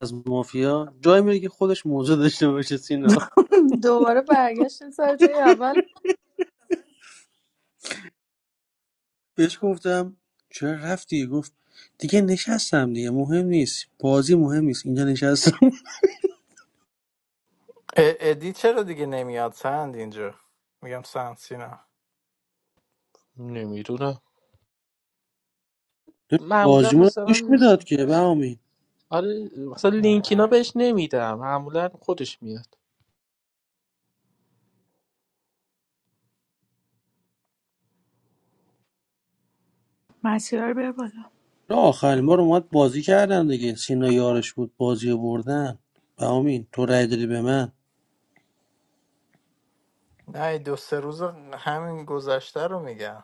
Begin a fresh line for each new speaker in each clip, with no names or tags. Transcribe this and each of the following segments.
از مافیا جایی میره که خودش موضوع داشته باشه سینا
دوباره برگشتیم سر جای اول
بهش گفتم چرا رفتی گفت دیگه نشستم دیگه مهم نیست بازی مهم نیست اینجا نشستم
ا- ادی چرا دیگه نمیاد سند اینجا میگم سند سینا
نمیدونم معمولا
بازیمون رو گوش
مثلا
میداد که به بهامی
آره مثلا لینکینا
نه
بهش نمیدم معمولا خودش میاد
مسیرها رو بیار بالا
نه آخرین بار اومد بازی کردم دیگه سینا یارش بود بازی رو بردن بهامین تو رای دادی به من
نه این دو سه روز همین گذشته رو میگم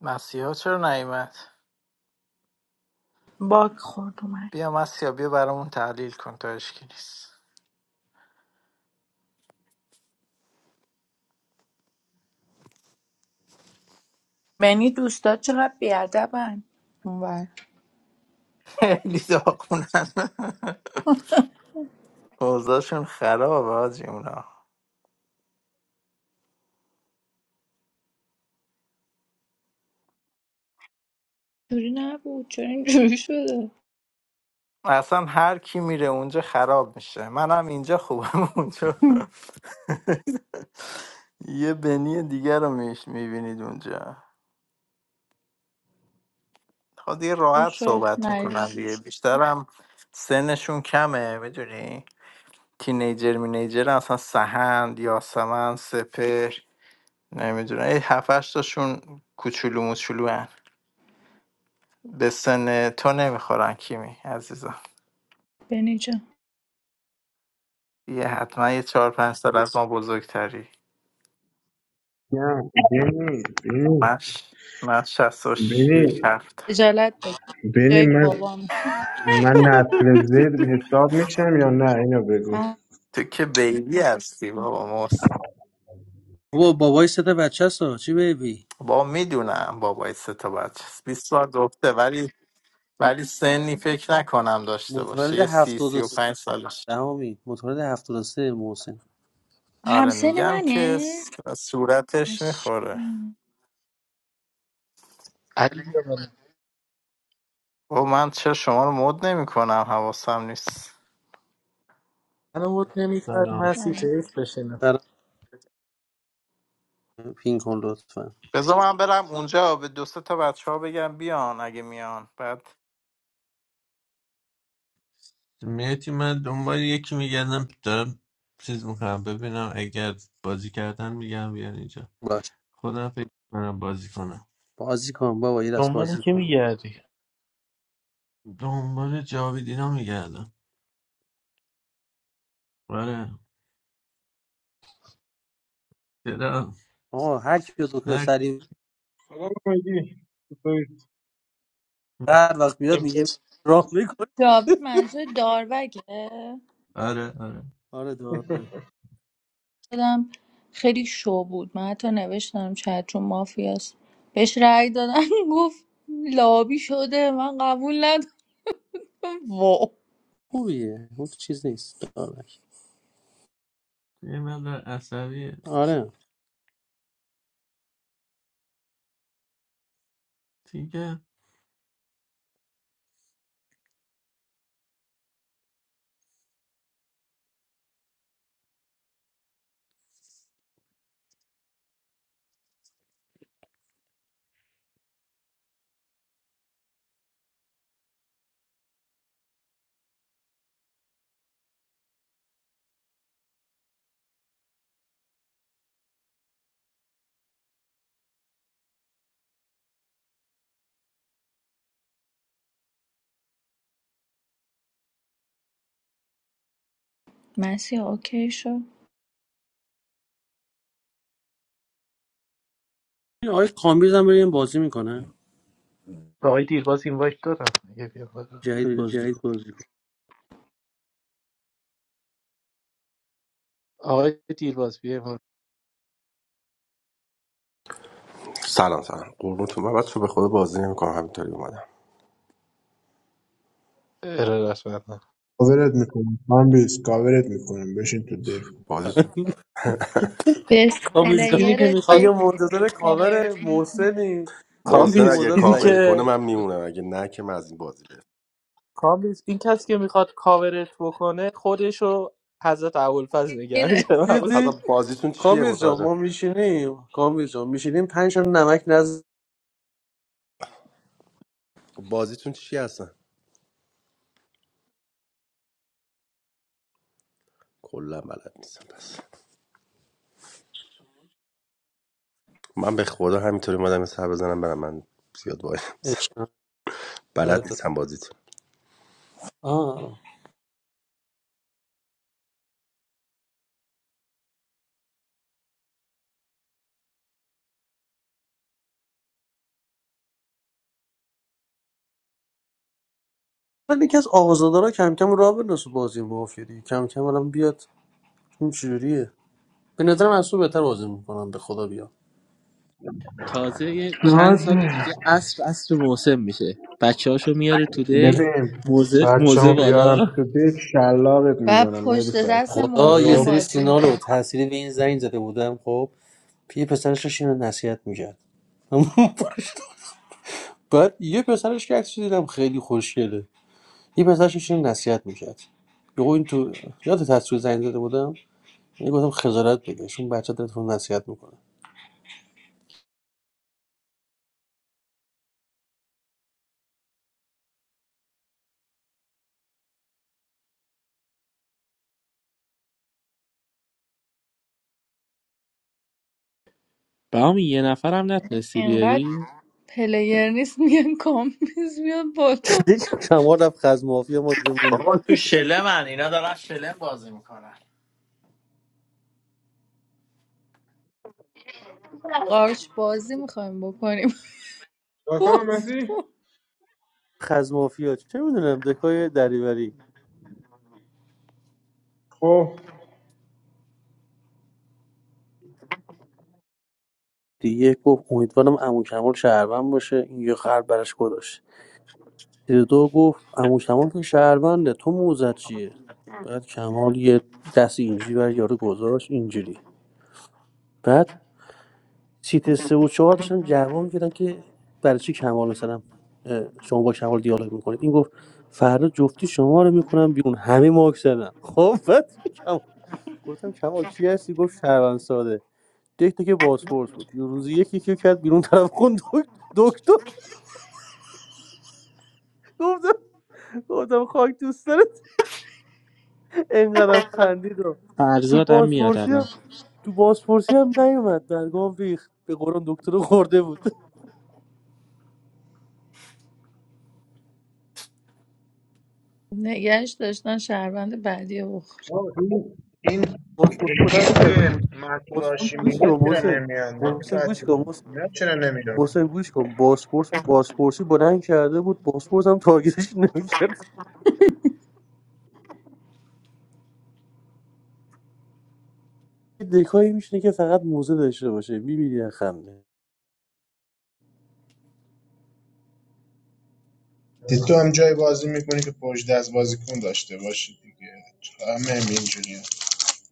مسیحا چرا نیومد
باگ خورد اومد
بیا مسیحا بیا برامون تحلیل کن تا اشکی نیست
منی دوستات چقدر بیادبن اونور
خیلی داغونن اوضاعشون خرابه آجی اونا
جوری نبود چرا اینجوری شده
اصلا هر کی میره اونجا خراب میشه منم اینجا خوبم اونجا یه بنی دیگر رو میش میبینید اونجا خب دیگه راحت
شد
صحبت
نه
میکنن دیگه بیشترم سنشون کمه بدونی تینیجر مینیجر اصلا سهند یاسمن سپر نمیدونم این هفتش تاشون کوچولو موچولو هن. به سن تو نمیخورن کیمی عزیزم
بنی جان
یه حتما یه چهار پنج سال از ما بزرگتری
نه بینی بینی
من ش- من شست و
بینی
شیش هفت
اجالت بگیر
بینی
جای
من
بابام
من نسل زد حساب میشم یا نه اینو بگو
من
تو که بیبی هستی بابا موس
بابا بابای سه تا بچه است ها. چی بیبی
با میدونم بابای سه تا بچه است. 20 سال گفته ولی ولی سنی فکر نکنم داشته باشه
متولد
یه سی سی و
73
پنج سالش
بهامی متولد هفتاد و سه محسن
آره
همسن
میگم که
منه
س- صورتش
اش...
میخوره
علی بیا بالا.
و من چرا شما رو مد نمی کنم حواسم نیست
من بود نمیکردی
سلام
من سی تی ایف بشینم
برام پین کن لطفا
بذار من برم اونجا به دو سه تا بچه ها بگم بیان اگه میان بعد
میتی من دنبال یکی میگردم دارم چیز میکنم ببینم اگر بازی کردن میگم بیان اینجا
باش
خودم فکر کنم بازی کنم
بازی کن بابا یه دست
دنبال
بازی
که
کن
میگردی
دنبال جاویدینا میگردم آره چرا
آقا هر کی دکتر
نه
سری
سلام مهدی چطوری؟
هر وقت بیاد میگه راه میکنه
جاوید منظور داروگه
آره آره
آره داربک
دادم خیلی شو بود من حتی نوشتم شاید چون مافیاست بهش رأی دادم گفت لابی شده من قبول ندارم واو
خوبیه اون چیز نیست داربک
یه مقدار عصبیه
آره
دیگه
مسی اوکی شد
این آقای کامیز هم بریم بازی میکنه
آقای دیرباز این وایت دادم یه بیا بالا
جدید
Very
بازی
easy,
کن
boys. You know.
سلام سلام قربونتون من بچه به خدا بازی نمیکنم همینطوری اومدم
ارادت مندم
کاورت میکنم من بیس کاورت میکنم بشین تو دک
بازیتون
بس
کامیز جان،
اینی که
پلیر
اگه
میخواد
دک
منتظر کاور
کاورت میکنم
محسنی جدی
محسن
کامبیز
اگه
موزه
اینی
ضعیف
کاور کنه
که
من
داره
میمونم اگه نه که من از این بازی برم
کامبیز این کسی که میخواد کاورش بکنه خودشو حضرت ابوالفضل نگه می‌داره
حتی
جدی
بازیتون چیه
کامیز جان ما
متوجه
میشینیم کامیز جان میشینیم پنج تا نمک نز
بازیتون چی هستن کلا بلد نیستم پس من به خدا همینطوری اومدم یه سر بزنم برم من زیاد وای نمی‌سم.
عشقم. آره
بلد
دار-
نیستم بازیتون
آه. من یکی از آقازادارا کم کم راه بنداز تو بازی مافیا دیگه کم کم الان بیاد این چجوریه به نظرم از بهتر بازی میکنم به خدا بیا
تازه یه چند
ناز
سال دیگه عصر عصر محسن میشه بچه هاشو میاره تو دک
ببین
موزه,
بچه
موزه
هم بیارم
بالا
تو دک شلاقت
و
میزنم مهدی
پشت دست
فتی
خدا یه
محسن
خب
سری
بازی
سینا رو
میکنم
تحصیلی به این زنگ زده بودم خب یه پسرش داشت اینو نصیحت میکرد بعد یه پسرش که عکسش دیدم خیلی خوشگله یه پسرش داشت اینو نصیحت میکرد یهو این تو یاد تصویر زنگ زده بودم یه گفتم خجالت بکش اون بچه داره تو رو نصیحت میکنه
بهامی یه نفرم نتونستی
اینقدر
بیاری
پلیر نیست میگن کامپیز میاد بالا
دیدی شما رفت خز مافیا ما اینجا موندیم
بابا تو شله من اینا دارن شله بازی میکنن
قارچ بازی میخوایم بکنیم
سلام
باز
مهدی
باز.
خز مافیا چه میدونم دکای دریوری
خب
دیگه گفت امیدوارم عمو کمال شهروند باشه این یه خر براش گذاشت دو گفت عمو کمال که شهرونده تو موزت چیه بعد کمال یه دست اینجوری بر یارو گذاشت اینجوری بعد سیت سه و چهار داشتن جواب میدادن که برای چی کمال مثلا اه، شما با کمال دیالوگ میکنید این گفت فردا جفتی شما رو میکنم بیرون همه مارکس زدن خب بعد کمال گفتم کمال چی هستی گفت شهروند ساده دیگه که بازپرس بود یه روزی یکی که کرد بیرون طرف خون دکتر گفتم گفتم خاک دوست اینقدر خندید و تو
فرزاد هم میاد
بازپرسی
الان
هم تو بازپرسی هم نیومد در ریخت به قرآن دکتر رو خورده بود
نگهش داشتن شهروند بعدی رو
آه، این این این
بازپرسی بلند کرده
که
بود
مسئول
باز-
هاشمی
گوش کن
اینا چرا
محسن
نمیان مهدی
محسن گوش
فتی
کن محسن
اینا چرا نمیان
محسن گوش کن بازپرس بازپرسی بلند کرده بود بازپرس هم تاگیرش نمیکرد دکایی میشینه که فقط موزه داشته باشه میبینی خنده
دید تو هم جای بازی میکنی که پشت دست بازیکن داشته باشی دیگه همه هم اینجوری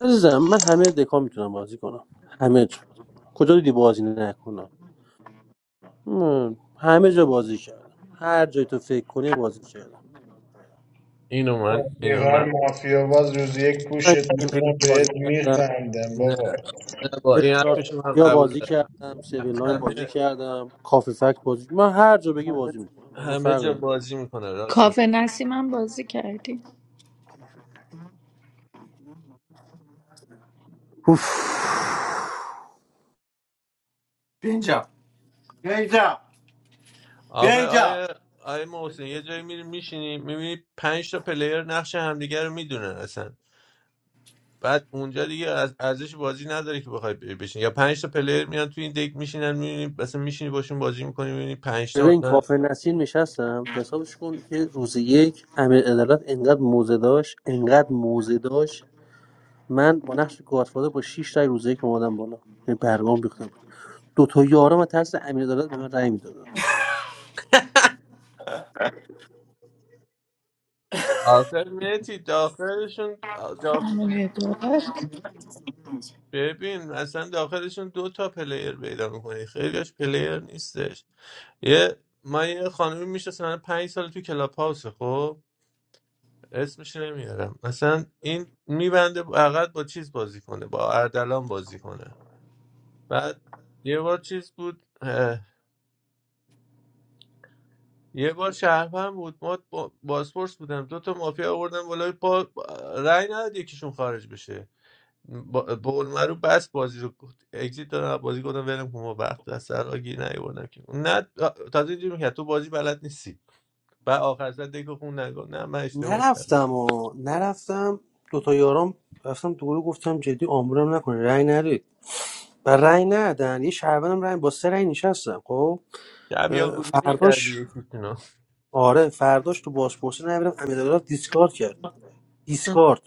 عزیزم من همه دکا میتونم بازی کنم همه جا کجا دیدی بازی نکنم من همه جا بازی کردم هر جای تو فکر کنی بازی کردم
اینو من اینو
رفیقا
من
مافیا باز روز یک
من
پوشت
گیم پلیس
میکنه
بازی
بهت
کردم
میخندم
نه
بابا
نه با این
استارت
حرفشو من
یا
قبول
بازی
دارم
کردم سیویل لاین
همه
بازی کردم کافی فکت بازی من هر جا بگی
همه
بازی میکنم با اون
همه
فرق
جا
نداره.
بازی میکنه راست
کافه نسیم هم بازی کردیم
اوف.
بیا اینجا بیا اینجا بیا
آقا
اینجا
آیه آیه محسن یه جایی میری میشینی میبینی پنج تا پلیر نقش همدیگه رو میدونن اصلا بعد اونجا دیگه از ارزش بازی نداره که بخوای بری بشین یا پنج تا پلیر میان تو این دک میشینن میبینی مثلا میشینی باشون بازی میکنی میبینی پنج تا
ببین
مثلا
کافه نسیم نشستم حسابش کن که روز یک امیر عدالت انقدر موزه داشت انقدر موزه داشت من با نقش گادفادر با 6 رای روز یک اومدم بالا یعنی برگام بیخته بود دو تا یارم از ترس امیر عدالت به من رای میدادن
آخر نتی داخلشون
همون یه دولت
ببین اصلا داخلشون دو تا پلیر پیدا میکنی خیلیش پلیر نیستش یه ما یه خانمی میشناسم پنج سال تو کلاب هاوس خب اسمش نمیارم مثلا این میبنده فقط با چیز بازی کنه با اردلان بازی کنه بعد یه بار چیز بود اه، یه بار شهروند بود ما با- بازپرس بودم دو تا مافیا آوردن ولی با رأی نداد یکیشون خارج بشه با با اون رو بس بازی رو گفت اگزیت دادم بازی گفتم ولم کن ما وقت از سر آگی نیوردم که نه تازه اینجوری میکرد تو بازی بلد نیستی و آخر سر دیگه خون نگو نه من اشتباه کردم
نرفتم و نرفتم دوتا یارم رفتم تو گروه گفتم جدی آمبولم نکنه رأی ندید و رأی ندادن یه شهروندم رأی با سه رأی نشستم خب
یا بیا
اه،
گوزی
فرداش
میکردی یکیشونو
آره فرداش تو بازپرسی نمیرم امیرعلی دیسکارد کرد دیسکارد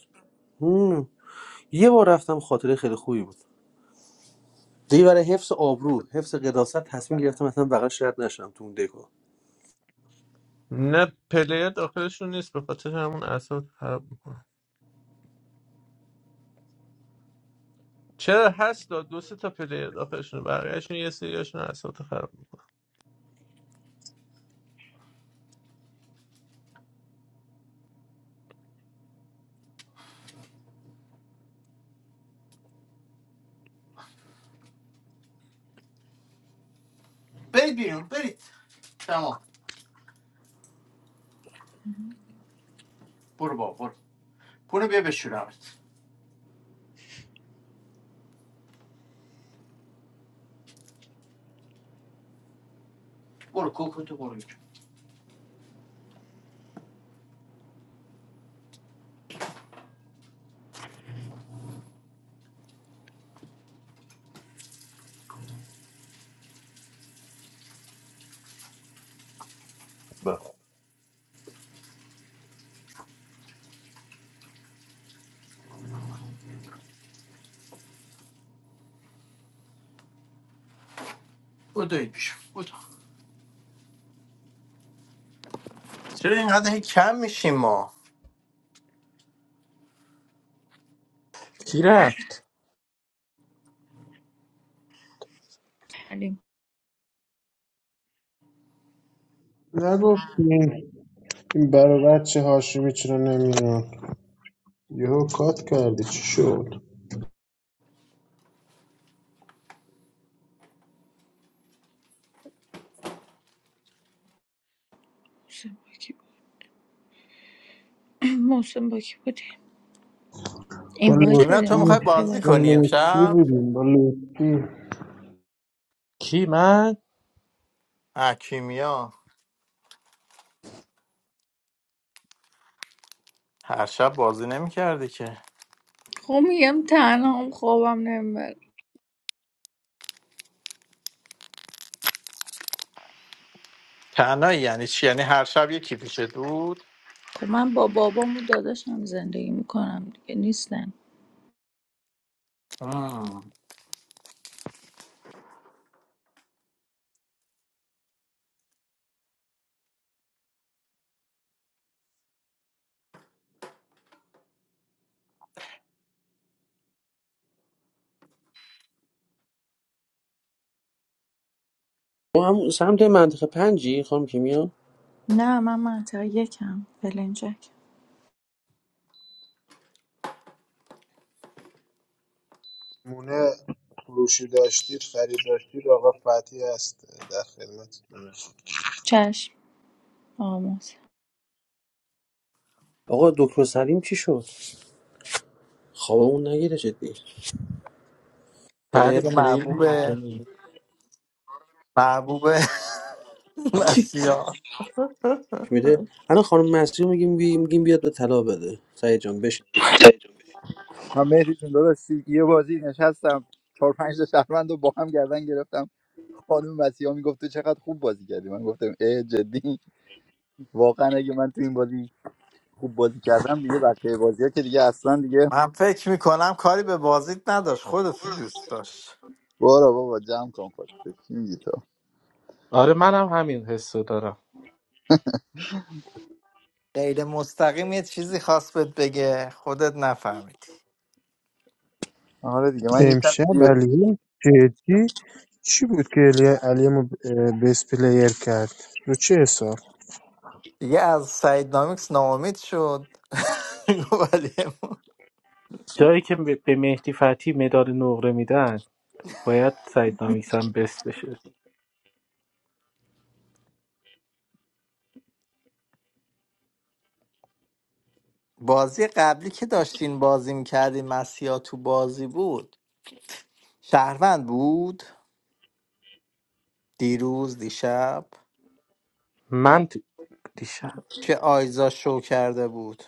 هم. یه بار رفتم خاطره خیلی خوبی بود دیگه برای حفظ آبرو حفظ قداست تصمیم گرفتم اصلا بغل شرط نشم تو اون دکو
نه پلیر داخلشون نیست به خاطر همون اعصاب خراب میکنه چرا هست داد دو سه تا پلیر داخلشون بقیهشون یه سریاشون اعصاب خراب میکنه
بشور
بخون
چرا اینقدر هی کم میشیم ما
کی رفت
کردیم
نگفتیم این برای بچه هاشمی چرا نمیان یهو کات کردی چی شد
محسن باکی محسن باکی بودیم این
با
وایت
کیمیا
بدیم
تو
لطفی
میخوای
اون یه
بازی
بالا.
با
کنی
لطفی
امشب
بودیم با لطفی
کی من
اه کیمیا هر شب بازی نمیکردی که
خب میگم تنها هم خوابم نمیبر
تنهایی یعنی چی یعنی هر شب یکی پیشت بود
خب من با بابام و داداشم زندگی میکنم دیگه نیستن
ما هم سمت منطقه پنجی خانم کیمیا
نه من منطقه یکم بلنجک
مونه فروشی داشتید خرید داشتید آقا فتی هست در خدمت
چشم آموز
آقا دکتر سلیم چی شد خواب اون نگیره جدی
بله
پلیر
پلیر
محبوب
مردمی
محبوب مسیحا
میده الان خانم مصری رو میگیم بی... میگیم بیاد به طلا بده سعید جان بشین
Hammeri Chandola, see, I played in a match. Four players, seven. I scored a goal. My coach said, "You played well." I said, "I'm serious. I played well." The coach
من فکر میکنم کاری به بازیت نداشت خودت رو دوست داشت
آره منم همین حس رو دارم
غیر مستقیم یه چیزی خواست بهت بگه خودت نفهمیدی
said, "You played
امشب
well."
علیه جدی چی بود که علی- علیه ما ب- پلیر کرد رو چه حساب
دیگه از سعید نامیکس ناامید شد ولی
جایی که به به مهدی فتحی مدال نقره میدن باید سعید نامیسم بس بشه
بازی قبلی که داشتین بازی میکردین مسیحا تو بازی بود شهروند بود دیروز دیشب
من تو- دیشب
که آیزا شو کرده بود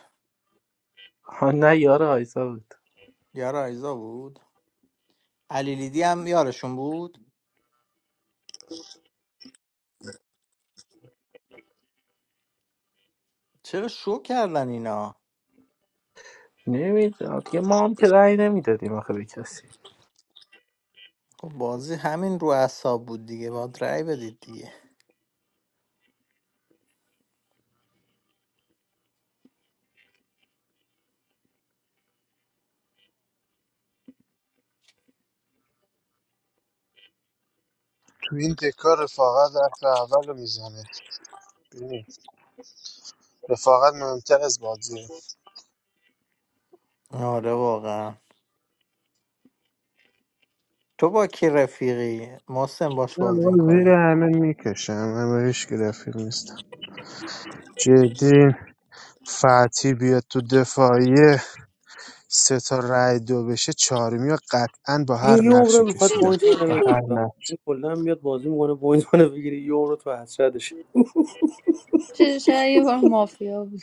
ها نه یار آیزا بود
یار آیزا بود علی لیدی هم یارشون بود چرا شو کردن اینا
نمیدونم دیگه ما هم که رأی نمیدادیم آخه به کسی
خب بازی همین رو اعصاب بود دیگه باید رأی بدید دیگه
تو این دکار رفاقت حرف اول رو میزنه ببین رفاقت مهمتر از بازیه
آره واقعا تو با کی رفیقی محسن باش
نه
بازی
آقا، زیر
میکنی
همه میکشم همه هیچ که رفیق نیستم جدی فتی بیاد تو دفاعیه سه تا رای دو بشه چهارمی و قطعا با هر
این یه عمره
نقشی
میخواد
کشیدم
پوینت منو
با
بگیره
هر نقش
این کلا میاد بازی میکنه پوینت منو بگیره یه عمره تو حسرتش
شاید یه بار مافیا بود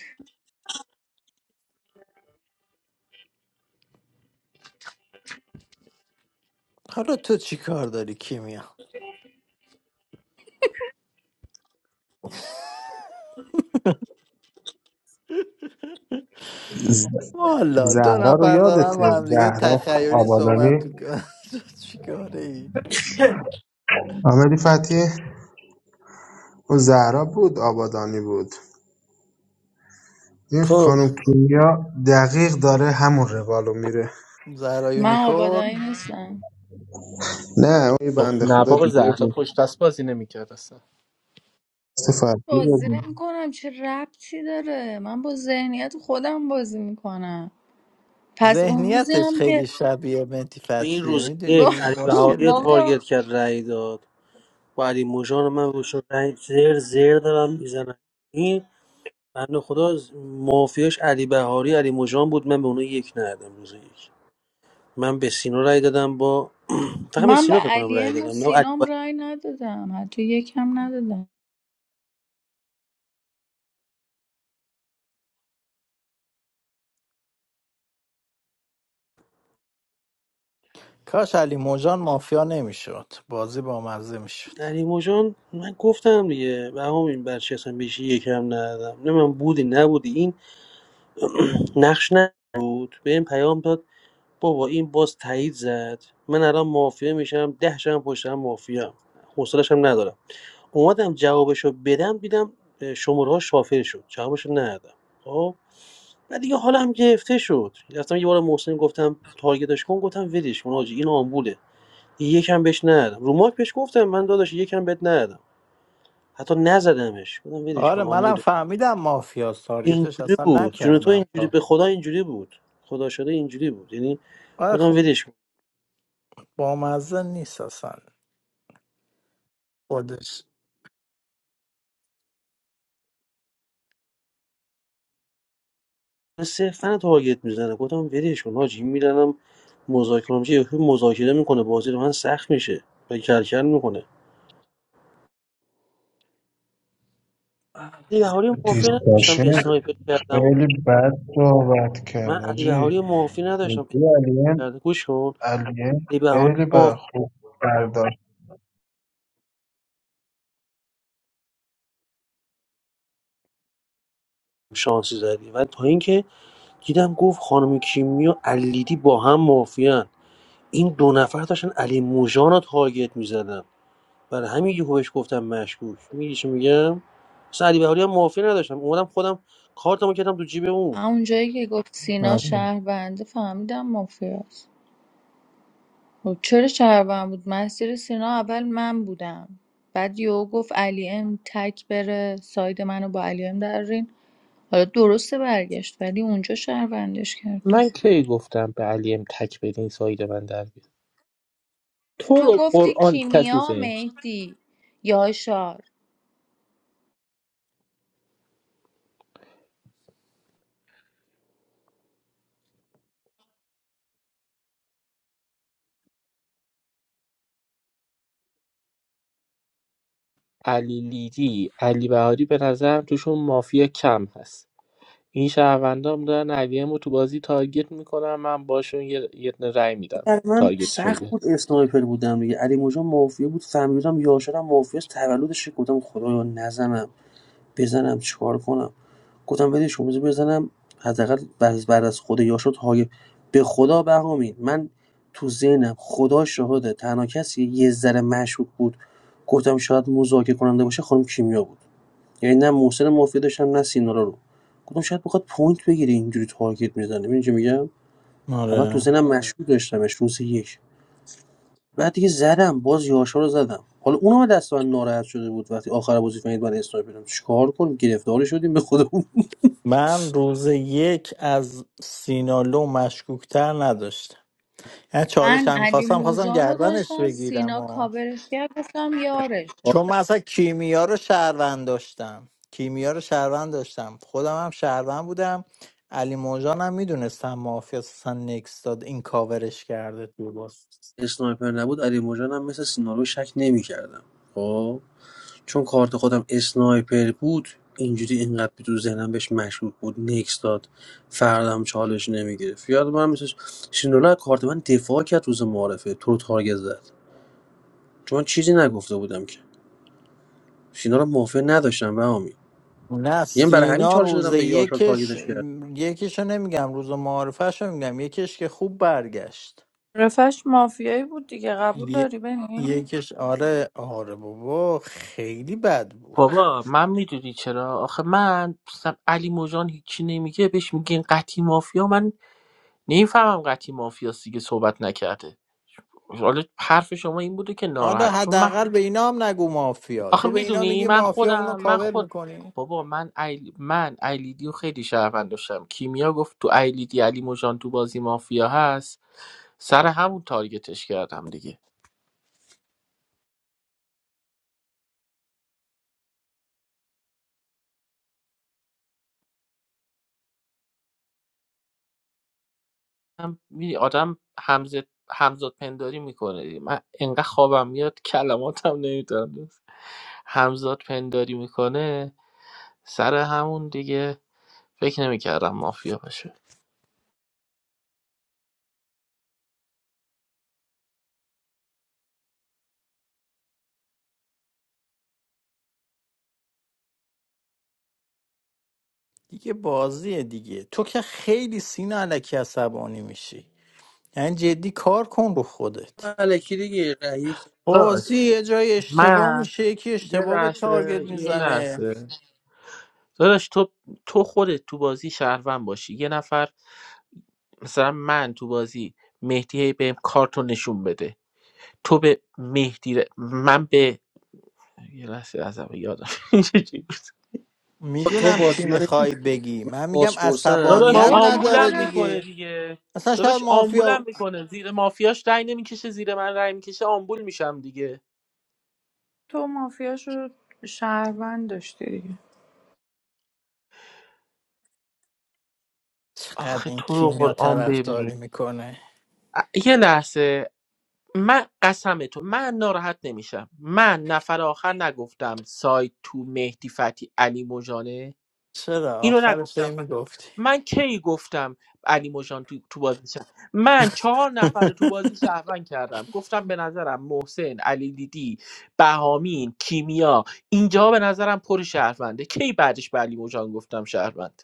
حالا تو چی کار داری کیمیا والا دو
زهرا رو
نفر دارن
یادته
با هم دیگه
زهرا
تخیلی صحبت
آبادانی
میکنن تو چی کاره ای
آمدی فتی اون زهرا بود آبادانی بود این
خب
خانم کیمیا دقیق داره همون روالو میره
زهرا
من آبادانی
یونیکورن
نیستم
نه اون یه
خب
بنده
نه
خدا
بابا
دیگه
زهرا
بود
پشت دست بازی نمیکرد اصلا
دست فرقی
بازی
بود.
نمیکنم چه ربطی داره من با ذهنیت خودم بازی میکنم پس اون روزی
ذهنیتش
هم که
خیلی شبیه مهدی
این
فتحیه
روز
با-
یک
میدونی
علی
مشکل
بهاری رو
اینه
بابا
تارگت کرد رأی داد با علی مژان من گوشو رأی زر زر دارم میزنم این بنده خدا از- مافیاش علی بهاری علی مژان بود من به اونها یک ندادم روز یک من به سینا رأی دادم با فقط به
من به
سینا فکر کنم رأی
علیم و
دادم نه
سینام
علی
رای ندادم حتی یکم ندادم
کاش علی موجان مافیا نمیشد بازی با مزه میشد
علی جان من گفتم دیگه به این بچه اصلا بهش یکم ندادم نه من بودی نبودی این نقش نبود به این پیام داد بابا این باز تایید زد من الان مافیا میشم ده شم پشتم مافیا حوصلش هم ندارم اومدم جوابشو بدم دیدم شماره ها شافر شد جوابشو ندادم خب و دیگه حالم گرفته شد رفتم یه بار محسن گفتم تارگتش کن گفتم ولش کن حاجی این آمبوله یکم بهش ندادم رو ماک بهش گفتم من داداش یکم بهت ندادم حتی نزدمش گفتم ولش کن
آره منم
آمبوله
فهمیدم مافیا تارگتش
اینجوری
اصلا
بود جون تو
نکردم
اینجوری به خدا اینجوری بود خدا شده اینجوری بود یعنی
آره
گفتم
خب
ولش کن
بامزه نیست اصلا خودش
صرفا تارگت میزنه گفتم ولش کن حاجی میدنم مذاکره کنم چه یکی مذاکره میکنه بازی رو من سخت میشه و کلکل میکنه علی بهاری رو
تو
معافی نداشتم
دیسکاشن
اسنایپر کردم و
خیلی بد صحبت
من
کرد
علی بهاری
حاجی
رو معافی نداشتم
یکی علیم
کرده گوش کن
علیم
علی بهاری رو
خیلی بد
معافی
خوب برداشت
شانسی زدی و تا اینکه دیدم گفت خانم کیمیا علیدی با هم معافیان این دو نفر داشتن علی موژان رو تارگت میزدن برای همین یهو بهش گفتم مشکوک میگی چی میگم اصلا علی بهاری هم معافی نداشتم اومدم خودم کارتمو کردم تو جیب اون
همون جایی که گفت سینا
آره
شهرونده فهمیدم مافیاست خب چرا شهروند بود مسیر سینا اول من بودم بعد یهو گفت علی ام تک بره ساید منو با علی ام درین حالا درسته برگشت ولی اونجا شهروندش کردی
من کی گفتم به علی ام تک بدین ساید من در بیاد تو
تو
رو
گفتی
قرآن کسی
کیمیا مهدی یاشار
علی لیدی علی بهاری به نظرم توشون مافیا کم هست این شهروندام دارن علی ام رو تو بازی تارگت میکنم من باشون یه یه دونه رأی میدم
برای من
تارگتشون
سخت بود
گرفت
اسنایپر بودم دیگه علی موجان مافیا بود فهمیدم یاشرم مافیا است تولدش گفتم خدایا نزنم بزنم چیکار کنم گفتم ولش کن بذار بزنم حداقل بعد بعد از خود یاشار تاگ به خدا بهامین من تو ذهنم خدا شهاده تنها کسی یه ذره مشکوک بود گفتم شاید مذاکره کننده باشه خانم کیمیا بود یعنی نه محسن مافیا داشتم نه سینارا رو گفتم شاید بخواد پوینت بگیره اینجوری تارگت میزنه می‌دونی چی میگم اول تو
آره.
ذهنم مشکوک داشتمش روز یک بعد دیگه زدم باز یاشا رو زدم حالا اونم دست من ناراحت شده بود وقتی آخر بازی فهمید من اسنایپرم چیکار کنیم گرفتار شدیم به خدا
من روز یک از سینالو مشکوکتر نداشتم یعنی چالش
من
هم
علی
خواستم خواستم
موجان رو
گردنش
داشتم
بگیرم
سینا
و
کاورش کرد گفتم یارشه
کارت
چون من اصلا کیمیا رو شهروند داشتم کیمیا رو شهروند داشتم خودم هم شهروند بودم علی موجان هم میدونستم مافیا اصلا نکس داد این کاورش کرده تو باز
اسنایپر نبود علی مژان هم مثل سینالو شک نمی‌کردم. خب چون کارت خودم اسنایپر بود اینجوری اینقدر تو ذهنم بهش مشکوک بود نکس داد فردم چالش نمیگرفت یاد من مثل سینالو کارت من دفاع کرد روز معارفه تو رو تارگت زد چون من چیزی نگفته بودم که سینا رو موافق نداشتم بهامی
نه
یعنی برای همین
سینا
چالش
روز
دادم به یاشار
یکش
تارگتش کردم
یکیشو نمیگم روز معارفهشو میگم یکیش که خوب برگشت
رفش مافیایی بود دیگه قبول
ی-
داری ببین
یکیش آره آره بابا خیلی بد بود
بابا من میدونی چرا آخه من مثلا علی موجان هیچی نمیگه بهش میگین قطی مافیا من نمیفهمم قطی مافیاست دیگه صحبت نکرده حالا حرف شما این بوده که
حالا
ناراحت چون من
حداقل به اینا هم نگو مافیا
آخه
تو به اینا
میدونی
میگی
من
مافیا اونو
خودم من
کاور
خود
میکنی
بابا من ایل... من ایلیدی رو خیلی شهروند داشتم کیمیا گفت تو ایلیدی علی موجان تو بازی مافیا هست سر همون تارگتش کردم دیگه هم می‌دونی آدم همزد همزاد پنداری میکنه دیگه. من انقدر خوابم میاد کلماتم نمیتونم همزاد پنداری میکنه سر همون دیگه فکر نمیکردم مافیا باشه
دیگه بازیه دیگه تو که خیلی سینا علکی عصبانی میشی یعنی جدی کار کن رو خودت
الکی دیگه رأی یک
داشت
بازی یه جای اشتباه
من
میشه یکی
یه
اشتباه به تارگت
لحظه یه
میزنه
لحظه داداش تو تو خودت تو بازی شهروند باشی یه نفر مثلا من تو بازی مهدی هی بهم کارتو نشون بده تو به مهدی ر- من به یه لحظه از اول یادم
دادم. تو
میدونم چی
بازی من
میخوای بگی
من
من میگم
بازپرسم یه
داداش
عصبانیت
جور
بابا تو
نداره
آمبولم
خودت
میکنه
دیگه
دیگه
اصلا شاید
داداش آمبولم
مافیا
میکنه زیر مافیاش رای نمیکشه زیر من رای میکشه آمبول میشم دیگه
تو مافیاشو شهروند داشتی دیگه
چقدر
آخه
این
تو رو
کیمیا
قرآن ببین
طرفداری میکنه
ا- یه لحظه من قسم تو من ناراحت نمیشم من نفر آخر نگفتم سایت تو مهدی فتی علی موجانه
چرا
اینو
آخرش هی
نگفتم من
میگفتی
من کی گفتم علی موجان تو, تو بازی شد من چهار نفر رو تو بازی شهروند کردم گفتم به نظرم محسن علی دیدی بهامین کیمیا اینجا به نظرم پر شهرونده کی بعدش به علی موجان گفتم شهروند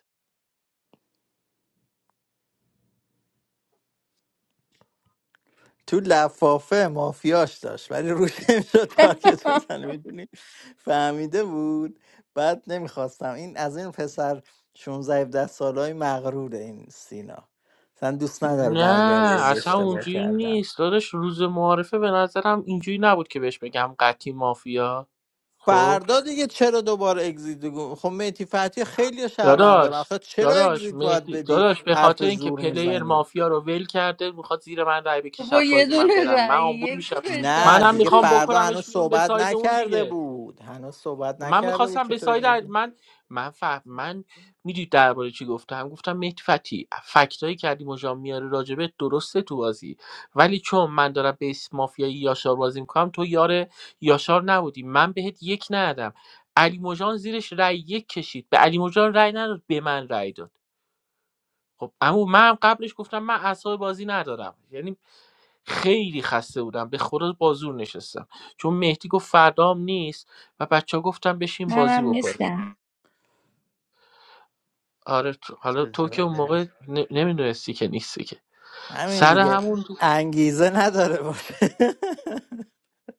تو لفافه مافیاش داشت ولی روش نمیشد تارگت بزنه میدونی فهمیده بود بعد نمیخواستم این از این پسر 16 17 سالای مغروره این سینا اصلا دوست نداره برگرده
نه
به
اصلا
اشتباه
اونجوری
کردم
نیست داداش روز معارفه به نظرم اینجوری نبود که بهش بگم قطعی مافیا خب
فردا دیگه چرا دوباره اگزییت بگو خب مهدی فتحی خیلی شهروند دارن
داداش
آخه چرا
داداش
اگزییت باید
مهدی
بدی
داداش به
حرف
خاطر اینکه
زور
پلیر
میزنی
مافیا رو ول کرده میخواد زیر من رای بکشه
با
شب
یه
بازی من
دونه
برم من
رأی
آمبول
یکی
میشم
بداد
نه
منم
دیگه
میخوام
فردا
بکنمش
هنوز
بیرون به
صحبت
ساید اون
نکرده
دیگه
بود هنوز صحبت
خب من
نکرده بود
میخواستم
که
به
تو
ساید
اگزییت
عل-
بدی.
من من فهم من میدونی درباره چی گفتم گفتم مهدی فتی فکتایی که علی مجان میاره راجبه درسته تو بازی ولی چون من دارم بیس مافیایی یاشار بازی میکنم تو یار یاشار نبودی من بهت یک ندادم علی مجان زیرش رای یک کشید به علی مجان رای نداد به من رای داد خب اما من هم قبلش گفتم من اعصاب بازی ندارم یعنی خیلی خسته بودم به خدا بازور نشستم چون مهدی گفت فردام نیست و بچه ها گفتم بشین بازی
منم
بکنیم
نیستم
آره تو... حالا
چه
تو که اون
جاله.
موقع ن... نمیدونستی که نیستی که
همین
سر
دیگه
همون
انگیزه نداره باشه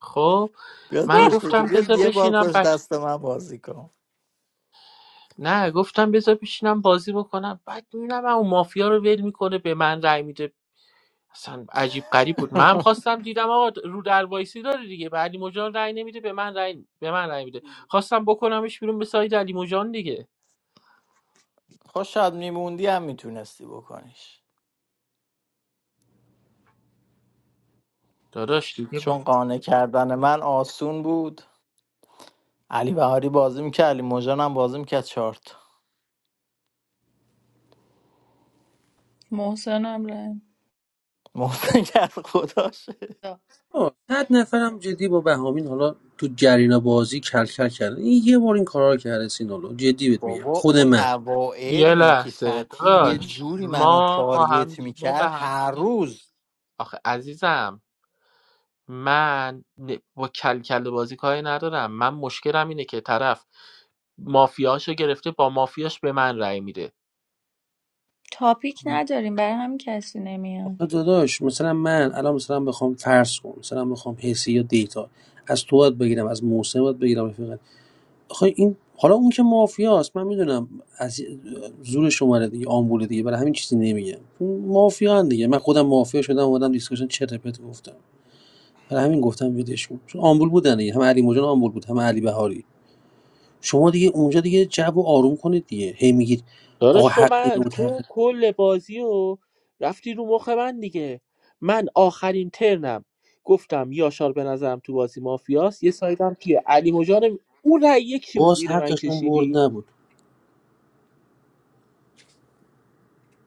خب
بیاد
من
پشت که
گفتم
بیاد
بذار
یه بار
بشینم
پشت
بچ
دست من بازی کن
نه گفتم بذار بشینم بازی بکنم بعد میبینم اون مافیا رو ول میکنه به من رای میده اصلا عجیب غریب بود من هم خواستم دیدم آقا رو در وایسی داره دیگه به علی مجان رای نمیده به من رای به من رای میده خواستم بکنمش بیرون به ساید علی مجان دیگه
خوشت میموندی هم میتونستی بکنیش
داداش دیگه
چون قانع کردن من آسون بود علی بهاری بازی میکرد علی مژان هم بازی میکرد چارت
محسنم رأی
محسن کرد خداشه
داد.
آه، صد نفرم جدی با بهامین حالا تو جرینا بازی کل کل کردن این یه بار این کارا رو کرده سینالو جدی بهت میگم
بابا
خود
اون
من
اوائل
یه
مهدی
لحظه
فتی یه
داداش
جوری منو
ما با هم
تارگت
دی- ما
میکرد
به هم
هر
دیگه
روز
آخه عزیزم من ن- با کل کل بازی کاری ندارم من مشکلم اینه که طرف مافیاشو گرفته با مافیاش به من رأی میده
تاپیک نداریم برای همین کسی نمیاد
آخه داداش مثلا من الان مثلا بخوام فرض کنم مثلا بخوام حسی یا دیتا از تو باید بگیرم از موسم باید بگیرم رفیقت آخه این حالا اون که مافیاست من میدونم از زور شماره دیگه آمبول دیگه برای همین چیزی نمیگم اون مافیا هم دیگه من خودم مافیا شدم اومدم دیسکشن چه رپت گفتم برای همین گفتم ویدیوشون چون آمبول بودن دیگه هم علی موجان آمبول بود هم علی بهاری شما دیگه اونجا دیگه جو رو آروم کنید دیگه هی میگید آقا
داداش تو
حق این
من
بود حق
تو
این.
کل بازی و رفتی رو مخ من دیگه من آخرین ترنم گفتم یاشار به نظرم تو بازی مافیاست یه سایدم کیه علی مجان اون رأی یک چی بود
باز
زیر من
حقشون برد
کشیدی
نبود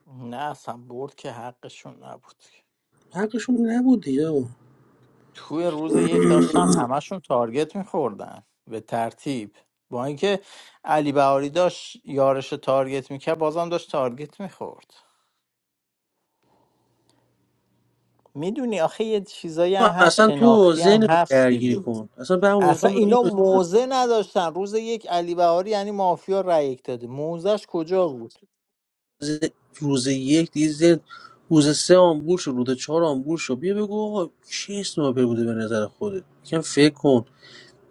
نه اصلا برد که حقشون نبود
حقشون نبود دیگه آقا.
توی روز یک داشتم همشون تارگت میخوردن به ترتیب با اینکه علی بهاری داشت یارش رو تارگت میکرد بازم داشت تارگت میخورد میدونی آخه یه چیزایی هم هست
اصلا تو
شناختی هم
ذهن رو
هست
درگیر
دیگه
کن اصلا به همون
اصلا
میخوام این
اینا
بسیارم.
موزه نداشتن روز یک علی بهاری یعنی مافیا رای یک داده موزش کجا بود
ز- روز یک دیگه ذهن روز سه آمبول شد روز چهار آمبول شد بیا بگو آقا چه اسنایپر بوده به نظر خودت یکم فکر کن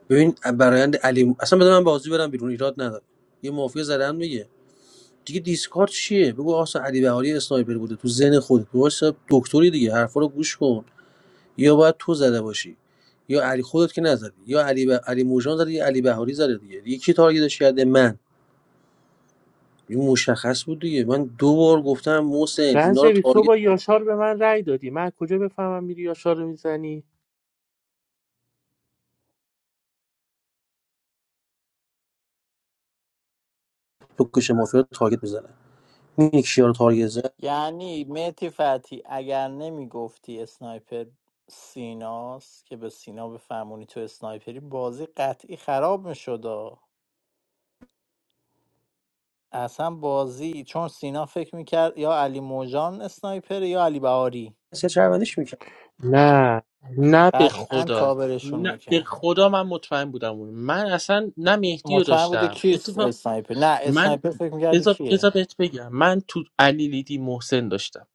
ببین برایند علی اصلا بده من بازی برم بیرون ایراد نداره یه مافیا زدن میگه دیگه دیسکارد چیه بگو آسا علی بهاری اسنایپر بوده تو ذهن خودت واسه دکتری دیگه حرفا رو گوش کن یا باید تو زده باشی یا علی خودت که نزدی یا علی ب... علی موجان زده یا علی بهاری زده دیگه یکی کی تارگتش کرده من این مشخص بود دیگه من دو بار گفتم محسن اینا رو
رنسوی تو
تارگت
با
کن
یاشار به من رأی دادی من کجا بفهمم میری یاشار رو میزنی
تو کش مافیا رو تارگت بزنه می‌بینی کیا رو تارگت زد
یعنی مهدی فتی اگر نمیگفتی اسنایپر سیناست که به سینا بفهمونی تو اسنایپری بازی قطعی خراب میشد اصلا بازی چون سینا فکر میکرد یا علی موجان اسنایپر یا علی بهاری
سه چربندش میکنه
نه نه به
قطعا
خدا
کاورشون
نه به
میکرد
خدا من مطمئن بودم اون من اصلا نه مهدی رو
مطمئن بوده
داشتم
کیست
اتفاق
اسنایپر نه
من
اسنایپر فکر میکرده
بذار
کیه
بذار بهت بگم من تو علی لیدی محسن داشتم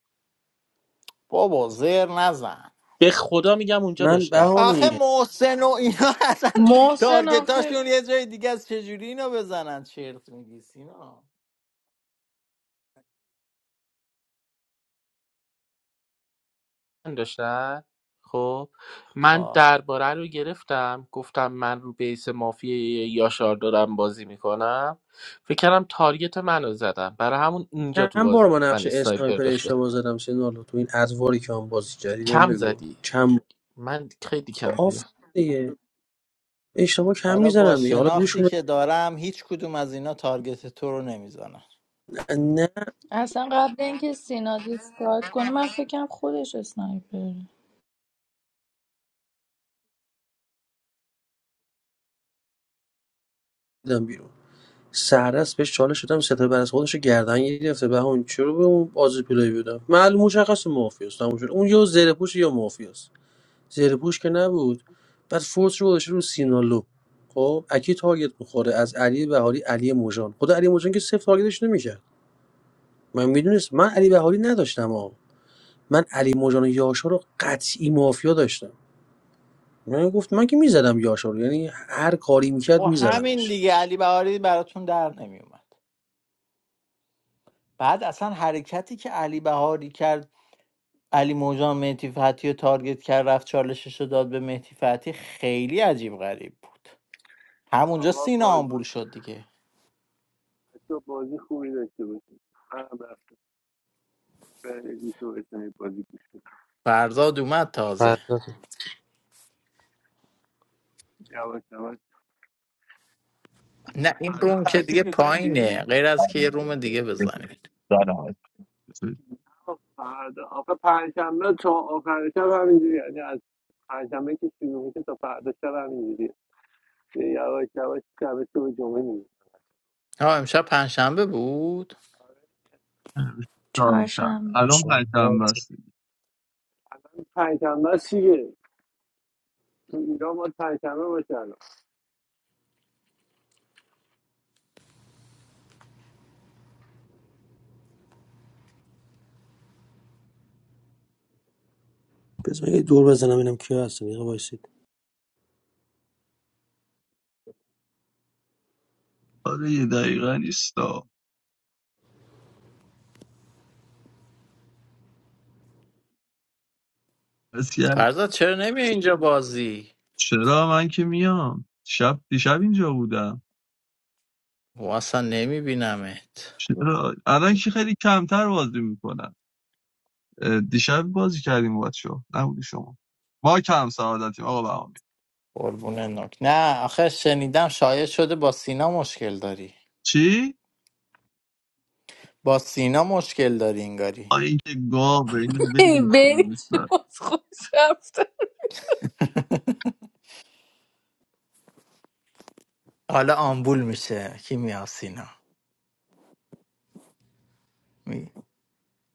بابا زر نزن
به خدا میگم اونجا
من
داشتم
آخه
بهامی
محسن و اینا اصلا
محسن آخه
تارگتاشون یه جای دیگه از چجوری اینا بزنن چرت میگی سینا
من داشتم خب من
خب
درباره رو گرفتم گفتم من رو بیس مافی یاشار دارم بازی میکنم فکر کردم تارگت منو زدم برای همون اینجا تو
چند بار
بازی
با
من
نقش
اسنایپر
اسنایپر
داشتم
اشتباه زدم سینالو تو این ادواری که هم بازی کردی بهم
کم
بگو
زدی
چند
من خیلی
بار
کم
آفرین دیگه اشتباه کم
حالا با
میزنن دیگه حالا گوش
شناختی
میده
که دارم هیچ کدوم از اینا تارگت تو رو نمیزنن
نه
اصلا قبل اینکه سینا دیسکارد کنه من فکرم خودش اسنایپره
دیدم بیرون سهرس بهش چالش شدم ستاره بر از خودش رو گردن گرفته به اون چرا به اون بازی پلای بودم معلوم مشخص مافیاست تموم شد اون یا زره پوش یا مافیاست زره پوش که نبود بعد فورس رو گذاشته رو سینالو خب اکی تارگت میخوره از علی بهاری علی موجان خدا علی موجان که صفر تارگتش نمیکرد من میدونست من علی بهاری نداشتم ها من علی موجان و یاشا رو قطعی مافیا داشتم من گفت من که میزدم یاشا رو یعنی هر کاری
و
میکرد
همین
میزدمش
دیگه علی بهاری براتون در نمیومد بعد اصلا حرکتی که علی بهاری کرد علی موجان مهدی فتحی رو تارگت کرد رفت چالشش رو داد به مهدی فتحی خیلی عجیب غریب بود همونجا سینا آمبول شد دیگه
رفت فرد گوش و بتونی بازی گوش
فرزاد اومد تازه
دیدم
جواد جواد
نه این
فردا
روم که دیگه
تعطیل متی
پایینه غیر از که یه روم دیگه بزنید
در نهایت
خب فردا آخه پنجشنبه چون آخر شب همینجوری یعنی از پنجشنبه که شروع میشه تا فردا شب همینجوری یه یواش یواش شب تو به جمعه میشه
ها امشب پنجشنبه بود
شام-
چهارشنبه
الان پرچم
صحبت
بسته
پنجشنبه است دیگه تو ایران ما پنجشنبه باشه الان
بذار یه دور بزنم ببینم کیا هستن یه دقیقه وایسید
آره یه دقیقه نیستا بس کرد.
فرزاد چرا نمی اینجا بازی
چرا من که میام شب دیشب اینجا بودم
و اصلا نمیبینمت
چرا الان که خیلی کمتر بازی میکنن دیشب بازی کردیم با شو نبودی شما ما کم سعادتیم آقا بهامی
قربونه نوک نه آخه شنیدم شاید شده با سینا مشکل داری
چی؟
با سینا مشکل داری انگاری
آه، این که گاوه اینو بگم
این بینی چی
با
باز خوش رفته
حالا آمبول میشه کیمیا سینا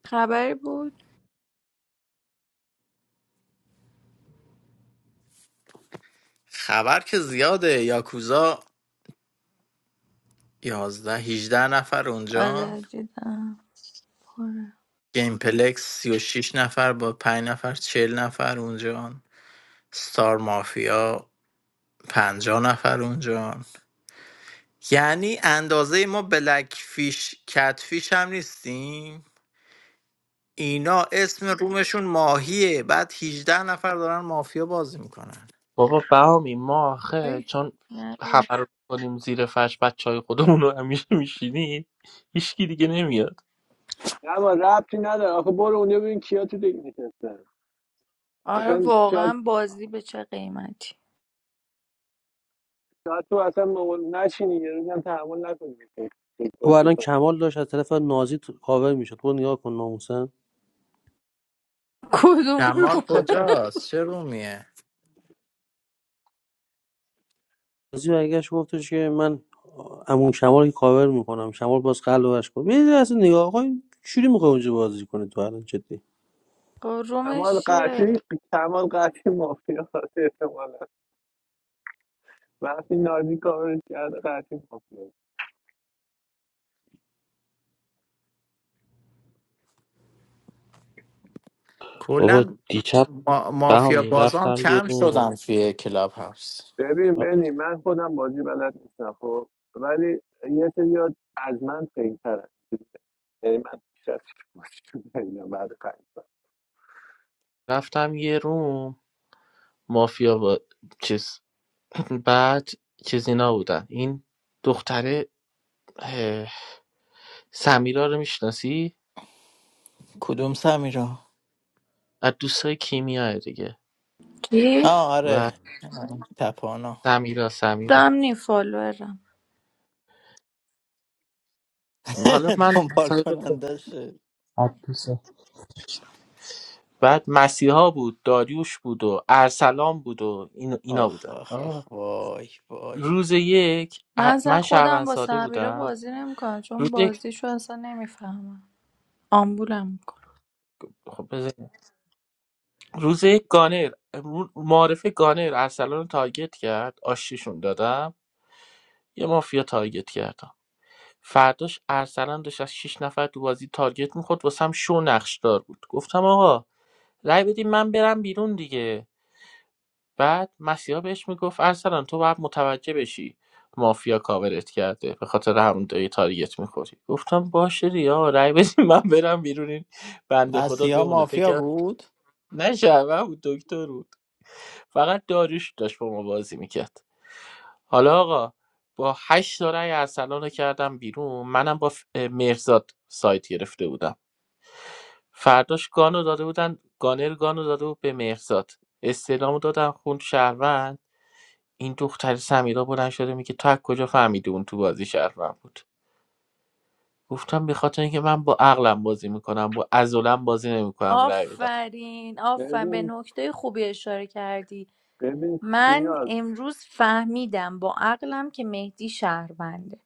خبری بود
خبر که زیاده یاکوزا یازده 18 نفر اونجان
آره دیدم پره
گیم پلکس 36 نفر با 5 نفر 40 نفر اونجان ستار مافیا 50 نفر اونجان یعنی اندازه ما بلک فیش کت فیش هم نیستیم اینا اسم رومشون ماهیه بعد 18 نفر دارن مافیا بازی میکنن
بابا بهامی ما آخه
آی،
چون
نه.
همه رو میکنیم زیر فرش بچه های خودمون رو همیشه میشینی هیچکی دیگه نمیاد
نه ما ربطی نداره آخه برو اونجا ببین کیا تو دیگه نشستن
آره
مثلا شاید
واقعا بازی به چه قیمتی
شاید تو اصلا مقول نشینی یه روزی هم تحمل نکنی که فوتبال
او
بازی
الان
کنی
کمال داشت از طرف نازی تو- کاور میشد تو نگاه کن ناموسن
کدوم رو
جمال کجاست چه رومیه
نازی برگشت گفتش که من عمو کمال که کاور میکنم کمال باز قلبش کن یه اصلا نگاه کن چوری میخوای اونجا بازی کنه تو الان جدی
خب
کمال
رومش چیه
قطعی کمال قطعی مافیا هست احتمالاً وقتی نازی کارش کرده قطعی مافیا
بابا
کلا
دیشب
ما... مافیا
بهمی
بازان
رفتم یه
کم
روم
شدن توی کلاب هاوس
ببین بنی من خودم بازی بلد نیستم خب ولی یه سری از من پیترن یعنی من بیشتر از بازی بلدم بعد پنج سال.
رفتم یه روم مافیا با چیز بعد چیز اینا بودن این دختره اه، سمیرا رو میشناسی
کدوم سمیرا
از دوستای کیمیاه دیگه
چی؟
ها
و
آره تپانا
سمیرا سمیرا
دم نی فالوورم
حالا من از
دنبال
طریق
کنندشه
بعد مسیحا بود داریوش بود و ارسلان بود و این اینا
آخ
بودن
آخ آخ
آه.
وای وای
روز یک ا-
من اصلا
من شهروند
خودم با
ساده
سمیرا
بودم
بازی نمیکنم
روز
چون
یک
بازیشو اصلا نمیفهمم آمبولم میکنم
خب بذار. روز یک گانر رو- معارفه گانر ارسلان رو تارگت کرد آشتیشون دادم یه مافیا تارگت کردم فرداش ارسلان داشت از شیش نفر تو بازی تارگت میخورد واسم شو نقشدار بود گفتم آقا رای بدین من برم بیرون دیگه بعد مسیحا بهش میگفت ارسلان تو باید متوجه بشی مافیا کاورت کرده به خاطر همون دایی تارگت میخوری گفتم باشه ریا رای بدین من برم بیرون این بنده خدا
مسیحا
بمونه فکر
مافیا
کرد-
بود
نه شهروند بود دکتر بود فقط داریوش داشت با ما بازی میکرد حالا آقا با هشت تا رای ارسلان رو کردم بیرون منم با ف- مهرزاد سایت گرفته بودم فرداش گانو داده بودن گانر گانو داده بود به مهرزاد استعلامو دادن خوند شهروند این دختر سمیرا بلند شده میگه تو از کجا فهمیدی اون تو بازی شهروند بود گفتم به خاطر اینکه من با عقلم بازی میکنم با عضلم بازی نمیکنم رای بدم
آفرین آفرین به
ببین
نکته خوبی اشاره کردی
ببین
من
سینا
امروز فهمیدم با عقلم که مهدی شهرونده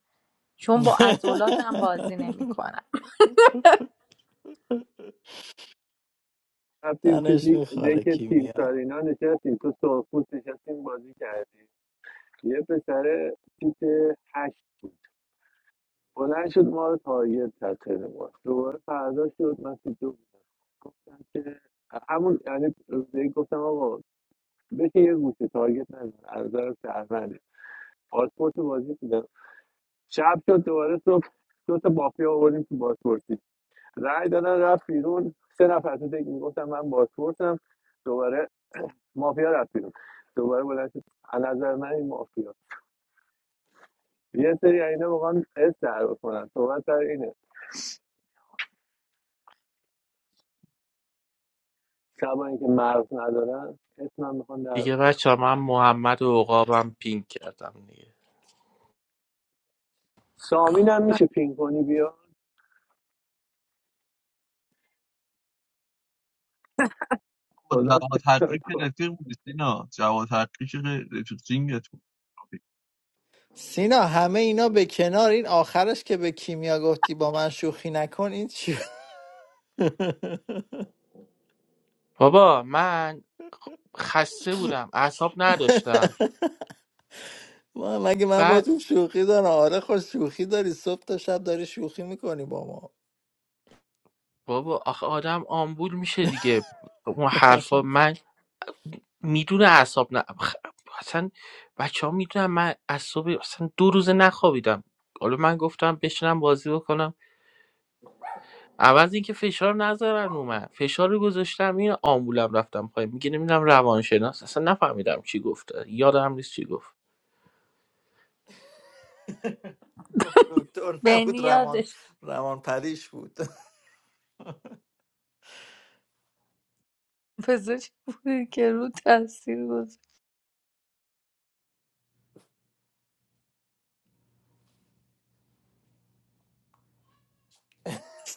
چون با عضلاتم بازی نمیکنم
رفتیم تو
تنش
دی-
میخوره
دک تیم
کیمیا
سارینا نشستیم تو سرخپوست نشستیم بازی کردیم یه پسر سیت هشت بود بلند شد ما رو تارگت کرد خیلی ما دوباره فردا شد من سیت دو بودم. گفتم که همون یعنی روزی گفتم آقا بشه یه گوشه تارگت نزن از نظر پاسپورت رو بازی دیدم شب شد دوباره صبح دو تا مافیا آوردیم تو پاسپورتی رای دادن رفت بیرون سه نفر تو دیگه میگفتم من پاسپورتم دوباره مافیا رفت بیرون دوباره بلند شد از نظر من این مافیا یه سری اینا واقعا اس در کنن صحبت سر اینه شبایی که مرض ندارن اسمم میخوان در
دیگه بچه من محمد و عقابم پینک کردم دیگه
سامین هم میشه پین کنی بیا خدا
جواد
تکرار
حقی که
کن
رفیق بودی سینا جواد حقی که رفیق جینگت بود
سینا همه اینا به کنار این آخرش که به کیمیا گفتی با من شوخی نکن این چی بود؟
بابا من خسته بودم اعصاب نداشتم
ما مگه من با تو شوخی دارم آره خوش شوخی داری صبح تا شب داری شوخی میکنی با ما
بابا آخه آدم آمبول میشه دیگه اون حرفا من میدونه اعصاب نه خ- اصلا بچه ها میدونم من اعصاب اصلا دو روزه نخوابیدم حالا من گفتم بشینم بازی بکنم عوض اینکه فشار نذارن رو من فشار رو گذاشتم این آمبولم رفتم پای میگه نمیدونم روانشناس اصلا نفهمیدم چی گفته یادم نیست چی گفت
گفت دکتر نبود
بنی
روان
یادش
روان پریش بود
پزشک بودی که رو تاثیر گذاشت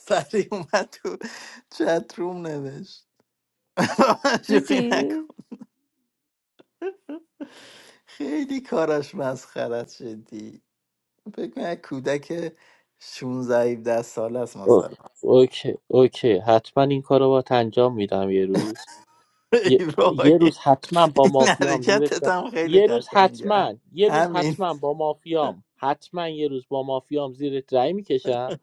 سریع اومد تو چت روم نوشت شوخی
دیدی
نکن خیلی کاراش مسخره است جدی فکر کنم یک کودک 16 17 ساله است
اوه،
مثلا
اوکی اوکی حتما این کار رو باید انجام میدم یه روز یه, یه
ابراهیم
روز حتما با
این
مافیام زیرش
حرکتت
ب-
هم خیلی
یه روز
قشنگه
حتما یه روز
همین
حتما با مافیام حتما یه روز با مافیام زیر رای میکشم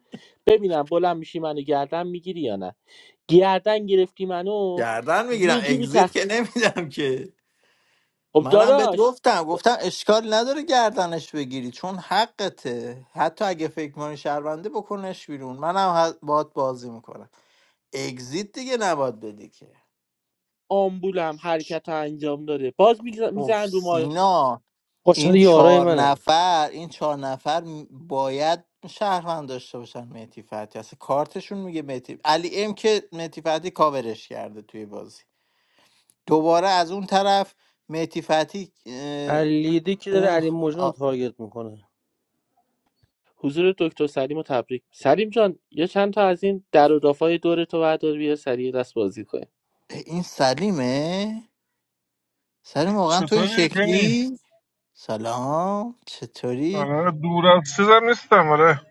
ببینم بلند میشی منو گردن میگیری یا نه گردن گرفتی منو
گردن میگیرم
یه جوری
اگزیت
تخ...
که نمیدم که
خب
منم بهت
داداش
گفتم گفتم اشکال نداره گردنش بگیری چون حقته حتی اگه فکر کنی شهرونده بکنش بیرون منم ه- باهات بازی میکنم اگزیت دیگه نباید بدی که
آمبولم حرکت انجام داره باز
اوف
میزن رو ما
سینا
خوشحال
این
یارای
چهار
منه
نفر این چهار نفر م- باید شهروند داشته باشن مهدی فتحی اصلا کارتشون میگه مهدی علی ام که مهدی فتحی کاورش کرده توی بازی دوباره از اون طرف مهدی فتحی اه،
علیده که داره
اون
علی مجان رو
آ،
تارگت میکنه
حضور دکتر سلیم و تبریک سلیم جان یا چند تا از این در و دافای دور تو بردار بیا سریع دست بازی کنیم
این سلیمه سلام واقعا تو این
چطوری بنی
شکلی سلام چطوری
آره دور از چیزم نیستم آره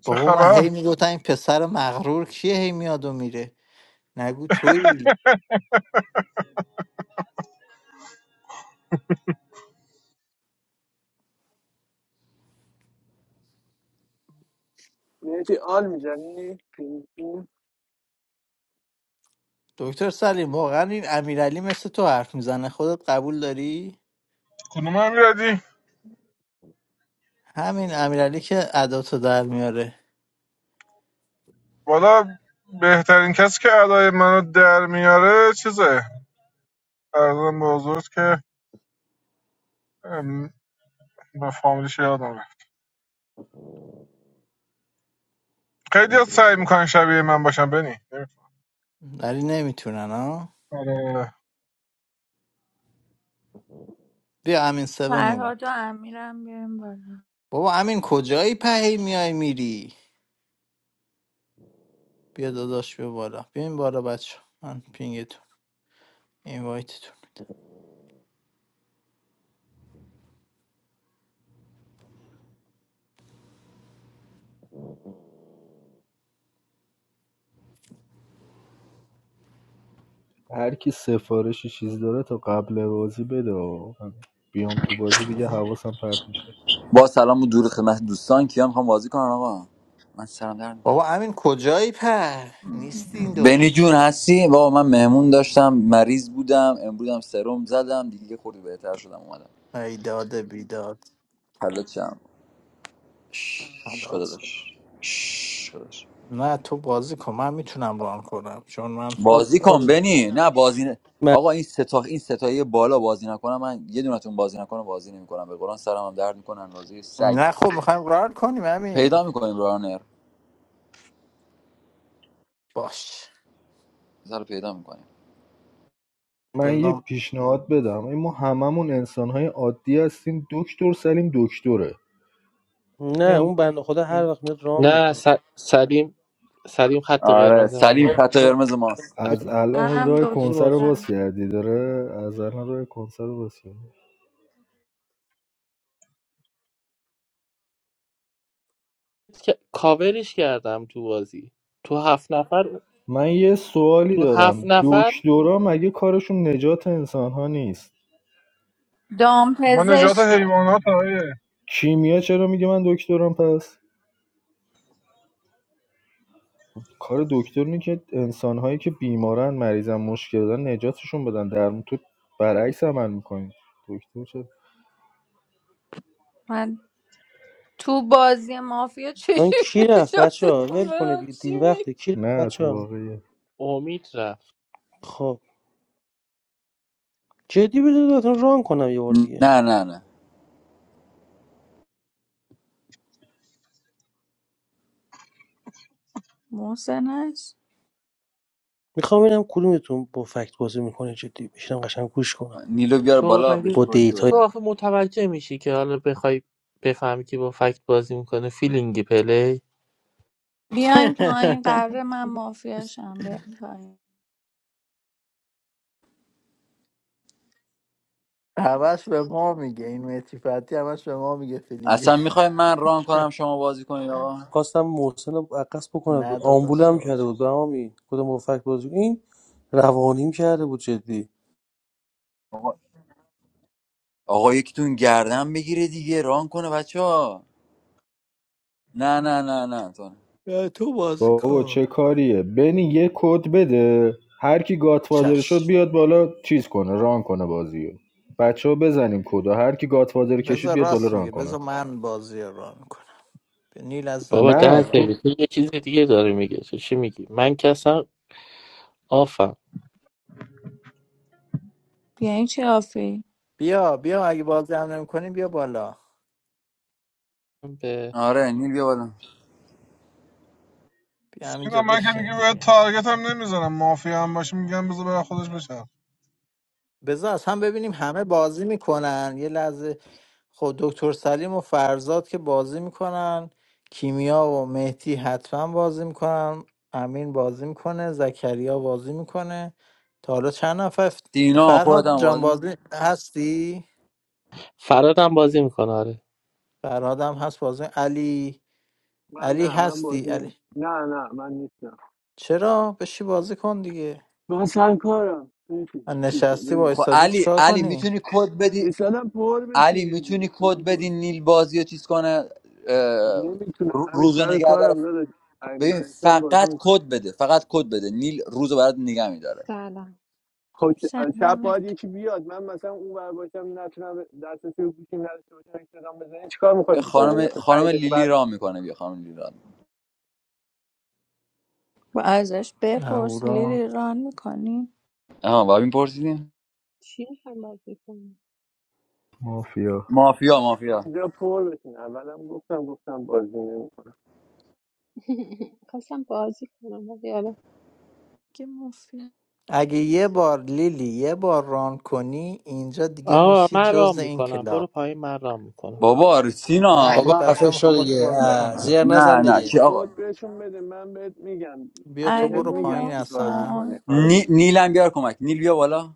چه
بابا من هی
خبر
میگفتم این پسر مغرور کیه هی میاد و میره نگو تویی
میتی آل میزنی پین پین
دکتر سلیم واقعا این امیرعلی مثل تو حرف میزنه خودت قبول داری
کدوم هم میردی
همین امیرعلی که اداتو در میاره
والا بهترین کسی که ادای منو در میاره چیزه ارزم به حضورت که ام، به فامیلیش یادم رفت خیلی ها سعی میکنن شبیه من باشن بنی نمی‌تونن.
ولی نمیتونن ها
آره
بیا امین 7 اومد
فرهاد و امیرم بیاریم بالا
بابا امین کجایی پهی میای میری بیا داداش بیا بالا بیاین بالا بچه من پینگتون اینوایتتون
هر کی سفارش چیز داره تا قبل بازی بده و من بیام تو بازی دیگه حواسم پرت میشه
با سلام و دور خدمت دوستان کیا میخوام بازی کنم آقا من سلام در میکنم
بابا امین کجایی پر نیستی این دو
بنی
روز
جون هستی بابا من مهمون داشتم مریض بودم امروزم سرم زدم دیگه یه خورده بهتر شدم اومدم
ایداد بیداد
حالا چم
حالات شد.
خدادش خدادش
نه تو بازی کن من میتونم ران کنم چون من
بازی
بازی کن
کنه.
بنی نه بازی نه.
من-
آقا این ستا این ستایی بالا بازی نکنم من یه دونتون بازی نکنه بازی نمیکنم به قرآن سرم هم درد میکنه اندازه سگ
نه خب میخوایم ران کنیم امین
پیدا میکنیم رانر
باش
سر پیدا میکنیم
من یه
بزن
پیشنهاد بدم این ما هممون انسانهای عادی هستیم دکتر سلیم دکتره
نه
میگم
اون بنده خدا هر وقت میاد رام
نه
میکنه
س- سلیم سلیم خط
آره
قرمز
سلیم
منه
خط قرمز ماست
از
اصلا
الان
منم
راه
بذار
کنسر رو
بازی کنه
دکترم
باز کردی داره از الان راه کنسر رو باز کردی
که- کاورش کردم تو بازی تو هفت نفر
من یه سوالی
تو هفت
دارم
نفر
دکترا مگه کارشون نجات انسانها نیست
دام
ما نجات
پزشکه
حیوانات آره
کیمیا چرا میگه من دکترم پس کار دکتر اینه که انسانهایی که بیمارن مریضن مشکل دارن نجاتشون بدن در تو برعکس عمل میکنی دکتر چه
من تو بازی مافیا
الان
چشم
کی رفت بچه ها
نجاتتون
ول کنید
برم
دیگه دیر
چی می
وقته کی رفت
نه تو
بچه ها
واقعیه
امید رفت
خب جدی بده دادتون ران کنم یه بار دیگه
نه نه نه
محسنش
میخوام ببینم کدومتون با فکت بازی میکنه جدی بشینم قشنگ گوش کنم
نیلو بیار
تو
بالا بهش
مگه
با
توجیه
دیتا
تو
بده
آخه متوجه میشی که حالا بخوای بفهمی که با فکت بازی میکنه فیلینگی پلی
بیاین پایین قراره من مافیاشم بیاین پایین
همش به ما میگه این متیفتی همش به ما میگه فیلینگ
اصلا میخوای من ران کنم شما بازی کنید آقا
خواستم محسن رو عکس بکنم
نه دوتا
آمبول هم کرده
شارژ
بود همین کدوم با فکت بازی این روانیم کرده بود جدی
آقا, آقا یکیتون گردن بگیره دیگه ران کنه بچه ها نه نه نه نه تو نه.
نه، تو بازی
بابا
کن
چه کاریه بنی یه کد بده هر کی گاتفادر شد
چشم
بیاد بالا چیز کنه ران کنه بازیو بچه ها بزنیم کدا هر کی گاتفادر کشید
بذار
بیاد بالا
راست
ران
میگه
کنه
بذار من بازی رو ران کنم نیل ازم
بابا
بیا
ده
نه
بالا
تو
دقیقه تو یه چیز دیگه داره میگه تو چی میگی من که اصلا آفم
بیاین چی آفی
بیا بیا اگه بازی هم نمیکنیم بیا بالا
به
آره نیل بیا بالا
بیا همینجا
سینا من که
بشین
دیگه باید
دیگه
تارگت هم نمیزنم مافیا هم باشه میگم بذار برن خودش بشه
بذار از هم ببینیم همه بازی میکنن یه لحظه خب دکتر سلیم و فرزاد که بازی میکنن کیمیا و مهدی حتما بازی میکنن امین بازی میکنه زکریا بازی میکنه تا حالا چند نفر ف-
دینا خودت
فرهاد
هم
جان
بازی می‌کنی.
بازی هستی
فرادم بازی میکنه آره
فرهاد هم هست بازی علی
من
علی
نه من
هستی
بازی
علی
نمی- نه نه من نیستم
چرا بشی بازی کن دیگه
من سر کارم ببین، چیزه
نشستی
ببین
خب
وایسادی
علی
چیکار
علی
کنی
میتونی کد بدی
ایسادم پر
علی
بشین دیگه
میتونی کد
ایسادم پر
بدی نیل بازی رو چیز کنه اه،
نمیتونم
رو-
همین
روزو
سر
نگه داره
کارم داداش اگه
ببین
میتونستم بازی
فقط
میکنم
کد بده فقط کد بده نیل روزو برات نگه میداره
سلام
خب شب
سلام
باید یکی بیاد من مثلا اون ور باشم نتونم دسترسی رو گوشیم نداشته باشم ایستادم بزنین چیکار
بیا
میخوایم بکنین
خانم
مثلا
خانم
پنج دقیقه
لیلی
بعدش
رام
بیاد
میکنه بیا خانم لیلی رام
و ازش بپرس
اهورا
لیلی ران میکنی
آها بابین پرسیدین
چی میخوایم بازی کنم؟
مافیا
مافیا مافیا
اینجا پر بشین اولم گفتم گفتم بازی نمیکنم
میخواستم بازی کنم ولی حالا
که مفید
اگه یه بار لیلی یه بار ران کنی اینجا دیگه
آقا
میشی
من
جز
رام
این
میکنم برو
کلاب
پایین من رام میکنم
بابا سینا
نه
من
بابا
خود
ما-
بچه
خفه
ها
شو
میخوام باید
نه
دیگه
من
بازی
بازی
اه،
می‌کنم.
کنم
زیر
اوکی.
نزن
نه نه چی
دیگه
آقا
کد بهشون بده من بهت میگم
بیا تو
بهت
علی
برو
رو
میگم
پایین
چی
موت
کار
اصلا
کن
نی...
بکنی
نیلم بیار کمک نیل بیا بالا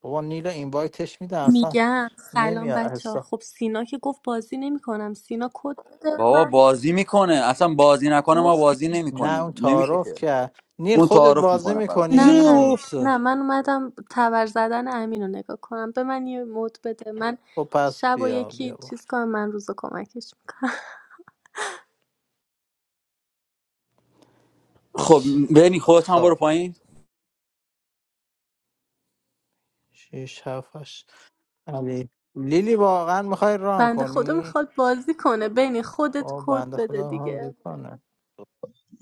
بابا نیل رو اینوایتش میدم اصلا
میگم سلام
نمیاد
بچه ها
اصلا
خب سینا که گفت بازی نمیکنم سینا کد بده
بابا
من
بازی میکنه اصلا بازی نکنه ما
رفت
بازی
نه اون
نمیکنیم نمیشه
تعارف
که
که نیل
اون
خودت
تعارف
بازی
میکنه فقط
چیزی
نه
میکنی
نه
نیل
مفتر
نه من اومدم تبر زدن امین رو نگاه کنم به من یه مد بده من
خب پس
شب و
بیا بیا
یکی
بار
چیز کنم من روز رو کمکش میکنم
خب بنی خودت هم برو
خب
پایین
شیش هفت هشت. علی لیلی واقعا میخوای ران
بنده خدا
کنی
میخواد بازی کنه بینی خودت
با
کد
بنده
بده
خدا هم
دیگه
کنه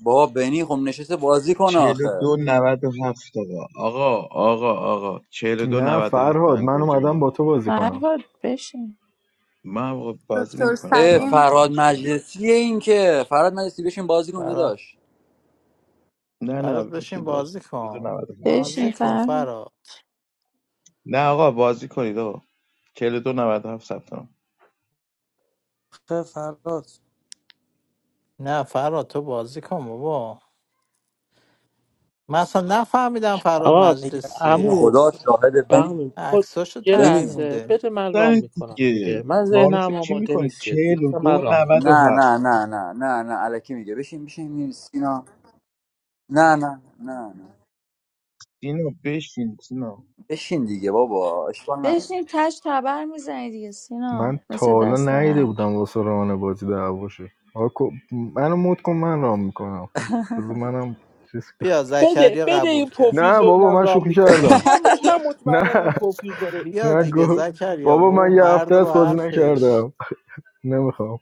بابا بنی خب نشسته بازی کنه آخه
42 97 آقا آقا آقا آقا چهل و
نه
97 به
فرهاد
من
من
گوجه
اومدم
بده
با تو بازی کنم
فرهاد بشین
من آقا بازی
دکتر
نمیکنم
اه
رام
سلیم
میکنم
فراد
مشکل نه
مجلسی این که فراد مجلسی بشین بازی کن داداش
نه نه
فراد
بشین
بشین
بازی
بازی
کن. 42
کن
97 بازی
بازی
بشین
کن
فرهاد
فراد
نه آقا بازی کنید آقا 42 97 ثبت نام
خیلی فراد
نه فراد تو بازی کن بابا من اصلا نفهمیدم فراد
آقا
اگر اینا
مجلسیه
عمو
خدا شاهد بنی
بهمین خود
عکساشو
یه
تغییر
بنی
لحظه
میده
بده من رام
زنید
میکنم
دیگه
دیگه من
تعارف
ذهنم
چی
آماده
میکنید
نیست جدی بذار من
42
رام میکنم
نه
هفت
نه نه نه نه نه الکی میگه بشین بشین این سینا نه نه نه نه
اینو بشین سینا
بشین دیگه بابا اشکال نداره
بشین تش تبر میزنی دیگه سینا
من تا
مثل
حالا
دست
ندیده
قبل
بودم واسه ران بازی دعواشه آقا کو- منو مد کن من ران میکنم بذار منم چیز کنم.
بیا
بده
زکریا
بده
قبول
این
کرد
نه
پوفیوز
بابا
ببینم
من
رام
شوخی
میکنه
کردم
من من مطمئنم این
نه
پوفیوز داره
بیا
نه
خالی
دیگه
گو-
زکریا
بابا
بابا
من یه هفته
مرد
است
با
بازی
حرفش
نکردم نمیخوام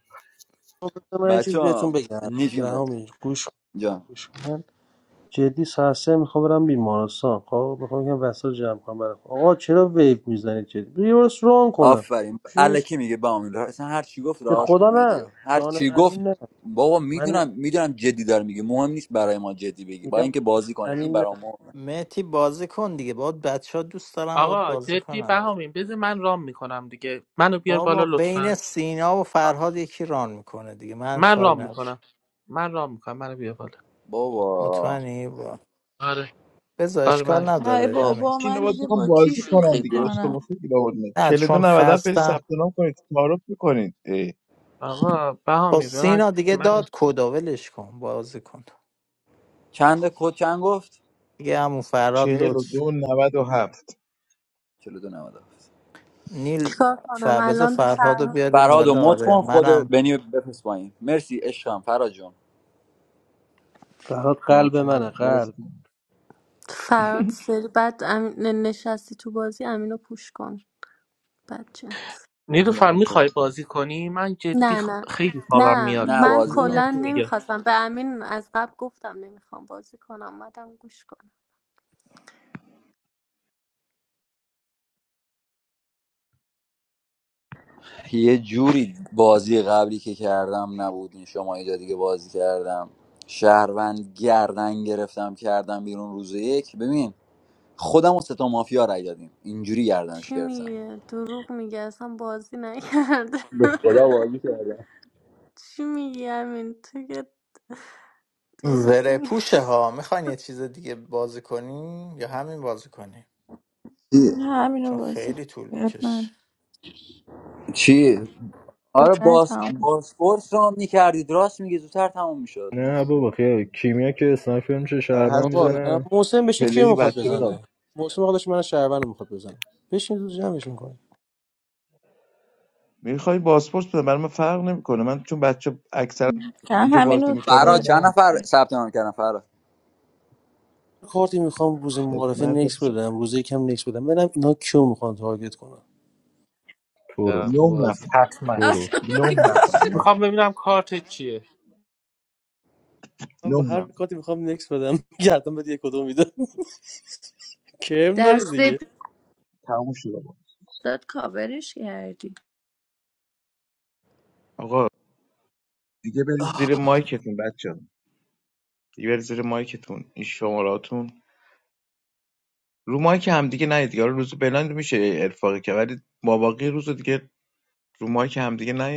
بذار من یه
بچه
چیز بهتون
ها
بگم
نیجیم
به
بهت
همین گوش کن،
جان
گوش کن. جدی ساعت سه میخوام برم بیمارستان خب میخوام یکم وسایل جمع کنم برای خودم. آقا چرا ویپ میزنید جدی بیا برو ران کنم
آفرین
چی میشه
الکی میگه با امیل اصلا هر چی گفت
به
رهاش کن
خدا
مهدیو
نه
هر
جان
چی گفت
امین نه
بابا
من
میدونم میدونم جدی داره میگه مهم نیست برای ما جدی بگی با
میگم
اینکه
جان
بازی کنیم این
امین نه
برای ما مهمه.
متی بازی کن دیگه باد بچه ها دوست دارن باد
آقا
بازی
جدی
کنن دیگه.
بهامین بذار من رام میکنم دیگه منو بیار بالا
بابا بین
لطفا
سینا و فرهاد یکی ران میکنه دیگه من
من
کار
رام
ندارم
میکنم من رام میکنم منو بیار بالا
بابا
مطمئنی با
آره
بذار
آره
اشکال
من
ای
نداره امین
بابا
اینو
من
باید
دیگه
بخوام
با کی
بازی کنم
شوخی
دیگه
کنم
اسکواسه دیگه باید
نه
42
چون
97 برید
خستم
ثبت نام کنید تعارف میکنید
آقا
خب
بهامین به من
سینا دیگه
من
داد کدا ولش کن بازی کن
چند کد چند گفت
دیگه همون فراد لطف
42 97
42 97
نیل
چیکار کنم
فربز
الان به
فرهاد رو
فرهاد
بیاریم
کجا
فرهاد و
والا
بدم
مت
آره
کن خود
منم
بنی بفرست پایین مرسی عشقم فرهاد جون
فرهاد قلب
نوکر
منه
باز
قلب
کن.
فرهاد سری بعد امین- نشستی تو بازی امین رو پوش کن بچه
نیلوفر
نه بابا
میخوای بازی
باز کن.
کنی من جدی
نه نه
خ- خیلی خوابم
نه
میاد
نه
به
من
بازی
خدا
کن
کلا
جدی میگم
نمیخواستم به امین از قبل گفتم نمیخوام بازی کنم اومدم گوش کنم
یه جوری بازی قبلی که کردم نبودین شما اینجا دیگه بازی کردم شهروند گردن گرفتم کردم بیرون روز یک ببین خودم و ستا مافیا رای دادیم اینجوری گردنش
چی
گرفتم
میگه دروغ میگه اصلا بازی نکرده
به خدا بازی کردم
چی میگی امین تو که دروغ
زره
میگه
پوشه ها میخواین یه چیز دیگه بازی کنیم یا همین بازی کنیم
چی؟
نه همینو
چون
واسه
خیلی طول
اب
میکشه
من
چی؟ آره
واسه
باس
تموم
باسپورس رو میکردید راست میگه زودتر تموم میشد
نه بابا خیلی کیمیا که اسنایپر میشه
در
شهرمن
بابا
حسب
الان
میزنه
محسن بشه کیو
پلی
میخواد
بچه رو
بزنه محسن خودش من شهروند میخواد بزنه بشین روز جمعش میکنه
میخوای بازپورس بده برای من فرق نمیکنه من چون بچه اکثرا
نه
اینجا بازی
همینو
میکنن
فرا چند
نه
نفر
دیگه
ثبت نام کردن فرا
کارتی میخوام روز معارفه
خدمت
نکس
شما.
بدم روز یکم نکس بدم ببینم اینا کیو میخوان تارگت کنن
تو رو
دیدم تو
نه
بازی
نفر
حتما
تو رو
اصلا
نه نفر
نمی‌شه.
نه
میخوام ببینم کارت چیه
من با
نه
هر
نفر
کاتی میخوام نکس بدم گردم بده یک کدوم میدم کرم داره
دست
دیگه
تموم شده بابا
داد کاورش کردی
آقا دیگه برید زیر مایکتون بچه ها، دیگه برید زیر مایکتون این شماراتون رو مایک هم دیگه نه دیگه حالا روز بلند میشه ارفاقی که ولی ماباقی روز دیگه رو مایک هم دیگه نیاد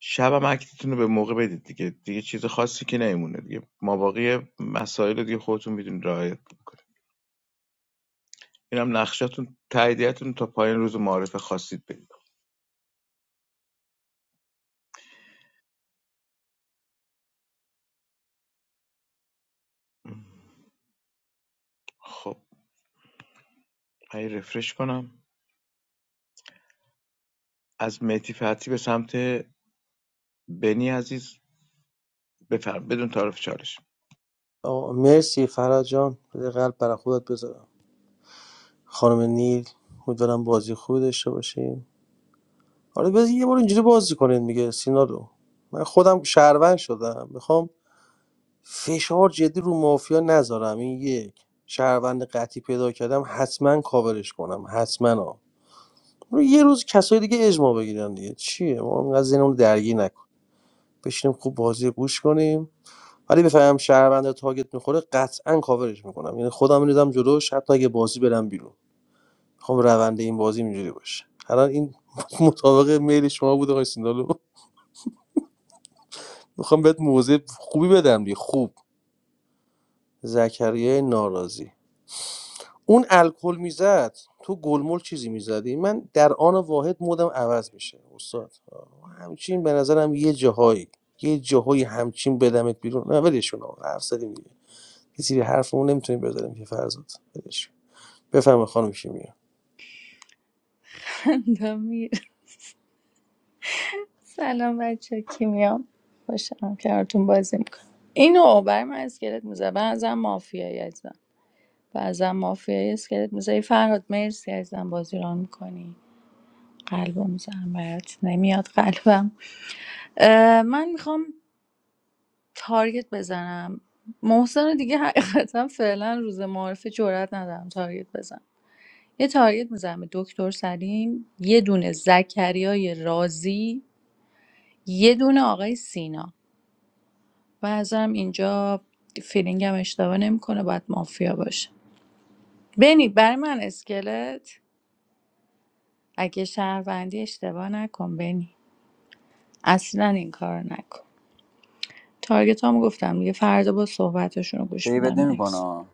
شبم اکتتون رو به موقع بدید دیگه دیگه چیز خاصی که نمیمونه دیگه ماباقی مسائل رو دیگه خودتون میدونید رعایت میکنید اینم نقشاتون تاییدیتون تا پایان روز معارف خواستید بدید خب من یه رفرش کنم از مهدی فتحی به سمت بنی عزیز بفرم بدون تعارف چالش
آقا مرسی فراد جان بده قلب برای خودت بذارم خانم نیل امیدوارم بازی خوبی داشته باشیم آره بذار یه بار اینجوری بازی کنید میگه سینا رو من خودم شهروند شدم میخوام فشار جدی رو مافیا نذارم این یک شهروند قطعی پیدا کردم حتما کاورش کنم حتما ها رو یه روز کسای دیگه اجماع بگیرن دیگه چیه ما اینقدر ذهنمون رو درگیر نکن. بشینیم خوب بازی رو گوش کنیم ولی بفهمم شهروند تاگت میخوره قطعا کاورش میکنم یعنی خودم میدم جلوش حتی اگه بازی برم بیرون میخوام روند این بازی اینجوری باشه الان این مطابق میل شما بود آقای سیندالو میخوام بهت موضع خوبی بدم دی خوب زکریای ناراضی اون الکل میزد تو گلمول چیزی میزدی من در آن واحد مودم عوض میشه استاد آه، همچین به نظرم یه جاهایی یه جاهایی همچین بدمت بیرون نه ولشون آقا حرف زدیم یه سری حرفمون نمیتونیم بذاریم که فرزاد بدش بفهم خانم کیمیا
سلام بچه کیمیام خوشم کنارتون بازی میکنم اینو برای من اسکلت میزه بعضا مافیایی ازم بعضا مافیایی اسکلت میزه فرهاد مرسی ازم بازی ران میکنی قلبم میزنم برات نمیاد قلبم اه، من میخوام تارگت بزنم محسن رو دیگه حقیقتا فعلا روز معارفه جرئت ندارم تارگت بزنم یه تارگت میزنم به دکتر سلیم یه دونه زکریای رازی یه دونه آقای سینا و ازم اینجا فیلینگم اشتباه نمیکنه باید مافیا باشه بنی برای من اسکلت اگه شهروندی اشتباه نکن بنی اصلا این کار رو نکن تارگت هم گفتم دیگه فردا با صحبتشون رو گوش
دیوید
میدم نکس
نمیکنه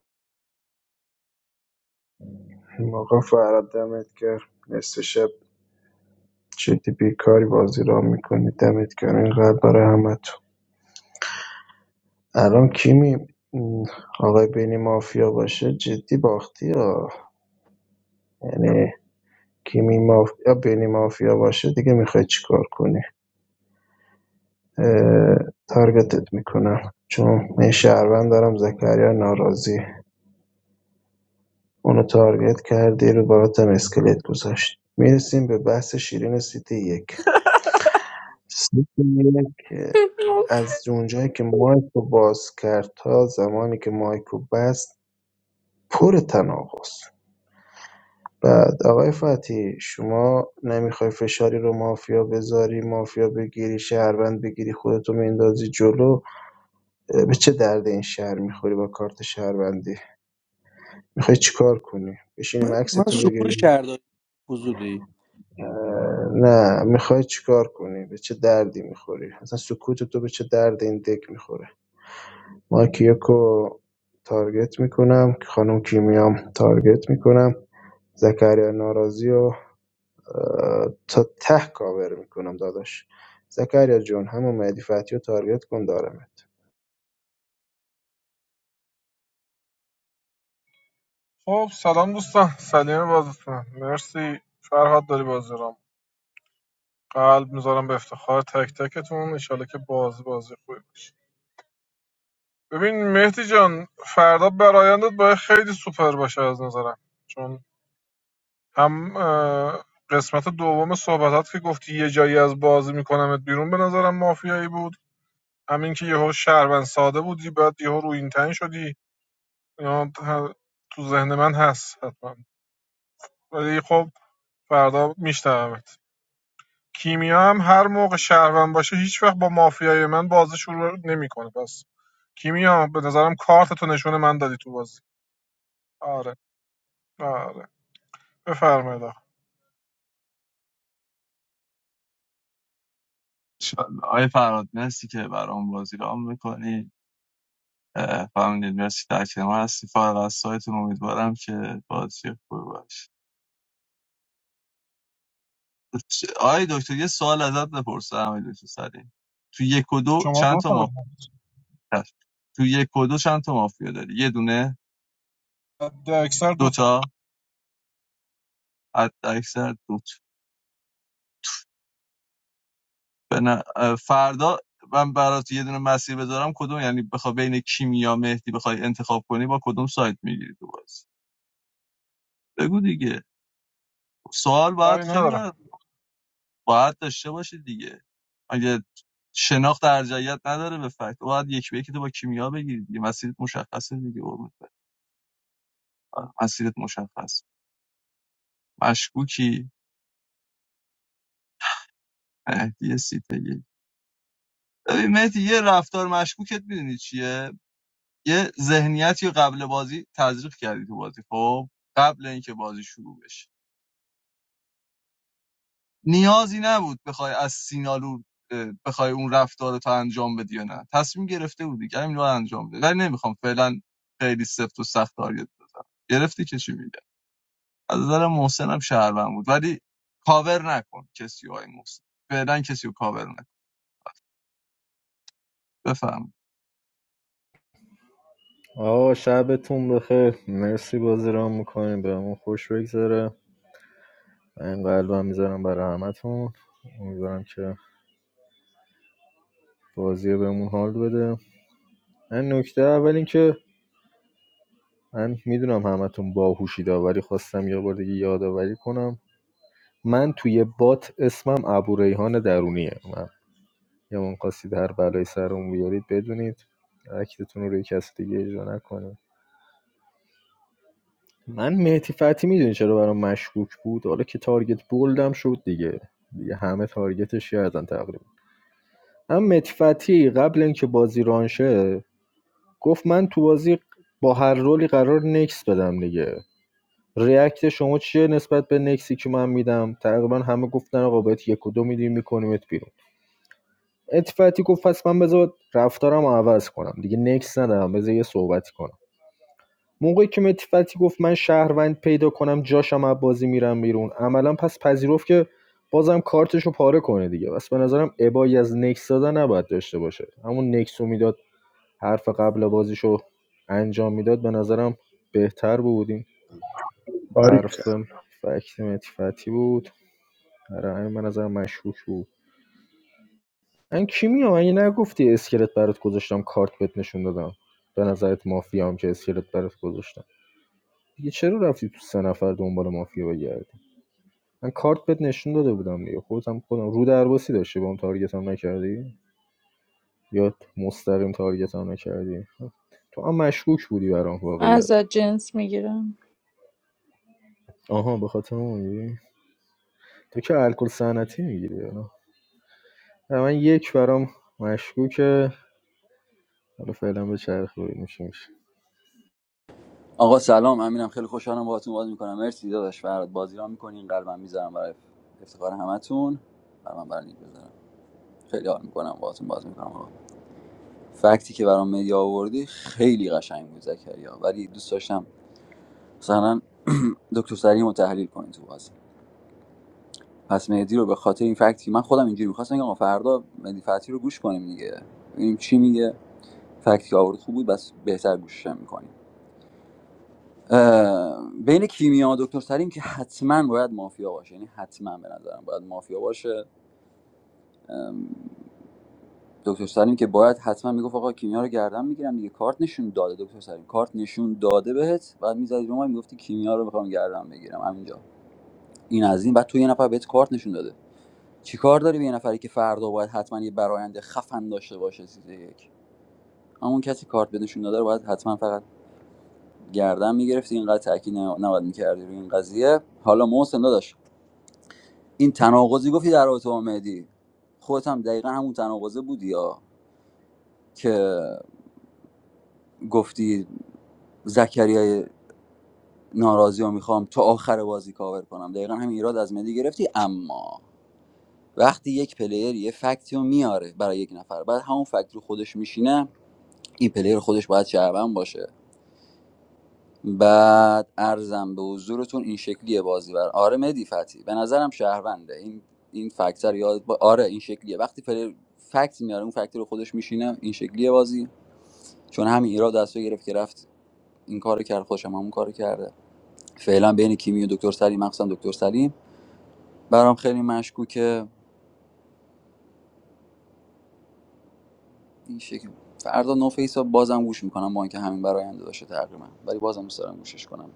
این موقع فراد دمت کرد نصف شب جدی بیکاری بازی را میکنی دمت کرد اینقدر برای همه الان کی می آقای بینی مافیا باشه جدی باختی ها یعنی کیمی مافیا بینی مافیا باشه دیگه میخوای چیکار کنی اه، تارگتت میکنم چون من شهروند دارم زکریا ناراضی اونو تارگت کردی رو براتم اسکلت گذاشت میرسیم به بحث شیرین سیتی یک سیتی یک از اونجایی که مایک باز کرد تا زمانی که مایک رو بست پر تناقض بعد آقای فتحی شما نمیخوای فشاری رو مافیا بذاری مافیا بگیری شهروند بگیری خودتو میندازی جلو اه، به چه درد این شهر میخوری با کارت شهروندی میخوای چیکار کنی بشینی
من
مکستو
شکور
بگیری
شهرداری حضوری
اه، نه میخوای چیکار کنی به چه دردی میخوری اصلا سکوت تو به چه درد این دک میخوره ما کیوکو تارگت میکنم خانم کیمیام تارگت میکنم زکریا ناراضی و تا ته کاور میکنم داداش زکریا جون همون مهدی فتحی رو تارگت کن دارمت
خب سلام دوستان سلیمه بازتون مرسی فرهاد داری بازی رام قلب میذارم به افتخار تک تکتون انشالله که بازی بازی خوبی باشه ببین مهدی جان فردا برایندت باید خیلی سوپر باشه از نظرم چون هم اه، قسمت دوم صحبتات که گفتی یه جایی از بازی میکنمت بیرون به نظرم مافیایی بود همین که یهو شهروند ساده بودی بعد یهو رو این تن شدی اینا ت- تو ذهن من هست حتما ولی خب فردا میشنومت کیمیا هم هر موقع شهروند باشه هیچ‌وقت با مافیای من بازی شروع نمیکنه پس کیمیا به نظرم کارت تو نشون من دادی تو بازی آره آره بفرمایید آقا.
انشالله آقای فراد مرسی که برام بازی رام میکنی فهمیدید مرسی در کنار ما هستی فارغ از سایتون امیدوارم که بازی خوب باشه چ- آقای دکتر یه سوال ازت بپرسم آقای دکتر سری تو یک و دو
شما
چند
دو
تا
تا
مافیا
بزن.
هست؟ تو یک و دو چند تا مافیا داری یه دونه
ده اکثر دو تا
دوتا تا حد اکثر دو به ن اه، فردا من برات یه دونه مسیر بذارم کدوم یعنی بخوای بین کیمیا مهدی بخوای انتخاب کنی با کدوم سایت میگیری تو بازی بگو دیگه سوال باید
لای
خیلی
ندارم
برات باید داشته باشه دیگه اگه شناخت ارجعیت نداره به فکت باید یک به یک تو با کیمیا بگیری دیگه مسیرت مشخصه دیگه آره، مسیرت مشخص مشکوکی مهدی سیتگی ببین مهدی یه رفتار مشکوکت میدونی چیه یه ذهنیتی قبل بازی تزریق کردی تو بازی خب قبل اینکه بازی شروع بشه نیازی نبود بخوای از سینالو بخوای اون رفتار رو تا انجام بدی یا نه تصمیم گرفته بودی که همین رو انجام بده ولی نمیخوام فعلا خیلی سفت و سخت تارگت بزنم گرفتی که چی میگه از نظر محسن هم شهروند بود ولی کاور نکن کسی های محسن فعلا کسیو کاور نکن بفهم
آقا شبتون بخیر مرسی بازی رام میکنیم بهمون خوش بگذره این قلبم میذارم برای همتون امیدوارم که بازی بهمون حال بده من نکته اول این که من میدونم همتون باهوشید ولی خواستم یه بار دیگه یادآوری کنم من توی بات اسمم ابو درونیه من یه من خواستید هر بلایی سرمون بیارید بدونید اکتتون رو روی کسی دیگه اجرا نکنید من مهدی فتی میدونی چرا برام مشکوک بود حالا که تارگت بولدم شد دیگه دیگه همه تارگتش کردن تقریبا هم مهدی فتی قبل اینکه بازی رانشه گفت من تو بازی با هر رولی قرار نکس بدم دیگه ریاکت شما چیه نسبت به نکسی که من میدم تقریبا همه گفتن آقا بهت یک و دو میدیم میکنیمت بیرون اتفاقی گفت پس من بذار رفتارم رو عوض کنم دیگه نکس ندارم بذار یه صحبتی کنم موقعی که متفتی گفت من شهروند پیدا کنم جاشم از بازی میرم بیرون عملا پس پذیرفت که بازم کارتشو پاره کنه دیگه بس به نظرم ابایی از نکس دادن نباید داشته باشه همون نکس میداد حرف قبل بازیشو انجام میداد به نظرم بهتر بودیم حرف
باریکلا
فکت متفتی بود آره همین من نظر مشکوک بود این کیمیا مگه نگفتی اسکلت برات گذاشتم کارت بهت نشون دادم به نظرت مافیا هم که اسکلت برات گذاشتم دیگه چرا رفتی تو سه نفر دنبال مافیا بگردی من کارت بهت نشون داده بودم دیگه خودم خودم رو درباسی داشتی با هم تارگت هم نکردی یا مستقیم تارگت هم نکردی تو هم مشکوک بودی برام واقعیت
ازت جنس میگیرم
آها به خاطر اون تو که الکل صنعتی میگیری من یک برام مشکوکه حالا فعلا به چرخ ببینیم چی میشه.
آقا سلام امینم خیلی خوشحالم باهاتون بازی میکنم مرسی داداش فراد بازی را میکنین قلبم میذارم برای افتخار همتون بر من برنید بذارم خیلی حال میکنم باهاتون بازی میکنم آقا فکتی که برام مدیا آوردی خیلی قشنگ بود زکریا ولی دوست داشتم مثلا دکتر سلیم رو تحلیل کنین تو بازی پس مهدی رو به خاطر این فکتی من خودم اینجوری میخواستم بگم آقا فردا مهدی فتی رو گوش کنیم دیگه ببینیم چی میگه فکتی که آورد خوب بود بس بهتر گوشش میکنیم بین کیمیا و دکتر سلیم که حتما باید مافیا باشه یعنی حتما به نظرم باید مافیا باشه دکتر سلیم که باید حتما میگفت آقا کیمیا رو گردن میگیرم دیگه کارت نشون داده دکتر سلیم کارت نشون داده بهت بعد میزدی رو ما میگفتی کیمیا رو میخوام گردن بگیرم همینجا این از این بعد تو یه نفر بهت کارت نشون داده چیکار داری به یه نفری که فردا باید حتما یه برایند خفن داشته باشه چیز یک همون کسی کارت به نشون داده رو باید حتما فقط گردن میگرفتی اینقدر تاکید نباید میکردی روی این قضیه حالا محسن داداش این تناقضی گفتی در رابطه با مهدی خودت هم دقیقا همون تناقضه بودی یا که گفتی زکریای ناراضی رو میخوام تا آخر بازی کاور کنم دقیقا همین ایراد از مهدی گرفتی اما وقتی یک پلیر یه فکتی رو میاره برای یک نفر بعد همون فکت رو خودش میشینه این پلیر خودش باید شهروند باشه بعد ارزم به حضورتون این شکلیه بازی بر آره مدی فتی به نظرم شهرونده این این فکت یاد با... آره این شکلیه وقتی پلیر فکت میاره اون فکت رو خودش میشینه این شکلیه بازی چون همین ایراد دستو گرفت که رفت این کارو کرد خودش هم همون کارو کرده فعلا بین کیمی و دکتر سلیم مخصوصا دکتر سلیم برام خیلی مشکوکه این شکل فردا نو فیس بازم گوش میکنم با اینکه همین براینده داشته تقریبا ولی بازم دوست دارم گوشش کنم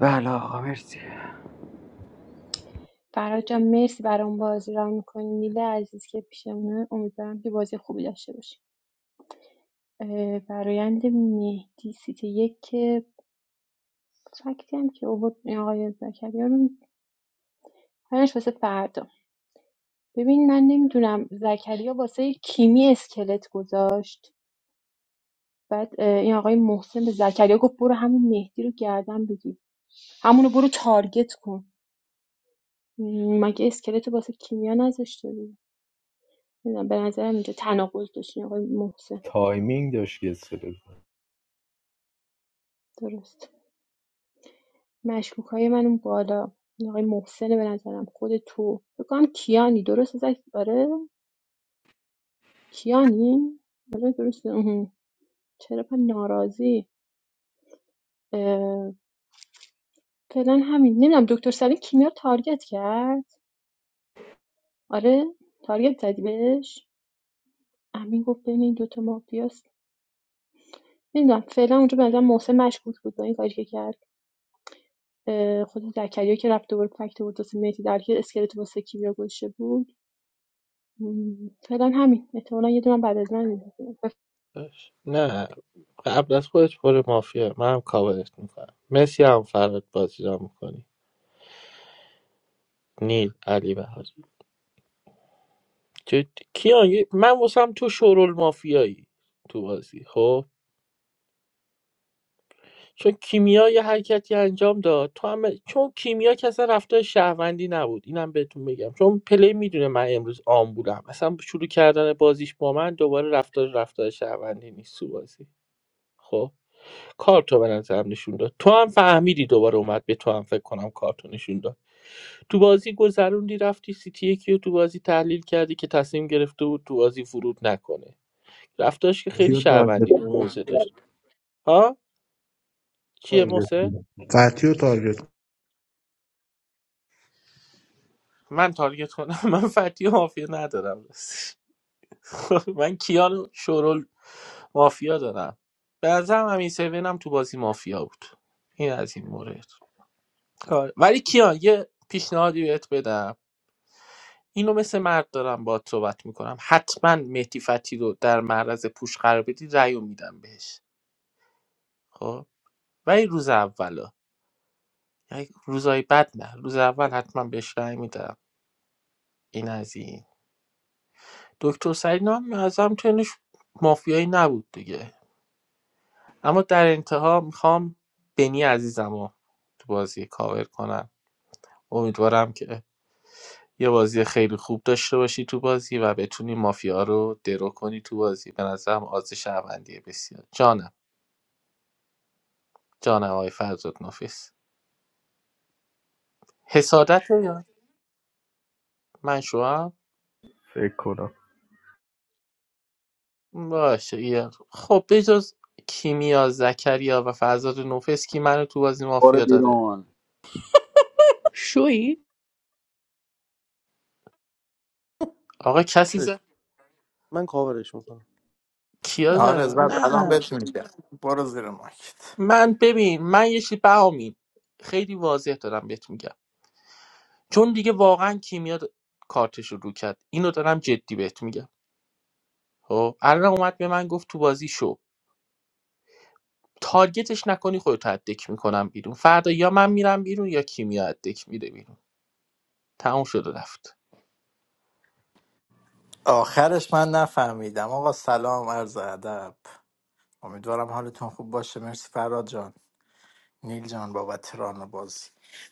بله آقا مرسی
فراد جان مرسی برای اون بازی را میکنی نیله عزیز که پیشمونه امیدوارم که بازی خوبی داشته باشی اه، برایند مهدی سیت یک که فکتی هم که اوبود آقای زکریا رو هرش واسه فردا ببین من نمیدونم زکریا واسه کیمی اسکلت گذاشت بعد اه، این آقای محسن به زکریا گفت برو همون مهدی رو گردن بگیر همونو برو تارگت کن مگه اسکلت واسه کیمیا نذاشته بود نمی‌دونم، به نظرم اینجا تناقض داشتین آقای محسن
تایمینگ داشت که استفاده
درست مشکوک های من اون بالا این آقای محسنه به نظرم خود تو فکر کنم کیانی درست ازش آره کیانی آره درسته آها. چرا پا ناراضی اه، فعلا همین نمیدونم دکتر سلیم کیمیا رو تارگت کرد آره تارگت زدی بهش امین گفت بین این دوتا مافیاست نمیدونم فعلا اونجا به نظرم محسن مشکوک بود با این کاری که کرد اه، خود زکریا که رفته بود فکته بود واسه مهدی در که اسکلت واسه کیمیا گذاشته بود م، فعلا همین احتمالا یه دونم بعد از من می‌بینیم. بف-
نه قبل از خودش پر مافیا من هم کاورت میکنم مسی هم فرات بازی را میکنی نیل علی بهاری جدی. کیان یه- من واسم تو شورول مافیایی تو بازی خب چون کیمیا یه حرکتی انجام داد تو هم چون کیمیا که اصلا رفتار شهروندی نبود اینم بهتون بگم چون پلی میدونه من امروز آمبولم اصلا شروع کردن بازیش با من دوباره رفتار رفتار شهروندی نیست تو بازی خب کارتو به نظرم نشون داد تو هم فهمیدی دوباره اومد به تو هم فکر کنم کارتو نشون داد تو بازی گذروندی رفتی سیتی یکی رو تو بازی تحلیل کردی که تصمیم گرفته بود تو بازی ورود نکنه رفتاش که خیلی
فتیو تارگت
شهروندی بود
کن.
موزه داشت ها چیه
تارگت
موزه؟
کن. فتیو تارگت
من تارگت کنم من فتی و مافیا ندارم راستش. من کیانو شورول مافیا دارم به نظرم همین سیون هم تو بازی مافیا بود این از این مورد آره. ولی کیان یه پیشنهادی بهت بدم اینو مثل مرد دارم باهات صحبت میکنم حتما مهدی فتی رو در معرض پوش قرار بدی رأی میدم بهش خب ولی روز اولا یعنی روزای بعد نه روز اول حتما بهش رأی میدم این از این دکتر سرینا هم ازم تنش مافیایی نبود دیگه اما در انتها میخوام بنی عزیزم رو تو بازی کاور کنم امیدوارم که یه بازی خیلی خوب داشته باشی تو بازی و بتونی مافیا رو درو کنی تو بازی به نظرم آز شهروندی بسیار جانم جان آقای فرزاد نفیس حسادت رو یا من شوام
فکر کنم
باشه یه- خب بجز کیمیا زکریا و فرزاد نفیس کی منو تو بازی
بار
مافیا داره
بیرون
شویی؟
آقا کسی زد
من کاورش میکنم
کیا
آره
زدم
زد الان
نه
بهت میگم برو زیر ماکت
من ببین من یه چی بهامین خیلی واضح دارم بهت میگم چون دیگه واقعا کیمیا د- کارتش رو رو کرد اینو دارم جدی بهت میگم خب الان اومد به من گفت تو بازی شو تارگتش نکنی خودت رو میکنم بیرون فردا یا من میرم بیرون یا کیمیا از دک میره بیرون تموم شد و رفت
آخرش من نفهمیدم آقا سلام عرض ادب امیدوارم حالتون خوب باشه مرسی فراد جان. نیل جان بابت ران بازی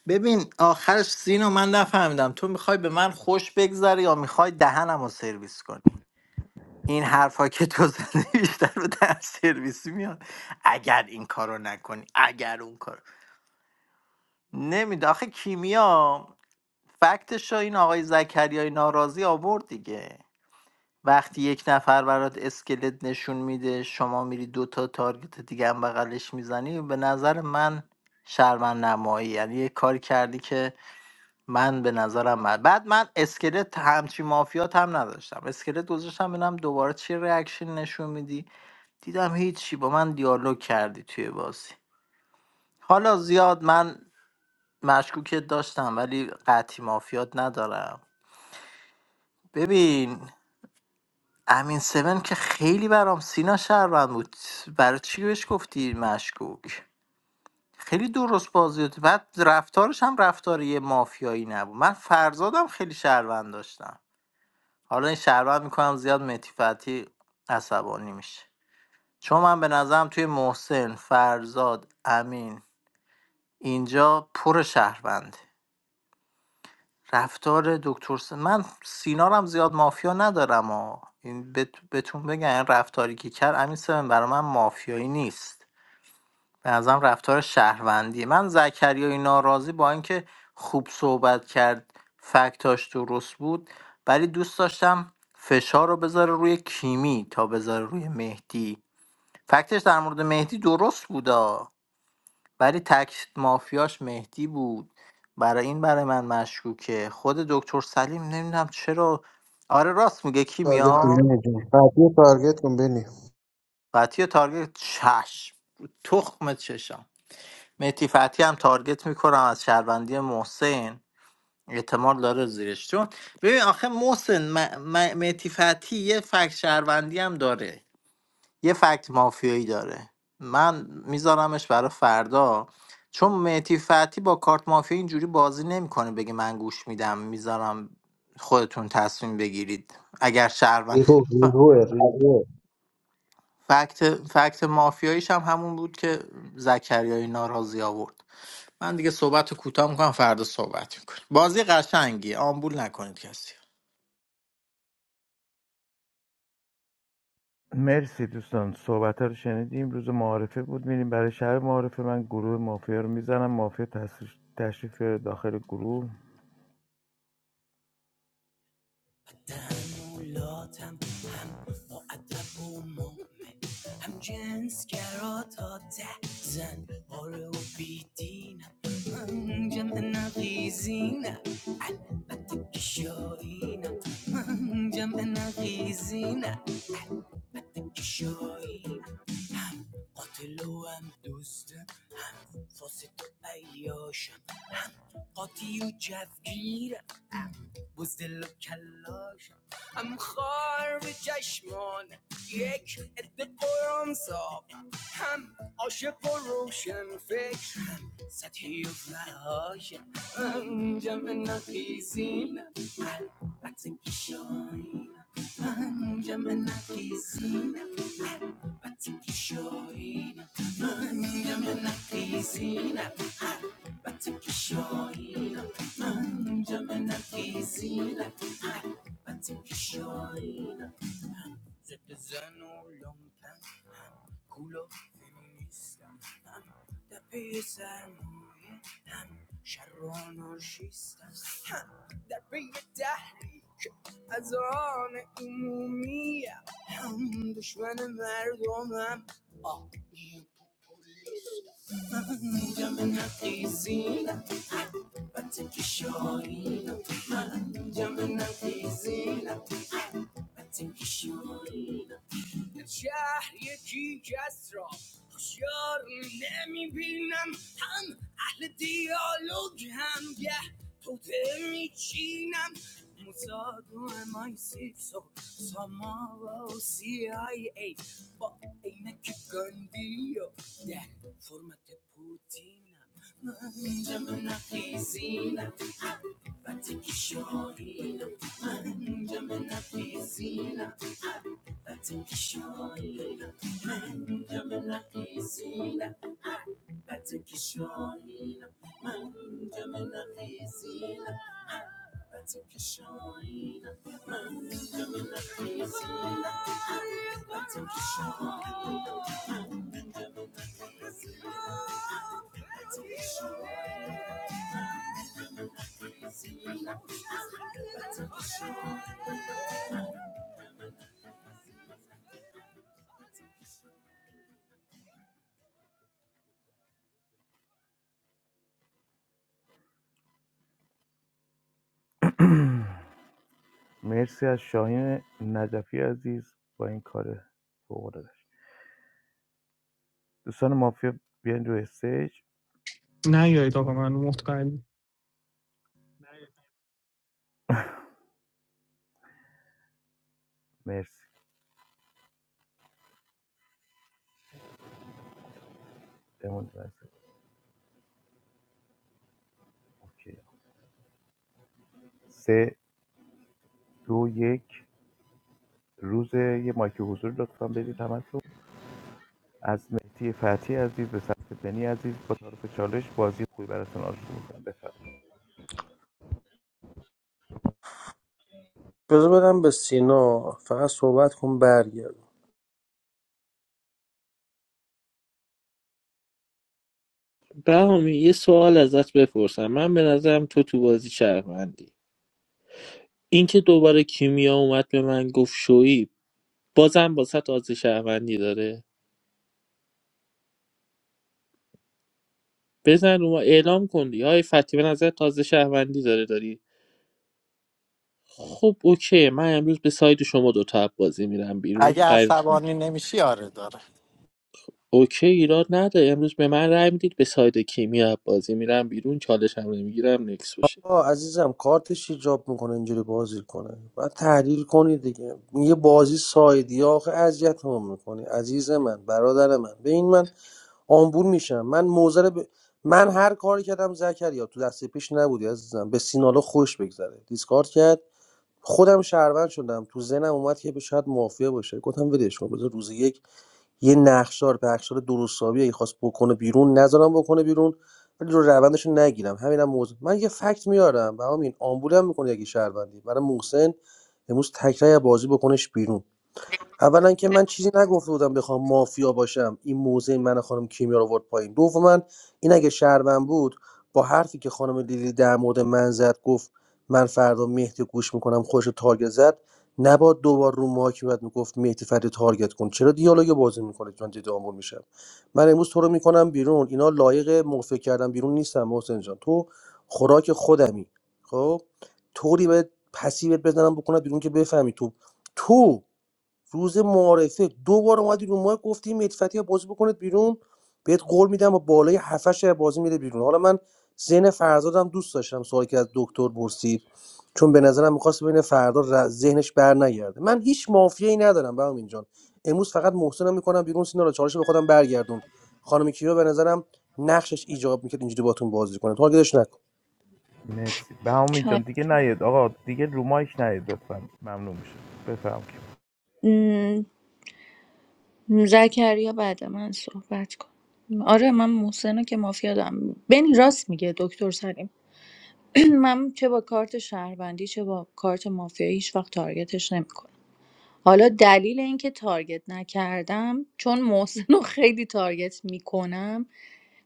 ببین آخرش سینو من نفهمیدم تو میخوای به من خوش بگذره یا میخوای دهنم رو سرویس کنی این حرفا که تو زدی بیشتر به دهن سرویسی میاد اگر این کارو نکنی اگر اون کار نمیده آخه کیمیا فکتش رو این آقای زکریای ناراضی آورد دیگه وقتی یک نفر برات اسکلت نشون میده شما میری دوتا تارگت دیگه هم بغلش میزنی به نظر من شرمن نمایی یعنی یه کار کردی که من به نظرم من. بعد من اسکلت همچی مافیات هم نداشتم اسکلت گذاشتم ببینم دوباره چی ریاکشن نشون میدی دیدم هیچی با من دیالوگ کردی توی بازی حالا زیاد من مشکوکت داشتم ولی قطعی مافیات ندارم ببین امین سون که خیلی برام سینا شهروند بود برای چی بهش گفتی مشکوک خیلی درست بازی بود بعد رفتارش هم رفتار یه مافیایی نبود من فرزادم خیلی شهروند داشتم حالا این شهروند میکنم زیاد متیفتی عصبانی میشه چون من به نظرم توی محسن فرزاد امین اینجا پر شهروند رفتار دکتر س... من سینارم زیاد مافیا ندارم و این بت... بهتون بگم این رفتاری که کرد امین سمن برای من مافیایی نیست به نظرم رفتار شهروندی من زکریای ناراضی با اینکه خوب صحبت کرد فکتاش درست بود ولی دوست داشتم فشار رو بذاره روی کیمی تا بذاره روی مهدی فکتش در مورد مهدی درست بودا ولی تک مافیاش مهدی بود برای این برای من مشکوکه خود دکتر سلیم نمیدونم چرا آره راست میگه
تارگت کن
کیمیا
بنی جون فتحی رو تارگت کن بنی
فتی تارگت چشم تخم چشم مهدی فتی هم تارگت میکنم از شهروندی محسن اعتماد داره زیرش چون ببین آخه محسن م- م- مهدی فتی یه فک شهروندی هم داره یه فکت مافیایی داره من میذارمش برای فردا چون مهدی فتی با کارت مافیا اینجوری بازی نمیکنه بگه من گوش میدم میذارم خودتون تصمیم بگیرید اگر شهروند
ریحو
ف-
ریحوه ریحوه
فکت فکت مافیاییش هم همون بود که زکریای ناراضی آورد من دیگه صحبت رو کوتاه میکنم فردا صحبت میکنم بازی قشنگی آمبول نکنید کسی
مرسی دوستان صحبت رو شنیدیم روز معارفه بود میریم برای شهر معارفه من گروه مافیا رو میزنم مافیا تشریف تشریف داخل گروه تعملاتم هم معدب و مومن هم جنسگرا تا ده زن آره و بیدینم من جمع نقیزینم البته که شاهینم من جمع نقیزینم البته که شاهینم قاتل و هم دوستم هم فاسد و عیاشم هم قاطی و جوگیرم بزدل و کلاشم هم خار به چشمان یک عده قرآن صاف هم عاشق و روشن فکر سطحی و فهاشم هم جمع نقیزین البته که شاهینم من جمع نقیزینم البته که شاهینم من جمع نقیزینم حبت کشایی من جمع نتیزی حبت کشایی زد زن و لومپن هم کول هم دپه سرمایه هم شر و آنارشیستم هم در پی تحریک از آن عمومی هم دشمن مردمم آه من جمع نقیزینم بچه که شاهینم من جمع نتیزینم بچه که شاهینم شهر یکی کس را خوشیار نمیبینم هم اهل دیالوگ هم گه توته میچینم موساد و MI6 و ساما و CIA با عینک گاندی و ده فرمت پوتینم Manja na piscina, bate que chorina. Manja na piscina, bate que chorina. Manja na piscina. Batukishona, manja mena kesina. Batukishona, manja mena kesina. Batukishona, manja mena kesina. Batukishona, manja mena kesina. Batukishona, manja mena kesina. مرسی از شاهین نجفی عزیز با این کار فوق‌العاده‌اش دوستان مافیا بیاین روی استیج
Nei, gjør ikke akkurat noe. Mot hva
مرسی بمون بس. اوکی. سه دو یک روز یه مایک حضور لطفا بدید همتون از مهدی فتی عزیز به سمت بنی عزیز با تعارف چالش بازی خوبی براتون آرزو می‌کنم بفرمایید
بذار بدم به سینا فقط صحبت کن برگرد
بهامی یه سوال ازت بپرسم من به نظرم تو تو بازی شهروندی اینکه دوباره کیمیا اومد به من گفت شویی بازم واسه تازه شهروندی داره بزن رو ما اعلام کن دیگه های فتی به نظر تازه شهروندی داره داری خب اوکی من امروز به ساید شما دو تا بازی میرم بیرون
اگه
قر...
عصبانی نمیشی آره داره
اوکی ایراد نداره امروز به من رای میدید به ساید کیمیا بازی میرم بیرون چالش هم نمیگیرم نکس باشه
آه عزیزم کارتش ایجاب میکنه اینجوری بازی کنه باید تحلیل کنی دیگه یه بازی سایدی آخه اذیت هم میکنی عزیز من برادر من به این من آمبول میشم من موزر ب... من هر کاری کردم زکریا تو دست پیش نبودی عزیزم به سینالو خوش بگذره دیسکارد کرد خودم شهروند شدم تو ذهنم اومد که شاید مافیا باشه گفتم ولش کن بذار روز یک یه نقشار پخشار درست حسابی اگه خواست بکنه بیرون نذارم بکنه بیرون ولی رو روندش رو نگیرم همینم موضوع من یه فکت میارم و همین آمبولم میکنه یکی شهروندی برای محسن امروز تکرای بازی بکنش بیرون اولا که من چیزی نگفته بودم بخوام مافیا باشم این موزه من خانم کیمیا رو آورد پایین دوما این اگه شهروند بود با حرفی که خانم لیلی در مورد من زد گفت من فردا مهدی رو گوش میکنم خوش تارگت زد نباد دوبار رو ماهی بعد میگفت مهدی فردا تارگت کن چرا دیالوگ بازی میکنه من جدی آمبول میشم من امروز تو رو میکنم بیرون اینا لایق موفق کردن بیرون نیستم محسن جان تو خوراک خودمی خب طوری به پسیبت بزنم بکنم بیرون که بفهمی تو تو روز معارفه دو بار اومدی رو ماه گفتی مدفتی بازی بکنید بیرون بهت قول میدم با بالای هفش بازی میره بیرون حالا من ذهن فرزادم دوست داشتم سوالی که از دکتر پرسید چون به نظرم میخواست ببینه فردا ر- ذهنش بر نگرده من هیچ مافیایی ندارم به اینجان امروز فقط محسنم میکنم بیرون سینا رو چالش به خودم برگردون خانم کیو به نظرم نقشش ایجاب میکرد اینجوری باتون بازی کنه تارگتش نکن
مرسی بهامی
چای
جان دیگه نیاد آقا دیگه رو مایک نیاد لطفا ممنون میشه بفرمایید
م، زکریا بعد من صحبت کن آره من محسن رو که مافیا دارم بنی راست میگه دکتر سلیم من چه با کارت شهروندی چه با کارت مافیایی هیچ وقت تارگتش نمیکنم حالا دلیل اینکه تارگت نکردم چون محسن رو خیلی تارگت میکنم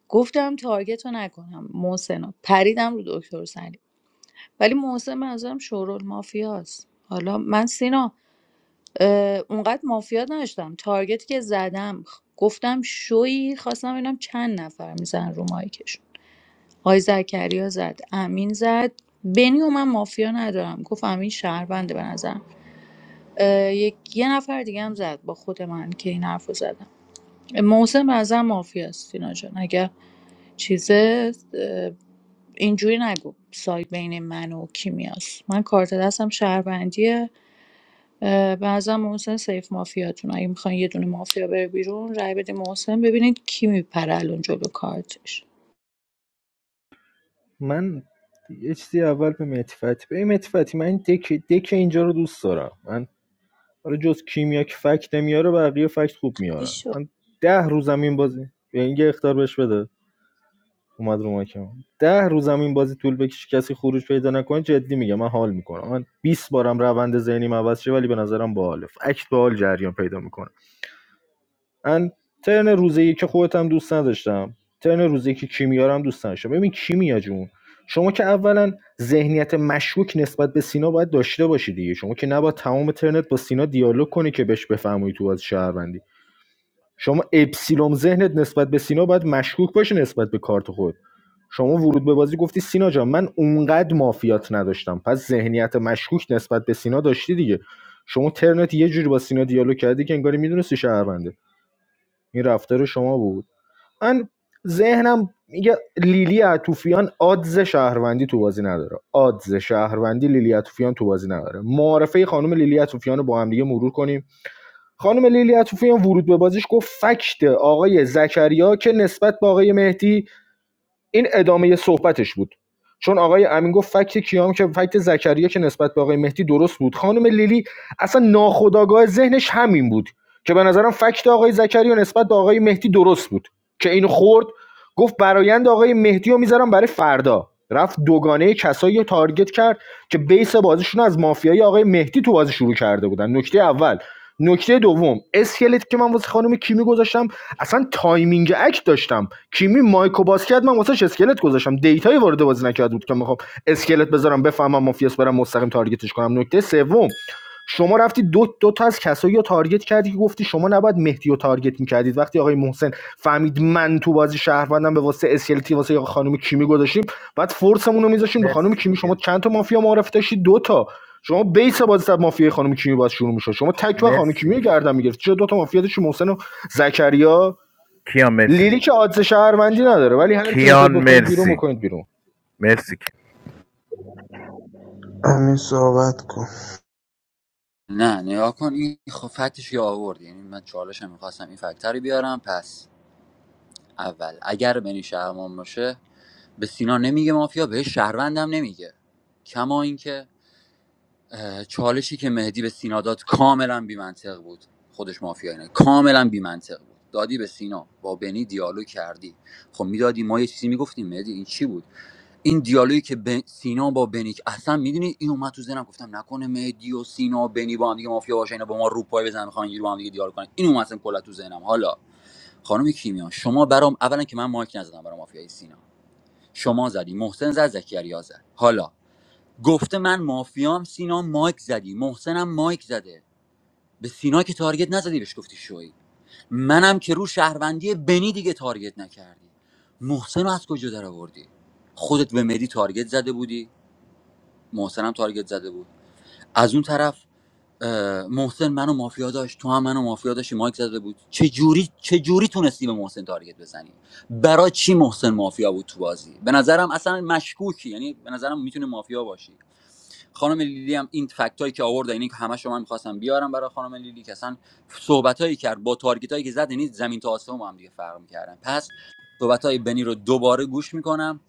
گفتم تارگت رو نکنم محسن رو پریدم رو دکتر سلیم ولی محسن به نظرم شورول مافیاست حالا من سینا اه، اونقدر مافیا داشتم تارگت که زدم خ- گفتم شوی خواستم ببینم چند نفر میزن رو مایکشون آقای زکریا زد امین زد بنیو من مافیا ندارم گفت امین شهربنده به نظرم اه، یک یه نفر دیگه هم زد با خود من که این حرف رو زدم محسن به نظرم مافیاست اینا جان اگر چیزه اه، اینجوری نگو ساید بین من و کیمیاست من کارت دستم شهروندیه اه، به نظرم محسن سیف مافیاتون اگه میخواین یه دونه مافیا بره بیرون رای بده محسن ببینید کی میپره الان جلو کارتش
من یه چیزی اول به مهدی فتحی به مهدی فتحی، من دک, دک اینجا رو دوست دارم من حالا جز کیمیا که فکت نمیاره بقیه فکت خوب میارن
بشو
من ده روز زمین بازی به این یه اختار بهش بده اومد رو ماکم ده روز زمین بازی طول بکشه کسی خروج پیدا نکنه جدی میگم من حال میکنم من 20 بارم روند ذهنیم عوض شه ولی به نظرم باحاله فکت باحال جریان پیدا میکنه من ترن روز یک خودت هم دوست نداشتم ترن روز یک کیمیا رو هم دوست نداشتم ببین کیمیا جون شما که اولا ذهنیت مشکوک نسبت به سینا باید داشته باشی دیگه شما که نباید تمام ترنت با سینا دیالوگ کنی که بهش بفهمی تو از شهروندی شما اپسیلوم ذهنت نسبت به سینا باید مشکوک باشه نسبت به کارت خود شما ورود به بازی گفتی سینا جان من اونقدر مافیات نداشتم پس ذهنیت مشکوک نسبت به سینا داشتی دیگه شما ترنت یه جوری با سینا دیالوگ کردی که انگاری میدونستی شهرونده این رفتار شما بود من ذهنم میگه لیلی عطوفیان آدز شهروندی تو بازی نداره آدز شهروندی لیلی عطوفیان تو بازی نداره معارفه خانم لیلی عطوفیان رو با هم دیگه مرور کنیم خانم لیلی عطوفیان ورود به بازیش گفت فکت آقای زکریا که نسبت به آقای مهدی این ادامه صحبتش بود چون آقای امین گفت فکت کیام که فکت زکریا که نسبت به آقای مهدی درست بود خانم لیلی اصلا ناخودآگاه ذهنش همین بود که به نظرم فکت آقای زکریا نسبت به آقای مهدی درست بود که این خورد گفت برایند آقای مهدی رو میذارم برای فردا رفت دوگانه کسایی رو تارگت کرد که بیس بازیشون از مافیای آقای مهدی تو بازی شروع کرده بودن نکته اول نکته دوم اسکلت که من واسه خانم کیمی گذاشتم اصلا تایمینگ اکت داشتم کیمی مایکو باز کرد من واسه اسکلت گذاشتم دیتای وارد بازی نکرده بود که میخوام اسکلت بذارم بفهمم مافیاس برم مستقیم تارگتش کنم نکته سوم شما رفتی دو, دو تا از کسایی رو تارگت کردی که گفتی شما نباید مهدی رو تارگت میکردید وقتی آقای محسن فهمید من تو بازی شهروندم به واسه اسکلتی واسه آقا خانم کیمی گذاشتیم بعد فورسمون رو میذاشیم به خانم
مرسی
کیمی شما
کیا
چند تا مافیا معرفی داشتی دو تا شما بیس بازی سر مافیا خانم کیمی باز شروع میشه شما تک و خانم
مرسی
کیمی رو گردن میگرفت چرا دو تا مافیا داشتی محسن و زکریا
کیان مرسی
لیلی که آدز شهروندی نداره ولی هر کیو
کیان
میخواید بکنید بیرون
مرسی
بکنید بیرون
مرسی
همین صحبت کن
نه نگاه کن این خب فکتش که آورد یعنی من چالش هم میخواستم این فکتر رو بیارم پس اول اگر بنی شهرمان باشه به سینا نمیگه مافیا به شهروندم نمیگه کما اینکه چالشی که مهدی به سینا داد کاملا بیمنطق بود خودش مافیایی نه کاملا بیمنطق بود دادی به سینا با بنی دیالوگ کردی خب میدادی ما یه چیزی میگفتیم مهدی این چی بود این دیالوگی که به سینا با بنی اصلا میدونی این اومد تو ذهنم گفتم نکنه مهدی و سینا و بنی با هم دیگه مافیا باشه اینا با ما رو پای بزنن میخوان اینجوری با هم دیگه دیالوگ کنن این اومد اصلا کلا تو ذهنم حالا خانم کیمیا شما برام اولا که من مایک نزدم برام مافیای سینا شما زدی محسن زد زکریا زد حالا گفته من مافیام سینا مایک زدی محسنم مایک زده به سینا که تارگت نزدی بهش گفتی شوی منم که رو شهروندی بنی دیگه تارگت نکردی محسن رو از کجا در آوردی خودت به مدی تارگت زده بودی محسنم تارگت زده بود از اون طرف اه، محسن منو مافیا داشت تو هم منو مافیا داشتی مایک زده بود چه جوری چه جوری تونستی به محسن تارگت بزنی برای چی محسن مافیا بود تو بازی به نظرم اصلا مشکوکی یعنی به نظرم میتونه مافیا باشی خانم لیلی هم این فکت که آورد اینی که همه شما میخواستم بیارم برای خانم لیلی که اصلا صحبت هایی کرد با تارگت که زد یعنی زمین تا آسمون با هم دیگه فرق میکردن پس صحبت بنی رو دوباره گوش میکنم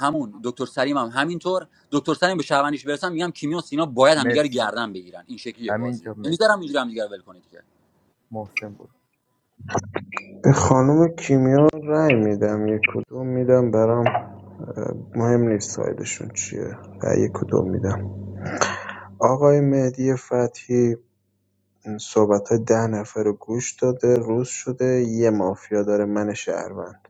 همون دکتر سریم هم همینطور دکتر سریم به شهروندیش برسم میگم کیمیا و سینا باید همدیگه رو
مرسی
گردن بگیرن این شکلیه
امین
بازی
جا
میذارم
مرسی
اینجوری همدیگه رو ول کنید که
محسن بود
به خانم کیمیا رأی میدم یک کدوم میدم برام اه، مهم نیست سایدشون چیه رأی یک کدوم میدم آقای مهدی فتحی صحبتای ده نفره گوش داده، روز شده، یه مافیا داره من شهروند.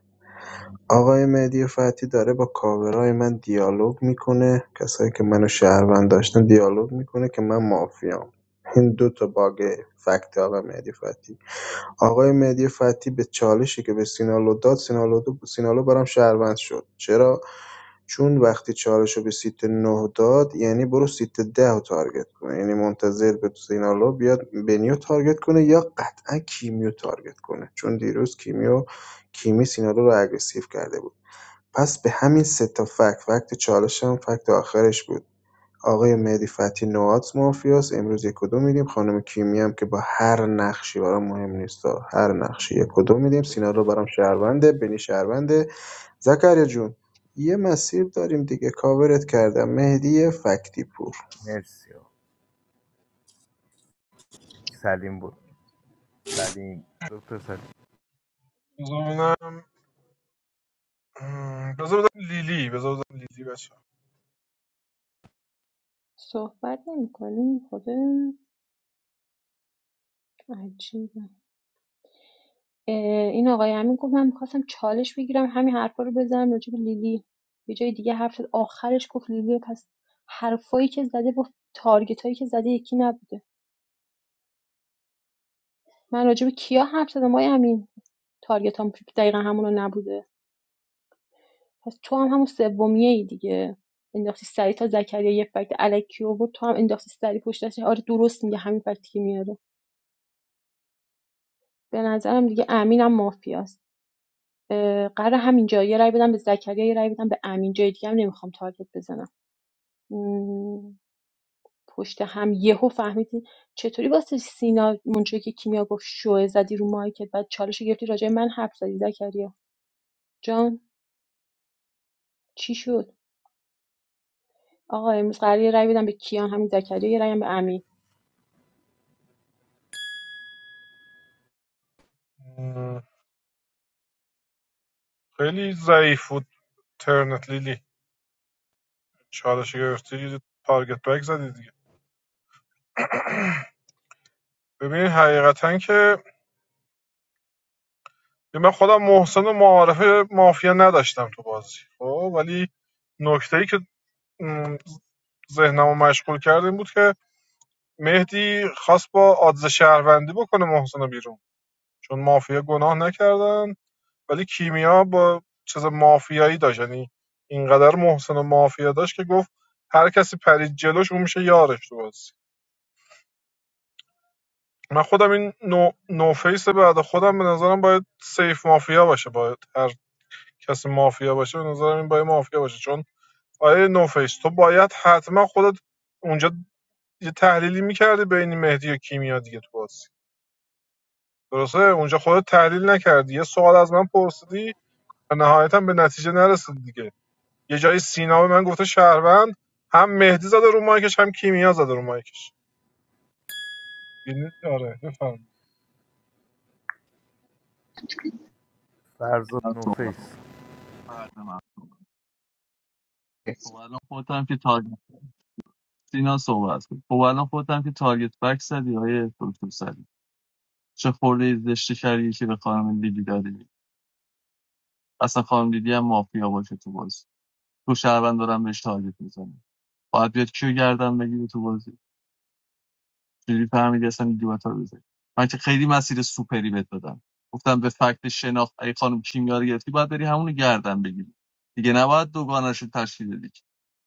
آقای مهدی فتحی داره با کاورای من دیالوگ میکنه، کسایی که منو شهروند داشتن دیالوگ میکنه که من مافیام. این دو تا باگ فکت آقای مهدی فتحی آقای مهدی فتحی به چالشی که به سینالو داد سینالو, سینالو برام شهروند شد چرا چون وقتی چالش رو به سیت 9 داد یعنی برو سیت 10 رو تارگت کنه یعنی منتظر به سینالو بیاد بنیو تارگت کنه یا قطعا کیمیو تارگت کنه چون دیروز کیمیو کیمی سینالو رو اگریسیو کرده بود پس به همین سه تا فکت فکت چالش هم فکت آخرش بود آقای مهدی فتحی نوآت مافیاست امروز یک و دو میدیم خانم کیمیا هم که با هر نقشی برام مهم نیست هر نقشی یک و دو میدیم سینا رو برام شهرونده بنی شهرونده زکریا جون یه مسیر داریم دیگه کاورت کردم مهدی فکتی پور
مرسی آقا. سلیم بود سلیم دکتر سلیم
بذار ببینم م، بذار بدم لیلی بذار بدم لیلی بچه
صحبت نمیکنیم خدا عجیبه این آقای امین گفت من میخواستم چالش بگیرم همین حرفا رو بزنم راجع به لیلی یه جای دیگه حرف زد آخرش گفت لیلی پس حرفایی که زده با تارگت که زده یکی نبوده من راجع به کیا حرف زدم آقای امین تارگت هم دقیقا همون نبوده پس تو هم همون سومیه ای دیگه انداختی سری تا زکریا یه فکت الکی آورد تو هم انداختی سری پشتش آره درست میگه همین فکتی که میاره به نظرم دیگه امینم مافیاست قرار همینجا یه رای بدم به زکریا یه رای بدم به امین جای دیگه هم نمیخوام تارگت بزنم مم، پشت هم یهو فهمیدی چطوری واسه سینا مونچه که کیمیا گفت شوه زدی رو مایکت بعد چالش گرفتی راجع به من حرف زدی زکریا جان چی شد آقا امروز قراره یه رای بدم به کیان همین زکریا یه رای هم به امین
م، خیلی ضعیف بود ترنت لیلی چالش گرفتی تارگت بک زدی دیگه ببین حقیقتا که که من خودم محسن و معارفه مافیا نداشتم تو بازی خب ولی نکته ای که ذهنمو مشغول کرد این بود که مهدی خواست با آدز شهروندی بکنه محسن رو بیرون چون مافیا گناه نکردن ولی کیمیا با چیز مافیایی داشت یعنی اینقدر محسن و مافیا داشت که گفت هر کسی پرید جلوش اون میشه یارش تو بازی من خودم این نو, نو فیس بعد خودم به نظرم باید سیف مافیا باشه باید هر کسی مافیا باشه به نظرم این باید مافیا باشه چون آره نوفیس تو باید حتما خودت اونجا یه تحلیلی میکردی بین مهدی و کیمیا دیگه تو بازی درسته اونجا خودت تحلیل نکردی یه سوال از من پرسیدی و نهایتا به نتیجه نرسیدی دیگه یه جایی سینا به من گفته شهروند هم مهدی زده رو مایکش هم کیمیا زده رو مایکش یعنی- آره بفهم
فرزاد
اینا صحبت
نوفیس
بعد من صحبت. خب الان خودت هم که تارگت سینا صحبت کرد. خب الان خودت هم که تارگت بک زدی های دکتر سعید. چه خورده زشتی کردی که به خانم لیلی دادی اصلا خانم لیلی هم مافیا باشه تو بازی تو شهروند دارم بهش تارگت میزنه باید بیاد کیو گردن بگیری تو بازی چجوری فهمیدی اصلا لیلی باید رو بزنی من که خیلی مسیر سوپری بهت دادم گفتم به فکت شناخت اگه خانم کیمیا رو گرفتی باید بری همونو گردن بگیری دیگه نباید دوگانش رو تشکیل بدی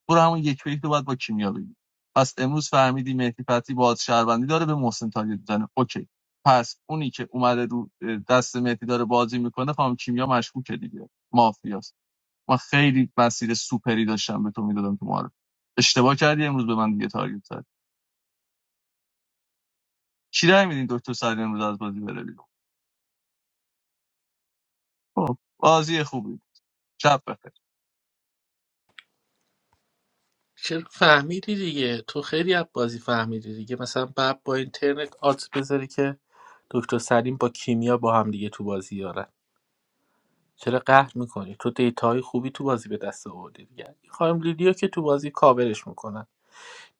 برو همون یک به یک رو باید با کیمیا بگیری پس امروز فهمیدی مهدی فتی باز شهروندی داره به محسن تارگت میزنه اوکی پس اونی که اومده رو دست مهدی داره بازی میکنه خانم کیمیا مشکوکه دیگه مافیاست من خیلی مسیر سوپری داشتم به تو میدادم تو معرف اشتباه کردی امروز به من دیگه تارگت زد کی رای میدین دکتر سعید امروز از بازی بره بیرون خب بازی خوبی شب بخیر
که فهمیدی دیگه تو خیلی از بازی فهمیدی دیگه مثلا بعد با اینترنت آت بذاری که دکتر سلیم با کیمیا با هم دیگه تو بازی یارن چرا قهر میکنی تو دیتاهای خوبی تو بازی به دست آوردی دیگه این خانم لیدیا که تو بازی کاورش میکنن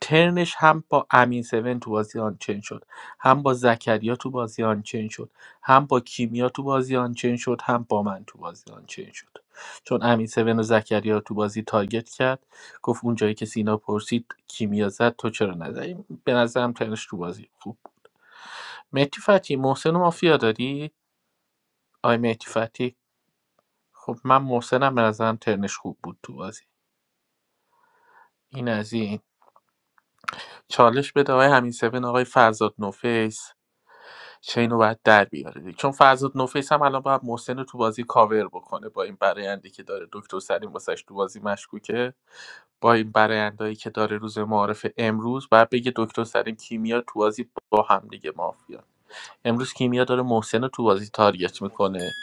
ترنش هم با امین 7 تو بازی آنچن شد هم با زکریا تو بازی آنچن شد هم با کیمیا تو بازی آنچن شد هم با من تو بازی آنچن شد چون امین 7 و زکریا تو بازی تارگت کرد گفت اون جایی که سینا پرسید کیمیا زد تو چرا نزدی به نظرم ترنش تو بازی خوب مهدی فتی محسن و مافیا داری آی مهدی فتی خب من محسنم به نظرم ترنش خوب بود تو بازی این از این چالش بده آقای همین 7 آقای فرزاد نوفیس چین رو باید در بیاره دیگه. چون فرزاد نوفیس هم الان باید محسن رو تو بازی کاور بکنه با این برایندی که داره دکتر سلیم واسش تو بازی مشکوکه با این برایندهایی که داره روز معارف امروز باید بگه دکتر سلیم کیمیا تو بازی با هم دیگه مافیا امروز کیمیا داره محسن رو تو بازی تارگت میکنه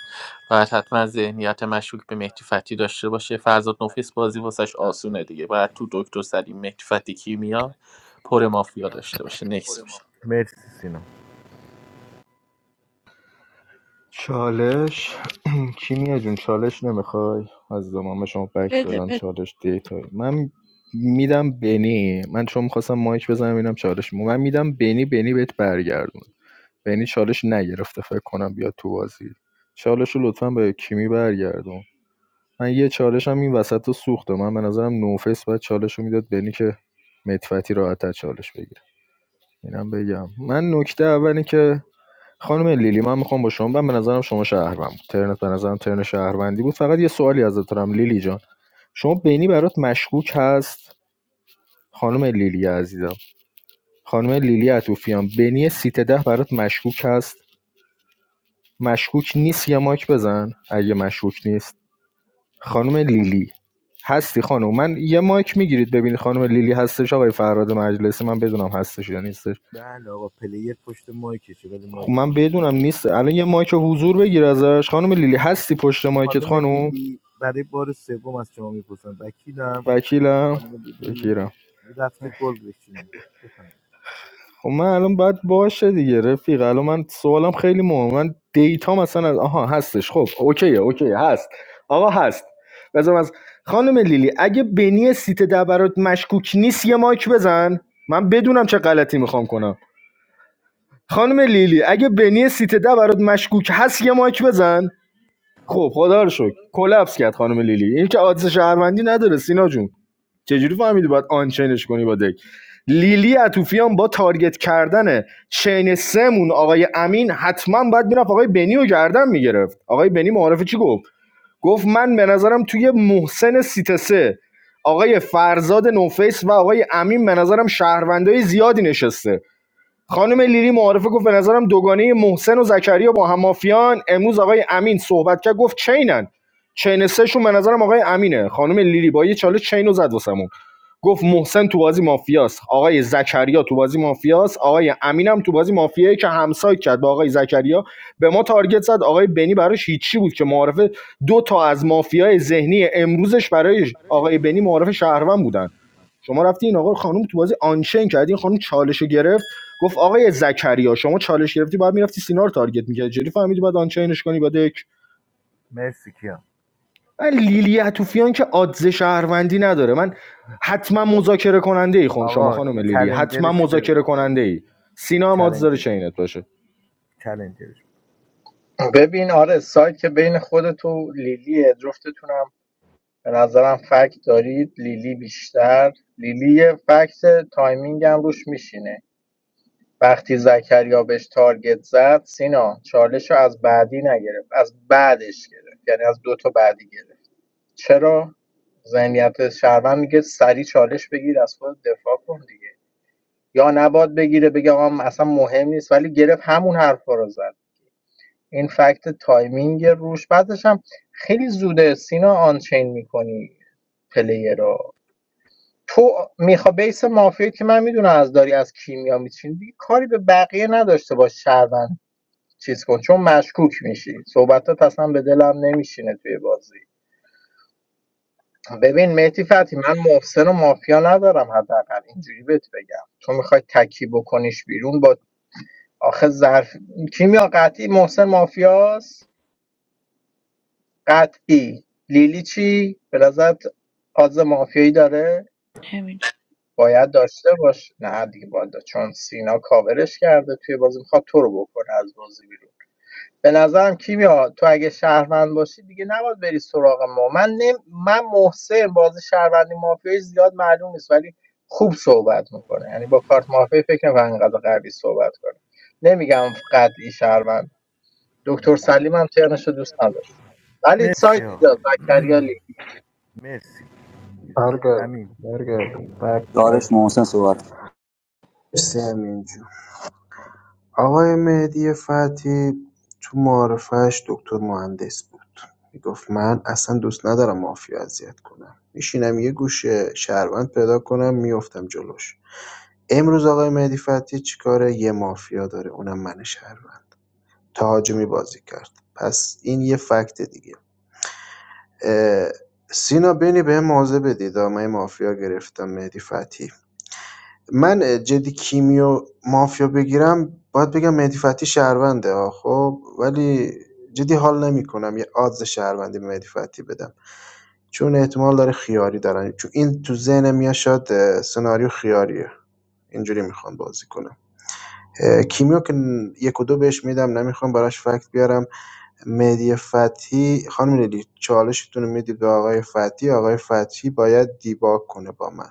باید حتما ذهنیت مشکوک به مهدی فتی داشته باشه فرزاد نوفیس بازی واسش آسونه دیگه باید تو دکتر سلیم مهدی فتی کیمیا پر مافیا داشته باشه نکس باشه
مرسی سینا
چالش کیمیا جون چالش نمیخوای از زمان شما بک
بده
بدم
بده
چالش دیتایی من میدم بنی من چون میخواستم مایک بزنم اینم چالش مو. من میدم بنی بنی بهت برگردون بنی چالش نگرفته فکر کنم بیاد تو بازی چالش رو لطفا به کیمی برگردون من یه چالش هم این وسط رو سوخته من به نظرم نوفیس باید چالش رو میداد بنی که متفتی راحتتر چالش بگیره اینم بگم من نکته اولی که خانم لیلی من میخوام با شما من به نظرم شما شهروند بود ترنت به نظرم ترن شهروندی بود فقط یه سوالی ازت دارم لیلی جان شما بینی برات مشکوک هست خانم لیلی عزیزم خانم لیلی عطوفیان بینی سیت ده برات مشکوک هست مشکوک نیست یه ماک بزن اگه مشکوک نیست خانم لیلی هستی خانم من یه ماک میگیرید ببینید خانم لیلی هستش آقای فراد مجلسی من بدونم هستش یا نیستش
بله آقا پلیر پشت مایکشه ولی
خب
مایک
من بدونم
نمیزنه
نیست الان یه مایک حضور بگیر ازش خانم لیلی هستی پشت مایکت
خانم
خانم
دیدی برای بار سوم از شما میپرسم وکیلم
وکیلم
خانم دیدی
بگیرم
رفته گل بشینه بفهم
خب من الان باید باشه دیگه رفیق الان من سوالم خیلی مهمه من دیتا مثلا از- آها هستش خب اوکیه اوکیه هست آقا هست بذارم از خانم لیلی اگه بنی سیت ده برات مشکوک نیست یه مایک بزن من بدونم چه غلطی میخوام کنم خانم لیلی اگه بنی سیت ده برات مشکوک هست یه مایک بزن خب خدا رو شکر کلاپس کرد خانم لیلی این که عادث شهروندی نداره سینا جون چجوری فهمیدی باید آنچینش کنی با دک لیلی عطوفیان با تارگت کردن چین سمون آقای امین حتما باید میرفت آقای بنی رو گردن میگرفت آقای بنی معارفه چی گفت گفت من به نظرم توی محسن سیتسه آقای فرزاد نوفیس و آقای امین به نظرم شهروندای زیادی نشسته خانم لیلی معارفه گفت به نظرم دوگانه محسن و زکریا با هم مافیان امروز آقای امین صحبت کرد گفت چینن چین سهشون به نظرم آقای امینه خانم لیلی با یه چاله چینو رو زد واسمون گفت محسن تو بازی مافیاست آقای زکریا تو بازی مافیاست آقای امینم تو بازی مافیایی که همسایه کرد با آقای زکریا به ما تارگت زد آقای بنی براش هیچی بود که معارفه دو تا از مافیای ذهنی امروزش برای آقای بنی معارف شهروند بودن شما رفتی این آقا خانم تو بازی آنچین کردین خانم چالش گرفت گفت آقای زکریا شما چالش گرفتی باید میرفتی سینا رو تارگت میکردی چجوری فهمیدی باید آنچینش کنی با دک
مرسی کیان
من لیلی عطوفیان که آدز شهروندی نداره من حتما مذاکره کننده ای خون شما
آقا
خانم لیلی حتما
چلنجرش بره
مذاکره کننده ای سینا هم آدز داره
چلنجر
چینت باشه
چلنجرش بره.
ببین آره سایت که بین خودت و لیلیه جفتتونم به نظرم فکت دارید لیلی بیشتر لیلی فکت تایمینگ هم روش میشینه وقتی زکریا بهش تارگت زد سینا چالش رو از بعدی نگرفت از بعدش گرفت یعنی از دو تا بعدی گرفت چرا ذهنیت شهروند میگه سری چالش بگیر از خود دفاع کن دیگه یا نباد بگیره بگه آقا اصلا مهم نیست ولی گرفت همون حرفا رو زد این فکت تایمینگ روش بعدش هم خیلی زوده سینا آنچین میکنی پلیر رو، تو میخوا بیس مافیایی که من میدونم از داری از کیمیا میچینی دیگه کاری به بقیه نداشته باش شهروند چیز کن چون مشکوک میشی صحبتات اصلا به دلم نمیشینه توی بازی ببین مهدی فتی من محسن و مافیا ندارم حداقل اینجوری بهت بگم تو میخوای تکی بکنیش بیرون با آخه ظرف کیمیا قطعی محسن مافیاست قطعی لیلی چی به نظرت آز مافیایی داره
همینجوری.
باید داشته باش نه دیگه باید داشت. چون سینا کاورش کرده توی بازی میخواد تو رو بکنه از بازی بیرون به نظرم کیمیا تو اگه شهروند باشی دیگه نباید بری سراغ ما من نم... من محسن بازی شهروندی مافیایی زیاد معلوم نیست ولی خوب صحبت میکنه یعنی با کارت مافیایی فکر نمی‌کنم انقدر قوی صحبت کنه نمیگم قطعی شهروند دکتر سلیم هم ترنشو دوست نداشت ولی
مرسی
سایت
آقا
اینجاست زکریا لیگ.
مرسی
برگرد
امین.
برگرد بک
دارش محسن صحبت کن.
بک آقای مهدی فتحی تو معارفش دکتر مهندس بود میگفت من اصلا دوست ندارم مافیا اذیت کنم میشینم یه گوشه شهروند پیدا کنم میفتم جلوش امروز آقای مهدی فتحی چیکاره یه مافیا داره اونم من شهروند تهاجمی بازی کرد پس این یه فکت دیگه اه، سینا بینی به موضع بدید آه، من مافیا گرفتم مهدی فتحی من اه، جدی کیمیو مافیا بگیرم باید بگم مهدی فتحی شهرونده ها، خب ولی جدی حال نمیکنم یه آدز شهروندی به مهدی فتحی بدم چون احتمال داره خیاری دارن چون این تو ذهن میاد شاید اه، سناریو خیاریه اینجوری میخوام بازی کنم اه، کیمیو که ن- یک و دو بهش میدم نمیخوام براش فکت بیارم مهدی فتحی خانم لیلی چالشتون رو میدید به آقای فتحی آقای فتحی باید دیباک کنه با من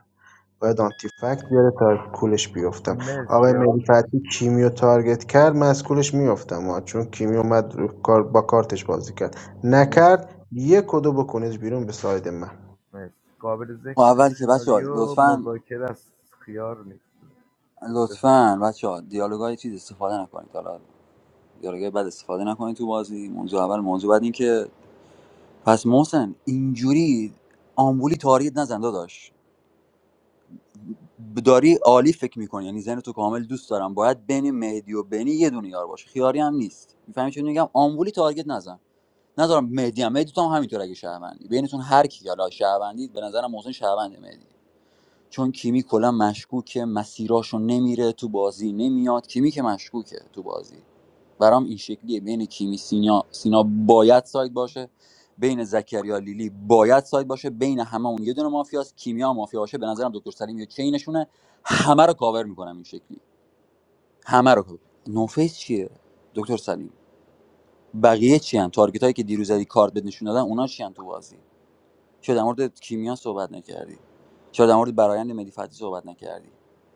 باید آنتی فکت بیاره تا کولش بیفتم
مرسی
آقای مهدی
آقا
کیمیو تارگت کرد من از کولش میافتم ها چون کیمیو اومد رو کار با کارتش بازی کرد
مرسی
نکرد یک کدو بکنید بیرون به ساید من
مرسی قابل
خب
ذکری که
اول که بچه ها
سناریو
لطفا
مذاکره است خیار نیست بفهم
لطفا بچه ها دیالوگای چیز استفاده نکنید حالا دیالوگای بد استفاده نکنید تو بازی موضوع اول موضوع بعد این که پس محسن اینجوری آمبولی تاریت نزن داداش داری عالی فکر میکنی یعنی ذهن تو کامل دوست دارم باید بین مهدی و بینی یه دونه یار باشه خیاری هم نیست میفهمی چون میگم آمبولی تارگت نزن نذارم مهدی هم مهدی تو هم همینطور اگه شهروندی بینتون هر کی حالا شهروندی به نظرم محسن شهروند مهدی چون کیمی کلا مشکوکه مسیراشو نمیره تو بازی نمیاد کیمی که مشکوکه تو بازی برام این شکلیه بین کیمی سینا سینا باید سایت باشه بین زکریا لیلی باید سایت باشه بین همه اون یه دونه مافیاست کیمیا هم مافیا باشه به نظرم دکتر سلیم یه چینشونه همه رو کاور میکنم این شکلی همه رو نوفیس چیه دکتر سلیم بقیه چی هم تارگت که دیروز زدی کارت بد نشون دادن اونا چی ان تو بازی چرا در مورد کیمیا صحبت نکردی چرا در مورد برایند مدی فتحی صحبت نکردی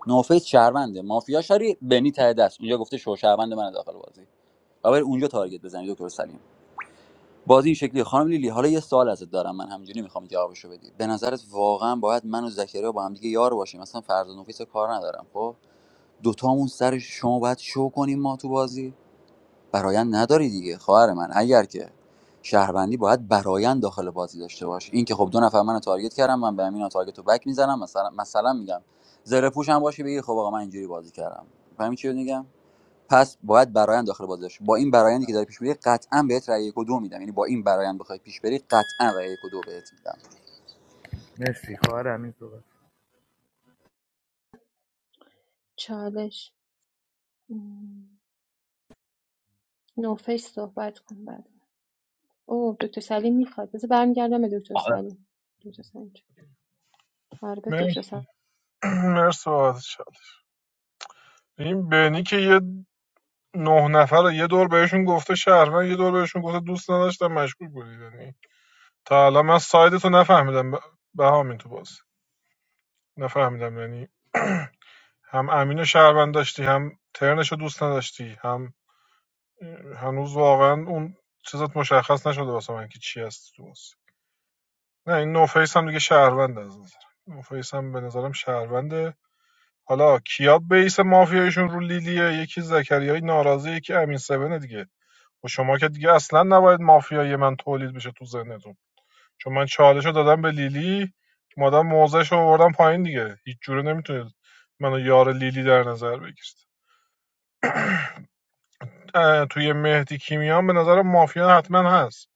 نوفیس شهرونده مافیا شری بنی ته دست اونجا گفته شو شهروند من داخل بازی و اونجا تارگت بزنید دکتر سلیم بازی این شکلی خانم لیلی حالا یه سوال ازت دارم من همینجوری میخوام جوابشو بدی به نظرت واقعا باید من و زکریا با هم دیگه یار باشیم مثلا فرض نوفیس کار ندارم خب دوتامون سر شما باید شو کنیم ما تو بازی برایند نداری دیگه خواهر من اگر که شهروندی باید برایند داخل بازی داشته باش این که خب دو نفر منو تارگت کردم من به امین تارگت رو بک میزنم مثلا مثلا میگم زره پوش هم باشی بگی خب آقا من اینجوری بازی کردم فهمی چی میگم پس باید برایند داخل بازی داشته با این برایندی که داری پیش میری قطعا بهت رأی یک و دو میدم یعنی با این برایند بخوای پیش بری قطعا رأی یک و دو بهت میدم
مرسی خواهر همین صحبت
چالش مم. نوفش صحبت کن بعد او دکتر سلیم میخواد بذار برمیگردم به دکتر سلیم دکتر سلیم جان. آره به
مرسی
دکتر سلیم
مرسی بابت شد. این بنی که یه نه نفر یه دور بهشون گفته شهروند یه دور بهشون گفته دوست نداشتم مشکوک بودی یعنی تا الان من سایدتو نفهمیدم ب- بهامین تو بازی نفهمیدم یعنی هم امین و شهروند داشتی هم ترنشو دوست نداشتی هم هنوز واقعا اون چیزات مشخص نشده واسه من که چی هست تو بازی نه این نوفیس هم دیگه شهروند از نظرم نوفیس هم به نظرم شهرونده حالا کیا بیس مافیایشون رو لیلیه یکی زکریای ناراضی یکی امین سبنه دیگه و شما که دیگه اصلا نباید مافیای من تولید بشه تو ذهنتون چون من چالش دادم به لیلی مادم موضعش رو آوردم پایین دیگه هیچ جوره نمیتونید منو یار لیلی در نظر بگیرید توی مهدی کیمیان به نظر مافیا حتما هست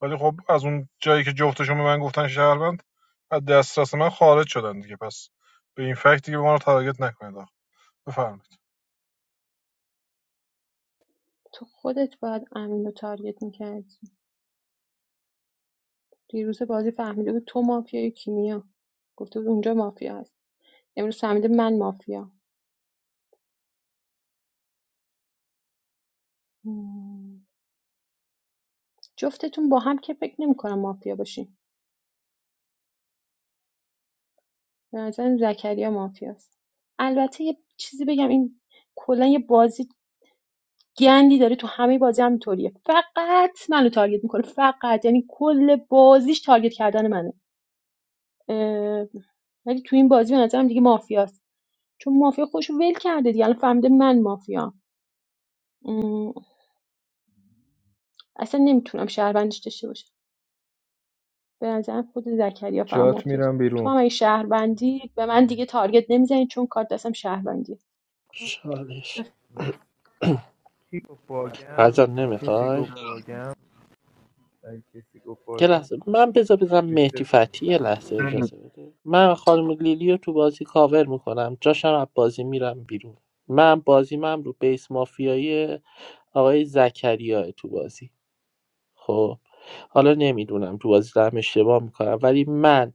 ولی خب از اون جایی که جفتشون به من گفتن شهروند از دسترس من خارج شدن دیگه پس به این فکت دیگه به ما رو تارگت نکنید آقا. بفرمایید
تو خودت باید امین رو تارگت میکردی دیروز بازی فهمیده بود تو مافیای کیمیا گفته بود اونجا مافیا هست امروز فهمیده من مافیا مم. جفتتون با هم که فکر نمیکنم مافیا باشین به نظرم زکریا مافیاست البته یه چیزی بگم این کلا یه بازی گندی داره تو همه بازی هم اینطوریه فقط منو تارگت میکنه فقط یعنی کل بازیش تارگت کردن منه اه، ولی تو این بازی به نظرم دیگه مافیاست چون مافیا خوش ول کرده دیگه الان فهمیده من مافیام م، اصلا نمیتونم شهروندش داشته باشم به نظرم خود زکریا فقط
جات
مافیاست
میرم
تو
بیرون
هم این شهروندی به من دیگه تارگت نمیزنی چون کارت دستم شهروندیه
چالش
the
مرسی کی گفت باگم
فرزاد
کسی
نمیخوای
گفت باگم اگه کسی گفت
یه
باگم
لحظه من بذار بزنم
ریست
مهدی فتحی یه لحظه اجازه بده من خانم لیلیو تو بازی کاور میکنم جاشم از بازی میرم بیرون من بازی من رو بیس مافیایی آقای زکریاه تو بازی خب حالا نمیدونم تو بازی دارم اشتباه میکنم ولی من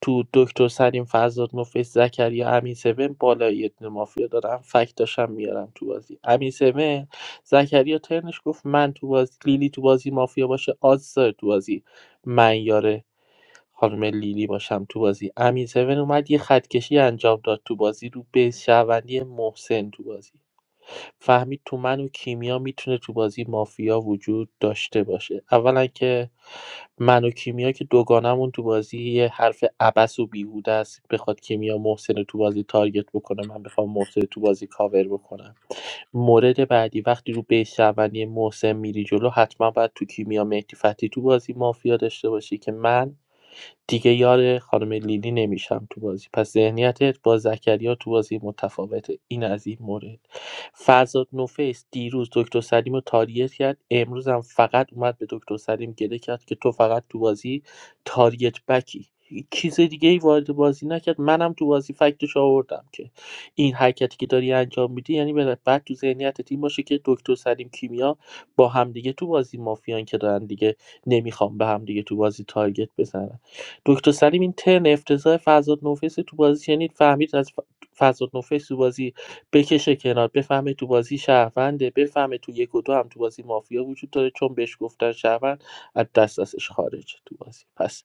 تو دکتر سلیم فرزاد نفیس زکریا امین سون بالای اتن مافیا دارم فکت داشتم میارم تو بازی امین سون زکریا ترنش گفت من تو بازی لیلی تو بازی مافیا باشه آزار تو بازی من یاره خانم لیلی باشم تو بازی امین 7 اومد یه خطکشی انجام داد تو بازی رو به شهروندی محسن تو بازی فهمید تو من و کیمیا میتونه تو بازی مافیا وجود داشته باشه اولا که من و کیمیا که دوگانمون تو بازی یه حرف ابس و بیهوده است بخواد کیمیا محسن رو تو بازی تارگت بکنه من بخوام محسن رو تو بازی کاور بکنم مورد بعدی وقتی رو به شهروندی محسن میری جلو حتما باید تو کیمیا مهدی فتحی تو بازی مافیا داشته باشی که من دیگه یار خانم لیلی نمیشم تو بازی پس ذهنیتت با زکریا تو بازی متفاوته این از این مورد فرزاد نوفیس دیروز دکتر سلیم رو تاریت کرد امروز هم فقط اومد به دکتر سلیم گله کرد که تو فقط تو بازی تاریت بکی چیز دیگه ای وارد بازی نکرد منم تو بازی فکتش آوردم که این حرکتی که داری انجام میدی یعنی به- بعد تو ذهنیتت این باشه که دکتر سلیم کیمیا با همدیگه تو بازی مافیان که دارن دیگه نمیخوام به همدیگه تو بازی تارگت بزنن دکتر سلیم این ترن افتضاح فرزاد نوفیس تو بازی شنید فهمید از ف- فرزاد تو بازی بکشه کنار بفهمه تو بازی شهرونده بفهمه تو یک و دو هم تو بازی مافیا وجود داره چون بهش گفتن شهروند از دست ازش خارج تو بازی پس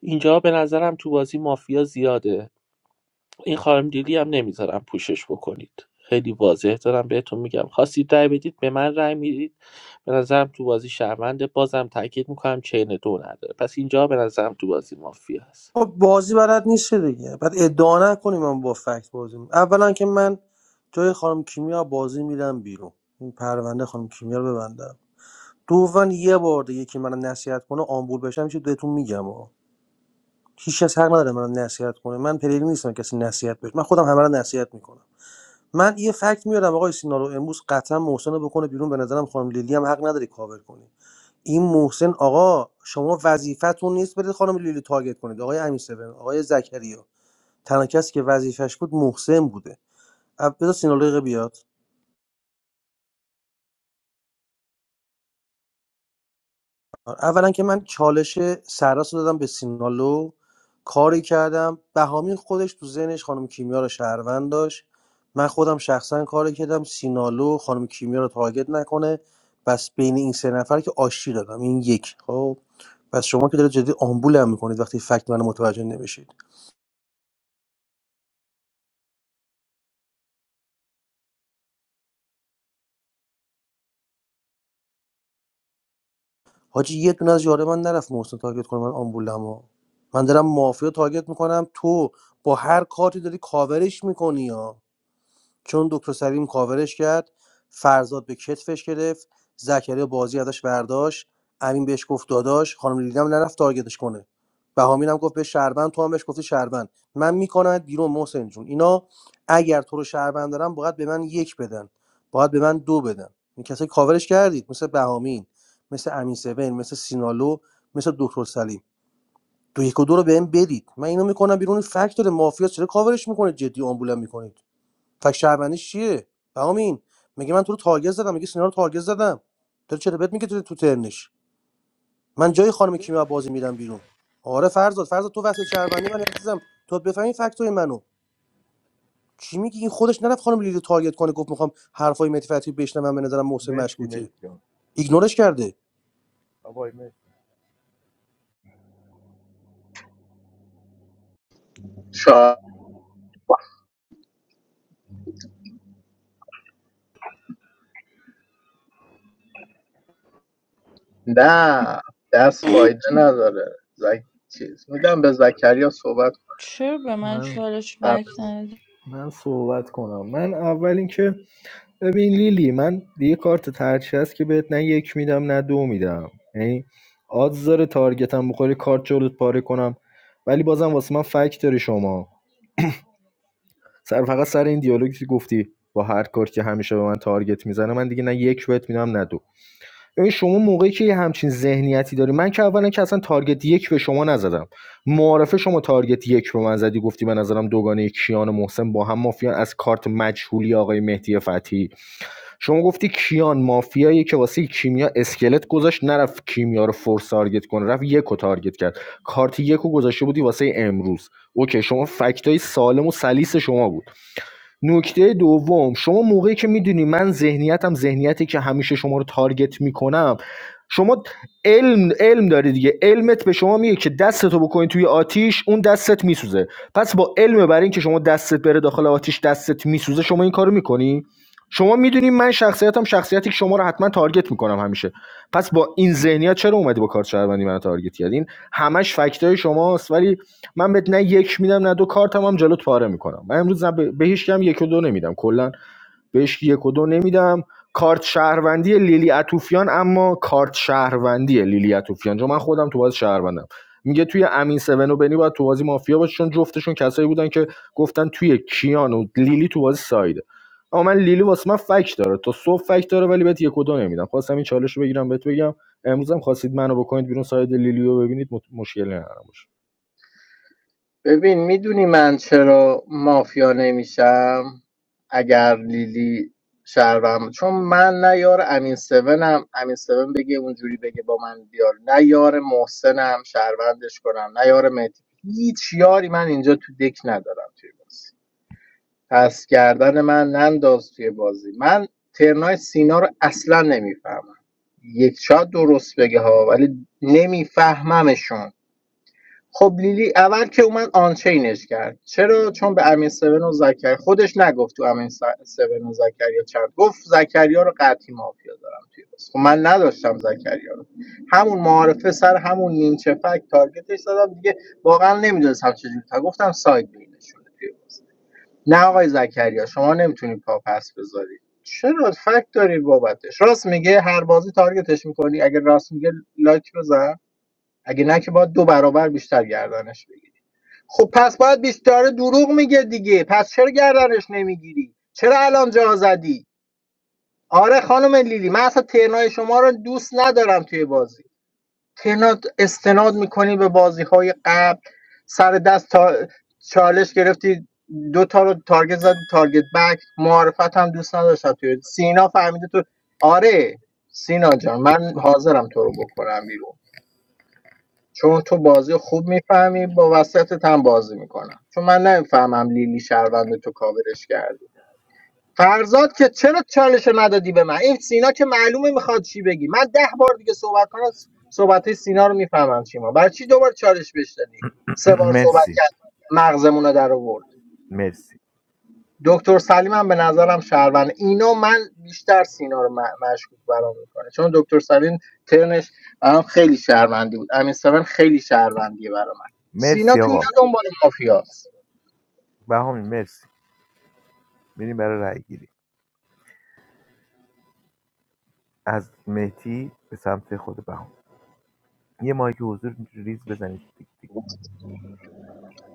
اینجا به نظرم تو بازی مافیا زیاده این خانم دیلی هم نمیذارم پوشش بکنید خیلی واضح دارم بهتون میگم خواستید رای بدید به من رای میدید به نظرم تو بازی شهرونده بازم تاکید میکنم چین دو نداره پس اینجا به نظرم تو بازی مافیا هست
خب بازی بلد نیست دیگه بعد ادعا نکنیم من با فکت بازی می‌کنم. اولا که من جای خانم کیمیا بازی میدم بیرون این پرونده خانم کیمیا رو ببندم دوما یه بار دیگه که من نصیحت کنه آمبول بشم چی بهتون میگم ها هیچ کس حق نداره من نصیحت کنه من پلیری نیستم کسی نصیحت بشه من خودم همه رو نصیحت میکنم من یه فکت میارم آقای سینالو امروز قطعا محسن رو بکنه بیرون به نظرم خانم لیلی هم حق نداری کاور کنی این محسن آقا شما وظیفتون نیست برید خانم لیلی تارگت کنید آقای امین آقای زکریا تنها کسی که وظیفش بود محسن بوده اول- بذار سینالو بیاد آره، اولا که من چالش سراس رو دادم به سینالو کاری کردم بهامین خودش تو ذهنش خانم کیمیا رو شهروند داشت من خودم شخصا کاری کردم سینالو خانم کیمیا رو تارگت نکنه بس بین این سه نفر که آشتی دادم این یک خب پس شما که دارید جدی آمبولم میکنید وقتی فکت من متوجه نمیشید حاجی یه دونه از یاره من نرفت محسن تارگت کنه من آمبولمو من دارم مافیا تارگت میکنم تو با هر کارتی داری کاورش میکنی یا چون دکتر سلیم کاورش کرد فرزاد به کتفش گرفت زکریا بازی ازش برداشت امین بهش گفت داداش خانم لیلی هم نرفت تارگتش کنه بهامین هم گفت به شربن تو هم بهش گفتی شربن من میکنم بیرون محسن جون اینا اگر تو رو شربن دارن باید به من یک بدن باید به من دو بدن این کسایی کاورش کردید مثل بهامین مثل امین سوین مثل سینالو مثل دکتر سلیم دو یک و دو رو بهم بدید من اینو میکنم بیرون این مافیا چرا کاورش میکنه جدی آمبولم میکنید فک شهروندیش چیه بهامین میگه من تو رو تارگت زدم میگه سینا رو تارگت زدم داره چرا بهت میگه تو تو ترنش من جای خانم کیمیا بازی میرم بیرون آره فرزاد فرزاد تو وسط شهروندی من عزیزم تو بفهمی فکتای منو چی میگی این خودش نرفت خانم لیلی رو تارگت کنه گفت میخوام حرفای متفتی بشنوم به نظرم محسن
مرسی
مشکوکه
مرسی جان
ایگنورش کرده
آقای مرسی
شا... نه دست فایده نداره زک... چیز میدم به زکریا صحبت
چرا به من
من
چالش
کنم
بک ندادی؟
من صحبت کنم من اول اینکه ببین لیلی من یه کارت ترچی است که بهت نه یک میدم نه دو میدم یعنی آدز داره تارگتم بخوری کارت جلوت پاره کنم ولی بازم واسه من فکت داری شما سر فقط سر این دیالوگی که گفتی با هر کار که همیشه به من تارگت میزنه من دیگه نه یک بهت میدم نه دو ببین شما موقعی که همچین ذهنیتی داری من که اولا که اصلا تارگت یک به شما نزدم معارفه شما تارگت یک به من زدی گفتی به نظرم دوگانه کیان و محسن با هم مافیان از کارت مجهولی آقای مهدی فتحی شما گفتی کیان مافیایی که واسه کیمیا اسکلت گذاشت نرفت کیمیا رو فورس تارگت کنه رفت یکو تارگت کرد کارت یکو گذاشته بودی واسه امروز اوکی شما فکتای سالم و سلیس شما بود نکته دوم شما موقعی که میدونی من ذهنیتم ذهنیتی که همیشه شما رو تارگت میکنم شما علم علم داری دیگه علمت به شما میگه که دستتو بکنی توی آتیش اون دستت میسوزه پس با علم بر اینکه شما دستت بره داخل آتیش دستت میسوزه شما این کارو میکنی شما میدونی من شخصیتم شخصیتی که شما رو حتما تارگت میکنم همیشه پس با این ذهنیت چرا اومدی با کارت شهروندی من تارگت کردین همش فکتای شماست ولی من بهت نه یک میدم نه دو کارتم هم جلوت پاره میکنم من امروز نه به به هیچ کم یک و دو نمیدم کلا بهش یک و دو نمیدم کارت شهروندی لیلی اتوفیان اما کارت شهروندی لیلی اتوفیان چون من خودم تو باز شهروندم میگه توی امین سون و بنی باید تو بازی مافیا باشه چون جفتشون کسایی بودن که گفتن توی کیان و لیلی تو بازی سایده اما من لیلی واسه من فک داره تا صبح فک داره ولی بهت یک و دو نمیدم خواستم این چالش رو بگیرم بهت بگم امروزم خواستید منو بکنید بیرون ساید لیلیو ببینید مشکلی ندارم باشه
ببین میدونی من چرا مافیا نمیشم اگر لیلی شهرم چون من نه یار امین سونم امین سون بگه اونجوری بگه با من بیار نه یار محسنم شهروندش کنم نه یار مهدی هیچ یاری من اینجا تو دک ندارم توی بازی پس گردن من ننداز توی بازی من ترنای سینا رو اصلا نمیفهمم یک شاید درست بگه ها ولی نمیفهممشون خب لیلی اول که اومد آنچینش کرد چرا چون به امین 7 و زکریا خودش نگفت تو امین 7 و زکریا چند گفت زکریا رو قطعی مافیا دارم توی بس. خب من نداشتم زکریا رو همون معارفه سر همون نیمچه فک تارگتش زدم دیگه واقعا نمیدونستم چجوری تا گفتم ساید بینشونه توی بازی. نه آقای زکریا شما نمیتونی پا پس بذاری چرا فکت داری بابتش راست میگه هر بازی تارگتش میکنی اگه راست میگه لایک بزن اگه نه که باید دو برابر بیشتر گردنش بگیری خب پس باید بیشتر دروغ میگه دیگه پس چرا گردنش نمیگیری چرا الان جا زدی آره خانم لیلی من اصلا ترنای شما رو دوست ندارم توی بازی که اینا استناد میکنی به بازی های قبل سر دست تا چالش گرفتی دو تا رو تارگت زد تارگت بک معرفت هم دوست نداشتم توی سینا فهمیده تو آره سینا جان من حاضرم تو رو بکنم بیرون چون تو بازی خوب میفهمی با وسطت هم بازی میکنم چون من نمیفهمم لیلی شهروند تو کاورش کرده فرزاد که چرا چالش ندادی به من این سینا که معلومه میخواد چی بگی من ده بار دیگه صحبت کنم صحبت های سینا رو میفهمم چی ما برای چی دوبار چالش بهش دادی سه بار صحبت
مرسی
کرد مغزمون رو در آورد
مرسی
دکتر سلیم هم به نظرم شهروند اینا من بیشتر سینا رو م- مشکوک برام میکنه چون دکتر سلیم ترنش برام خیلی شهروندی بود امین سون خیلی شهروندیه برام سینا
مرسی
تو اینا
آقا
دنبال مافیاست
بهامی مرسی میریم برای رای گیری از مهتی به سمت خود بهامی یه مایک حضور ریز بزنید دیک دیک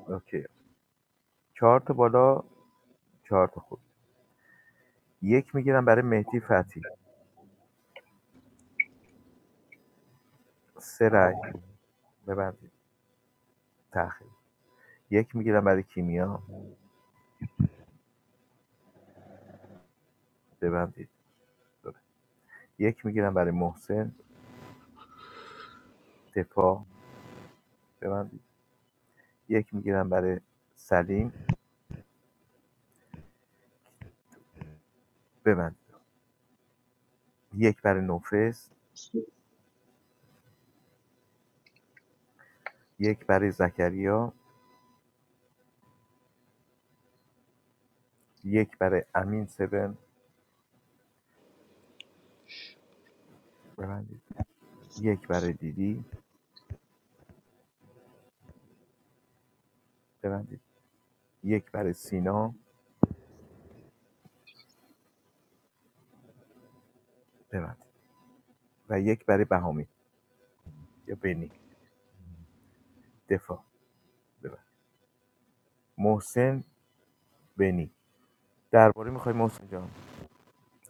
اوکی چهار تا بالا چهار تا خود یک میگیرم برای مهدی فتی سه رای ببندید تأخیر یک میگیرم برای کیمیا ببندید یک میگیرم برای محسن دفاع ببندید یک میگیرم برای سلیم ببندید یک برای نوفس یک برای زکریا یک برای امین سبن ببندید یک برای دیدی ببندید یک برای سینا ببندید و یک برای بهامی یا بنی دفاع ببندید محسن بنی درباره میخوای محسن جان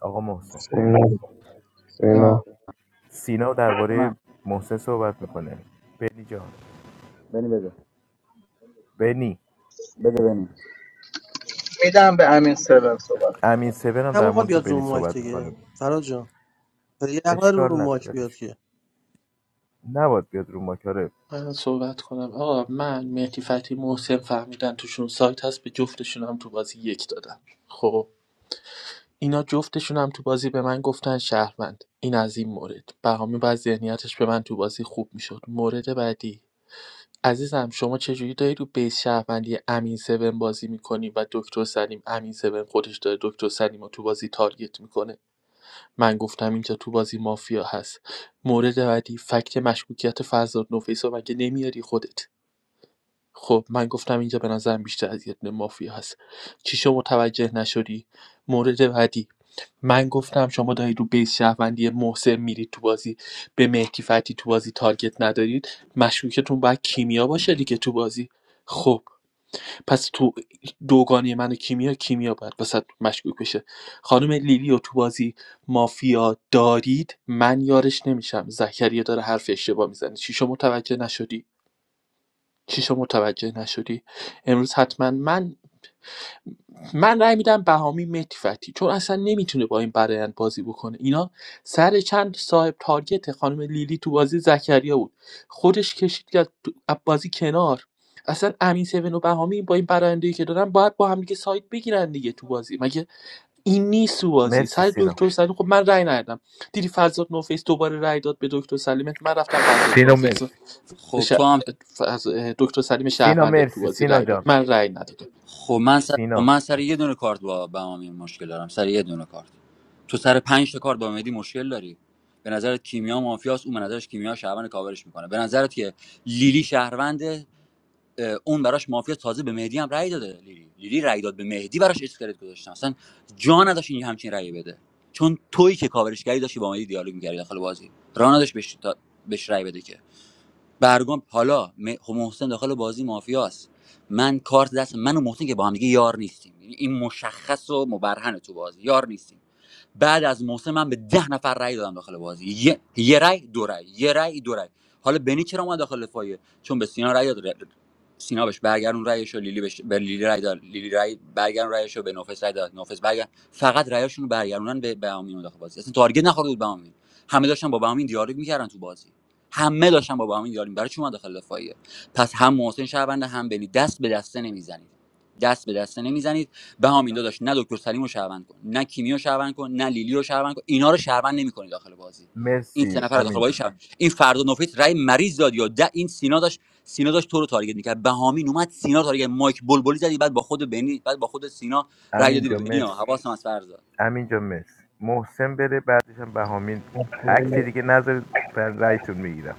آقا محسن
سینا
بده من
سینا
سینا
بده من
درباره محسن صحبت میکنه بنی جان
بنی بده
بنی
بده بنی.
میدم به امین سون صحبت
امین سبن هم در
نباید
مورد
بیاد رو
بنی
مایک
صحبت
دیگه
میکنه
فراد جان یه عقل رو
اشکال نداره
مایک بیاد
ولش کن.
که
نباید بیاد رو ماکاره
من صحبت کنم آقا من مهدی فتحی محسن فهمیدن توشون سایت هست به جفتشون هم تو بازی یک دادم خب اینا جفتشون هم تو بازی به من گفتن شهروند این از این مورد بهامی بعد ذهنیتش به من تو بازی خوب میشد مورد بعدی عزیزم شما چجوری داری رو بیس شهروندی امین سون بازی میکنی و دکتر سلیم امین سون خودش داره دکتر سلیم رو تو بازی تارگت میکنه من گفتم اینجا تو بازی مافیا هست مورد بعدی فکت مشکوکیت فرزاد نفیس رو مگه نمیاری خودت خب من گفتم اینجا به نظرم بیشتر از یه دونه مافیا هست چی شما متوجه نشدی مورد بعدی من گفتم شما دارید رو بیس شهروندی محسن میرید تو بازی به مهدی فتی تو بازی تارگت ندارید مشکوکتون باید کیمیا باشه دیگه تو بازی خب پس تو دوگانه من و کیمیا کیمیا باید وسط مشکوک بشه خانم لیلی و تو بازی مافیا دارید من یارش نمیشم زکریا داره حرف اشتباه میزنه چی شما متوجه نشدی چیشو متوجه نشدی امروز حتما من من رأی میدم بهامی مهدی فتی چون اصلا نمیتونه با این برایند بازی بکنه اینا سر چند صاحب تارگت خانم لیلی تو بازی زکریا بود خودش کشید که بازی کنار اصلا امین سیون و بهامی با این برایندی که دارن باید با هم دیگه سایت بگیرن دیگه تو بازی مگه این نیست تو بازی
مرسی
سر
سینا
دکتر سلیم خب من رأی ندادم دیدی فرزاد نوفیس دوباره رأی داد به دکتر سلیمت من رفتم فرزاد
سینا
نوفیس
مرسی
خب
ش...
تو هم
ف- از اه، دکتر سلیم
سینا
شهروند تو
مرسی
بازی
سینا
رای داد
جان
من رای ندادم
خب من سر, خب
سینا
من سر یه
مرسی
دونه کارت با بهامی مشکل دارم سر یه دونه کارت تو سر پنج تا کارت با مهدی مشکل داری به نظرت کیمیا مافیاست اون به نظرش کیمیا شهروند کاورش میکنه به نظرت که لیلی شهروند اون براش مافیا تازه به مهدی هم رأی داده لیلی لیلی رأی داد به مهدی براش اسکلت گذاشتن اصلا جا نداشت این همچین رأی بده چون تویی که کاورش کردی داشتی با مهدی دیالوگ میکردی داخل بازی راه نداشت بهش, تا- بهش رأی بده که برگام حالا م- خب محسن داخل بازی مافیاست من کارت دست من و محسن که با هم دیگه یار نیستیم یعنی این مشخص و مبرهنه تو بازی یار نیستیم بعد از محسن من به ده نفر رای دادم داخل بازی یه, یه رأی دو رای یه رای دو رای حالا بنی چرا اومد داخل دفاعیه چون به سینا رای داد سینا بهش برگردون رأیشو لیلی بهش به لیلی رای داد لیلی رأی برگردون رأیشو به نوفس رای داد نوفس برگرد فقط رأیشون رو برگردونن به بهامین داخل بازی اصلا تارگت نخورد بود بهامین همه داشتن با بهامین دیالوگ میکردن تو بازی همه داشتن با بهامین دیالوگ برای چی اومد داخل دفاعیه پس هم محسن شهروند هم بنی دست به دسته نمیزنید دست به دسته نمیزنید بهامین داداش نه دکتر سلیم رو شهروند کن نه کیمی رو شهروند کن نه لیلی رو شهروند کن اینا رو شهروند نمی‌کنی داخل بازی این سه
مرسی
نفر رو داخل
امین
بازی
جان
شهروند این فردا نوفیت رای مریض داد یا ده این سینا داشت سینا داشت تو رو تارگت میکرد بهامین اومد سینا رو تارگت مایک بلبلی زدی بعد با خود بنی بعد با خود سینا رای
امین
دادی به
جان
بنی ها
مرسی
حواسم از فرزاد
امین جان مرسی محسن بره بعدش هم بهامین اکتی دیگه نذارید بر رایتون میگیرم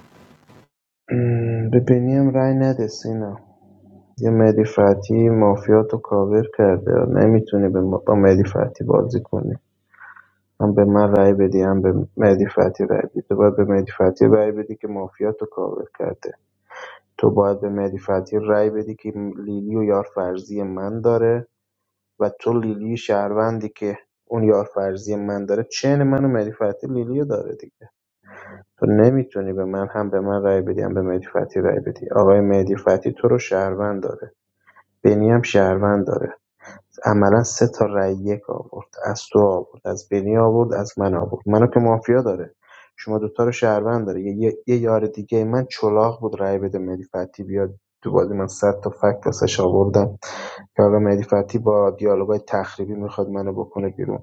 ام، به بنیام رای نده سینا یه مهدی فتحی مافیات کاور کرده نمیتونی به ما- با مهدی فتحی بازی کنی هم به من رای بدی هم به مهدی فتحی رای بدی تو باید به مهدی فتحی رای بدی که مافیات کاور کرده تو باید به مهدی فتحی رأی بدی که لیلی و یارفرزی من داره و تو لیلی شهروندی که اون یارفرزی من داره چین من و مهدی فتحی لیلی رو داره دیگه تو نمیتونی به من هم به من رأی بدی هم به مهدی فتحی رأی بدی آقای مهدی فتحی تو رو شهروند داره بنی هم شهروند داره عملا سه تا رای یک آورد از تو آورد از بنی آورد از من آورد منو که مافیا داره شما دوتا رو شهروند داره یه, یه, یه یار دیگه من چلاق بود رای بده مهدی فتی بیاد تو بازی من صد تا فکت واسش آوردم که حالا مهدی فتی با دیالوگای تخریبی میخواد منو بکنه بیرون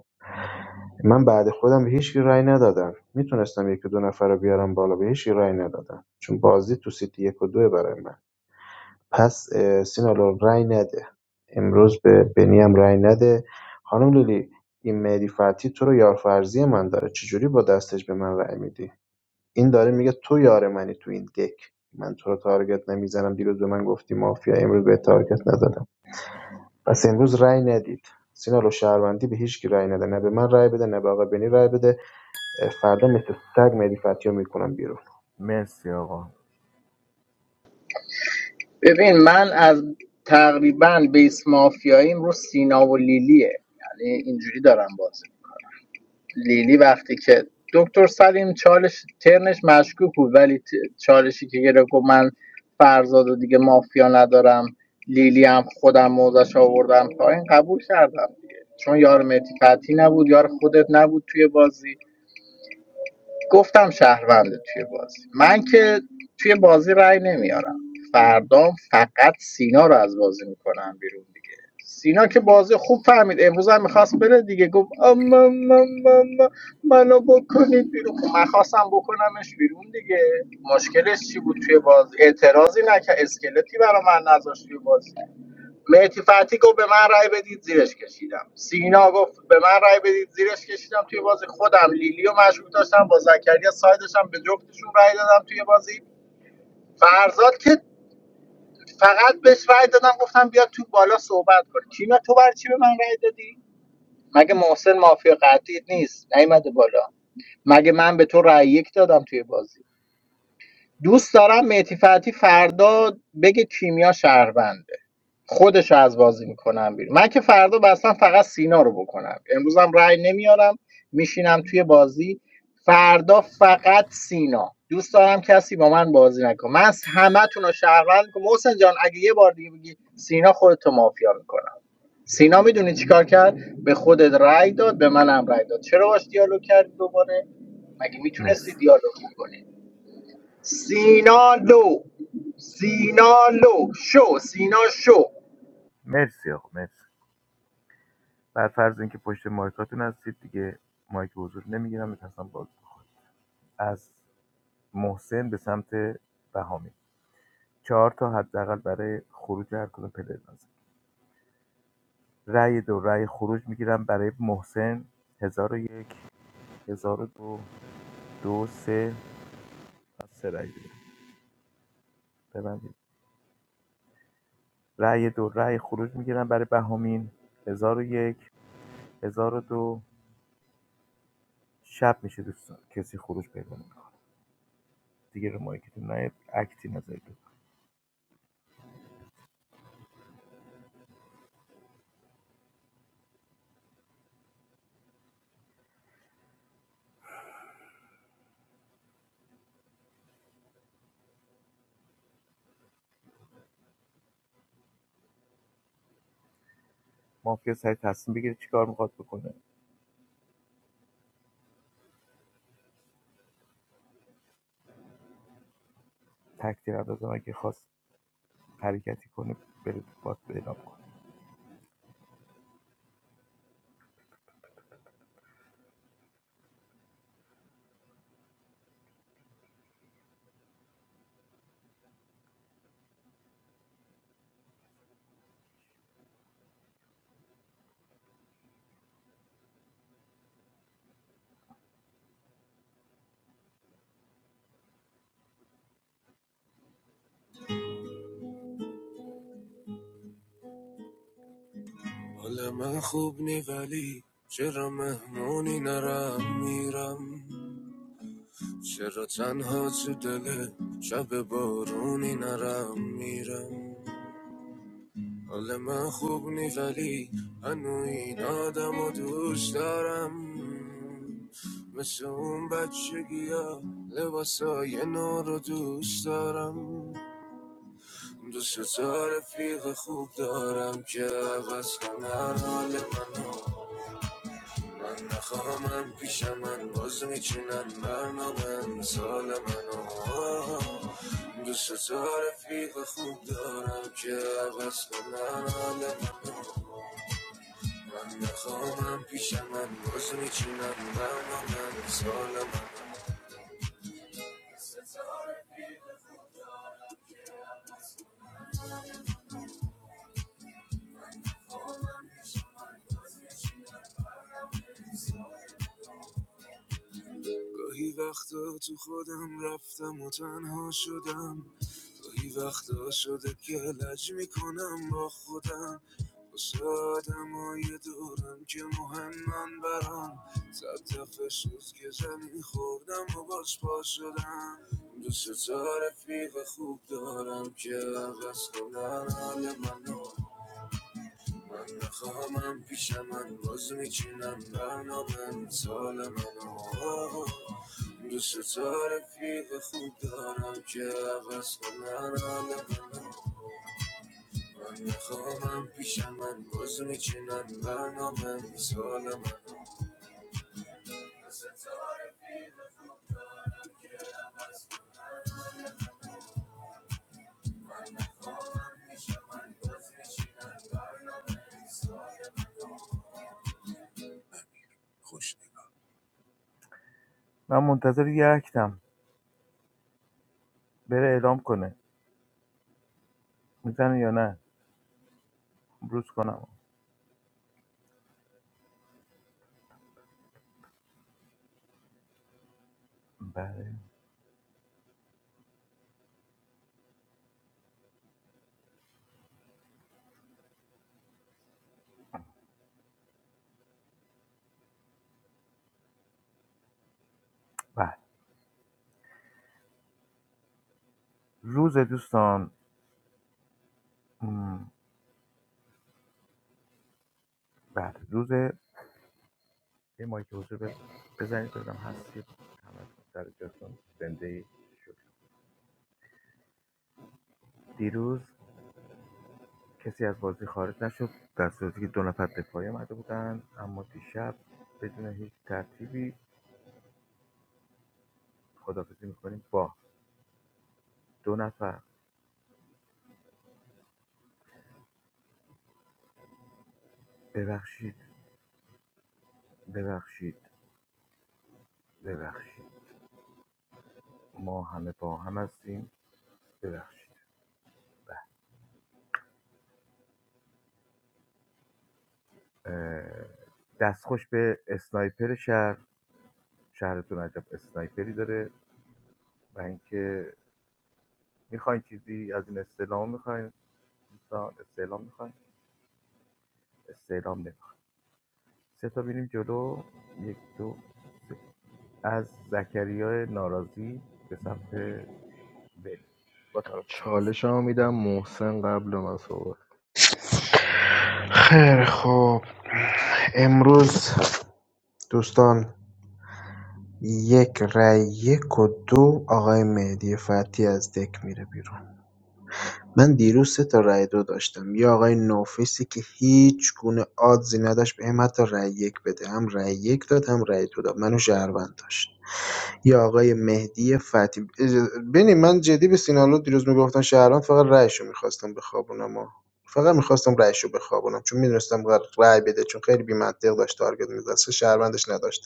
من بعد خودم به هیچ کی رأی ندادم میتونستم یک دو نفر رو بیارم بالا به هیچ کی رأی ندادم چون بازی تو سیتی یک و دو برای من پس اه، سینا الان رأی نده امروز به بنی هم رأی نده خانم لیلی این مهدی فتحی تو رو یار فرضی من داره چجوری با دستش به من رأی میدی این داره میگه تو یار منی تو این دک من تو رو تارگت نمیزنم دیروز به من گفتی مافیا امروز به تارگت نزدم پس امروز رأی ندید سینا لو شهروندی به هیچ کی رأی نده نه به من رأی بده نه به آقا بنی رأی بده اه، فردا مثل سگ مهدی فتحی رو میکنم بیرون
مرسی آقا
ببین من از تقریبا بیس مافیاییم رو سینا و لیلیه یعنی اینجوری دارم بازی لیلی وقتی که دکتر سلیم چالش ترنش مشکوک بود ولی ت- چالشی که گرفت گفت من فرزاد و دیگه مافیا ندارم لیلی هم خودم موزش آوردم پایین قبول کردم دیگه چون یار متی فتحی نبود یار خودت نبود توی بازی گفتم شهرونده توی بازی من که توی بازی رأی نمیارم فردام فقط سینا رو از بازی میکنم بیرون دیگه سینا که بازی خوب فهمید امروز هم میخواست بره دیگه گفت اما ما- ما- ما- منو بکنید بیرون خب من خواستم بکنمش بیرون دیگه مشکلش چی بود توی بازی اعتراضی نکرد اسکلتی برا من نذاشت توی بازی مهدی فتی گفت به من رای بدید زیرش کشیدم سینا گفت به من رای بدید زیرش کشیدم توی بازی خودم لیلی و مشروط داشتم با زکریا سایدشم به جفتشون رای دادم توی بازی فرزاد که فقط بهش رای دادم گفتم بیا تو بالا صحبت کن کیمیا تو برای چی به من رای دادی مگه محسن مافیا قطعی نیست نیومده بالا مگه من به تو رای یک دادم توی بازی دوست دارم مهدی فتی فردا بگه کیمیا شهرونده خودش رو از بازی میکنم بیرون من که فردا بستم فقط سینا رو بکنم امروزم رأی نمیارم میشینم توی بازی فردا فقط سینا دوست دارم کسی با من بازی نکنه من همه تون رو شهروند میکنم محسن جان اگه یه بار دیگه بگی سینا خودتو مافیا میکنم سینا میدونی چیکار کرد به خودت رأی داد به منم رأی داد چرا باش دیالوگ کردی دوباره مگه
مرسی
میتونستی دیالوگ کنی سینا لو سینا لو شو سینا شو
مرسی آقا مرسی بر فرض اینکه پشت مایکاتون هستید دیگه مایک حضور نمیگیرم میترسم باگ بخوره از محسن به سمت بهامی چهار تا حداقل برای خروج هر کدوم پلیر لازم رأی دو رأی خروج میگیرم برای محسن هزار و یک هزار و دو دو سه پس سه رأی دیگه. ببندید رأی دو رأی خروج میگیرم برای بهامین هزار و یک هزار و دو شب میشه دوستان کسی خروج پیدا نمیکنه دیگه رو مایکتون نیاد اکتی نذارید مافیا سری تصمیم بگیره چیکار میخواد بکنه تکتیر اندازه اگه خواست حرکتی کنه بره باد اعلام کنه حال من خوب نی ولی چرا مهمونی نرم میرم چرا تنها تو دل شب بارونی نرم میرم حال من خوب نی ولی هنو این آدم و دوست دارم مثل اون بچگی ها لباسای نو رو دوست دارم دو ستا رفیق خوب دارم که عوض کنن حال منو من نخواهم پیش من باز میچینن برنامه مثال منو دو ستا رفیق خوب دارم که عوض کنن حال منو من نخواهم پیش من باز میچینن برنامه مثال گاهی وقتا تو خودم رفتم و تنها شدم گاهی وقتا شده که لج میکنم با خودم واسه آدمای دورم که مهمن برام صد دفعه شد که زمین خوردم و باز پا شدم دوست تا رفیق خوب دارم که عوض کنن حال منو من نخواهمم پیش من باز میچینم برنا به امثال من آه، دوست تارفیق خوب دارم که عوض کنن حال من نخواهمم پیش من باز میچینم برنا به امثال من خوش نگاه من منتظر یه اکتم بره اعلام کنه میزنه یا نه روز کنم بله بله روز دوستان مم. بله روز یه مایک حضور بز- بزنید ببینم هستید همتون سر جاتون زنده اید. دیروز کسی از بازی خارج نشد در صورتی که دو نفر دفاعی آمده بودند اما دیشب بدون هیچ ترتیبی خدافزی میکنیم با دو نفر ببخشید ببخشید ببخشید ما همه با هم هستیم ببخشید اه، دستخوش به اسنایپر شهر شهرتون عجب اسنایپری داره و اینکه میخواین چیزی از این استعلام میخواین دوستان استعلام میخواین استعلام نمیخواین سه تا بریم جلو یک دو سه. از زکریا ناراضی به سمت بنی با طرف چالش
چالشمو میدم محسن قبل من صحبت
خیر خب امروز دوستان یک رای یک و دو آقای مهدی فتحی از دک میره بیرون من دیروز سه تا رأی دو داشتم یه آقای نوفیسی که هیچ گونه آدزی نداشت بهم حتی رای یک بده هم رأی یک داد هم رأی دو داد منو شهروند داشت یا آقای مهدی فتحی ببین من جدی به سینالو دیروز میگفتن شهروند فقط رأیشو میخواستم بخوابونم ها. فقط میخواستم رأیشو بخوابونم چون میدونستم قرار رأی بده چون خیلی بی‌منطق داشت تارگت می‌زد سه شهروندش نداشتم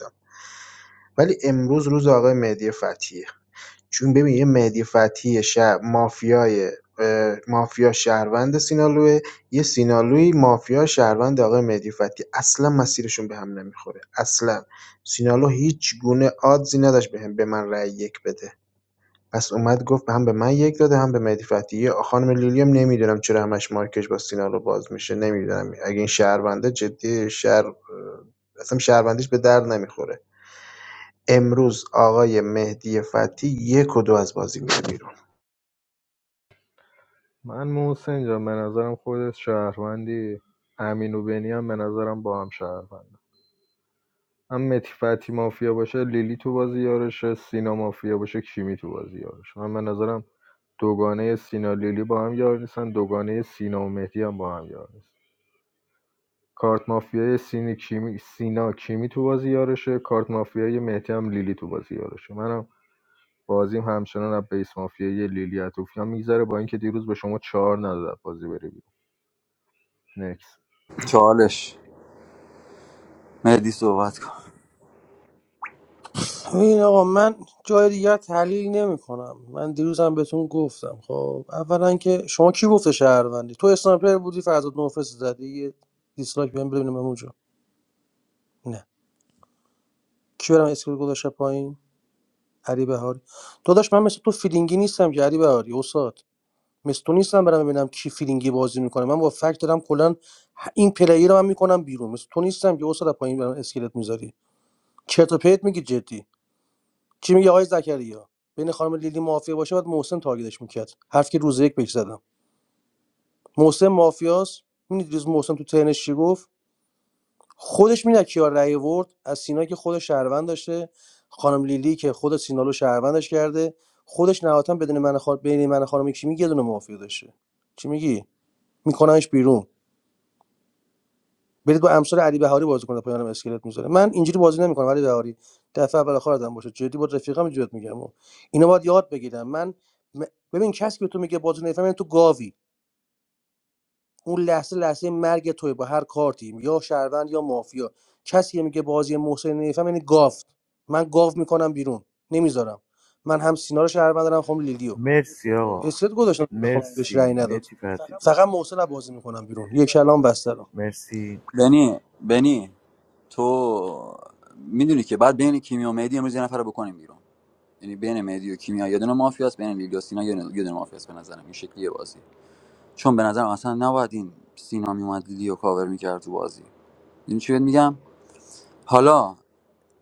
ولی امروز روز آقای مهدی فتحیه چون ببین یه مهدی فتحی شهر مافیای مافیا شهروند سینالوه یه سینالوی مافیا شهروند آقای مهدی فتحی اصلا مسیرشون به هم نمیخوره اصلا سینالو هیچ گونه آدزی نداشت به, هم- به من رأی یک بده پس اومد گفت هم به من یک داده هم به مهدی فتحی یه خانم لیلیم نمیدونم چرا همش مارکش با سینالو باز میشه نمیدونم اگه این شهرونده جدی شهر اصلا شهروندیش به درد نمیخوره امروز آقای مهدی فتحی یک و دو از بازی میره بیرون
من محسن جان به نظرم خودت شهروندی امین و بنی هم به نظرم با هم شهروند هم متی فتی مافیا باشه لیلی تو بازی یارشه سینا مافیا باشه کیمی تو بازی یارشه من به نظرم دوگانه سینا لیلی با هم یار نیستن دوگانه سینا و مهدی هم با هم یار نیستن کارت مافیای سینا کیمی سینا کیمی تو بازی یارشه کارت مافیای مهدی هم لیلی تو بازی یارشه منم بازیم همچنان از بیس مافیای لیلی عطوفیان میگذره با اینکه دیروز به شما چهار نداد بازی بره بیرون نکس
چالش مهدی صحبت کن
ببین آقا من جای دیگر تحلیل نمی کنم من دیروزم بهتون گفتم خب اولا که شما کی گفته شهروندی تو اسنایپر بودی فرزاد نوفس زدی یه دیسلایک بهم ببینم اونجا نه کی برم اسکریل گذاشته پایین علی بهاری تو داشت من مثل تو فیلینگی نیستم که علی بهاری استاد مثل تو نیستم برم ببینم کی فیلینگی بازی میکنه من با فکت دارم کلا این پلیر رو من میکنم بیرون مثل تو نیستم که استاد از پایین برام اسکلت میذاری چرت و پرت میگی جدی چی میگه آقای زکریا بین خانم لیلی مافیا باشه باید محسن تارگتش میکرد حرف که روز یک بهش زدم محسن مافیاست میدید روز محسن تو ترنش چی گفت خودش میدید کیا رأی ورد از سینا که خود شهروند داشته خانم لیلی که خود سینالو شهروندش کرده خودش نهایتا بدون من خان... بین من و خانم کی میگه دونه مافیا داشته چی میگی میکننش بیرون برید با امثال علی بهاری بازی کنه پایانم اسکلت میذاره من اینجوری بازی نمیکنم علی بهاری دفعه اول آخردم باشه جدی با رفیقام جدی میگم و اینا باید یاد بگیرم من م- ببین کسی که تو میگه بازی نمیفهمی تو گاوی اون لحظه لحظه مرگ توی با هر کارتی یا شهروند یا مافیا کسی میگه بازی محسن نمیفهم یعنی گاو من گاو میکنم بیرون نمیذارم من هم سینا رو شهروند دارم خم لیلیو
مرسی آقا
اسکلت گذاشتم خم بهش رأی
مرسی
نداد
مرسی فرزی
فقط محسن رو بازی میکنم بیرون یک کلام بسته رو
مرسی
بنی بنی تو میدونی که بعد بین کیمیا و مهدی امروز یه نفر رو بکنیم بیرون یعنی بین مهدی و کیمیا یه دونه مافیاست بین لیلی و سینا یه دونه یه دونه مافیاست به نظرم این شکلیه بازی چون به نظرم اصلا نباید این سینا میومد لیلیو کاور میکرد تو بازی این چی بهت میگم حالا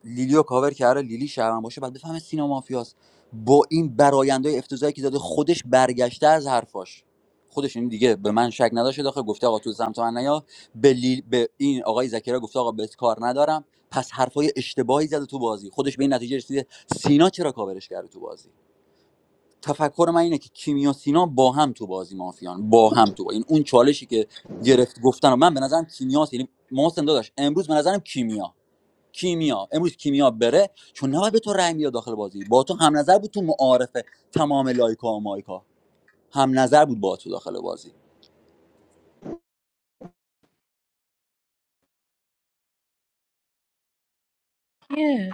لیلیو کاور کرده لیلی شهرون باشه بعد بفهمه سینا مافیاست با این برایندهای افتضاحی که داده خودش برگشته از حرفاش خودش این دیگه به من شک نداشته داخل گفته آقا تو سمت من نیا به, لیل- به این آقای زکریا گفته آقا بهت کار ندارم پس حرفای اشتباهی زده تو بازی خودش به این نتیجه رسیده سینا چرا کاورش کرده تو بازی تفکر من اینه که کیمیا سینا با هم تو بازی مافیان با هم تو با. این اون چالشی که گرفت گفتن و من به نظرم کیمیا یعنی محسن داداش امروز به نظرم کیمیا کیمیا امروز کیمیا بره چون نباید به تو رأی میاد داخل بازی با تو هم نظر بود تو معارفه تمام لایکا و مایکا هم نظر بود با تو داخل بازی
چیه؟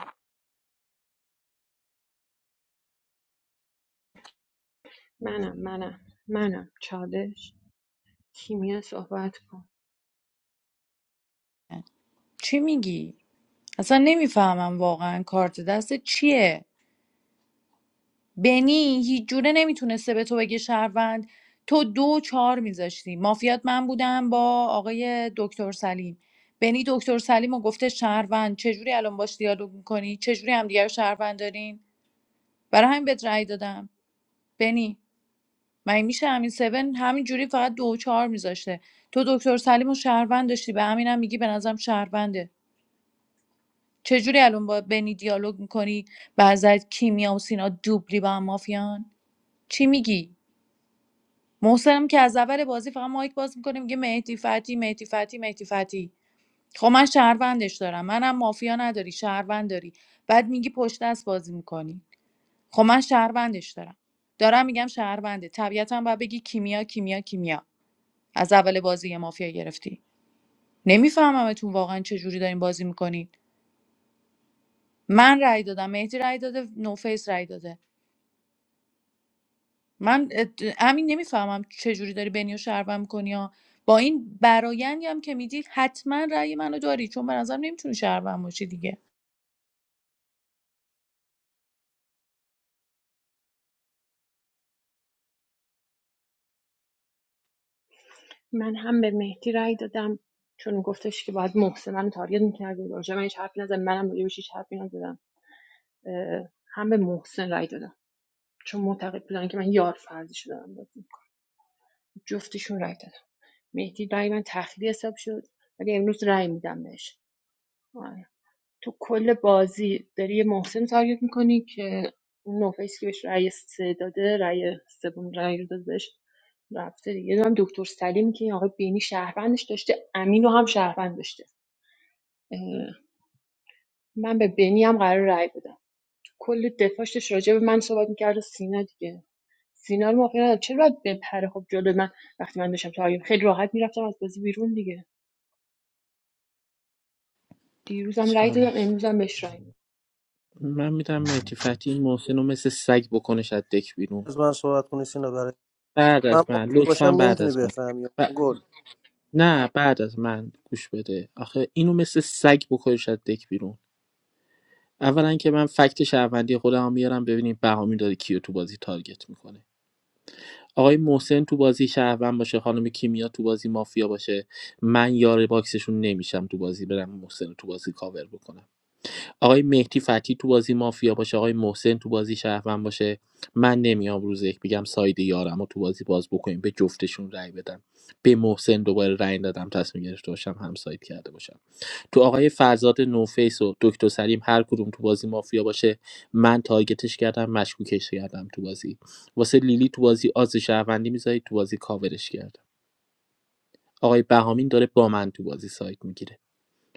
منم منم منم چالش کیمیا صحبت کن
چی میگی؟ اصلا نمیفهمم واقعا کارت دست چیه؟ بنی هیچ جوره نمیتونسته به تو بگه شهروند تو دو و چهار میذاشتی مافیات من بودم با آقای دکتر سلیم بنی دکتر سلیم و گفته شهروند چجوری الان باش دیالوگ میکنی؟ چجوری همدیگه رو شهروند دارین؟ برای همین بهت رأی دادم بنی مگه میشه امین 7 همین جوری فقط دو و چهار میذاشته تو دکتر سلیم و شهروند داشتی به همینم میگی به نظرم شهرونده چجوری الان با بنی دیالوگ میکنی بعضت کیمیا و سینا دوبلی با هم مافیان چی میگی محسنم که از اول بازی فقط مایک باز میکنه میگه مهدی فتی مهدی فتی مهدی فتی خب من شهروندش دارم منم مافیا نداری شهروند داری بعد میگی پشت دست بازی میکنی خب من شهروندش دارم دارم میگم شهرونده طبیعتا باید بگی کیمیا کیمیا کیمیا از اول بازی یه مافیا گرفتی نمیفهممتون واقعا چه جوری دارین بازی میکنید من رأی دادم مهدی رأی داده نوفیس رأی داده من همین نمیفهمم چه جوری داری بنیو شهروند میکنی ها با این برایندی هم که میدی حتما رأی منو داری چون به نظرم نمیتونی شهروند باشی دیگه
من هم به مهدی رأی دادم چون گفتش که باید محسن من تارگت میکردی راجع به من هیچ حرفی نزدم منم راجع بهش هیچ حرفی نزدم اه، هم به محسن رأی دادم چون معتقد بودن که من یار فرضی شدم بازی. جفتشون رأی دادم مهدی رای من تخلیه حساب شد ولی امروز رای میدم بهش آره. تو کل بازی داری یه محسن تارگت میکنی که اون نوفیس که بهش رأی سه داده رأی سوم رأی رو داده بهش رفته دیگه یه دونم دکتر سلیمی که این آقای بینی شهروندش داشته امین رو هم شهروند داشته اه، من به بینی هم قرار رأی بدم تو کل دفاعش راجع به من صحبت میکرد و سینا دیگه سینا رو موافقه ندارم. چرا باید بپره خب جلو من وقتی من داشتم تارگت خیلی راحت میرفتم از بازی بیرون دیگه دیروزم رای دادم
چالش
امروزم بهش رأی میدم.
من میدم مهدی فتحی این محسن رو مثل سگ بکنش از دک بیرون
از من صحبت کنی سینا
بعد
من
از من
مافیا باشم
لطفا بعد
نمیتونی
از من
بفهمی
ب...
گل
نه بعد از من گوش بده آخه اینو مثل سگ بکنش از دک بیرون اولا که من فکت شهروندی خودم هم میارم ببینیم بهامی داره کیو تو بازی تارگت میکنه آقای محسن تو بازی شهروند باشه خانم کیمیا تو بازی مافیا باشه من یار باکسشون نمیشم تو بازی برم محسن رو تو بازی کاور بکنم آقای مهدی فتی تو بازی مافیا باشه آقای محسن تو بازی شهروند باشه من نمیام روز یک بگم ساید یارم رو تو بازی باز بکنیم به جفتشون رأی بدم به محسن دوباره رأی دادم تصمیم گرفته باشم هم ساید کرده باشم تو آقای فرزاد نوفیس و دکتر سلیم هر کدوم تو بازی مافیا باشه من تارگتش کردم مشکوکش کردم تو بازی واسه لیلی تو بازی آز شهروندی میذاری تو بازی کاورش کردم آقای بهامین داره با من تو بازی ساید میگیره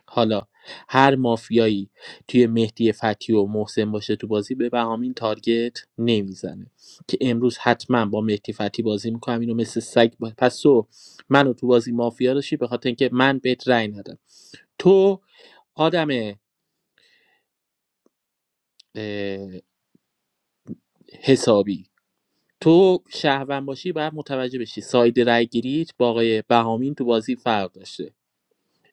حالا هر مافیایی توی مهدی فتحی و محسن باشه تو بازی به بهامین تارگت نمیزنه که امروز حتما با مهدی فتحی بازی میکنم اینو مثل سگ با... پس تو منو تو بازی مافیا داشتی به خاطر اینکه من بهت رأی ندم تو آدم اه، حسابی
اینا.
تو شهروند باشی باید متوجه بشی ساید رأی گیریت با آقای بهامین تو بازی فرق داشته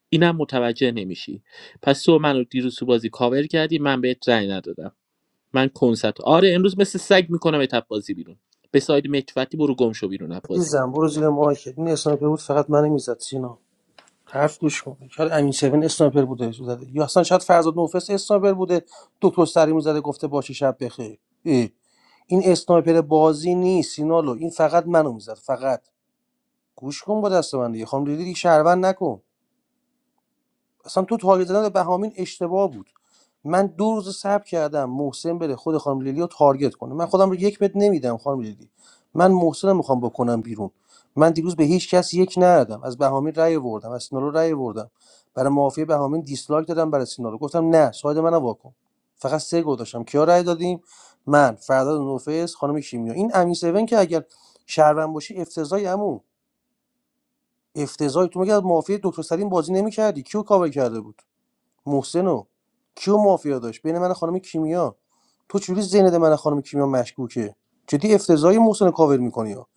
اینم متوجه نمیشی پس تو منو دیروز تو بازی کاور کردی من بهت رأی ندادم من کنسرت آره امروز مثل سگ میکنم ات بازی بیرون به ساید متفتی برو گم شو بیرون از بازی
عزیزم برو زیر مایکت این اسنایپر بود فقط منو میزد سینا حرف گوش کن شاید امین سوین اسنایپر بوده زده یا اصلا شاید فرزاد نوفس اسنایپر بوده دکتر سریمو زده گفته باشه شب بخیر اه. این اسنایپر بازی نیست سینالو این فقط منو میزد فقط گوش کن با دست من دیگه خانم دیدی دیگه شهروند نکن اصلا تو تارگت زدن به بهامین اشتباه بود من دو روز صبر کردم محسن بره خود خانم لیلی رو تارگت کنه من خودم رو یک متر نمیدم خانم لیلی من محسن رو میخوام بکنم بیرون من دیروز به هیچ کس یک ندادم از بهامین رأی آوردم از سینالو رأی آوردم برای معافی بهامین دیسلایک دادم برای سینالو گفتم نه ساید منو واکن فقط سه گل داشتم کیا رأی دادیم من فرداد نوفس خانم کیمیا این امین سیون که اگر شهروند باشی افتضاحی عمو افتضاحی تو مگه از معافی دکتر سلیم بازی نمیکردی کیو کاور کرده بود محسنو کیو مافیا داشت بین من خانم کیمیا تو چجوری ذهنت من و خانم کیمیا مشکوکه جدی افتضاحی محسن رو کاور میکنی ها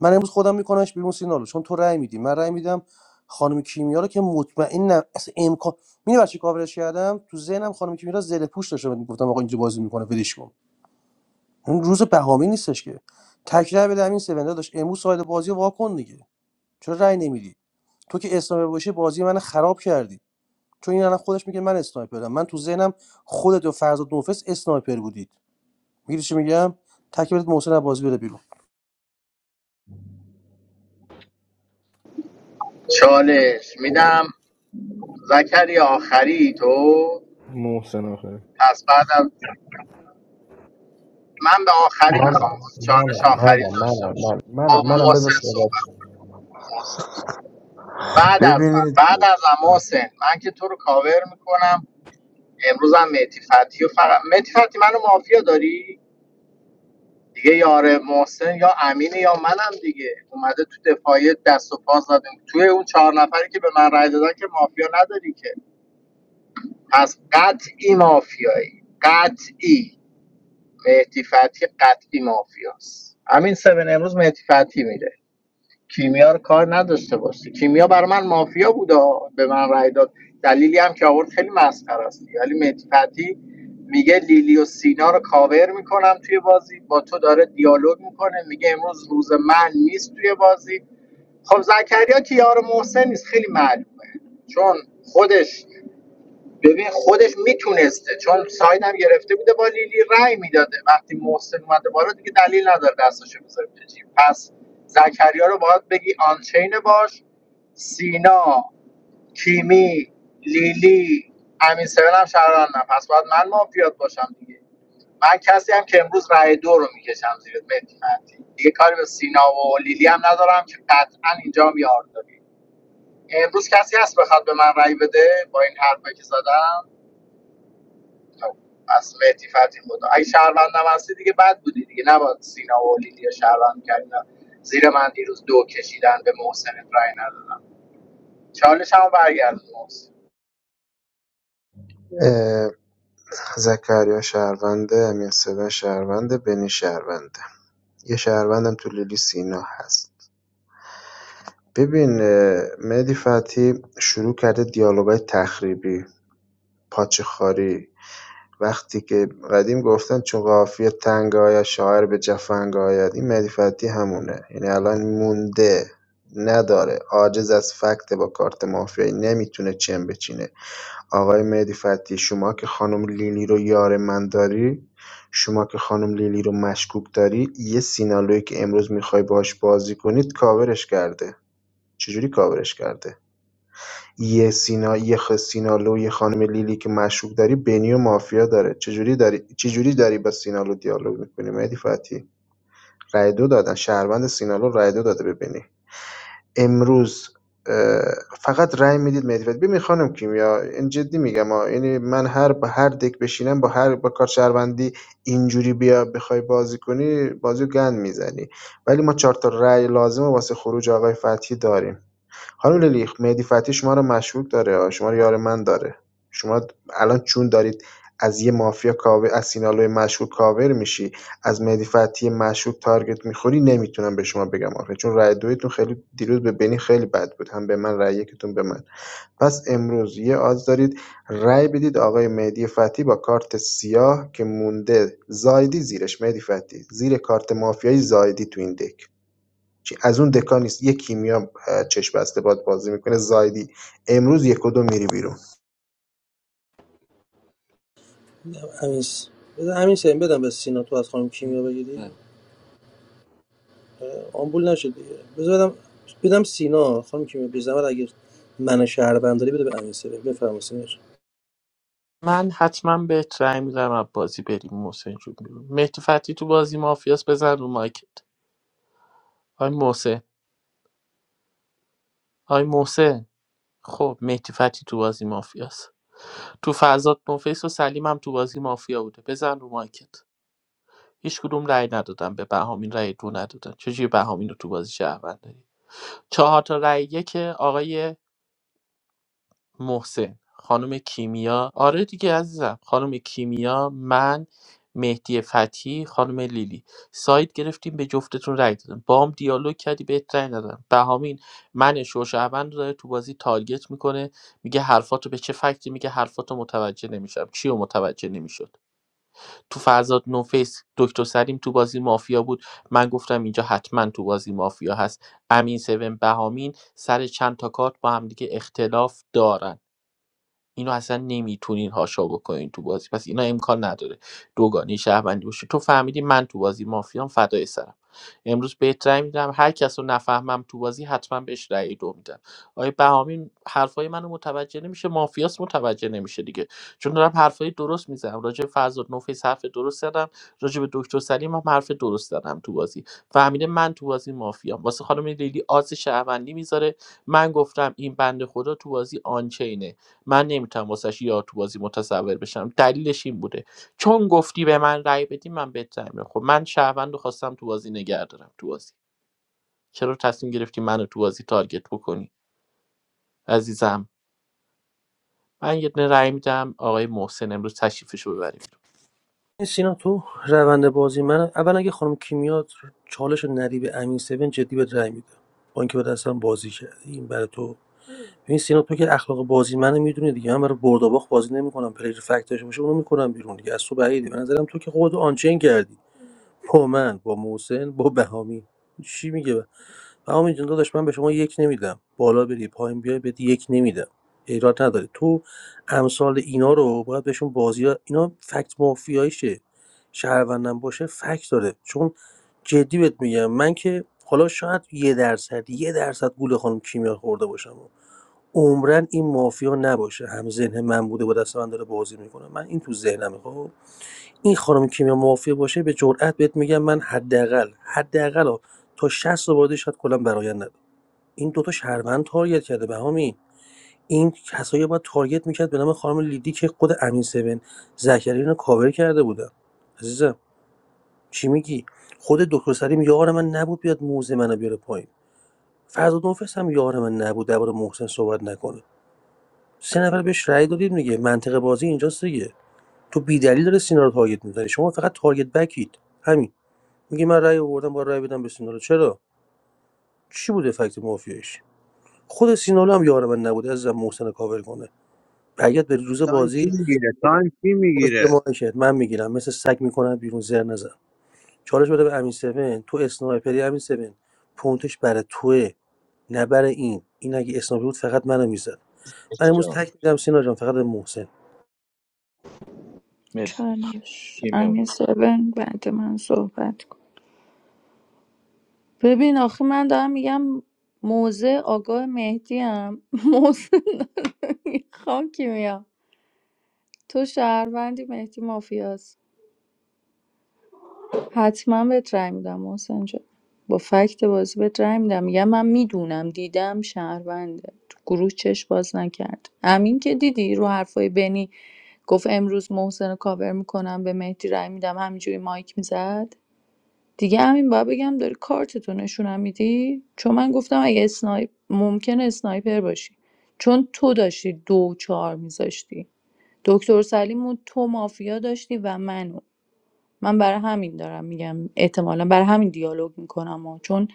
من امروز خودم میکنمش بیرون سینالو چون تو رأی میدی من رأی میدم خانم کیمیا رو که مطمئنم اصلا امکان میدونی برای چی کاورش کردم تو ذهنم خانم کیمیا زل پوش داشته من گفتم آقا اینجا بازی میکنه ولش کن اون روز بهامی نیستش که تکرار بده همین سوندا داشت امروز ساید بازی رو وا دیگه چرا رأی نمیدی تو که اسلامی باشی بازی من خراب کردی چون این الان خودش میگه من اسنایپرم من تو ذهنم خودت و فرزاد نوفس اسنایپر بودید میگی چی میگم تک بدید محسن از بازی بره بیرون
چالش میدم زکری آخری تو
محسن آخره
پس بعدم من به آخری
منم
میخوام چالش
منم
آخری
منم
داشته
منم
باشم
منم
با
منم
محسن
بذار صحبت
صحبت کن، محسن
کنم.
بعد از
ببینید
من بعد از من محسن من که تو رو کاور میکنم امروزم مهدی فتی و فقط مهدی فتی منو مافیا داری دیگه یار محسن یا امینه یا منم دیگه اومده تو دفاعی دست و پا زدیم توی اون چهار نفری که به من رای دادن که مافیا نداری که پس قطعی مافیایی قطعی مهدی فتحی قطعی مافیاست همین سبن امروز مهدی فتحی میره کیمیا رو کار نداشته باشه کیمیا برای من مافیا بود به من رای داد دلیلی هم که آورد خیلی مسخره است ولی مهدی فتحی میگه لیلی و سینا رو کاور میکنم توی بازی با تو داره دیالوگ میکنه میگه امروز روز من نیست توی بازی خب زکریا که یار محسن نیست خیلی معلومه چون خودش ببین خودش میتونسته چون سایدم گرفته بوده با لیلی رأی میداده وقتی محسن اومده بالا دیگه دلیل نداره دستشو بذاره تو جیب پس زکریا رو باید بگی آنچین باش سینا کیمی لیلی امین سویل هم شهروندم پس باید من مافیات باشم دیگه من کسی هم که امروز رأی دو رو میکشم زیر مهدی مهدی دیگه کاری به سینا و لیلی هم ندارم که قطعا اینجا هم یار داری امروز کسی هست بخواد به من رأی بده با این حرفایی که زدم اصل لطیفتی بود اگه شهروندم هستی دیگه بد بودی دیگه نباید سینا و لیلی شهروند کردن زیر من دیروز دو کشیدن به محسن رای ندادم چالش هم برگردون محسن
اه، زکریا شهرونده امیر صدا شهرونده بنی شهرونده یه شهروندم تو لیلی سینا هست ببین اه، مهدی فتحی شروع کرده دیالوگای تخریبی پاچه خاری، وقتی که قدیم گفتن چون قافیه تنگ آید شاعر به جفنگ آید این مهدی فتحی همونه یعنی الان مونده نداره عاجز از فکت با کارت مافیایی نمیتونه چم بچینه آقای مهدی فتحی شما که خانم لیلی رو یار من داری شما که خانم لیلی رو مشکوک داری یه سینالویی که امروز میخوای باهاش بازی کنید کاورش کرده چجوری کاورش کرده یه سینا یخ سینالو یه خانم لیلی که مشروب داری بنی و مافیا داره چجوری داری چجوری داری با سینالو دیالوگ میکنی مهدی فتحی رای دو دادن شهروند سینالو رای دو داده به بنی امروز اه، فقط رای میدید مهدی فتحی ببین خانم کیمیا این جدی میگم ها یعنی من هر با هر دک بشینم با هر با کار شهروندی اینجوری بیا بخوای بازی کنی بازی رو گند میزنی ولی ما چهار تا رای لازم واسه خروج آقای فتحی داریم خانم لیلی مهدی فتحی شما رو مشکوک داره شما رو یار من داره شما الان چون دارید از یه مافیا کاور از سینالوی مشکوک کاور میشی از مهدی فتحی مشکوک تارگت میخوری نمیتونم به شما بگم آخه چون رأی دویتون خیلی دیروز به بنی خیلی بد بود هم به من رأی یکتون به من پس امروز یه آز دارید رأی بدید آقای مهدی فتحی با کارت سیاه که مونده زایدی زیرش مهدی فتحی زیر کارت مافیایی زایدی تو این دک چی- از اون دکا نیست یه کیمیا اه، چشم بسته باد بازی میکنه زایدی امروز یک و دو میری بیرون
میدم بذار همین سیم بدم به سینا تو از خانم کیمیا بگیری اه، آمبول نشد دیگه بذار بدم بدم سینا خانم کیمیا بی زحمت اگه من شهر داری بده به امین سیم بفرمایید سینا
من حتما به رأی میدم از بازی بریم محسن جون بیرون مهدی فتی تو بازی مافیاس بزن رو مایکت آی محسن آی محسن خب مهدی فتی تو بازی مافیاس تو فرزاد نوفیس و سلیم هم تو بازی مافیا بوده بزن رو مایکت هیچ کدوم رأی ندادن به بهامین رأی دو ندادن چجوری بهامین رو تو بازی شهروند داری چهار تا رأی یک آقای محسن خانم کیمیا آره دیگه عزیزم خانم کیمیا من مهدی فتحی خانم لیلی ساید گرفتیم به جفتتون رای دادم بام دیالوگ کردی بهت رای ندادم بهامین من شوشعبند رو داره تو بازی تارگت میکنه میگه حرفاتو به چه فکتی میگه حرفاتو متوجه نمیشم چیو متوجه نمیشد تو فرزاد نوفیس دکتر سریم تو بازی مافیا بود من گفتم اینجا حتما تو بازی مافیا هست امین سون بهامین سر چند تا کارت با هم دیگه اختلاف دارن اینو اصلا نمیتونین هاشا بکنین تو بازی پس اینا امکان نداره دوگانی شهروندی باشه تو فهمیدی من تو بازی مافیام فدای سرم امروز بهت رأی میدم هر کس رو نفهمم تو بازی حتما بهش رأی دو میدم آقای بهامین حرفای منو متوجه نمیشه مافیاس متوجه نمیشه دیگه چون دارم حرفای درست میزنم راجع به فرزاد نوفیس حرف درست زدم راجع به دکتر سلیم هم حرف درست زدم تو بازی فهمیده من تو بازی مافیام واسه خانم لیلی آز شهروندی میذاره من گفتم این بنده خدا تو بازی آنچینه من نمیتونم واسش یار تو بازی متصور بشم دلیلش این بوده چون گفتی به من رأی بدی من بهت رأی میدم. خب من شهروند رو خواستم تو بازی نگه دارم تو بازی چرا تصمیم گرفتی منو تو بازی تارگت بکنی عزیزم من یه دونه رأی میدم آقای محسن امروز تشریفش رو ببریم
سینا تو روند بازی من اول اگه خانم کیمیا چالش رو ندی به امین سیم جدی به رای میده با اینکه به دستم بازی کردی این برای تو ببین سینا تو که اخلاق بازی منو میدونی دیگه من برای برد و باخت بازی نمیکنم پلیر فکت داشته باشه اونو میکنم بیرون دیگه از تو بعیده به نظرم تو که خود آنچین کردی با من با محسن با بهامی چی میگه بهامی جون داداش من به شما یک نمیدم بالا بری پایین بیای بهت یک نمیدم ایراد نداره تو امثال اینا رو باید بهشون بازی ها- اینا فکت مافیاییشه شهروندم باشه فکت داره چون جدی بهت میگم من که حالا شاید یه درصد یه درصد گول خانم کیمیا خورده باشم عمرا این مافیا نباشه هم ذهن من بوده با دست من داره بازی میکنه من این تو ذهنمه خب این خانم کیمیا مافیا باشه به جرئت بهت میگم من حداقل حداقل ها، تا 60 تا بازی شاید کلا برایند نداره این دوتا شهروند تارگت کرده بهامی این کسایی باید تارگت میکرد به نام خانم لیدی که خود امین سبن زکریا رو کاور کرده بودن عزیزم چی میگی خود دکتر سلیم یار من نبود بیاد موزه منو بیاره پایین فرزاد نفس هم یار من نبود درباره محسن صحبت نکنه سه نفر بهش رأی دادید میگه منطق بازی اینجاست دیگه تو بیدلیل داره سینا رو تارگت میزنی شما فقط تارگت بکید همین میگه من رأی آوردم با رأی بدم به سینا رو چرا چی بوده فکت مافیایش خود سینالو هم یار من نبود عزیزم محسن رو کاور کنه برگرد به روز بازی برو زیر ما من میگیرم مثل سگ میکنم بیرون زر نزن چالش بده به امین 7 تو اسنایپری امین 7 پونتش برای توه نه برای این این اگه اسنایپر بود فقط منو میزد من
مرسی
امروز
جان
تک میدم سینا جان فقط به محسن
مرسی داداش.
چالش
کیمیا
امیر سبن بعد من صحبت کن ببین آخه من دارم میگم موزه آگاه مهدی هم موزه نداره. خاکی میام تو شهروندی مهدی مافیاست حتما بهت رای میدم محسن جان با فکت بازی بهت رای میدم میگم من میدونم دیدم شهرونده تو گروه چش باز نکرد امین که دیدی رو حرفای بنی گفت امروز محسن رو کاور میکنم به مهدی رای میدم همینجوری مایک میزد دیگه همین باید بگم داری کارتتو نشونم میدی چون من گفتم اگه اسنایپ ممکنه اسنایپر باشی چون تو داشتی دو و چهار میذاشتی دکتر سلیمو تو مافیا داشتی و منو من برای همین دارم میگم احتمالا برای همین دیالوگ میکنم و چون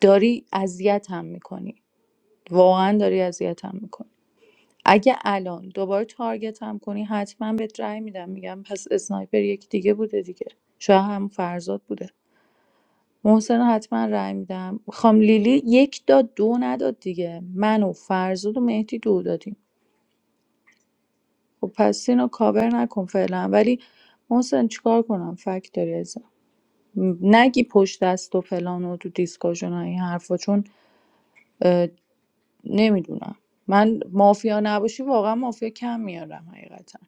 داری اذیتم میکنی واقعا داری اذیتم میکنی اگه الان دوباره تارگتم کنی حتما بهت رأی میدم میگم پس اسنایپر یکی دیگه بوده دیگه شاید هم فرزاد بوده محسن رو حتما رأی میدم خام لیلی یک داد دو نداد دیگه من و فرزاد و مهدی دو دادیم خب پس اینو کاور نکن فعلا ولی محسن چیکار کنم فکت داری م، نگی پشت دست و فلان و تو دیسکاشن این حرفا چون نمیدونم من مافیا نباشی واقعا مافیا کم میارم حقیقتا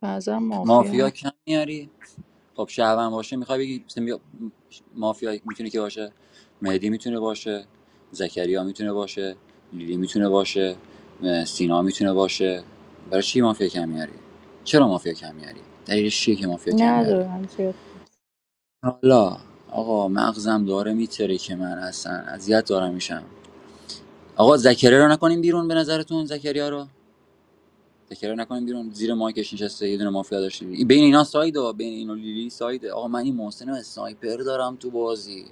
بعضا مافیا
مافیا
هست.
کم میاری خب شهروند باشه میخوای بگی مثلا بیا- مافیا میتونه که باشه مهدی میتونه باشه زکریا میتونه باشه لیلی میتونه باشه اه، سینا میتونه باشه برای چی مافیا کم میاری چرا مافیا کم میاری دلیلش چیه که مافیا کم میاری
ندارم زیاد
حالا آقا مغزم داره میتره که من اصلا اذیت دارم میشم آقا زکریا رو نکنیم بیرون به نظرتون زکریا رو تکرار نکنیم بیرون زیر مایکش نشسته یه دونه مافیا داشته بین اینا ساید ها بین اینا لیلی سایده، آقا من این محسن اسنایپر دارم تو بازی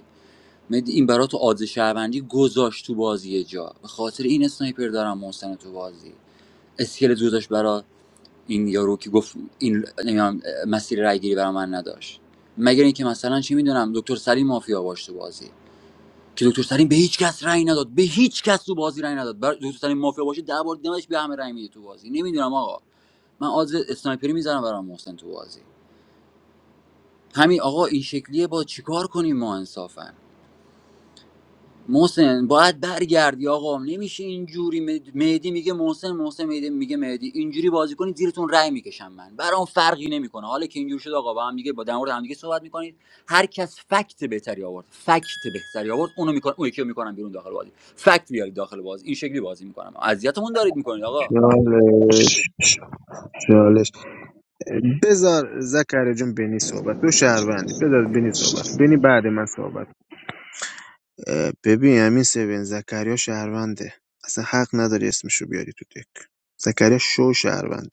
مهدی این برا تو آدز شهروندی گذاشت تو بازی یه جا به خاطر این اسنایپر دارم محسن تو بازی اسکلت گذاشت برا این یارو که گفت این نمیدونم مسیر رایگیری برا من نداشت مگر اینکه مثلا چی میدونم دکتر سلیم مافیا باش تو بازی که دکتر سلیم به هیچ کس رأی نداد به هیچ کس تو بازی رأی نداد بر دکتر سلیم مافیا باشه ده بار دیدمش به همه رأی میده تو بازی نمیدونم آقا من آز اسنایپری میزنم برام محسن تو بازی همین آقا این شکلیه با چیکار کنیم ما انصافا محسن باید برگردی آقا نمیشه اینجوری مهدی میگه محسن محسن مهدی میگه مهدی اینجوری بازی کنید زیرتون رای میکشم من برام فرقی نمیکنه حالا که اینجوری شد آقا با هم دیگه با در مورد هم دیگه صحبت میکنید هر کس فکت بهتری آورد فکت بهتری آورد اونو میکنه اون یکی رو میکنم بیرون داخل بازی فکت بیارید داخل بازی این شکلی بازی میکنم اذیتمون دارید میکنید آقا
چالش چالش بذار زکر جون بینی صحبت تو شهروندی بذار بینی صحبت بینی بعد من صحبت اه، ببین همین سوین زکریا شهرونده اصلا حق نداری اسمشو بیاری تو دک زکریا شو شهرونده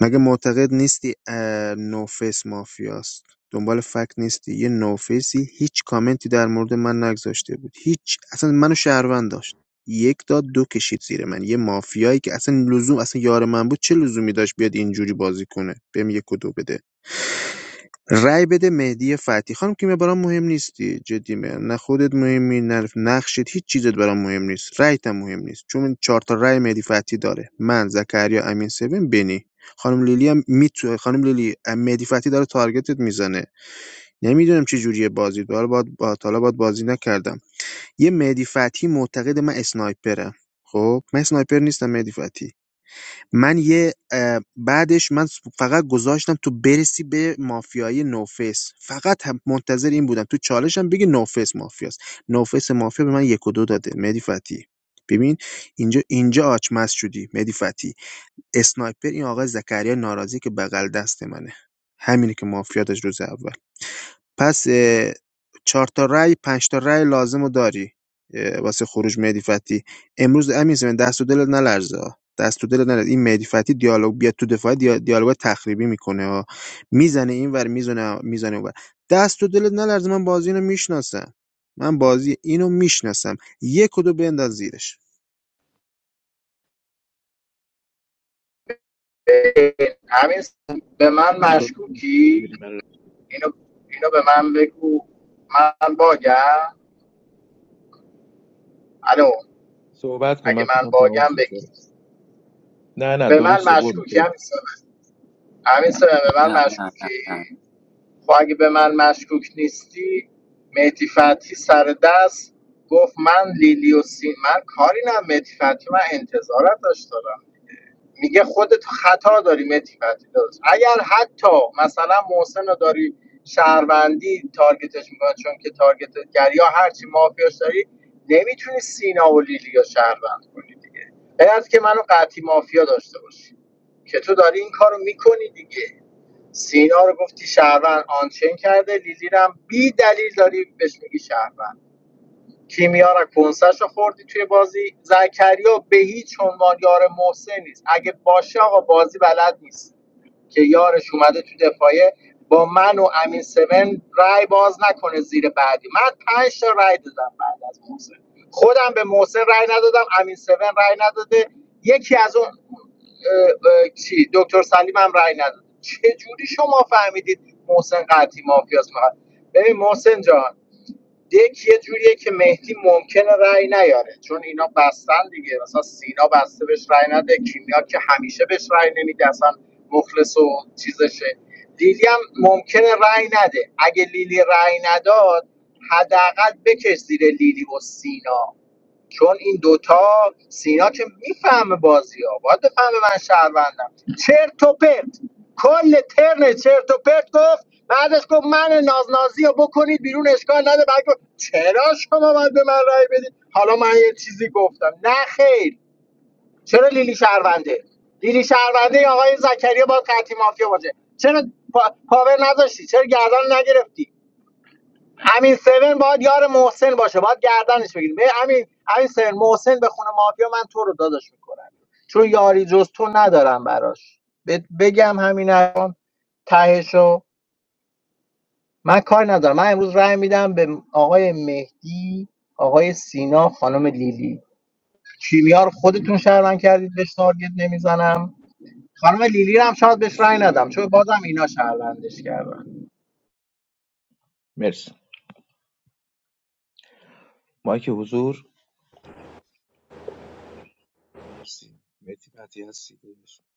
مگه معتقد نیستی اه، نوفیس مافیاست؟ دنبال فکت نیستی یه نوفیسی هیچ کامنتی در مورد من نگذاشته بود هیچ اصلا منو شهروند داشت یک داد دو کشید زیر من یه مافیایی که اصلا لزوم اصلا یار من بود چه لزومی داشت بیاد اینجوری بازی کنه بهم یک و دو بده رای بده مهدی فتحی خانم که برام مهم نیستی جدی میگم نه خودت مهمی نه نقشت هیچ چیزت برام مهم نیست رایت هم مهم نیست چون چهار تا رای مهدی فتحی داره من زکریا امین سوین بنی خانم لیلی هم میتونه خانم لیلی مهدی فتحی داره تارگتت میزنه نمیدونم چه جوریه بازی حالا باید با حالا باید بازی نکردم یه مهدی فتحی معتقد من اسنایپرم خب من اسنایپر نیستم مهدی فتحی من یه بعدش من فقط گذاشتم تو برسی به مافیای نوفیس فقط هم منتظر این بودم تو چالشم بگه نوفیس مافیاست نوفیس مافیا به من یک و دو داده مهدی فتی ببین اینجا اینجا آچمز شدی مهدی فتی اسنایپر این آقای زکریا ناراضی که بغل دست منه همینه که مافیا داشت روز اول پس اه، چهار تا رأی پنج تا رأی لازم رو داری اه، واسه خروج مهدی فتحی امروز امین زمین دست و دلت نلرزه ها. دست و دلت نلرزه این مهدی فتحی دیالوگ بیاد تو دفاع دیا- دیالوگ تخریبی میکنه ها میزنه اینور میزنه میزنه اونور دست و دلت نلرزه من بازی اینو میشناسم من بازی اینو میشناسم یک و دو بنداز زیرش
اه، همین به من
شد
مشکوکی اینو اینو به من بگو من باگم الو
صحبت کن
اگه
من فکر
من
کنم تمام
باگم
شد
بگی
نه نه
به من
درسته برو
مشکوکی
تو
همین سمه همین سمه به
نه
من
نه نه
مشکوکی
نه
خب اگه به من مشکوک نیستی مهدی فتحی سر دست گفت من لیلی و سین من کاری نه مهدی فتحی من انتظارت داشت دارم میگه خودت خطا داری مهدی فتحی داشت اگر حتی مثلا محسن رو داری شهروندی تارگتش میکنه چون که تارگت گری یا هرچی مافیاش داری نمیتونی سینا و لیلی رو شهروند کنی دیگه باید که منو قطعی مافیا داشته باشی که تو داری این کارو میکنی دیگه سینا رو گفتی شهروند آنچین کرده لیلی رو هم بی دلیل داری بهش میگی شهروند کیمیا رو کنسش رو خوردی توی بازی زکریا به هیچ عنوان یار محسن نیست اگه باشه آقا بازی بلد نیست که یارش اومده تو دفاعیه با من و امین سمن رای باز نکنه زیر بعدی من پنج تا رای دادم بعد از محسن خودم به محسن رای ندادم امین سمن رای نداده یکی از اون اه، اه، چی دکتر سلیم هم رای نداد چه جوری شما فهمیدید محسن قطعی مافیاس فقط ببین محسن جان دک یه جوریه که مهدی ممکنه رأی نیاره چون اینا بستن دیگه مثلا سینا بسته بهش رأی نده کیمیا که همیشه بهش رأی نمیده اصلا مخلص و چیزشه لیلی هم ممکنه رأی نده اگه لیلی رأی نداد حداقل بکش زیر لیلی و سینا چون این دوتا سینا که میفهمه بازی ها باید بفهمه من شهروندم چرت و پرت کل ترن چرت و پرت گفت بعدش گفت من نازنازی رو بکنید بیرون اشکال نده بعد گفت چرا شما باید به من رأی بدید حالا من یه چیزی گفتم نه خیر چرا لیلی شهرونده لیلی شهرونده یا آقای زکریا باید قطعی مافیا باشه چرا پا... پاور نذاشتی چرا گردن نگرفتی امین سون باید یار محسن باشه باید گردنش بگیریم به امین امین سون محسن به خونه مافیا من تو رو داداش میکنم چون یاری جز تو ندارم براش بهت بگم همین الان تهشو من کار ندارم من امروز رأی میدم به آقای مهدی آقای سینا خانم لیلی کیمیا رو خودتون شهروند کردید بهش تارگت نمیزنم خانم لیلی رو هم شاید بهش رأی ندم چون بازم اینا شهروندش کردن
مرسی مایک حضور مرسی مهدی فتی هستی داداش.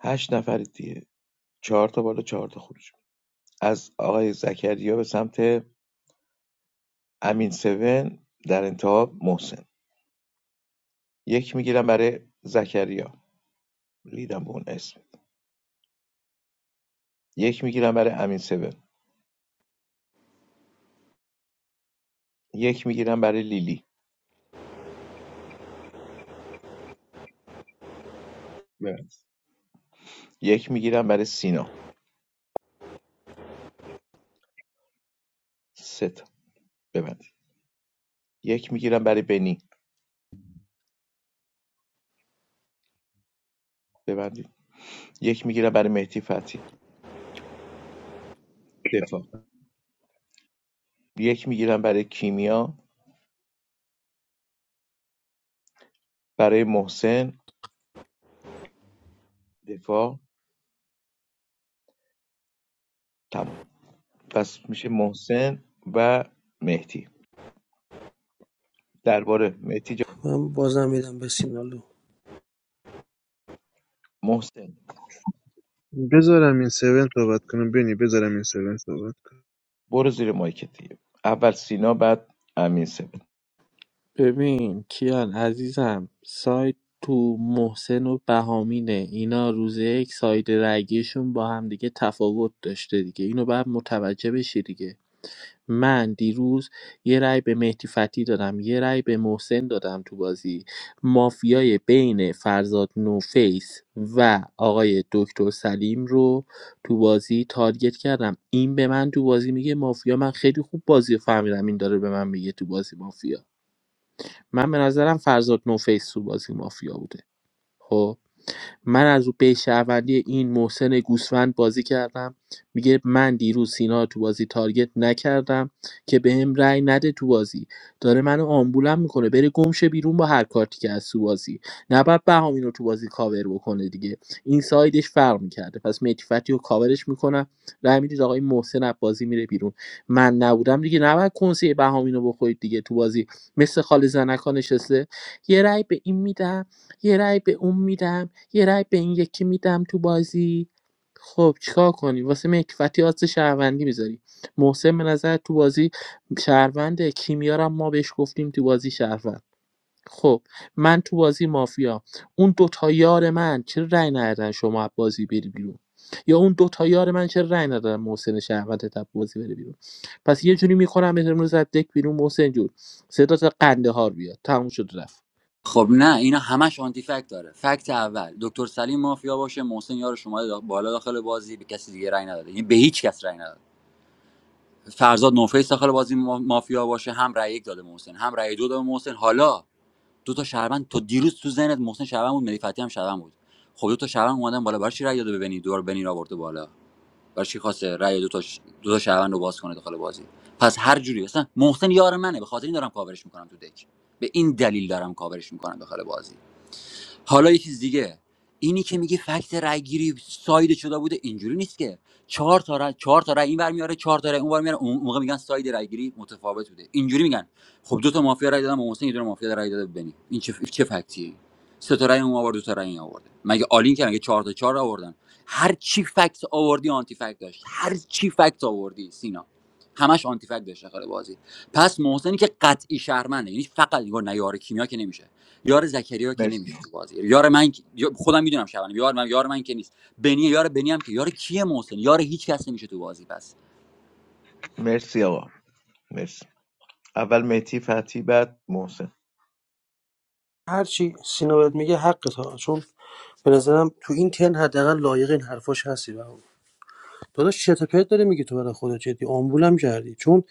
هشت نفرید دیگه چهار تا بالا چهار تا خروج از آقای زکریا به سمت امین سون در انتها محسن یک میگیرم برای زکریا لیدم به اون اسم یک میگیرم برای امین سون یک میگیرم برای لیلی ببند یک میگیرم برای سینا سه تا ببند یک میگیرم برای بنی ببندید یک میگیرم برای مهدی فتی دفاع یک میگیرم برای کیمیا برای محسن دفاع تمام پس میشه محسن و مهدی درباره مهدی جان
من بازم میدم به سینالو
محسن
بذارم این سون صحبت کنم بینی بذارم این سون صحبت
برو زیر مایکت دیگه اول سینا بعد امین سب
ببین کیان عزیزم سایت تو محسن و بهامینه اینا روز یک ساید رگیشون با هم دیگه تفاوت داشته دیگه اینو باید متوجه بشی دیگه من دیروز یه رأی به مهدی فتی دادم یه رأی به محسن دادم تو بازی مافیای بین فرزاد نوفیس و آقای دکتر سلیم رو تو بازی تارگت کردم این به من تو بازی میگه مافیا من خیلی خوب بازی رو فهمیدم این داره به من میگه تو بازی مافیا من به نظرم فرزاد نوفیس تو بازی مافیا بوده خب من از رو بیت شهروندی این محسن گوسفند بازی کردم میگه من دیروز سینا تو بازی تارگت نکردم که بهم رأی نده تو بازی داره منو آمبولم میکنه بره گمشه بیرون با هر کارتی که از تو بازی نباید بهامین رو تو بازی کاور بکنه دیگه این سایدش فرق میکرده پس متیفتی رو کاورش میکنم رأی میدید آقای محسن از بازی میره بیرون من نبودم دیگه نباید کنسه بهامین رو بخورید دیگه تو بازی مثل خال زنکا نشسته یه رأی به این میدم یه رأی به اون میدم یه رای به این یکی میدم تو بازی خب چیکار کنی واسه مکفتی آز شهروندی میذاری محسن به نظر تو بازی شهرونده کیمیارم ما بهش گفتیم تو بازی شهروند خب من تو بازی مافیا اون دوتا یار من چرا رای ندادن شما بازی بری بیرون یا اون دوتا یار من چرا رای ندادن محسن شهروند تب بازی بره بیرون پس یه جوری میکنم امروز از دک بیرون محسن جون صدات قندهار بیاد تموم شد رفت
خب نه اینا همش آنتی فکت داره فکت اول دکتر سلیم مافیا باشه محسن یار شما بالا داخل بازی به کسی دیگه رأی نداره یعنی به هیچ کس رأی نداره فرزاد نوفیس داخل بازی ما- مافیا باشه هم رای یک داده به محسن هم رای دو داده به محسن حالا دو تا شهروند تا دیروز تو ذهنت محسن شهروند بود مری فتی هم شهروند بود خب دو تا شهروند اومدن بالا برای چی رای داده به بنی دور بنی را آورده بالا برای چی خواسته رای دو تا ش... دو تا شهروند رو باز کنه داخل بازی پس هر جوری اصلا محسن یار منه به خاطر این دارم کاورش میکنم تو دک به این دلیل دارم کاورش میکنم داخل بازی حالا یه چیز دیگه اینی که میگی فکت رأیگیری ساید شده بوده اینجوری نیست که چهار تا رأی چهار تا رای این اینور میاره چهار تا رای اون اونور میاره اون موقع میگن ساید رأیگیری متفاوت بوده اینجوری میگن خب دو تا مافیا رأی دادن محسن یه دونه مافیا رأی داده به بنی این چه چه فکتیه سه تا رأی اون آورد دو تا رأی این آورد مگه آلین که مگه چهار تا چهار آوردن هر چی فکت آوردی آنتی فکت داشت هر چی فکت آوردی سینا همش آنتی فکت داشت داخل بازی پس محسنی که قطعی شهرمنده یعنی فقط نگار نیار کیمیا که نمیشه یار زکریا که
مرسی
نمیشه تو بازی یار من که- یا- خودم میدونم شبانه یار من یار من که نیست بنی یار بنی هم که یار کیه محسن یار هیچ کس نمیشه تو بازی پس
مرسی آقا مرسی اول مهدی فتی بعد محسن
هرچی سینا بهت میگه حقت ها چون به نظرم تو این تن حداقل لایق این حرفاش هستی برام داداش چرت و پرت داره میگه تو برای خودت جدی آمبولم کردی چون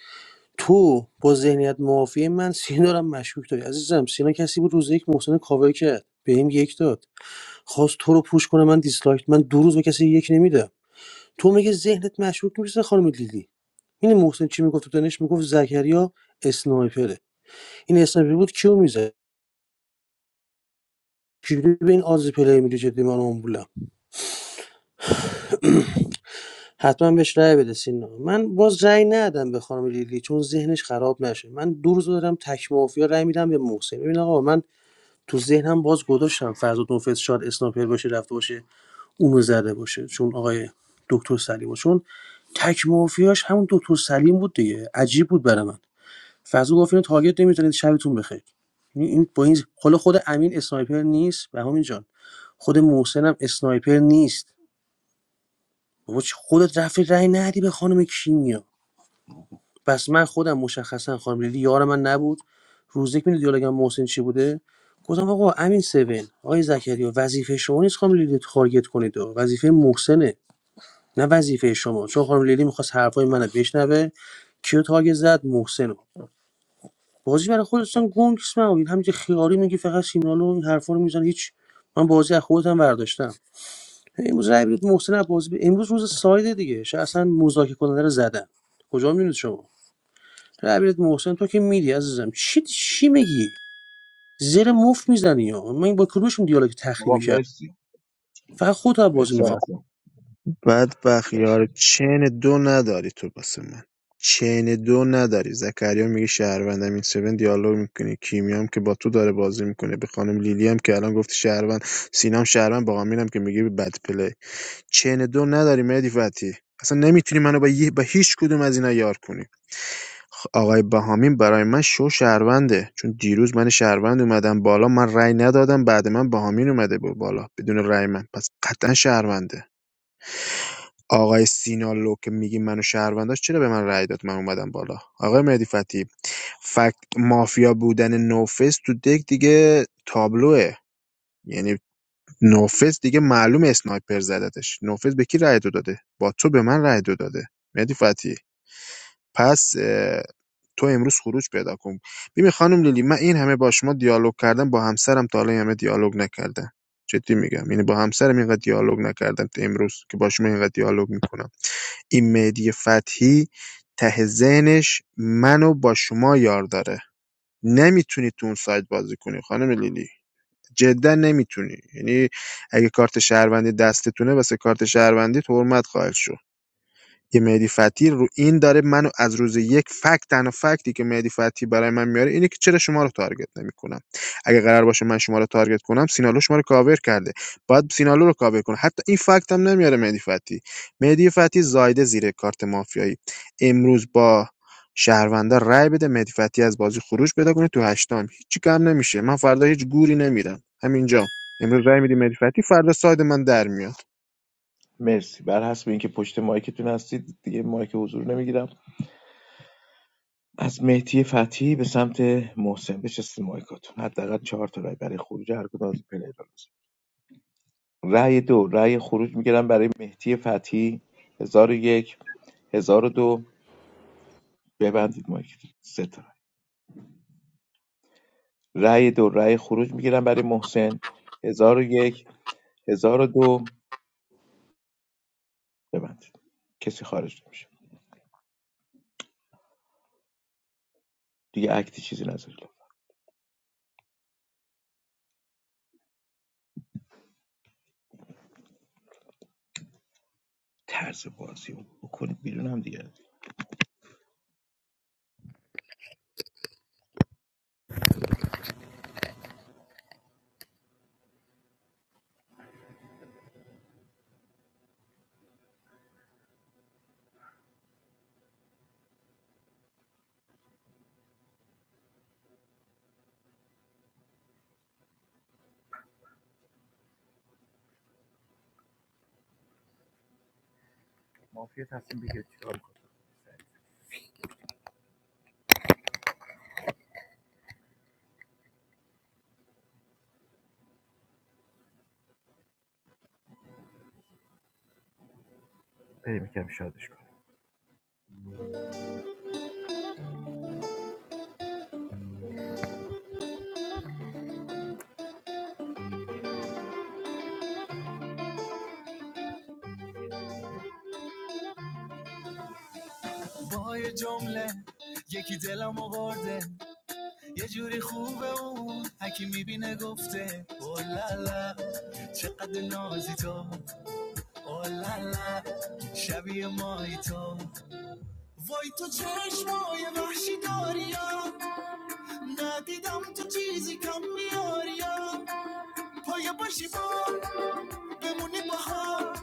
تو با ذهنیت معافی من سینا رو هم مشکوک داری عزیزم سینا کسی بود روز یک محسن کاور کرد به این یک داد خواست تو رو پوش کنه من دیسلایک من دو روز به کسی یک نمیدم تو میگه ذهنت مشکوک میشه خانم لیلی این محسن چی میگفت تو دانش میگفت زکریا اسنایپره این اسنایپر بود کیو میزد چجوری به این آز پلی میدی جدی من آمبولم حتما بهش رأی بده سینا من باز رأی ندادم به خانم لیلی چون ذهنش خراب نشه من دو روز دارم تک مافیا رأی میدم به محسن ببین آقا من تو ذهنم باز گذاشتم فرزاد نوفس شاد اسنایپر باشه رفته باشه اونو زده باشه چون آقای دکتر سلیم بود. چون تک مافیاش همون دکتر سلیم بود دیگه عجیب بود برای من فرزاد گفت اینو تارگت نمیتونید شبتون بخیر یعنی این با این حالا خود امین اسنایپر نیست به همین جان خود محسن هم اسنایپر نیست بابا چی خودت رفتی رأی ندی به خانم کیمیا پس من خودم مشخصا خانم لیلی یار من نبود روز یک میدونی دیالوگم محسن چی بوده گفتم آقا امین سون آقای زکریا وظیفه شما نیست خانم لیلی رو تارگت کنید وظیفه محسنه نه وظیفه شما چون خانم لیلی میخواست حرفای منو بشنوه کیو تارگت زد محسن رو. بازی برای خودتون گنگ نیست من همینجوری خیاری میگی فقط سینالو این حرفا رو میزنه هیچ من بازی از خودتم برداشتم امروز رای بدید محسن عباسی به- امروز روز سایده دیگه شاید اصلا مذاکره کننده رو زدن کجا میدونید شما رای بدید محسن تو که میدی عزیزم چی چی میگی زیر مفت میزنی یا من با کدومشون دیالوگ
آقا
تخریبی کرد
مرسی
فقط خودت عباسی
مرسی
کنم
میخوام
مهدی جان.
بدبخت
مرسی
یاره چین دو نداری تو واسه من چین دو نداری زکریا میگه شهروندم این سون دیالوگ میکنه کیمیام که با تو داره بازی میکنه به خانم لیلی هم که الان گفت شهروند سینام شهروند با هم که میگه بد پلی چین دو نداری مهدی فتی اصلا نمیتونی منو با, یه- با هیچ کدوم از اینا یار کنی خ- آقای بهامین برای من شو شهرونده چون دیروز من شهروند اومدم بالا من رأی ندادم بعد من بهامین اومده بود بالا بدون رأی من پس قطعا شهرونده آقای سینالو که میگی منو شهروند داشت چرا به من رأی داد من اومدم بالا آقای مهدی فتحی فکت مافیا بودن نوفس تو دک دیگه تابلوه یعنی نوفس دیگه معلوم اسنایپر زدتش نوفس به کی رأی دو داده با تو به من رأی دو داده مهدی فتحی پس اه، تو امروز خروج پیدا کن ببین خانم لیلی من این همه با شما دیالوگ کردم با همسرم تا حالا این همه دیالوگ نکردم جدی میگم یعنی با همسرم اینقدر دیالوگ نکردم تا امروز که با شما اینقدر دیالوگ میکنم این مهدی فتحی ته ذهنش منو با شما یار داره نمیتونی تو اون سایت بازی کنی خانم لیلی جدا نمیتونی یعنی اگه کارت شهروندی دستتونه واسه کارت شهروندی تو حرمت خواهد شد یه مهدی فتحی رو این داره منو از روز یک فکت تنها فکتی که مهدی فتحی برای من میاره اینه که چرا شما رو تارگت نمیکنم اگه قرار باشه من شما رو تارگت کنم سینالو شما رو کاور کرده باید سینالو رو کاور کنه حتی این فکت هم نمیاره مهدی فتحی مهدی فتحی زایده زیر کارت مافیایی امروز با شهروندا رای بده مهدی فتحی از بازی خروج پیدا کنه تو هشتم هیچ کم نمیشه من فردا هیچ گوری نمیرم همینجا امروز رای میدی مهدی فتحی فردا ساید من در میاد
مرسی بر حسب اینکه پشت مایکتون هستید دیگه مایک حضور نمیگیرم از مهدی فتی به سمت محسن بچسته مایکاتون حداقل چهار تا رای برای خروج هر کدوم از پلیرها رأی دو رأی خروج میگیرم برای مهدی فتحی هزار و یک هزار و دو ببندید مایک سه تا رأی رأی دو رأی خروج میگیرم برای محسن هزار و یک هزار و دو ببندید کسی خارج نمیشه دیگه اکتی چیزی نذارید طرز بازی رو بکنید بیرونم دیگه بریم یکم شادش کنیم با یه جمله یکی دلم آورده یه جوری خوبه اون هکی میبینه گفته اولالا چقدر نازی تو آه لا شبیه مای تو وای تو چشمای وحشی داریا ندیدم تو چیزی کم میاریا پایه باشی با بمونی با هم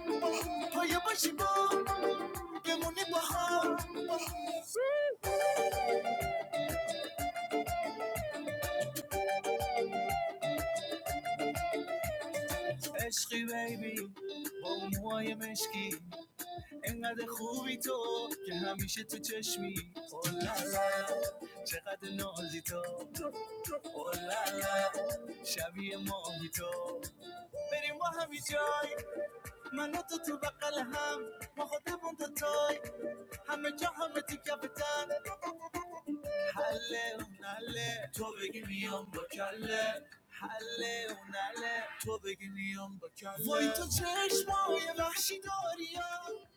پایه باشی با بمونی با هم عشقی بیبی با اون موهای مشکی انقدر خوبی تو که همیشه تو چشمی اولالا چقدر نازی تو اولالا شبیه ماهی تو بریم با همی جای من و تو تو بقل هم ما خودمون دو تای همه جا همه تو کفتن حله اون حله تو بگی میام با کله حله اون حله تو بگی میام با کله وای تو چشمای وحشی داریم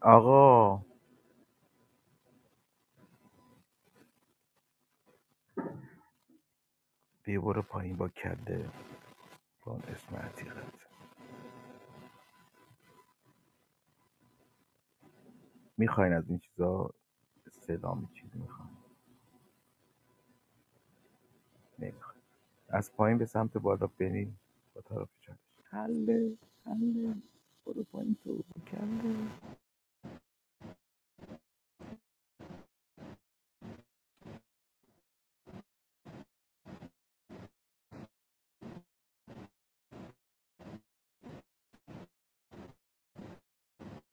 آقا بیا برو پایین با کله با اون اسم عتیقت میخواین از این چیزا استعلام چیز میخواین نمیخواین از پایین به سمت بالا برین با طرف چالش حله حله برو پایین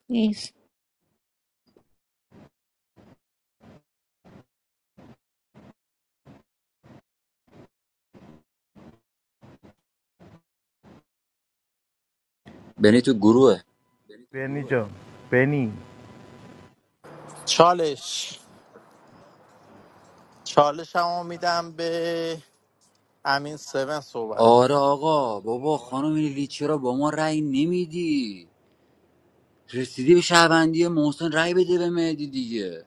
نیست
بنی تو گروه
بنی جان بنی
چالش چالش هم میدم به امین 7 صحبت کن
آره آقا بابا خانم لیلی چرا با ما رأی نمیدی رسیدی به شهروندی محسن رأی بده به مهدی دیگه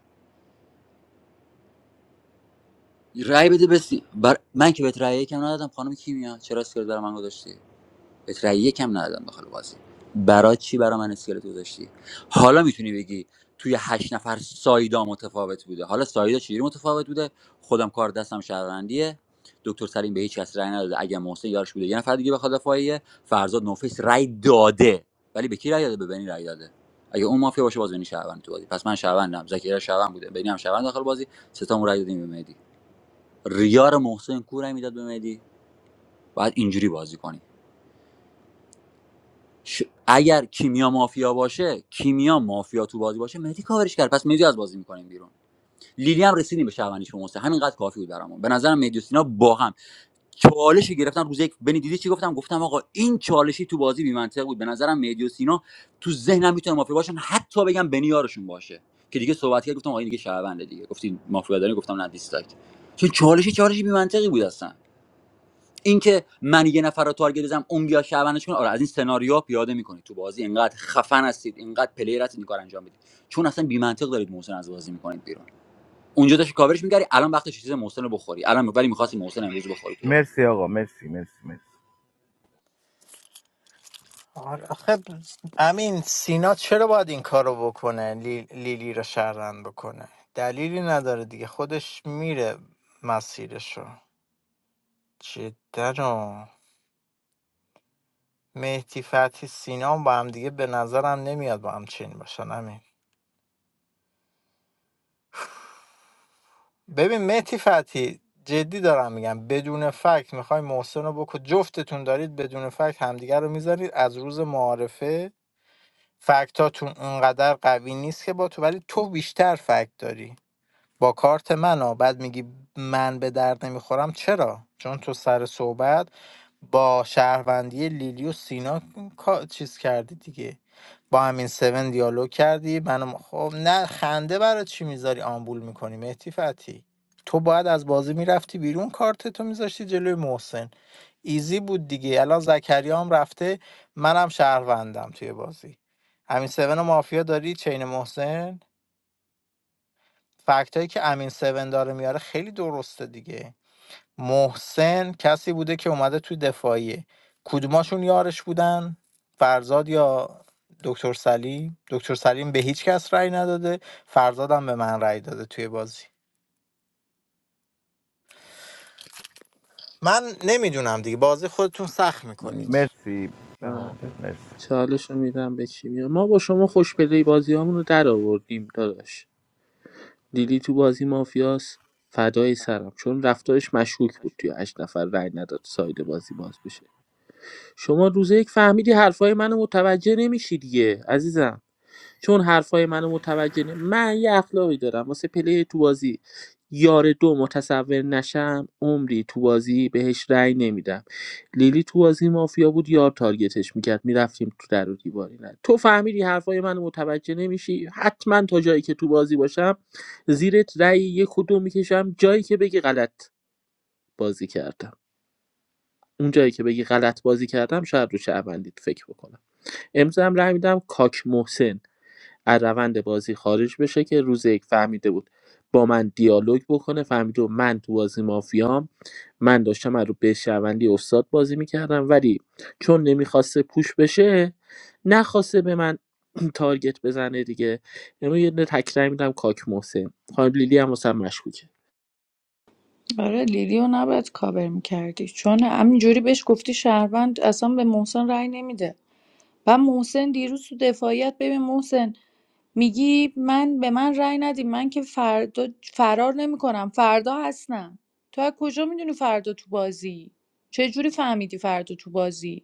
رأی بده به سی- بر... من که بهت رأی یکم ندادم خانم کیمیا چرا اسکرت برای من گذاشتی بهت رأی یکم ندادم داخل بازی برای چی برای من اسکلت گذاشتی حالا میتونی بگی توی هشت نفر سایدا متفاوت بوده حالا سایدا چجوری متفاوت بوده خودم کار دستم شهروندیه دکتر سلیم به هیچ کس رأی نداده اگه محسن یارش بوده یه نفر دیگه بخواد دفاعیه فرزاد نوفیس رأی داده ولی به کی رأی داده به بنی رأی داده اگه اون مافیا باشه باز بنی شهروند تو بازی پس من شهروندم زکریا شهروند بوده بنی هم شهروند داخل بازی سه ستامون رأی دادیم به مهدی ریار محسن کو رأی میداد به مهدی باید اینجوری بازی کنی ش- اگر کیمیا مافیا باشه کیمیا مافیا تو بازی باشه مهدی کاورش کرد پس مهدی از بازی میکنیم بیرون لیلی هم رسیدیم به شهروندیش به محسن همینقدر کافی بود برامون به نظرم مهدی و سینا با هم چالش گرفتن روز یک بنی دیدی چی گفتم گفتم آقا این چالشی تو بازی بی منطق بود به نظرم مهدی و سینا تو ذهنم میتونه مافیا باشن حتی بگم بنی یارشون باشه که دیگه صحبت کرد گفتم آقا این دیگه شهرونده دیگه گفتین مافیا داری گفتم نه دیستاک چون چالشی چالشی بی منطقی بود اصلا اینکه من یه نفر رو تارگت بزنم اون بیا شعبنش کنه آره از این سناریوها پیاده میکنید تو بازی اینقدر خفن هستید اینقدر پلیر هستید این کار انجام بدید چون اصلا بی منطق دارید محسن از بازی میکنید بیرون اونجا داشت کاورش میگری الان وقتش چیز محسن رو بخوری الان ولی میخواستی محسن امروز بخوری تو بازی
مرسی آقا مرسی مرسی مرسی
آره آخه امین سینا چرا باید این کارو بکنه لی- لیلی رو شهروند بکنه دلیلی نداره دیگه خودش میره مسیرشو جدا و مهدی فتحی سینا هم با هم دیگه به نظرم نمیاد با هم چین باشن امین ببین مهدی فتحی جدی دارم میگم بدون فکت میخوای محسن رو بکن جفتتون دارید بدون فکت همدیگه رو میذارید از روز معارفه فکتاتون اونقدر قوی نیست که با تو ولی تو بیشتر فکت داری با کارت من ها بعد میگی من به درد نمیخورم چرا چون تو سر صحبت با شهروندی لیلی و سینا کا- چیز کردی دیگه با همین سون دیالوگ کردی منم خب نه خنده برای چی میذاری آمبول میکنی مهدی فتی تو باید از بازی میرفتی بیرون کارت تو میذاشتی جلوی محسن ایزی بود دیگه الان زکریا هم رفته منم شهروندم توی بازی همین سون و مافیا داری چین محسن فکتایی که امین 7 داره میاره خیلی درسته دیگه محسن کسی بوده که اومده توی دفاعیه کدوماشون یارش بودن فرزاد یا دکتر سلیم دکتر سلیم به هیچ کس رأی نداده فرزادم به من رأی داده توی بازی من نمیدونم دیگه بازی خودتون سخت میکنید
مرسی بهام جان
آره.
مرسی
چالش رو میدم به کیمیا ما با شما خوش پلی بازی رو در آوردیم داداش لیلی تو بازی مافیاس فدای سرم چون رفتارش مشکوک بود توی هشت نفر رأی نداد ساید بازی باز بشه شما روز یک فهمیدی حرفای منو متوجه نمیشی دیگه عزیزم چون حرفای منو متوجه نه من یه اخلاقی دارم واسه پلی تو بازی یار دو متصور نشم عمری تو بازی بهش رأی نمیدم لیلی تو بازی مافیا بود یار تارگتش میکرد میرفتیم تو در و دیواری نه تو فهمیدی حرفای منو متوجه نمیشی حتما تا جایی که تو بازی باشم زیرت رأی یک کدوم میکشم جایی که بگی غلط بازی کردم اون جایی که بگی غلط بازی کردم شاید رو شهروندیت فکر بکنم امضا هم رأی میدم کاک محسن از روند بازی خارج بشه که روز یک فهمیده بود با من دیالوگ بکنه فهمیده بود من تو بازی مافیام من داشتم از رو به شهروندی استاد بازی میکردم ولی چون نمیخواسته پوش بشه نخواسته به من تارگت بزنه دیگه امروز یه دونه تکرار میدم کاک محسن خانم لیلی هم واسم مشکوکه
آره لیلیو نباید کاور میکردی چون همینجوری بهش گفتی شهروند اصلا به محسن رأی نمیده و محسن دیروز تو دفاعیت ببین محسن میگی من به من رأی ندیم من که فردا فرار نمیکنم فردا هستم تو از کجا میدونی فردا تو بازی چه جوری فهمیدی فردا تو بازی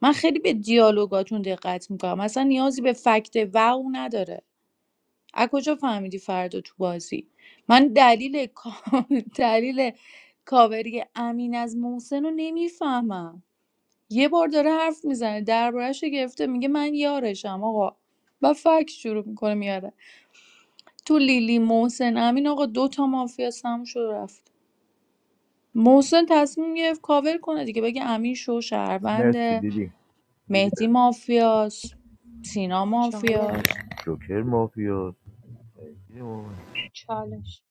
من خیلی به دیالوگاتون دقت میکنم اصلا نیازی به فکت و او نداره از کجا فهمیدی فردا تو بازی من دلیل کا- دلیل کاوری امین از محسن رو نمیفهمم یه بار داره حرف میزنه دربارهش رو گرفته میگه من یارشم آقا و فکر شروع میکنه میاره تو لیلی محسن امین آقا دو تا مافیا سم شد و رفت محسن تصمیم گرفت کاور کنه دیگه بگه امین شو
مرسی
شهرونده
دیدی دیدی
مهدی
به
مافیاس سینا مافیاس
چالش
جوکر مافیا
چالش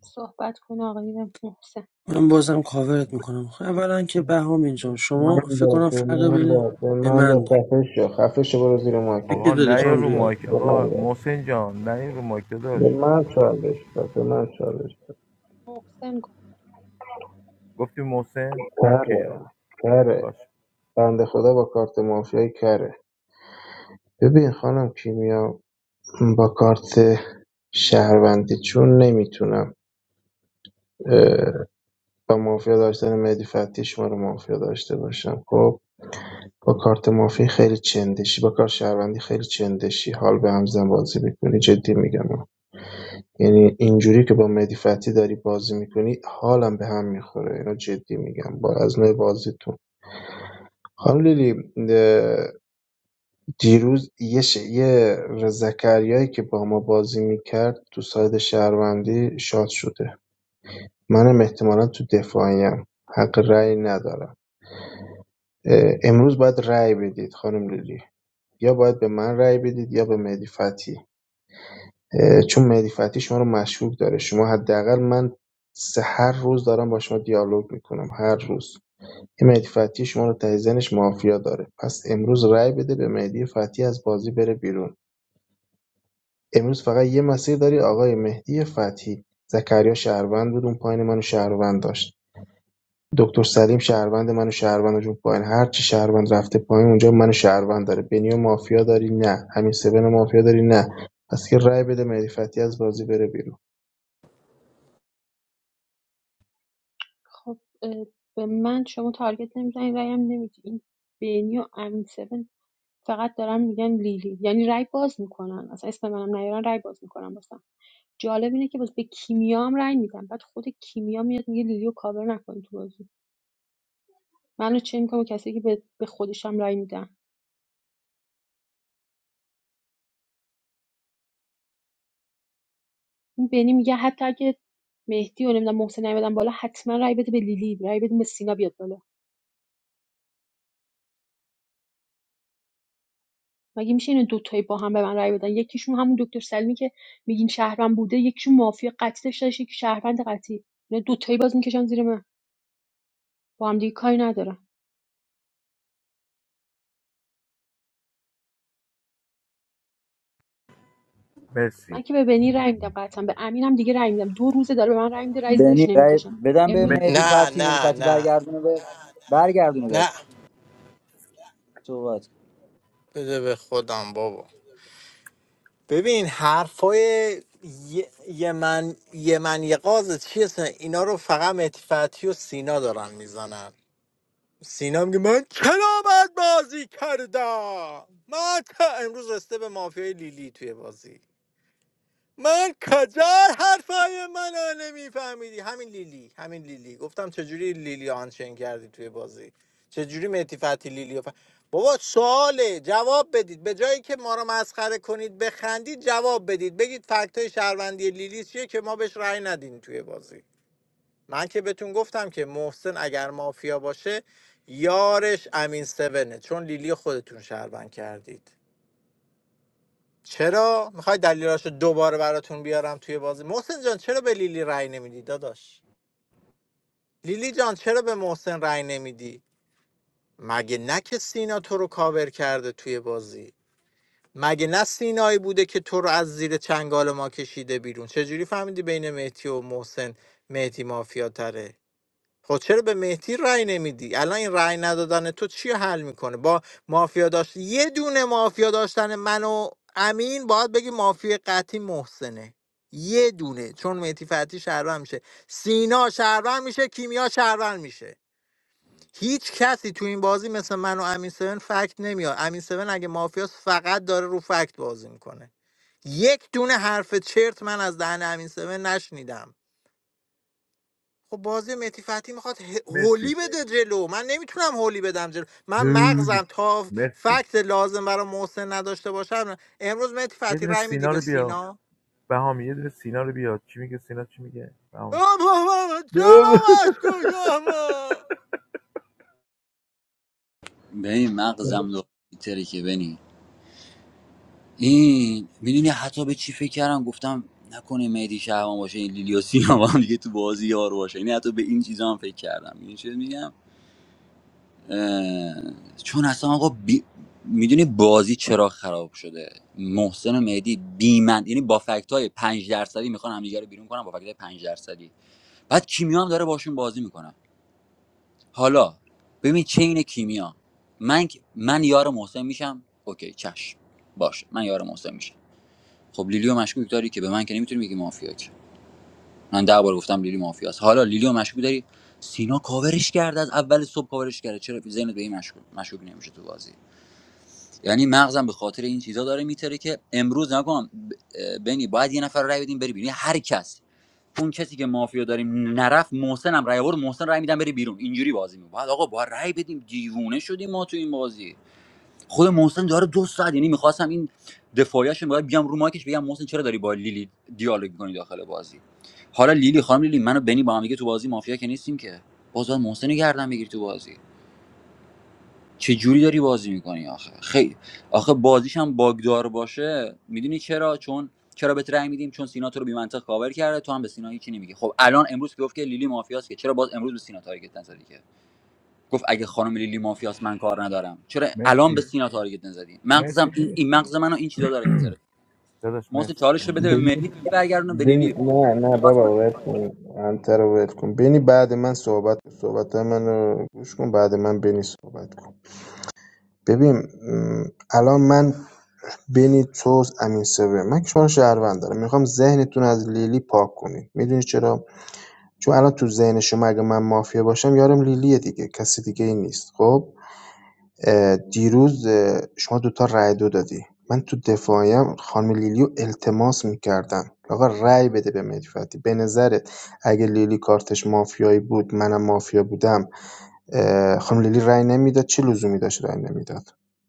صحبت کن آقای محسن
من بازم کاورت میکنم اولا که بهام اینجا
من
شما فکر
داد
کنم
به
فرق
من
بینه
داد به
به
من داد
من داد
خفه شو خفه شو برو زیر
به
مارکت
کی
آقا
دادی
نه
خفه
خانم
رو
شو
لیلی
مایک
به
آقا
من داد
محسن جان نه رو مایک داداش
به من چالش داد به من چالش
محسن گفت
گفتی محسن
کره
اوکی آقا.
کره
باش
بنده خدا با کارت مافیای کره ببین خانم کیمیا با کارت شهروندی چون نمیتونم اه، با مافیا داشتن مهدی فتی شما رو مافیا داشته باشم خب با کارت مافی خیلی چندشی با کارت شهروندی خیلی چندشی حال به همزن بازی میکنی جدی میگم یعنی اینجوری که با مهدی فتحی داری بازی میکنی حالم به هم میخوره اینو جدی میگم با از نوع بازیتون خانم لیلی دیروز یه, ش... یه زکریایی که با ما بازی میکرد تو ساید شهروندی شاد شده منم احتمالا تو دفاعیم حق رأی ندارم امروز باید رأی بدید خانم لیلی یا باید به من رأی بدید یا به مهدی فتحی چون مهدی فتحی شما رو مشکوک داره شما حداقل من سه هر روز دارم با شما دیالوگ میکنم هر روز این مهدی فتحی شما رو ته ذهنش مافیا داره پس امروز رأی بده به مهدی فتحی از بازی بره بیرون امروز فقط یه مسیر داری آقای مهدی فتحی زکریا شهروند بود اون پایین منو شهروند داشت دکتر سلیم شهروند منو شهروند داشت اون پایین هر چی شهروند رفته پایین اونجا منو شهروند داره بنیو مافیا داری نه همین سبن مافیا داری نه پس که رأی بده مهدی فتحی از بازی بره بیرون
خب اه، به من شما تارگت نمیزنی رایم نمیدی این بینی و امین سبن فقط دارن میگن لیلی یعنی رای باز میکنن اصلا اسم منم نیارن رای باز میکنن واسم جالب اینه که باز به کیمیا هم رأی میدن بعد خود کیمیا میاد میگه لیلی رو کاور نکن تو بازی منو چه میکنم کسی که به به خودشم رأی میدن بنی میگه حتی اگه مهدی و نمیدونم محسن نیومدن بالا حتما رای بده به لیلی رای بده به سینا بیاد بالا مگه میشه این دوتایی با هم به من رای بدن یکیشون همون دکتر سلیمی که میگین شهروند بوده یکیشون مافیا قطعی داشته باشه، یکی شهروند قطعی اینا دوتایی باز میکشن زیر من با هم دیگه کاری ندارن
مرسی
من که به بنی رای میدم قطعا به امینم دیگه رای میدم دو روزه داره به من رای میده رای زیرش
بنی رای
نمیکشم
بدم به مهدی
مرسی
نه
فتی مهدی
نه
فتی
نه
برگردونه به برگردونه
نه
بهت صحبت کن.
بده به خودم بابا ببین حرفای یه یه من یه من یه قاز چیه اصلا؟ اینا رو فقط مهدی فتحی و سینا دارن میزنن سینا میگه من کلابت بازی کردم من تا امروز رسته به مافیای لیلی توی بازی من کجا حرفای منو نمیفهمیدی همین لیلی همین لیلی گفتم چجوری لیلی آنچین کردی توی بازی چجوری مهدی فتحی لیلی ف... بابا سواله جواب بدید به جایی که ما رو مسخره کنید بخندید جواب بدید بگید فکت های شهروندی لیلی چیه که ما بهش رأی ندیم توی بازی من که بهتون گفتم که محسن اگر مافیا باشه یارش امین سونه چون لیلی خودتون شهروند کردید چرا میخوای دلیلاشو دوباره براتون بیارم توی بازی محسن جان چرا به لیلی رأی نمیدی داداش لیلی جان چرا به محسن رأی نمیدی مگه نه که سینا تو رو کاور کرده توی بازی مگه نه سینایی بوده که تو رو از زیر چنگال ما کشیده بیرون چجوری فهمیدی بین مهدی و محسن مهدی مافیا تره؟ خب چرا به مهدی رأی نمیدی الان این رأی ندادن تو چی حل میکنه با مافیا داشت یه دونه مافیا داشتن من و امین باید بگی مافیا قطعی محسنه یه دونه چون مهدی فتی شهروند میشه سینا شهروند میشه کیمیا شهروند میشه هیچ کسی تو این بازی مثل من و امین سون فکت نمیاد امین سون اگه مافیاس فقط داره رو فکت بازی میکنه یک دونه حرف چرت من از دهن امین سون نشنیدم خب بازی متی فتی میخواد
مرسی
هولی بده جلو من نمیتونم هولی بدم جلو من
هول
مغزم تا
مرسی
فکت لازم برای محسن نداشته باشم امروز متی
یه
فتی
دونه
رای میدی
سینا
به
رو بیا
سینا
بهامی یه دونه سینا رو بیا چی میگه سینا چی میگه بهامی
آبا من چرا مشکوکم؟
به مغزم دو تری که بنی این میدونی حتی به چی فکر کردم گفتم نکنه مهدی شهرمان باشه این لیلی و سینا با هم دیگه تو بازی یار باشه یعنی حتی به این چیزا هم فکر کردم این چیز میگم اه، چون اصلا آقا بی... میدونی بازی چرا خراب شده محسن و مهدی بیمند یعنی با فکت های 5 درصدی میخوان همدیگه رو بیرون کنن با فکت های 5 درصدی بعد کیمیا هم داره باشون بازی میکنه حالا ببین چه اینه کیمیا من من یار محسن میشم اوکی چش باشه من یار محسن میشم خب لیلیو مشکوک داری که به من که نمیتونی بگی مافیا که من ده بار گفتم لیلی مافیاست حالا لیلیو مشکوک داری سینا کاورش کرد. از اول صبح کاورش کرد. چرا ذهنت به این مشکوک مشکوک نمیشه تو بازی یعنی مغزم به خاطر این چیزا داره میتره که امروز نگم بنی باید یه نفر رای بدیم بری بیرون یعنی هر کس اون کسی که مافیا داریم نرفت محسنم رای آورد محسن رای میدم بری بیرون اینجوری بازی میکنه بعد آقا با رای بدیم دیوونه شدیم ما تو این بازی خود محسن داره دو ساعت یعنی میخواستم این دفاعیش رو باید بیام رو مایکش بگم محسن چرا داری با لیلی دیالوگ میکنی داخل بازی حالا لیلی خانم لیلی منو بنی با هم دیگه تو بازی مافیا که نیستیم که باز باید محسن رو گردن بگیر تو بازی چه جوری داری بازی میکنی آخه خیلی آخه بازیش هم باگدار باشه میدونی چرا چون چرا بهت رأی میدیم چون سینا تو رو بی‌منطق کاور کرده تو هم به سینا هیچی نمیگی خب الان امروز که گفت که لیلی مافیاست که چرا باز امروز به سینا تارگت نزدی که گفت اگه خانم لیلی مافیاست من کار ندارم چرا الان به
مرسی
سینا تارگت نزدی مغزم
مرسی
این,
داداش
این مغز منو این چیزا داره میذاره
داداش
موسی
مرسی
چالش رو بده به
بنی
مهدی مهدی برگردونه به
بنی
لیلی بابا،
نه
بذار
نه
صحبت
بابا
کنه
ول کن انتر رو ول کن بنی بعد من صحبت کن. صحبت منو گوش کن بعد من بنی صحبت کن ببین م، الان من بنی تو امین سوه من که شما رو شهروند دارم میخوام ذهنتون از لیلی پاک کنید میدونی چرا چون الان تو ذهن شما اگه من مافیا باشم یارم لیلیه دیگه کسی دیگه ای نیست خب دیروز اه، شما دوتا رأی دو دادی من تو دفاعیم خانم لیلیو التماس میکردم آقا رأی بده به مهدی فتحی به نظرت اگه لیلی کارتش مافیایی بود منم مافیا بودم خانم لیلی رأی نمیداد چه لزومی داشت رأی نمیداد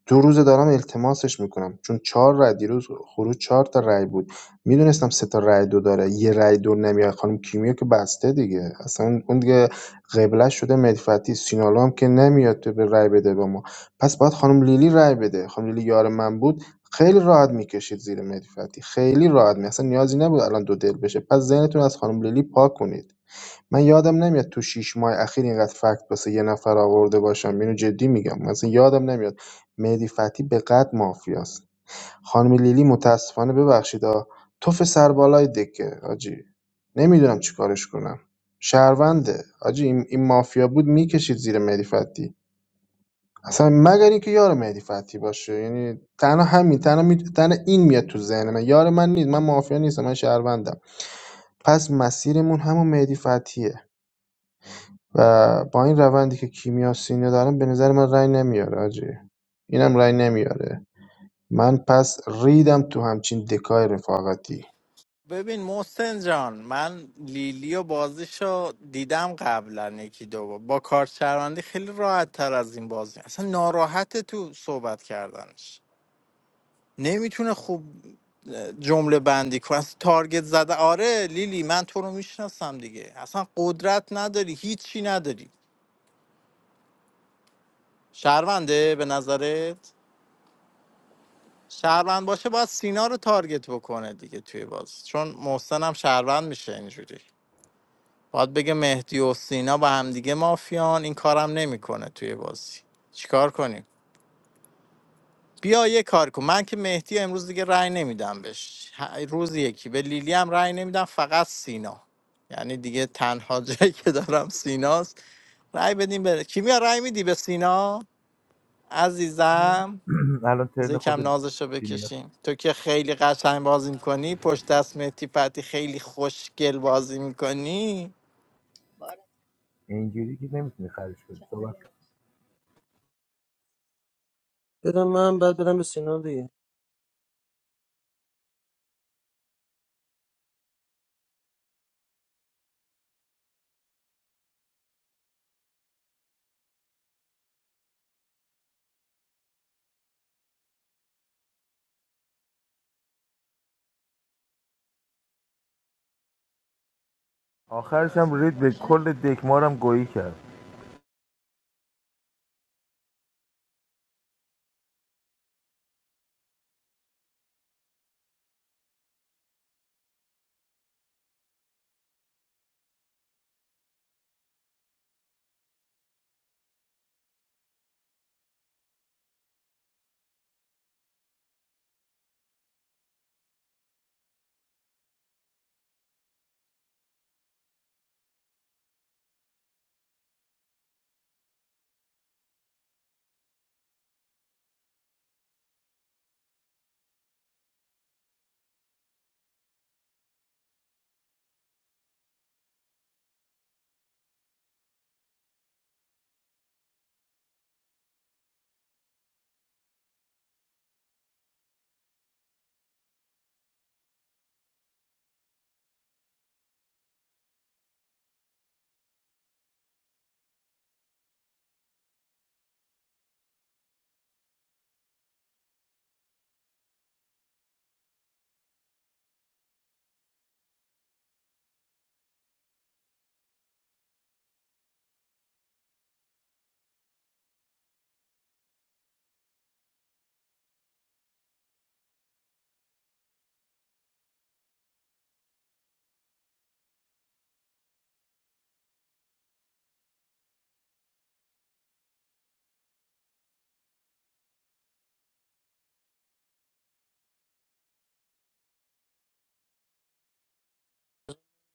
دو روزه دارم التماسش میکنم چون چهار رأی دیروز خروج چهار تا رأی بود میدونستم سه تا رأی دو داره یه رأی دو نمیاد خانم کیمیا که بسته دیگه اصلا اون اون دیگه قبله شده مدفتی سینالو هم که نمیاد تو به رأی بده به ما پس باید خانم لیلی رأی بده خانم لیلی یار من بود خیلی راحت میکشید زیر مدفتی خیلی راحت می اصلا نیازی نبود الان دو دل بشه پس ذهنتون از خانم لیلی پاک کنید من یادم نمیاد تو ۶ ماه اخیر اینقدر فکت واسه یه نفر آورده باشم اینو جدی میگم مثلا یادم نمیاد مهدی فتحی به قد مافیاست خانم لیلی متاسفانه ببخشید ها توف سربالای دکه آجی نمیدونم چی کارش کنم شهرونده آجی این, این مافیا بود میکشید زیر مهدی فتحی. اصلا مگر اینکه یار مهدی فتحی باشه یعنی تنها همین تنها, می... تنها این میاد تو ذهن من یار من نیست من مافیا نیستم من شهروندم پس مسیرمون همون مهدی فتحیه. و با این روندی که کیمیا سینه دارم به نظر من رای نمیاره آجی اینم رای نمیاره من پس ریدم تو همچین دکای رفاقتی
ببین محسن جان من لیلی و بازیشو دیدم قبلا یکی دو بار. با کارت شهروندی خیلی راحت تر از این بازی اصلا ناراحت تو صحبت کردنش نمیتونه خوب جمله بندی کنه اصلا تارگت زده آره لیلی من تو رو میشناسم دیگه اصلا قدرت نداری هیچی نداری شهرونده به نظرت شهروند باشه باید سینا رو تارگت بکنه دیگه توی بازی چون محسن هم شهروند میشه اینجوری باید بگه مهدی و سینا با همدیگه مافیان این کارم نمیکنه توی بازی چیکار کنیم بیا یه کار کن من که مهدی امروز دیگه رأی نمیدم بهش ه- روز یکی به لیلی هم رأی نمیدم فقط سینا یعنی دیگه تنها جایی که دارم سیناست رأی بدیم بره کیمیا رأی میدی به سینا عزیزم
الان
از
ترن
یکم
خود
نازشو
کیمیا
بکشیم تو که خیلی قشنگ بازی میکنی پشت دست مهدی پتی خیلی خوشگل بازی میکنی
اینجوری که نمیتونی خرج کنی صحبت کن.
بدم من بعد بدم به سینا دیگه
آخرش هم رید به کل دکمارم گویی کرد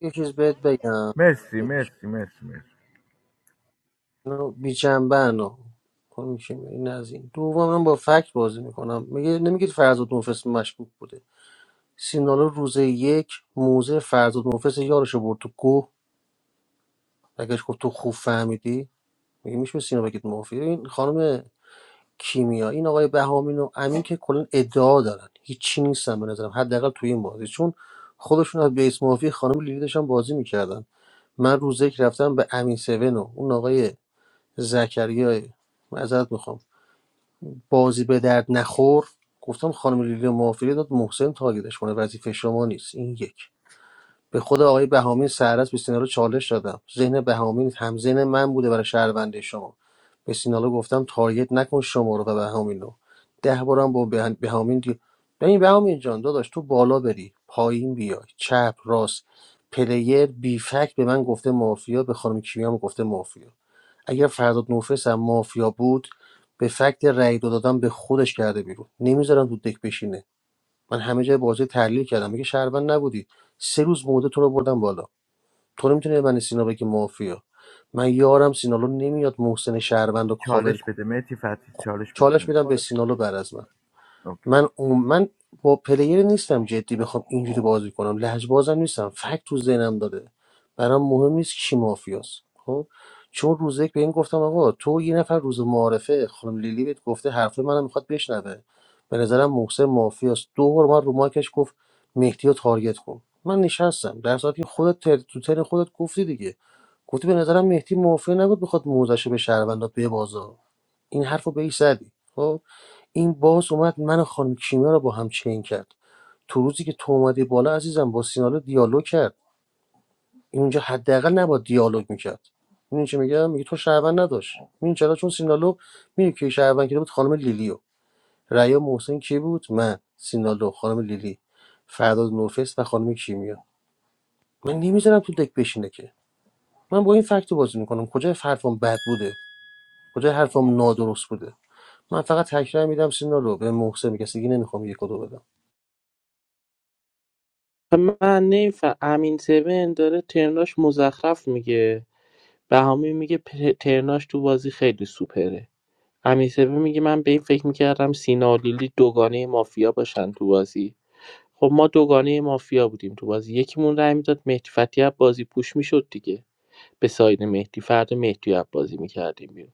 یه چیز بهت بگم
مرسی مرسی مرسی مرسی
بیچنبن این از این دوم من با فکت بازی میکنم میگه نمیگید فرزاد نوفس مشکوک بوده سینالو روز یک موزه فرزاد نوفس یارشو برد تو کوه نگهش گفت تو خوب فهمیدی میگه میشه به سینا بگید موفی این خانم کیمیا این آقای بهامین و امین که کلا دارن نیستن به نظرم حداقل توی این بازی چون خودشون از بیس موفی خانم لیلی داشتن بازی میکردن من روز یک رفتم به امین سون و اون آقای زکریای معذرت میخوام بازی به درد نخور گفتم خانم لیلی موافقه داد محسن تارگتش کنه وظیفه شما نیست این یک به خود آقای بهامین سهرس به سینالو چالش دادم ذهن بهامین هم ذهن من بوده برای شهرونده شما به سینالو گفتم تارگت نکن شما رو و بهامین رو ده بارم با به- بهامین دی... ببین بهامین جان داداش تو بالا بری پایین بیای چپ راست پلیر بیفک به من گفته مافیا به خانم کیمیا گفته مافیا اگر فرداد نوفس هم مافیا بود به فکت رای دو دادن به خودش کرده بیرون نمیذارم تو دک بشینه من همه جای بازی تحلیل کردم میگه شهروند نبودی سه روز مودتون تو رو بردم بالا تو نمیتونی من سینا بگی مافیا من یارم سینالو نمیاد محسن شهروند رو کاور
چالش
کنه
بده مهدی فتی چالش بده
چالش
داداش
میدم به سینالو بعد از من.
اوکی.
من اون من با پلیر نیستم جدی بخوام اینجوری بازی کنم لجبازم نیستم فکت تو ذهنم داره برام مهم نیست کی مافیاست خب چون روز یک به این گفتم آقا تو یه نفر روز معارفه خانم لیلی بهت گفته حرفه منم میخواد بشنوه به نظرم محسن مافیاست دو بار من رو ماکش گفت مهدی رو تارگت کن من نشستم در صورتی که خودت تر... تو تر خودت گفتی دیگه گفتی به نظرم مهدی مافیا نبود بخواد موزش به شهروندا ببازه این حرفو بهش زدی خب این باز اومد من و خانم کیمیا رو با هم چین کرد تو روزی که تو اومدی بالا عزیزم با سینالو دیالوگ کرد اینجا حداقل نباید دیالوگ میکرد این چه میگم میگه تو شهروند نداشت این چرا چون سینالو میگه که شهروند کرده بود خانم لیلیو ریا محسن کی بود من سینالو خانم لیلی فرداد نوفس و خانم کیمیا من نمیذارم تو دک بشینه که من با این فکت رو بازی میکنم کجای حرفم بد بوده کجای حرفم نادرست بوده من فقط تکرار میدم سینالو به محسن میگه دیگه نمیخوام یک و دو بدم
من نمیفهم امین سون داره ترناش مزخرف میگه بهامی میگه پر- ترناش تو بازی خیلی سوپره امیرسپی میگه من به این فکر میکردم سینا و لیلی دوگانه مافیا باشن تو بازی خب ما دوگانه مافیا بودیم تو بازی یکیمون رای میداد مهدی فتحی از بازی پوش میشد دیگه به ساید مهدی فردا مهدی رو بازی میکردیم بیرون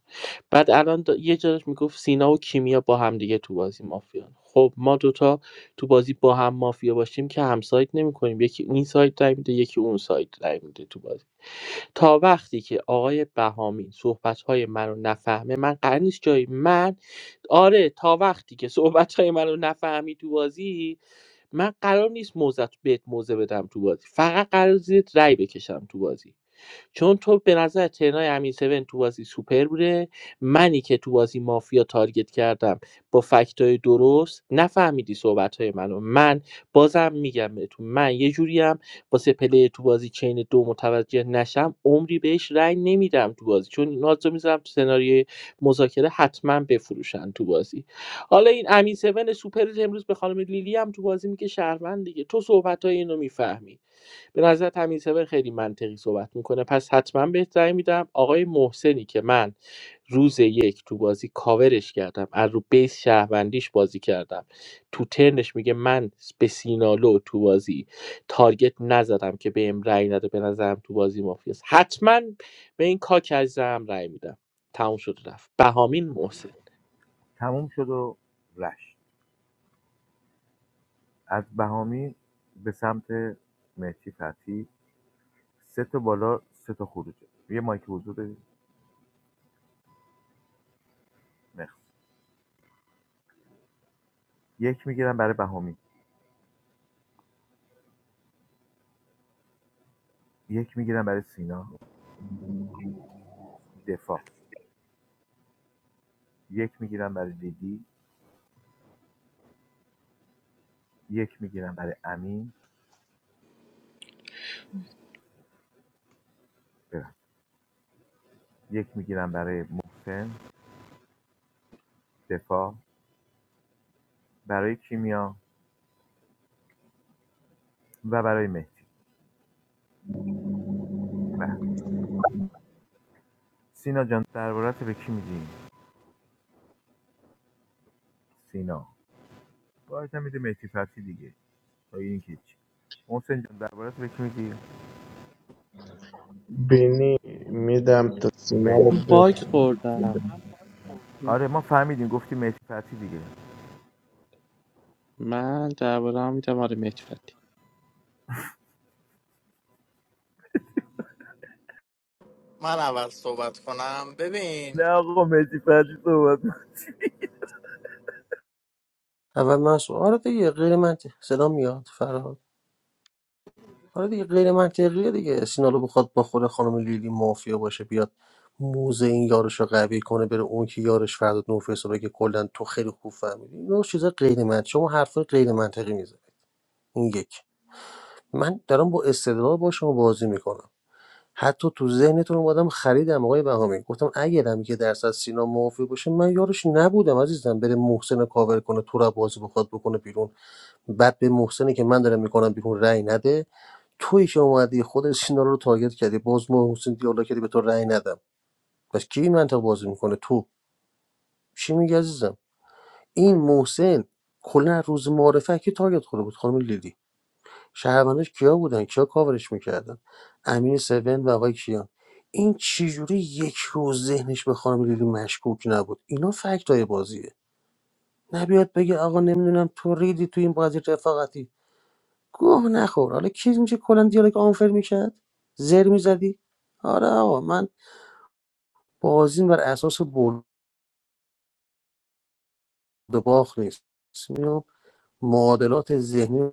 بعد الان دا- یه جاش میگفت سینا و کیمیا با هم دیگه تو بازی مافیان خب ما دوتا تو بازی با هم مافیا باشیم که همسایت نمیکنیم یکی این سایت رای میده یکی اون سایت رای میده تو بازی تا وقتی که آقای بهامی صحبت‌های منو نفهمه من قرار نیست جایی من آره تا وقتی که صحبت‌های منو نفهمی تو بازی من قرار نیست موزت بهت موزه بدم تو بازی فقط قرار زیرت رأی بکشم تو بازی چون تو به نظر ترنای امین 7 تو بازی سوپر بوده منی که تو بازی مافیا تارگت کردم با فکتای درست نفهمیدی صحبتهای منو من بازم میگم بهتون من یه جوریم واسه پله تو بازی چین دو متوجه نشم عمری بهش رأی نمیدم تو بازی چون اینا رو میذارم تو سناریوی مذاکره حتما بفروشن تو بازی حالا این امین 7 سوپر امروز به خانم لیلی هم تو بازی میگه شهروند دیگه تو صحبتای اینو میفهمی به نظر تمیزهبر خیلی منطقی صحبت میکنه پس حتما بهت رأی میدم آقای محسنی که من روز یک تو بازی کاورش کردم از رو بیس شهروندیش بازی کردم تو ترنش میگه من به سینالو تو بازی تارگت نزدم که بهم رأی نده به نظرم تو بازی مافیاست حتما به این کاک عزیزم رأی میدم تموم شد و رفت بهامین محسن
تموم شد و رشت از بهامی به سمت مهدی فتی سه تا بالا سه تا خروجه یه مایک حضور بدید مرسی یک میگیرم برای بهامی یک میگیرم برای سینا دفاع یک میگیرم برای دیدی. یک میگیرم برای امین ببخشید. یک میگیرم برای محسن دفاع برای کیمیا و برای مهدی بله سینا جان دربارت به کی میدیم سینا باید هم میده مهدی فتی دیگه تا این که چی محسن جان دربارت به کی میدی
بینی میدم تا سینه رو
بنی
من باگ
بخون
خوردم
آره ما فهمیدیم گفتی مهدی فتی دیگه
من درباره هم میدم آره مهدی فتحی.
من اول صحبت کنم ببین
نه آقا مهدی فتی صحبت
اول منصور آره دیگه غیر منطقی صدا میاد فراد آره دیگه غیر منطقیه دیگه سینالو بخواد با خود خانم لیلی مافیا باشه بیاد موزه این یارش رو قوی کنه بره اون که یارش فردا نوفیس رو بگه کلا تو خیلی خوب فهمیدی اینو چیزا غیر منطقی شما حرفای غیر منطقی میزه این یک من دارم با استدلال با شما بازی میکنم حتی تو ذهنتون اومدم خریدم آقای بهامی گفتم اگرم که درصد سینا موافق باشه من یارش نبودم عزیزم بره محسن رو کاور کنه تو رو بازی بخواد بکنه بیرون بعد به محسنی که من دارم میکنم بیرون رأی نده تویی که اومدی خود سینا رو تارگت کردی باز ما محسن دیالا کردی به تو رأی ندم پس کی این منطق بازی میکنه تو چی میگی عزیزم این محسن کلا از روز معرفه که تارگت خورده بود خانم لیلی شهروندش کیا بودن کیا کاورش میکردن امین سون و آقای کیان این چجوری یک روز ذهنش به خانم لیلی مشکوک نبود اینا فکت های بازیه نبیاد بگه آقا نمیدونم تو ریدی تو این بازی رفاقتی گوه نخور حالا کی اینجا کلا دیالوگ آنفر میکرد زر میزدی آره آقا من بازیم بر اساس برد و باخت نیست میام معادلات ذهنی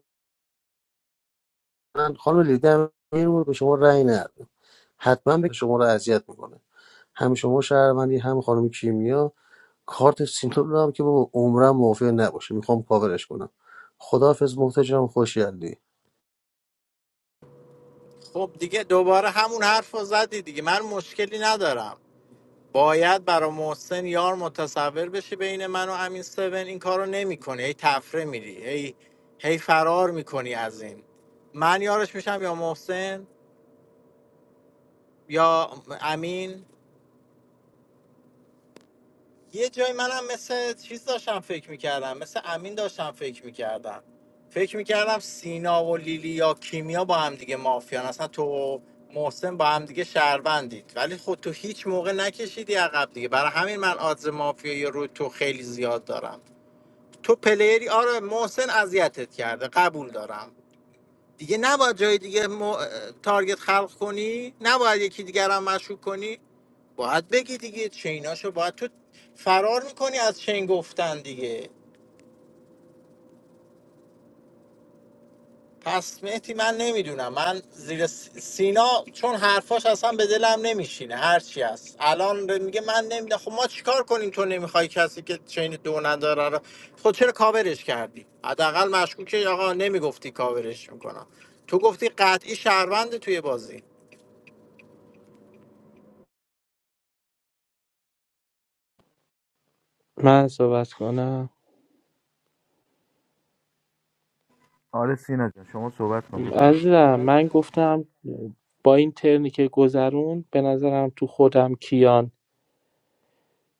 من خانم لیدر میرم به شما رأی ندادم حتما به شما رو اذیت میکنه هم شما شهروندی هم خانم کیمیا کارت سینتور رو هم که بابا عمرم موافق نباشه میخوام کاورش کنم خداحافظ محتجم خوشیالی
خب دیگه دوباره همون حرف رو زدی دیگه من مشکلی ندارم باید برای محسن یار متصور بشی بین من و امین سون این کارو نمیکنی هی تفره میری هی هی فرار میکنی از این من یارش میشم یا محسن یا امین یه جای منم مثل چیز داشتم فکر میکردم مثل امین داشتم فکر میکردم فکر میکردم سینا و لیلی یا کیمیا با هم دیگه مافیان اصلا تو و محسن با هم دیگه شهروندید ولی خود تو هیچ موقع نکشیدی عقب دیگه برای همین من آدز مافیایی رو تو خیلی زیاد دارم تو پلیری آره محسن اذیتت کرده قبول دارم دیگه نباید جای دیگه م... تارگت خلق کنی نباید یکی دیگر هم مشکوک کنی باید بگی دیگه چیناشو باید تو فرار میکنی از چین گفتن دیگه پس مهدی من نمیدونم من زیر س- سینا چون حرفاش اصلا به دلم نمیشینه هرچی هست الان میگه من نمیدونم خب ما چیکار کنیم تو نمیخوای کسی که چین دو نداره رو خب چرا کاورش کردی حداقل مشکوکه آقا نمیگفتی کاورش میکنم تو گفتی قطعی شهروند توی بازی
من صحبت کنم
آره سینا جان شما صحبت کن داداش
عزیزم من گفتم با این ترنی که گذرون به نظرم تو خودم کیان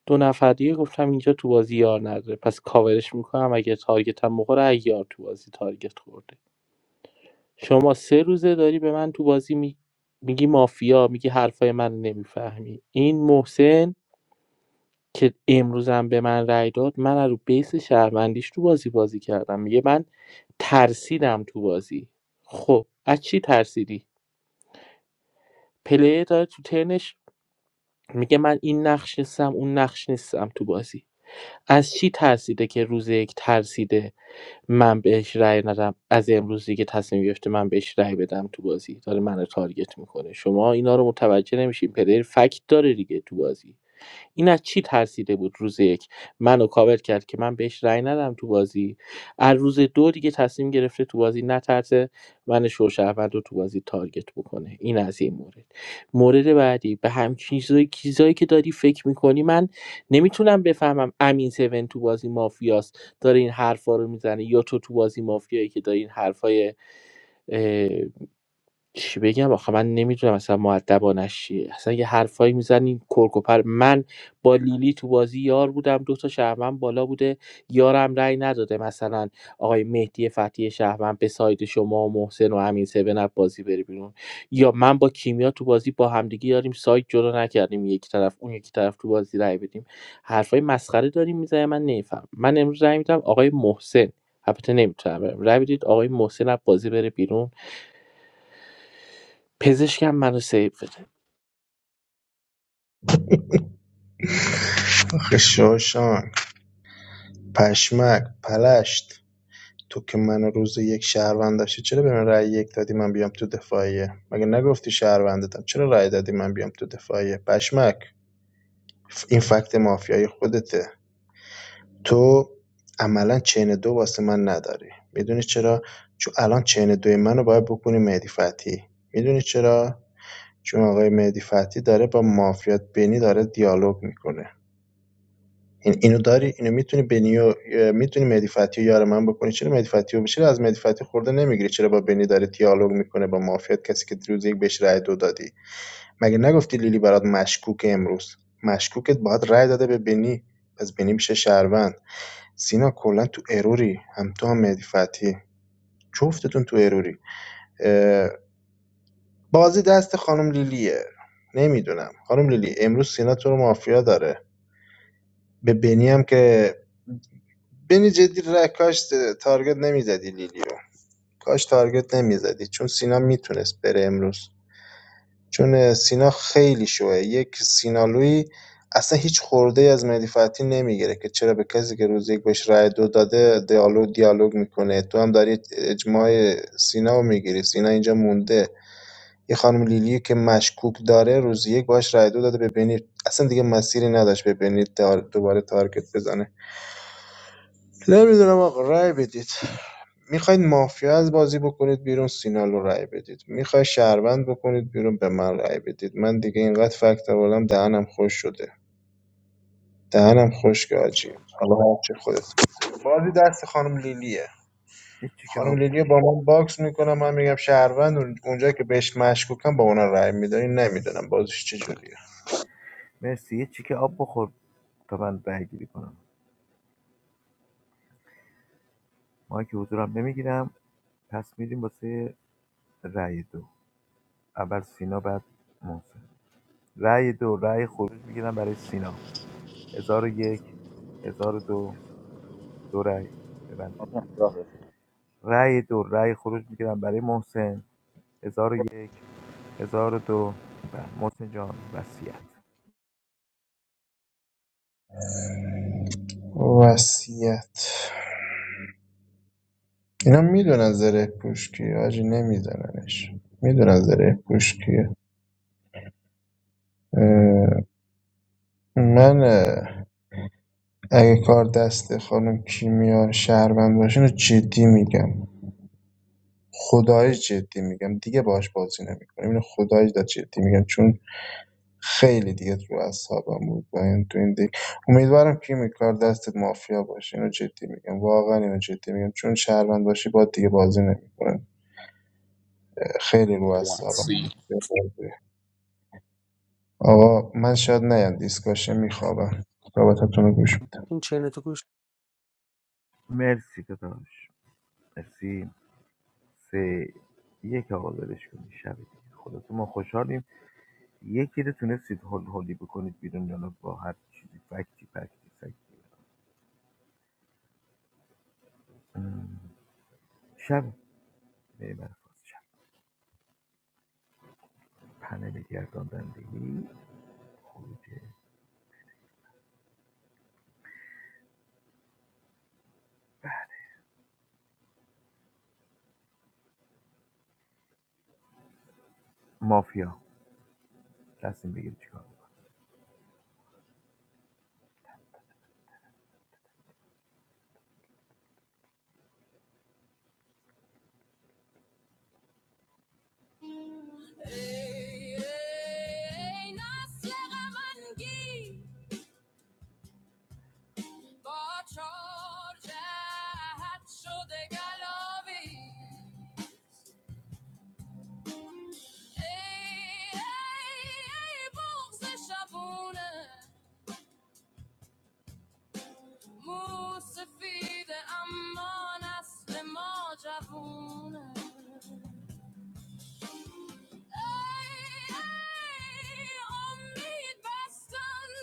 دو نفر دیگه گفتم اینجا تو بازی یار نداره پس کاورش میکنم اگه تارگت هم بخوره اگه یار تو بازی تارگت خورده شما سه روزه داری به من تو بازی می... میگی مافیا میگی حرفای من نمیفهمی این محسن که امروزم به من رأی داد من از رو بیس شهروندیش تو بازی بازی کردم میگه من ترسیدم تو بازی خب از چی ترسیدی پلیر داره تو ترنش میگه من این نقش نیستم اون نقش نیستم تو بازی از چی ترسیده که روز یک ترسیده من بهش رأی ندم از امروز دیگه تصمیم گرفته من بهش رأی بدم تو بازی داره منو تارگت میکنه شما اینا رو متوجه نمیشین پلیر فکت داره دیگه تو بازی این از چی ترسیده بود روز یک منو کاور کرد که من بهش رأی ندم تو بازی از روز دو دیگه تصمیم گرفته تو بازی نترسه من شوشهروند رو تو بازی تارگت بکنه این از این مورد مورد بعدی به هم چیزایی چیزایی که داری فکر میکنی من نمیتونم بفهمم امین 7 تو بازی مافیاست داره این حرفا رو میزنه یا تو تو بازی مافیایی که داری این حرفای اه، چی بگم آخه من نمیدونم اصلا مؤدبانش چیه اصلا یه حرفایی میزنین کرکوپر من با لیلی تو بازی یار بودم دو تا شهروند بالا بوده یارم رأی نداده مثلا آقای مهدی فتی شهروند به ساید شما و محسن و امین سبن بازی بره بیرون یا من با کیمیا تو بازی با همدیگه یاریم ساید جدا نکردیم یک طرف اون یکی طرف تو بازی رأی بدیم حرفای مسخره داریم میزنه من نمیفهم من امروز رأی میدم آقای محسن البته نمیتونم رأی بدید آقای محسن از بازی بره بیرون پزشکم منو سیو بده
آخه شوشان پشمک پلشت تو که من روز یک شهروند داشتی چرا به من رأی یک دادی من بیام تو دفاعیه مگه نگفتی شهروندتم چرا رأی دادی من بیام تو دفاعیه پشمک این فکت مافیای خودته تو عملا چین دو واسه من نداری میدونی چرا چون الان چین دوی منو باید بکنی مهدی فتحی میدونی چرا چون آقای مهدی فتحی داره با مافیات بینی داره دیالوگ میکنه این اینو داری اینو میتونی بنی و میتونی مهدی فتحی و یار من بکنی چرا مهدی فتحی و چرا از مهدی فتحی خورده نمیگیری چرا با بنی داره دیالوگ میکنه با مافیات کسی که دیروز یک بهش رأی دو دادی مگه نگفتی لیلی برات مشکوکه امروز مشکوکت باید رأی داده به بنی پس بنی میشه شهروند سینا کلا تو اروری هم تو هم مهدی فتحی جفتتون تو اروری اه، بازی دست خانم لیلیه نمیدونم خانم لیلی امروز سینا تو رو مافیا داره به بنی هم که بنی جدی را کاش تارگت نمیزدی لیلی رو کاش تارگت نمیزدی چون سینا میتونست بره امروز چون سینا خیلی شوه یک سینالوی اصلا هیچ خورده از مهدی فتحی نمیگیره که چرا به کسی که روز یک بهش رأی دو داده دیالوگ دیالوگ میکنه تو هم داری اجماع سینا رو میگیری سینا اینجا مونده یه خانم لیلی که مشکوک داره روز یک باش رأی دو داده ببینید اصلا دیگه مسیری نداشت ببینید دوباره تارگت بزنه نمیدونم آقا رای بدید میخواید مافیا از بازی بکنید بیرون سینالو رای بدید میخوای شهروند بکنید بیرون به من رای بدید من دیگه اینقدر فکت آوردم دهنم خوش شده دهنم خوش که آجی حالا هرچی خودت بازی دست خانم لیلیه
یه چیکه
خانم
آب
لیلیه با من باکس میکنم من میگم شهروند اون- اونجا که بهش مشکوکم با اونا رای میدن این نمیدونم بازیش چجوریه
مرسی یه چیکه آب بخور تا من رأی گیری کنم ما که حضورم نمیگیرم پس میریم واسه رأی دو اول سینا بعد محسن رای دو رای خروج میگیرم برای سینا هزار و یک هزار و دو دو رأی ببند رأی دو رای خروج میگیرم برای محسن هزار و یک هزار و دو بله، محسن جان وصیت
وصیت اینا میدونن زره پوش کیه حاجی نمیدوننش میدونن زره پوش کیه اه، من اه، اگه کار دست خانم کیمیا شهروند باشه اینو جدی میگم خدایی جدی میگم دیگه باهاش بازی نمیکنم اینو خدایی دا جدی میگم چون خیلی دیگه رو اعصابم بود و این تو این دیگه امیدوارم کیمی کار دستت مافیا باشه اینو جدی میگم واقعا اینو جدی میگم چون شهروند باشی با دیگه بازی نمیکنم خیلی رو اعصابم بود. آقا من شاید نیام دیسکاشه میخوابم صحبتتون رو گوش می‌دم.
این چینتو
مرسی داداش مرسی سه یک آقا ولش کنید شب دیگه خلاصه ما خوشحالیم یکی رو تونستید هول هولی بکنید بیرون یا نه با هر چیزی فکتی فکتی فکتی ام، شب میمرفاز شب پنل گرداندندگی خروج مافیا تصمیم بگیرید چیکار کنید. Ei, ei, bugs eşabune, musifide amma nesli ma cevune. ای امید بستن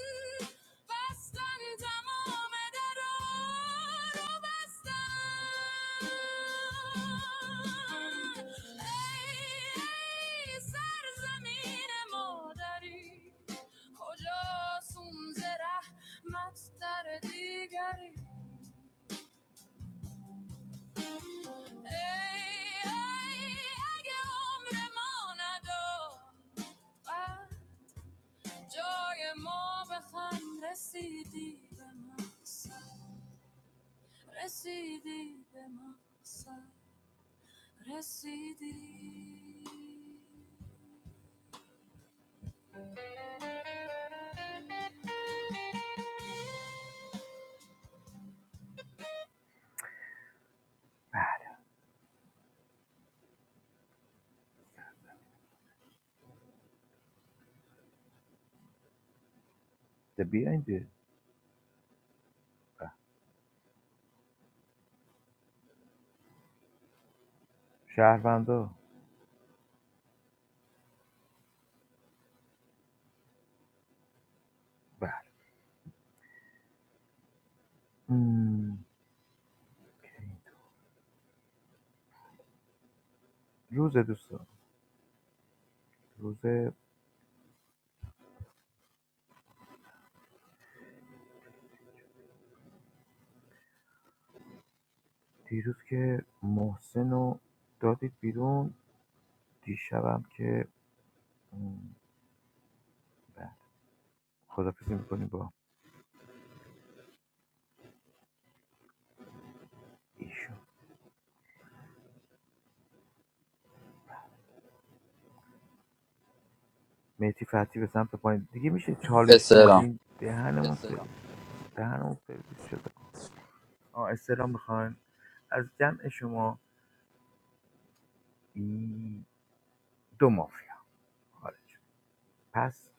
بستن تمام درا رو بستن ای سرزمین مادری کجا سوز رحمت در دیگری ای ای اگه عمر ما نداد جای ما به خم رسیدی به مقصد رسیدی به مقصد رسیدی ده بیا اینجا به. شهروندا بله مم. روز دوستان روز دیروز که محسن رو دادید بیرون دیشبم که مم، بله خدافزی میکنیم با ایشون میتی فتی به سمت پایین دیگه میشه چالش
سلام
ندین دهنمون سرویس دهن اون سرویس شده آه استلام میخواین از جمع شما م، دو مافیا خارج پس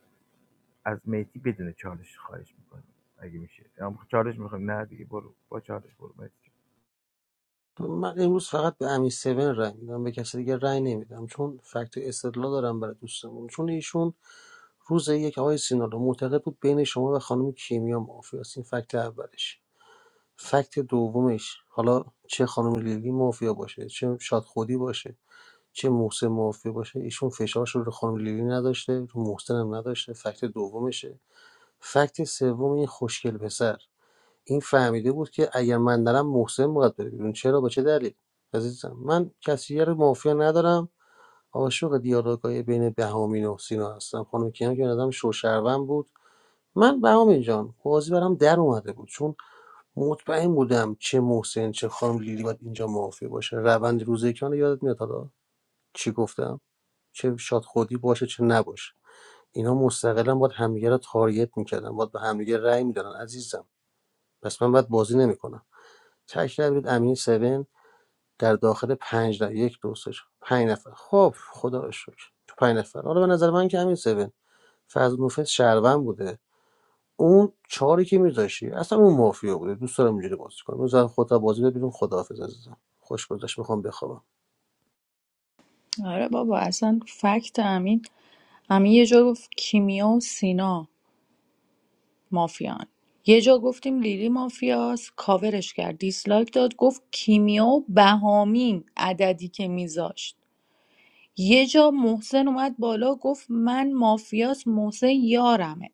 از مهدی بدون چالش خواهش میکنم. اگه میشه یا چالش میخوایم نه دیگه برو با چالش برو مهدی جان.
من امروز فقط به امین 7 رای میدم به کسی دیگه رای نمیدم چون فکت و استدلال دارم برای دوستمون چون ایشون روز یک آقای سینالو معتقد بود بین شما و خانم کیمیا مافیا است این فکت اولش فکت دومش حالا چه خانم لیلی مافیا باشه چه شاد خودی باشه چه محسن مافیا باشه ایشون فشارش رو رو خانم لیلی نداشته رو محسن هم نداشته فکت دومشه فکت سوم این خوشگل پسر این فهمیده بود که اگر من نرم محسن باید بره بیرون چرا با چه دلیل عزیزم من کسی رو مافیا ندارم عاشق دیالوگای بین بهامین و سینا هستم خانم کیان که آدم شوشروم بود من بهامین جان بازی برام در اومده بود چون مطمئن بودم چه محسن چه خانم لیلی باید اینجا موافق باشه روند روزه کیان رو یادت میاد حالا چی گفتم چه شاد خودی باشه چه نباشه اینا مستقلا باید همدیگه رو تارگت میکردن باید به همدیگه رأی میدادن عزیزم پس من باید بازی نمیکنم تک رأی بدید امین 7 در داخل پنج نفر یک دو سه چهار، پنج نفر خب خدا رو شکر تو پنج نفر حالا به نظر من که همین سون فضل نوفس شهروند بوده اون چاری که میذاشی اصلا اون مافیا بوده دوست دارم اینجوری بازی کنم اون زن خودت بازی بده بیرون خداحافظ عزیزم خوش گذشت میخوام بخوابم
آره بابا اصلا فکت امین امین یه جور گفت کیمیا و سینا مافیان یه جا گفتیم لیلی مافیاس کاورش کرد دیسلایک داد گفت کیمیا و بهامین عددی که میذاشت یه جا محسن اومد بالا گفت من مافیاس محسن یارمه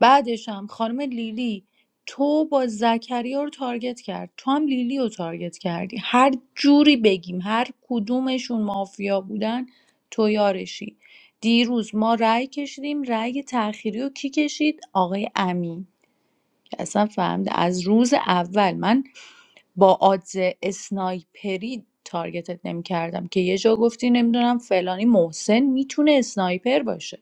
بعدش هم خانم لیلی تو با زکریا رو تارگت کرد تو هم لیلی رو تارگت کردی هر جوری بگیم هر کدومشون مافیا بودن تو یارشی دیروز ما رأی کشیدیم رأی تأخیری رو کی کشید آقای امین که اصلا فهمیده از روز اول من با آدز اسنایپری تارگتت نمیکردم که یه جا گفتی نمیدونم فلانی محسن میتونه اسنایپر باشه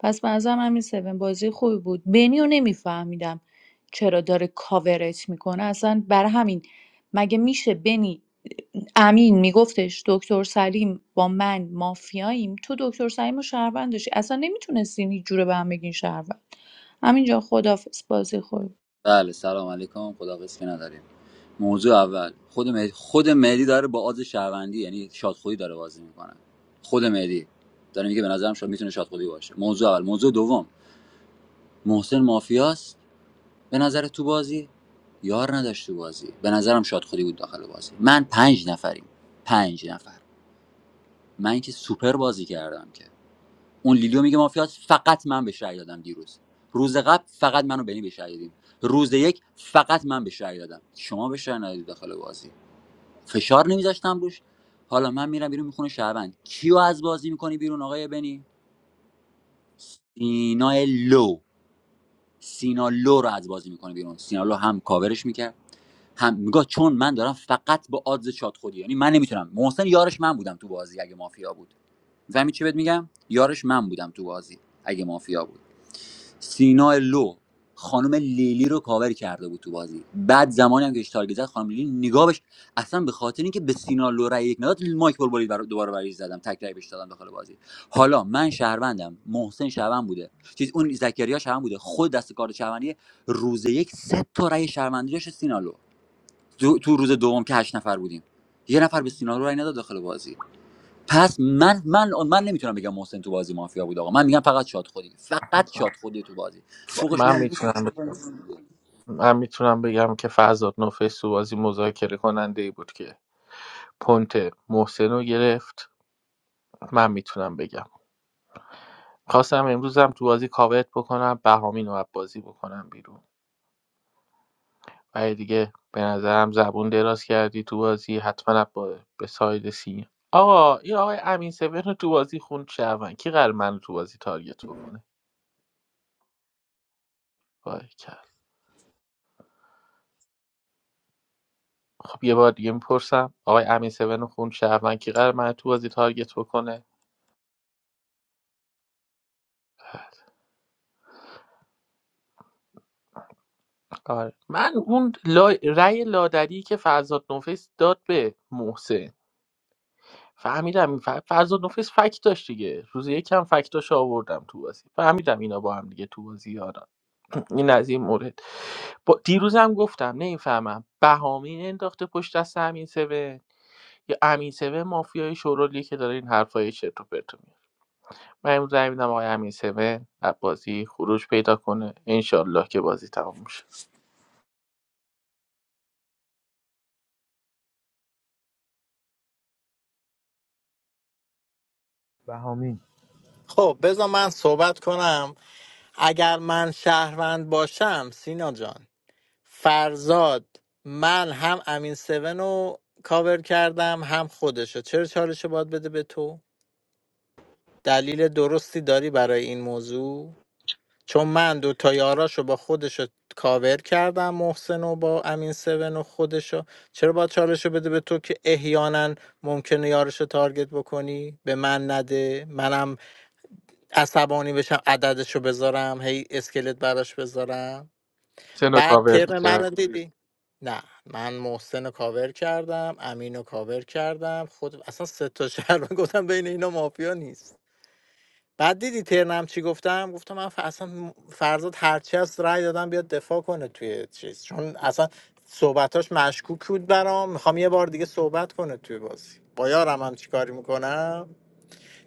پس به نظرم همین سوین بازی خوبی بود بنیو نمیفهمیدم چرا داره کاورت میکنه اصلا بر همین مگه میشه بنی امین میگفتش دکتر سلیم با من مافیاییم تو دکتر سلیم و شهروند داشتی اصلا نمیتونستین هیچ جوره به هم بگین شهروند همینجا خدافظ بازی خوبی بود.
بله سلام علیکم خداحافظ که نداریم موضوع اول خود مهدی خود مهدی داره با آز شهروندی یعنی شادخویی داره بازی میکنه خود مهدی داره میگه به نظرم شاد میتونه شادخویی باشه موضوع اول موضوع دوم محسن مافیاست به نظر تو بازی یار نداشت تو بازی به نظرم شاد خودی بود داخل بازی من پنج نفریم پنج نفر من که سوپر بازی کردم که اون لیلیو میگه مافیات فقط من به شهر دادم دیروز روز قبل فقط منو بنی به شهر دادیم روز یک فقط من به شهر دادم شما به شهر ندادی داخل بازی فشار نمیذاشتم روش حالا من میرم بیرون میخونه شهروند کیو از بازی میکنی بیرون آقای بنی سینا لو سینا لو رو از بازی میکنه بیرون سینا لو هم کاورش میکرد هم میگه چون من دارم فقط با آدز شات خودی یعنی من نمیتونم محسن یارش من بودم تو بازی اگه مافیا بود زمین چی بهت میگم یارش من بودم تو بازی اگه مافیا بود سینا لو خانم لیلی رو کاور کرده بود تو بازی بعد زمانی هم که اشتار زد خانم لیلی نگاهش اصلا به خاطر اینکه به سینا لو رای یک نداد مایک بول بولید برا- دوباره برای زدم تک رای بهش دادم داخل بازی حالا من شهروندم محسن شهروند بوده چیز اون زکریا شهروند بوده خود دست کار شهروندی روز یک سه تا رای شهروندی داشت سینا لو. دو- تو روز دوم که هشت نفر بودیم یه نفر به سینا رو رای نداد داخل بازی پس من من من نمیتونم بگم محسن تو بازی مافیا بود آقا من میگم فقط شاد خودی فقط شاد خودی تو بازی فوقش
من
میگم
میتونم من میتونم بگم که فرزاد نوفیس تو بازی مذاکره کننده ای بود که پونت محسن رو گرفت من میتونم بگم خواستم امروزم تو بازی کاورت بکنم بهامین رو از بازی بکنم بیرون و دیگه به نظرم زبون دراز کردی تو بازی حتما با به ساید سین آقا این آقای امین سبن رو تو بازی خوند شهروند کی قرار من رو تو بازی تارگت بکنه وای خب یه بار دیگه میپرسم آقای امین سون خون شهروند کی قرار من تو بازی تارگت بکنه آره من اون لا... رأی لادری که فرزاد نوفیس داد به محسن فهمیدم ف... فرزاد نوفیس فکت داشت دیگه روز یکم فکتاش آوردم تو بازی فهمیدم اینا با هم دیگه تو بازی یارن این از این مورد با... دیروزم گفتم نمیفهمم بهامین انداخته پشت دست امین سون یا امین سون مافیای شورولی که داره این حرفای چرت و پرت رو من امروز رای میدم آقای امین سوه بازی خروج پیدا کنه انشالله که بازی تمام میشه
بهامین
خب بذار من صحبت کنم اگر من شهروند باشم سینا جان فرزاد من هم امین سون رو کاور کردم هم خودشو چرا چالش رو باید بده به تو دلیل درستی داری برای این موضوع چون من دو تا یاراشو با خودشو کاور کردم محسن و با امین سون و خودشو چرا باید چالش رو بده به تو که احیانا ممکنه یارش رو تارگت بکنی به من نده منم عصبانی بشم عددش رو بذارم هی اسکلت براش بذارم
سنو
بعد
کاور
ترم
می‌کنم.
منو دیدی نه من محسن رو کاور کردم امین رو کاور کردم خود اصلا سه تا شهر من گفتم بین اینا مافیا نیست بعد دیدی ترنم چی گفتم گفتم من ف... اصلا م- فرزاد هرچی از رأی دادم بیاد دفاع کنه توی چیز چون اصلا صحبتاش مشکوک بود برام میخوام یه بار دیگه صحبت کنه توی بازی با یارم هم چیکاری میکنم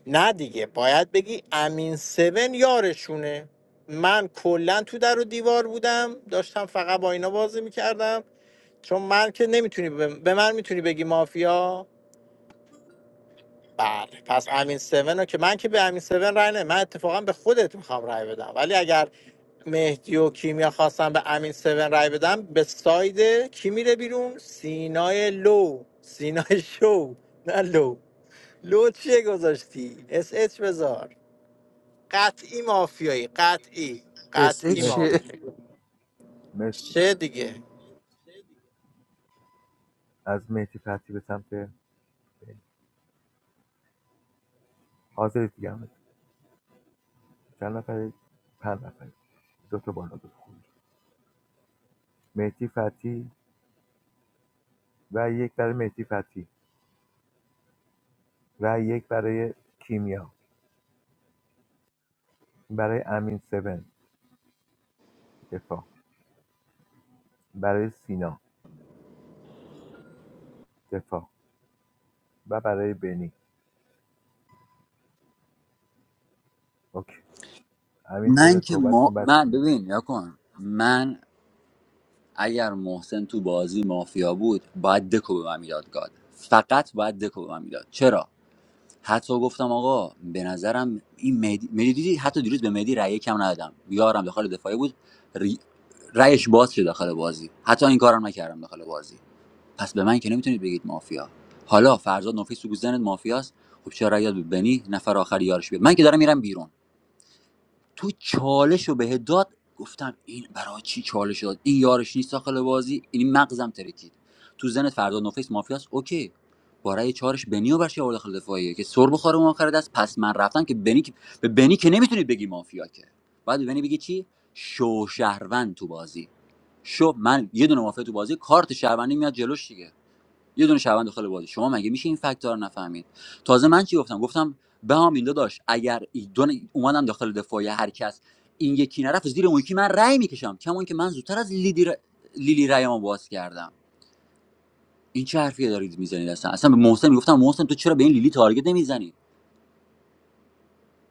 نه دیگه باید بگی امین سون یارشونه من کلا تو در و دیوار بودم داشتم فقط با اینا بازی میکردم چون من که نمیتونی به به من میتونی بگی مافیا بله پس امین سون رو که من که به امین سون رای نه من اتفاقا به خودت میخوام رای بدم ولی اگر مهدی و کیمیا خواستم به امین سون رای بدم به ساید کی میره بیرون سینای لو سینای شو نه لو لو چیه گذاشتی اس اچ بذار قطعی مافیایی قطعی
اس ای
قطعی
مرسی
چیه
مافیا
مرسی
چه دیگه
از مهدی فتی به سمت حاضر دیگه هم چند نفر پنج نفر دو تا بالا دو تا خروج مهدی فتی و یک برای مهدی فتی و یک برای کیمیا برای امین 7 دفاع برای سینا دفاع و برای بنی اوکی امین 7
من که
صحبت کن
ما
بعد
من
سینا
ببین یا کن من اگر محسن تو بازی مافیا بود باید دکو به من میداد گاد فقط باید دکو به من میداد چرا حتی گفتم آقا به نظرم این مهدی مهدی دیدی حتی دیروز به مهدی رأی کم ندادم یارم داخل دفاعی بود ری... رأیش باز شد داخل بازی حتی این کارم نکردم داخل بازی پس به من که نمیتونید بگید مافیا حالا فرزاد نفیس تو گوزنت مافیاست خب چرا رأی داد به بنی نفر آخر یارش بیاد من که دارم میرم بیرون تو چالش رو بهت داد گفتم این برای چی چالش داد این یارش نیست داخل بازی این مغزم ترکید تو زن فردا نوفیس مافیاست. اوکی برای چارش بنی و برش آورد داخل دفاعیه که سر بخوره اون آخر دست پس من رفتم که بنی که- به بنی که نمیتونید بگی مافیا که بعد به بنی بگی چی شو شهروند تو بازی شو من یه دونه مافیا تو بازی کارت شهروندی میاد جلوش دیگه یه دونه شهروند داخل بازی شما مگه میشه این فکت‌ها رو نفهمید تازه من چی گفتم گفتم به هم این داشت اگر ای- دو ن- اومدم داخل دفاعی هر کس این یکی نرفت زیر اون یکی من رأی میکشم کما که من زودتر از لیدی ر... لیلی رأیمو باز کردم این چه حرفیه دارید میزنید اصلا اصلا به محسن میگفتم محسن تو چرا به این لیلی تارگت نمیزنی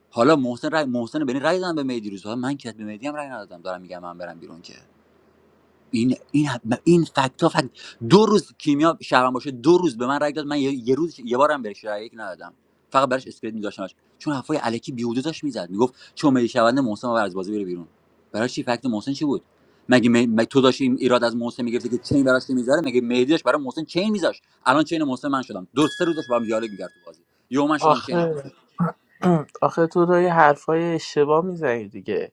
حالا محسن رای... محسن به این رأی دادم به مهدی روزها من که به مهدی هم رأی ندادم دارم میگم من برم بیرون که این این این فکت فکت دو روز کیمیا شهرم باشه دو روز به من رای داد من یه, یه روز یه بارم بهش رای یک ندادم فقط براش اسکرید می‌ذاشتمش چون حرفای الکی بیهوده داشت میزد میگفت چون ملی شونده محسن آور از بازی بره بیرون برای چی فکت محسن چی بود مگه, می... مگه تو داشتی این ایراد از محسن میگرفتی که چین براش نمیذاره مگه مهدی داشت برای محسن چین میذاشت الان چین محسن من شدم دو سه روز داشت با هم دیالوگ می‌کرد تو بازی یهو من شدم چین
آخه
محسن
آخه تو داری حرفای اشتباه میزنی دیگه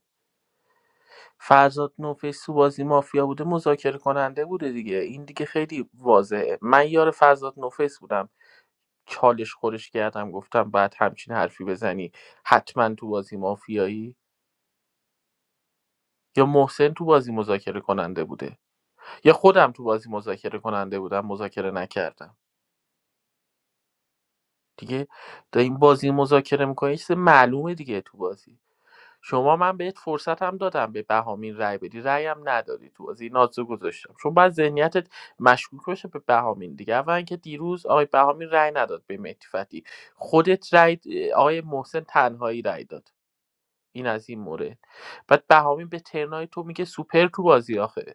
فرزاد نوفیس تو بازی مافیا بوده مذاکره کننده بوده دیگه این دیگه خیلی واضحه من یار فرزاد نوفیس بودم چالش خورش کردم گفتم بعد همچین حرفی بزنی حتما تو بازی مافیایی یا محسن تو بازی مذاکره کننده بوده یا خودم تو بازی مذاکره کننده بودم مذاکره نکردم دیگه این بازی مذاکره میکنه یه چیز معلومه دیگه تو بازی شما من بهت فرصت هم دادم به بهامین رای بدی رأی هم ندادی تو بازی نازو گذاشتم چون بعد ذهنیتت مشکوک باشه به بهامین دیگه اولا که دیروز آقای بهامین رای نداد به مهدی فتحی. خودت رای آقای محسن تنهایی رأی داد این از این مورد بعد بهامین به ترنای تو میگه سوپر تو بازی آخه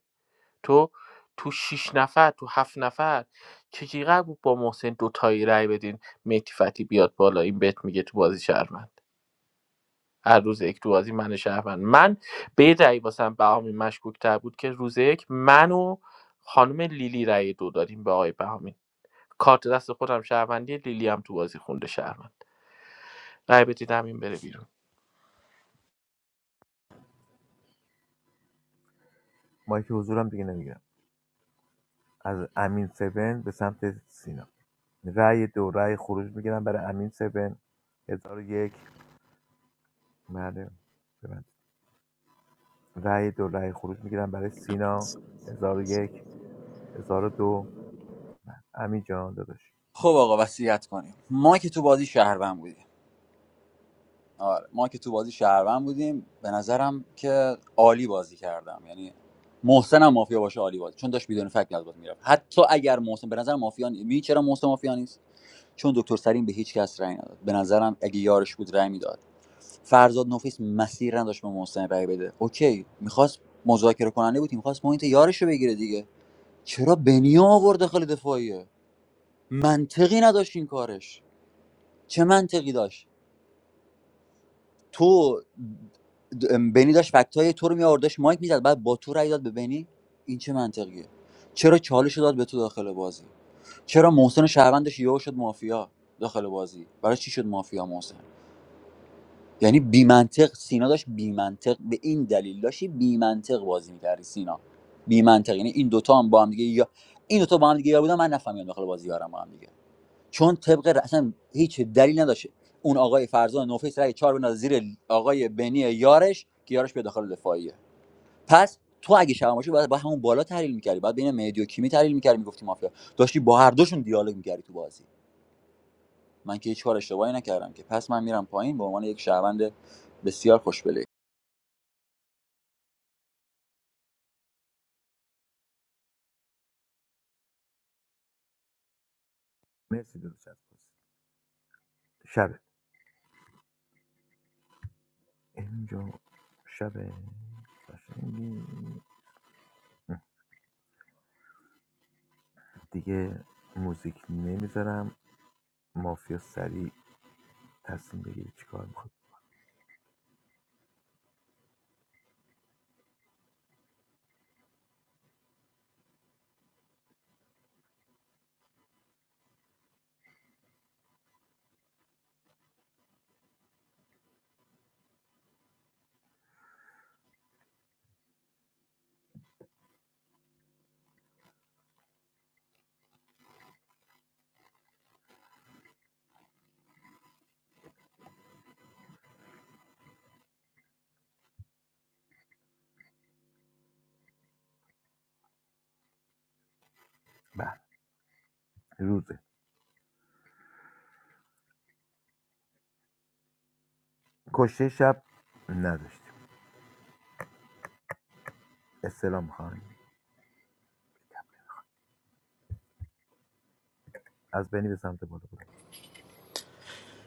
تو تو شیش نفر تو هفت نفر چجوری قرار بود با محسن دوتایی رای بدین مهدی فتی بیاد بالا این بهت میگه تو بازی شهروند هر روز یک تو بازی من شهروند من به یه دلیل واسم بهامین مشکوکتر بود که روز یک من و خانم لیلی رای دو دادیم به آقای بهامین کارت دست خودم شهروندی لیلی هم تو بازی خونده شهروند رای بدید همین بره بیرون
مایک حضورم دیگه نمیگیرم از امین 7 به سمت سینا رأی دو رأی خروج میگیرم برای امین 7 1001 بله ببند رأی دو رأی خروج میگیرم برای سینا 1001 1002 امین جان داداش
خب آقا وصیت کنیم ما که تو بازی شهروند بودیم آره ما که تو بازی شهروند بودیم به نظرم که عالی بازی کردم یعنی محسن هم مافیا باشه عالی بازی چون داشت بدون فکت از بازی میرفت حتی اگر محسن به نظر مافیا نی- می چرا محسن مافیا نیست چون دکتر سرین به هیچ کس رأی نداد به نظرم اگه یارش بود رأی میداد فرزاد نفیس مسیر نداشت به محسن رأی بده اوکی میخواست مذاکره کننده بود میخواست پوینت یارش رو بگیره دیگه چرا بنیا آورد داخل دفاعیه منطقی نداشت این کارش چه منطقی داشت تو د- ام، بنی داشت فکت تو رو میآورد داشت مایک میزد بعد با تو رای داد به بنی این چه منطقیه چرا چالش رو داد به تو داخل بازی چرا محسن شهروندش یهو شد مافیا داخل بازی برای چی شد مافیا محسن یعنی بی منطق سینا داشت بی منطق به این دلیل داشتی بی منطق بازی میکردی سینا بی منطق یعنی این دوتا هم با هم دیگه یا این دوتا با هم دیگه یا بودن من نفهمیدم داخل بازی یارم با هم دیگه چون طبق ر- اصلا هیچ دلیل نداشت اون آقای فرزان نوفیس رای چهار بندازه زیر آقای بنی یارش که یارش به داخل دفاعیه پس تو اگه شماشی باید با همون بالا تحلیل میکردی باید بین مهدی و کیمی تحلیل میکردی میگفتی مافیا داشتی با هر دوشون دیالوگ میکردی تو بازی من که هیچ کار اشتباهی نکردم که پس من میرم پایین به عنوان یک شهروند بسیار خوشبله
مرسی داداش از بازی. شبه امین جان شبه قشنگی. دیگه موزیک نمیذارم مافیا سریع تصمیم بگیری چی کار میخواد بله روزه کشته شب نداشتیم استلام خواهیم از بینی به سمت بالا بود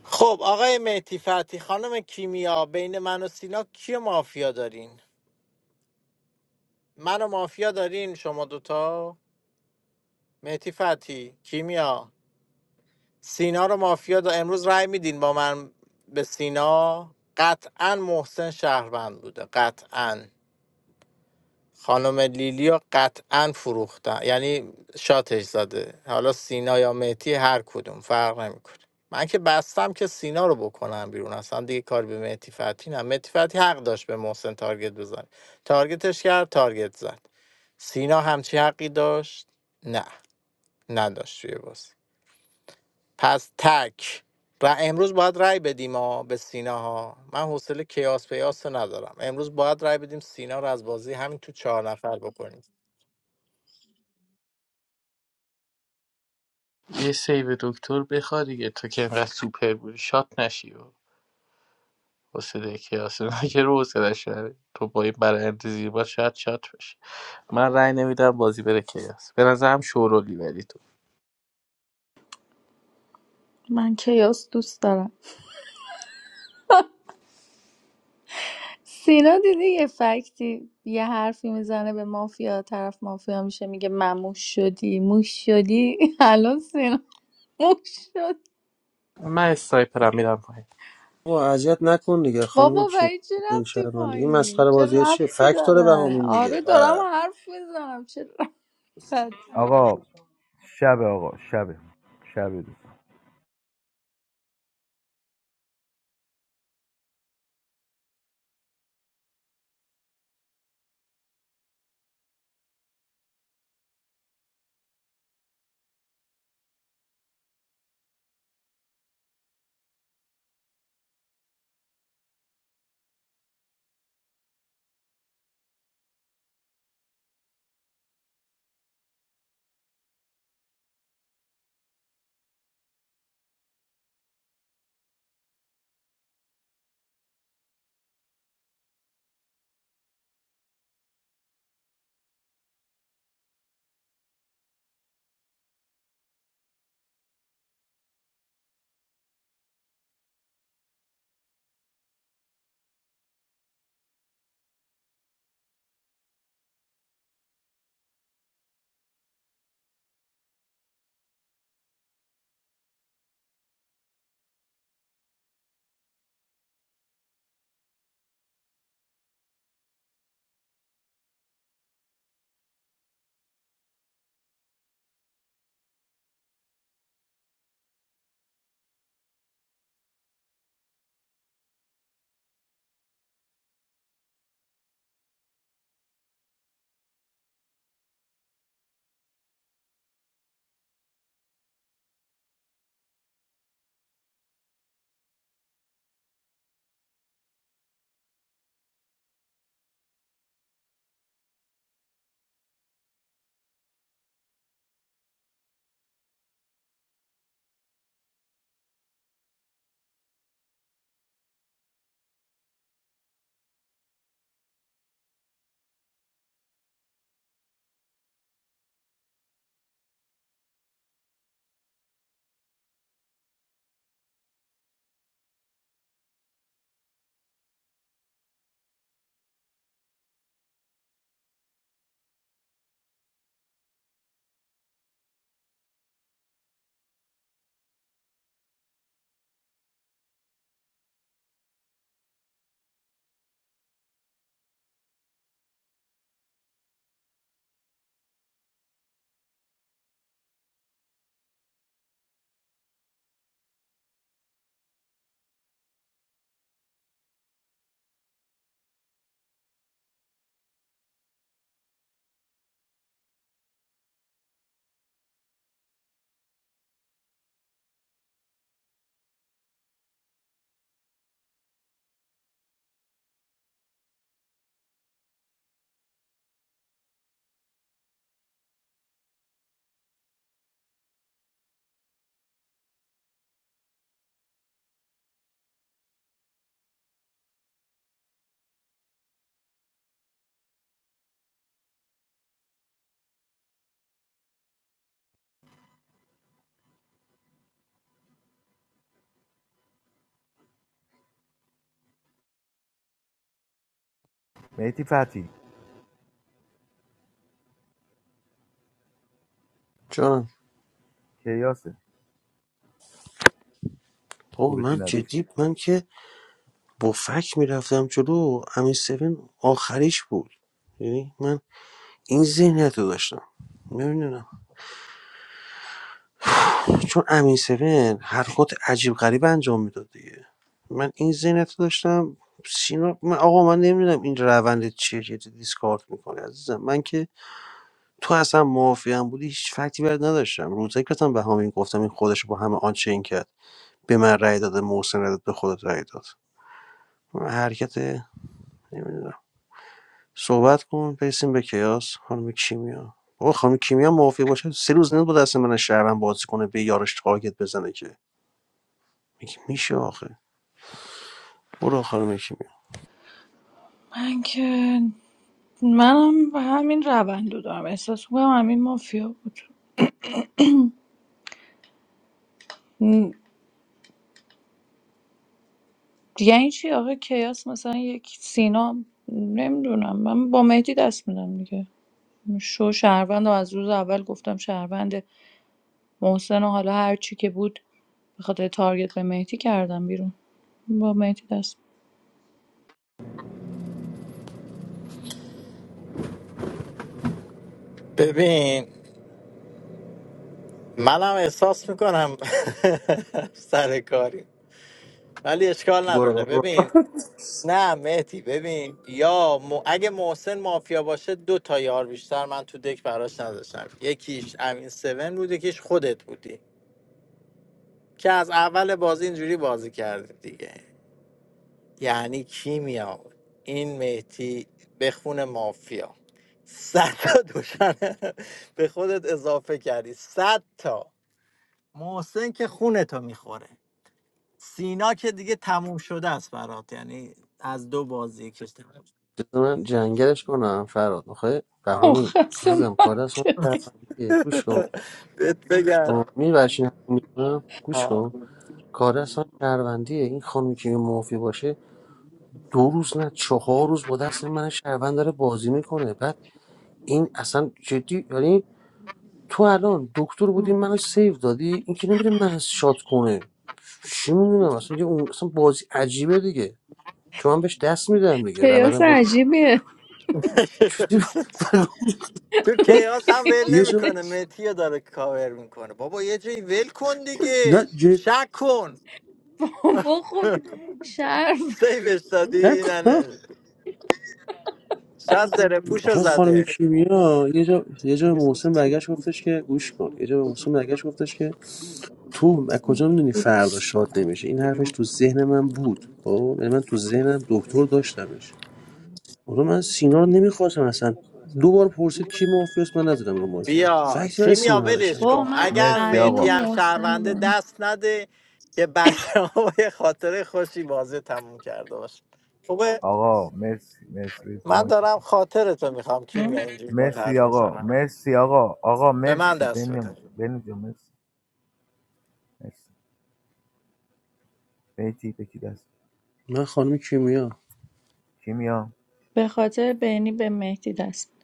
خب آقای مهدی فتی خانم کیمیا بین من و سینا کی مافیا دارین من و مافیا دارین شما دوتا مهدی فتی کیمیا سینا رو مافیا دا امروز رای میدین با من به سینا قطعا محسن شهروند بوده قطعا خانم لیلیا قطعا فروختن یعنی شاتش زده حالا سینا یا مهدی هر کدوم فرق نمیکنه من که بستم که سینا رو بکنم بیرون اصلا دیگه کار به مهدی فتحی نه مهدی فتحی حق داشت به محسن تارگت بزنه تارگتش کرد تارگت زد سینا همچی حقی داشت نه نداشت توی بازی پس تک و امروز باید رأی بدیم ها به سینا ها من حوصله کیاس پیاس رو ندارم امروز باید رأی بدیم سینا رو از بازی همین تو چهار نفر بکنیم
یه سیو دکتر بخواد دیگه تو که انقدر سوپر بودی شات نشی و حسین کیاس که رو حسینش نره. تو با این برایند زیبا شاید شات بشه من رأی نمیدم بازی بره کیاس به نظرم شورولی ولی تو
من کیاس دوست دارم سینا دیدی یه فکتی یه حرفی میزنه به مافیا طرف مافیا میشه میگه مموش شدی موش شدی الان سینا موش شد
من اسنایپرم میرم پایین
با اذیت نکن دیگه خانم
بابا
کی
برای چی
این
رفتی
شرمنده این
پایین
مسخره
چه
بازی ها چیه
رفتی
فکت داره
داره
بهامین
آره
دیگه
دارم
اه.
حرف میزنم چه رفتی داره؟
آقا شب آقا شب شب دوستان میتی فتی
جانم
کیاسه
بابا
خروجی
من
نداشت
جدی من که با فک میرفتم جلو همین سوین آخریش بود یعنی من این ذهنیت رو داشتم نمیدونم چون امین سوین حرکات عجیب غریب انجام میداد دیگه من این ذهنیت رو داشتم سینا من آقا من نمیدونم این روند چیه که دیسکارد میکنه عزیزم من که تو اصلا معافیم بودی هیچ فکتی برات نداشتم روزایی که گفتم به همین گفتم این خودش رو با همه آنچین کرد به من رأی داده محسن رأی داد به خودت رأی داد من حرکت نمیدونم صحبت کن برسیم به کیاس خانم کیمیا بابا خانم کیمیا موافق باشه سه روز نه نبود اصلا من شهرم بازی کنه به یارش تارگت بزنه که میگه میشه آخه برو خانم کیمیا
من که منم به همین روند رو دارم احساس میکنم همین مافیا بود م، دیگه چی آقا کیاس مثلا یک سینا نمیدونم من با مهدی دست میدم دیگه شو شهروندم از روز اول گفتم شهروند محسن و حالا هر چی که بود به خاطر تارگت به مهدی کردم بیرون با مهدی دست
ببین منم احساس میکنم سر کاری ولی اشکال
برو
نداره
بابا
ببین نه مهدی ببین یا م... اگه محسن مافیا باشه دو تا یار بیشتر من تو دک براش نداشتم یکیش امین سون بود یکیش خودت بودی که از اول بازی اینجوری بازی کردی دیگه یعنی کیمیا این مهدی بخون مافیا صد تا دوشنه به خودت اضافه کردی صد تا محسن که خونتو میخوره سینا که دیگه تموم شده است برات یعنی از دو بازی که تموم شد.
بذار من جنگلش کنم فراد آخه بهمین
مخصم
عزیزم کار اصلا
منطق
شهروندیه گوش کن
بهت بگم
می برشین میکنم گوش
آه.
کن کار اصلا شهروندیه این خانم کیمیا موافق باشه دو روز نه چهار روز با دست من شهروند داره بازی میکنه بعد این اصلا جدی یعنی تو الان دکتر بودی منو سیو دادی این که نمیره من شات کنه چی میدونم اصلا یه اون اصلا بازی عجیبه دیگه چون من بهش دست میدم دیگه
کیاس
روند با
عجیبیه
چیزی
تو
بود.
کیاس هم ول
یه جا
نمیکنه متی رو داره کاور میکنه بابا یه جایی ول کن
نه
دیگه
جد
شک کن
با خب شرف
سیفش دادی نه
نکنم
نه. شاید زره پوش رو
آخه خانم
زده
کیمیا یه جا یه جا به محسن برگشت گفتش که گوش کن یه جا به محسن برگشت گفتش که تو از کجا میدونی فردا شاد نمیشه این حرفش تو ذهن من بود خب یعنی من تو ذهنم دکتر داشتمش آره من سینا رو نمیخواستم اصلا دو بار پرسید کی مافیاست من نزدم رو ماشم
بیا
فکس برای
کیمیا
سینا
ولش
نداشتم که
با
کن
من
اگر
مرسی
امین و
مهدی
آقا
هم
محسن رو با
شهرونده
هم.
دست نده که بچه ها یه خاطره خوشی بازی تموم کرده باشه خوبه
آقا مرسی مرسی برید رو
من دارم
مایکتون.
خاطرتو میخوام
هم؟
کیمیا اینجوری با
مرسی
حرف
آقا
میزنم
مرسی آقا آقا
به من
مرسی
دست
بنی
بده
بنی جان مرسی مرسی بیتی بکی دست
من خانم کیمیا
کیمیا
به خاطر بینی به مهدی دست می‌دم.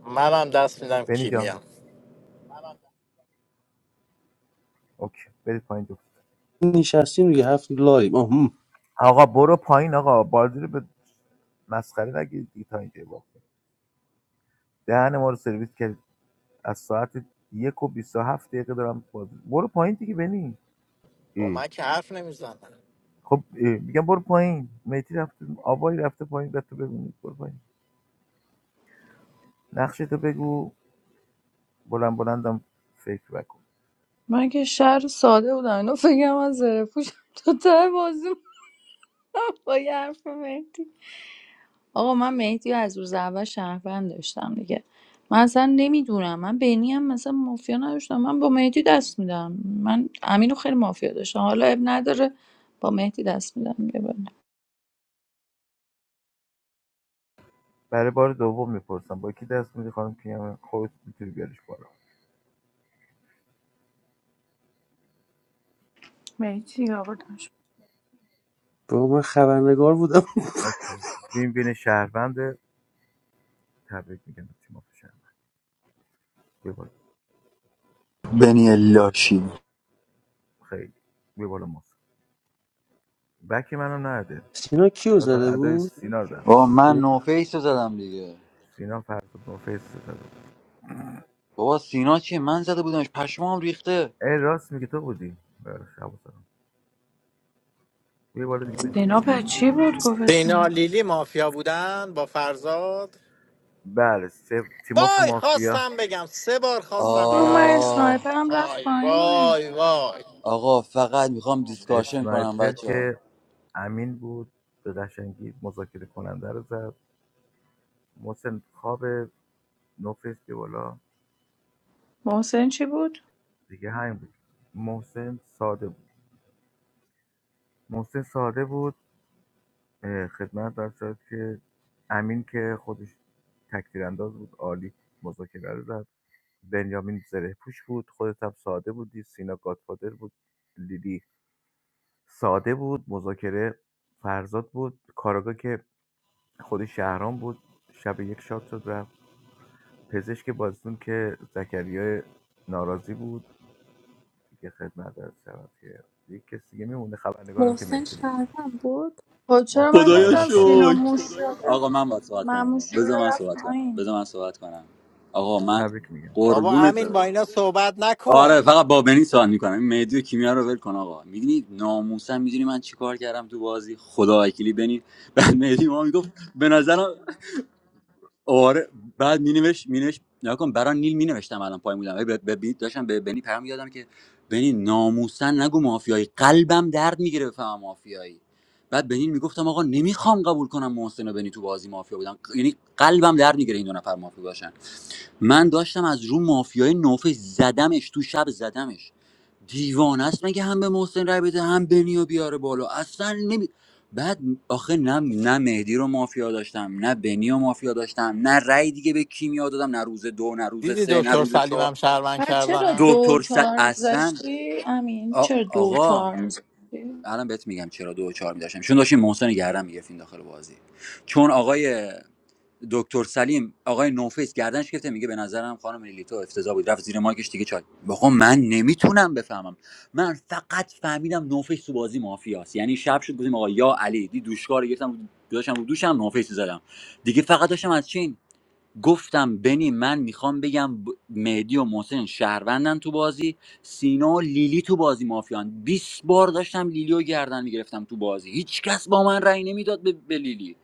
منم دست میدم
بنی جان
کیمیا
اوکی برید پایین دو
نشستیم دیگه هفت لاییم آه
آقا برو پایین آقا بازی رو به مسخره نگیرید دیگه تا اینجا واقعا دهن ما رو سرویس کرد از ساعت یک و بیست و هفت دقیقه دارم بازی برو پایین دیگه بنی
با من که حرف نمیزنم
خب اه، میگم برو پایین میتی رفته آبایی رفته پایین به تو بگو برو پایین نقشه تو بگو بلند بلندم فکر بکن
من که شهر ساده بودم اینو فکرم از زره پوش تو ته بازی موندم با یه حرف مهدی آقا من مهدی رو از روز اول شهروند داشتم دیگه من اصلا نمیدونم من بینی هم مثلا مافیا نداشتم من با مهدی دست میدم من امین رو خیلی مافیا داشتم حالا اب نداره با مهدی دست میدم دیگه بله.
برای بار دوم میپرسم با کی دست میدی خانم کیام خودت میتونی بیاریش بالا
مهدی آوردمش
با من خبرنگار بودم
اوکی ببین بین شهروند تبریک میگم به تیم آف شهروند بیا بالا
بنی
بنیامین.
لاشی
خیلی بیا بالا ماست بکی منم نرده
سینا کیو
بعد
زده
ادای
بود
سینا رو دارم
با من
سینا
نوفیس رو زدم دیگه
سینا فرد با فیس داره
بابا سینا چیه من زده بودمش پشمام ریخته
ای راست میگه تو بودی بله شب و سلام. بیا بالا دیگه بنی
دینا پر چی بود گفت
دینا
اسنایپر
لیلی مافیا بودن با فرزاد
بله سه تیم آف
وای
مافیا
خواستم بگم سه بار خواستم
رو
اینو
من
بگم
آه
اسنایپر هم رفت
وای
پایین
وای وای
آقا فقط میخوام دیسکاشن کنم
اسنایپر
بچه ها
که امین بود به قشنگی مذاکره کننده رو زد محسن خواب نوفیس بیا بالا
محسن چی بود
دیگه همین بود محسن ساده بود محسن ساده بود اه، خدمت در شد که امین که خودش تکتیر انداز بود عالی مذاکره رو زد بنیامین زره پوش بود خودت هم ساده بودی سینا گادفادر بود لیلی ساده بود مذاکره فرزاد بود کاراگا که خودی شهرام بود شب یک شات شد رفت پزشک بازیتون که زکریا ناراضی بود دیگه خدمت عرض شود که دیگه کسی دیگه میمونه خبرنگارم که
محسن
مهدی بود
شهرم بود
خب چرا
محسن
من
خدایا
شهروند
گفتم
ساده
سینا
بود
شکر
موش شده
آقا من باید صحبت کنم آقا.
معموش شده
بذار من
رفت
صحبت کنم
پایین
بذار من صحبت کنم آقا من
تبریک میگم
بابا
قربونت
امین
برم.
با اینا صحبت نکن
آره فقط با بنی سوال میکنم این مهدی و کیمیا رو ول کن آقا میدونی ناموسا میدونی من چیکار کردم تو بازی خدا وکیلی بنی بعد مهدی ما میگفت به نظرم آره بعد می نوشت می نوشت نگاه کن برای نیل می نوشتم الان پای بودم به به- به- داشتم به بنی پیام یادم که بنی ناموسن نگو مافیایی قلبم درد میگیره بفهمم مافیایی بعد بنین میگفتم آقا نمیخوام قبول کنم محسن و بنی تو بازی مافیا بودن یعنی قلبم درد میگیره این دو نفر مافیا باشن من داشتم از رو مافیای نوفش زدمش تو شب زدمش دیوانه است مگه هم به محسن رای بده هم بنیو بیاره بالا اصلا نمی بعد آخه نه نه مهدی رو مافیا داشتم نه بنیو مافیا داشتم نه رای دیگه به کیمیا دادم نه روز دو نه روز
دیدی
سه نه
دکتر
روز
سلیم
چهار
هم شهروند
پس چرا دو
کردم
و
دکتر سد
چهار
اصلا
میذاشتی امین
آ-
چرا دو و
آقا
چهار میذاشتی
الان بهت میگم چرا دو و چهار میداشتم چون داشتیم محسن رو گردن میگرفتیم داخل بازی چون آقای دکتر سلیم آقای نوفیس گردنش گرفته میگه به نظرم خانم لیلیتو افتضاح بود رفت زیر ماکش دیگه چای بابا من نمیتونم بفهمم من فقط فهمیدم نوفیس تو بازی مافیاست یعنی شب شد گفتیم آقا یا علی دی دوشکار رو گرفتم گذاشتم رو دوشم نوفیس زدم دیگه فقط داشتم از چین گفتم بنی من میخوام بگم مهدی و محسن شهروندن تو بازی سینا و لیلی تو بازی مافیان 20 بار داشتم لیلی گردن میگرفتم تو بازی هیچکس با من رأی نمیداد به به لیلی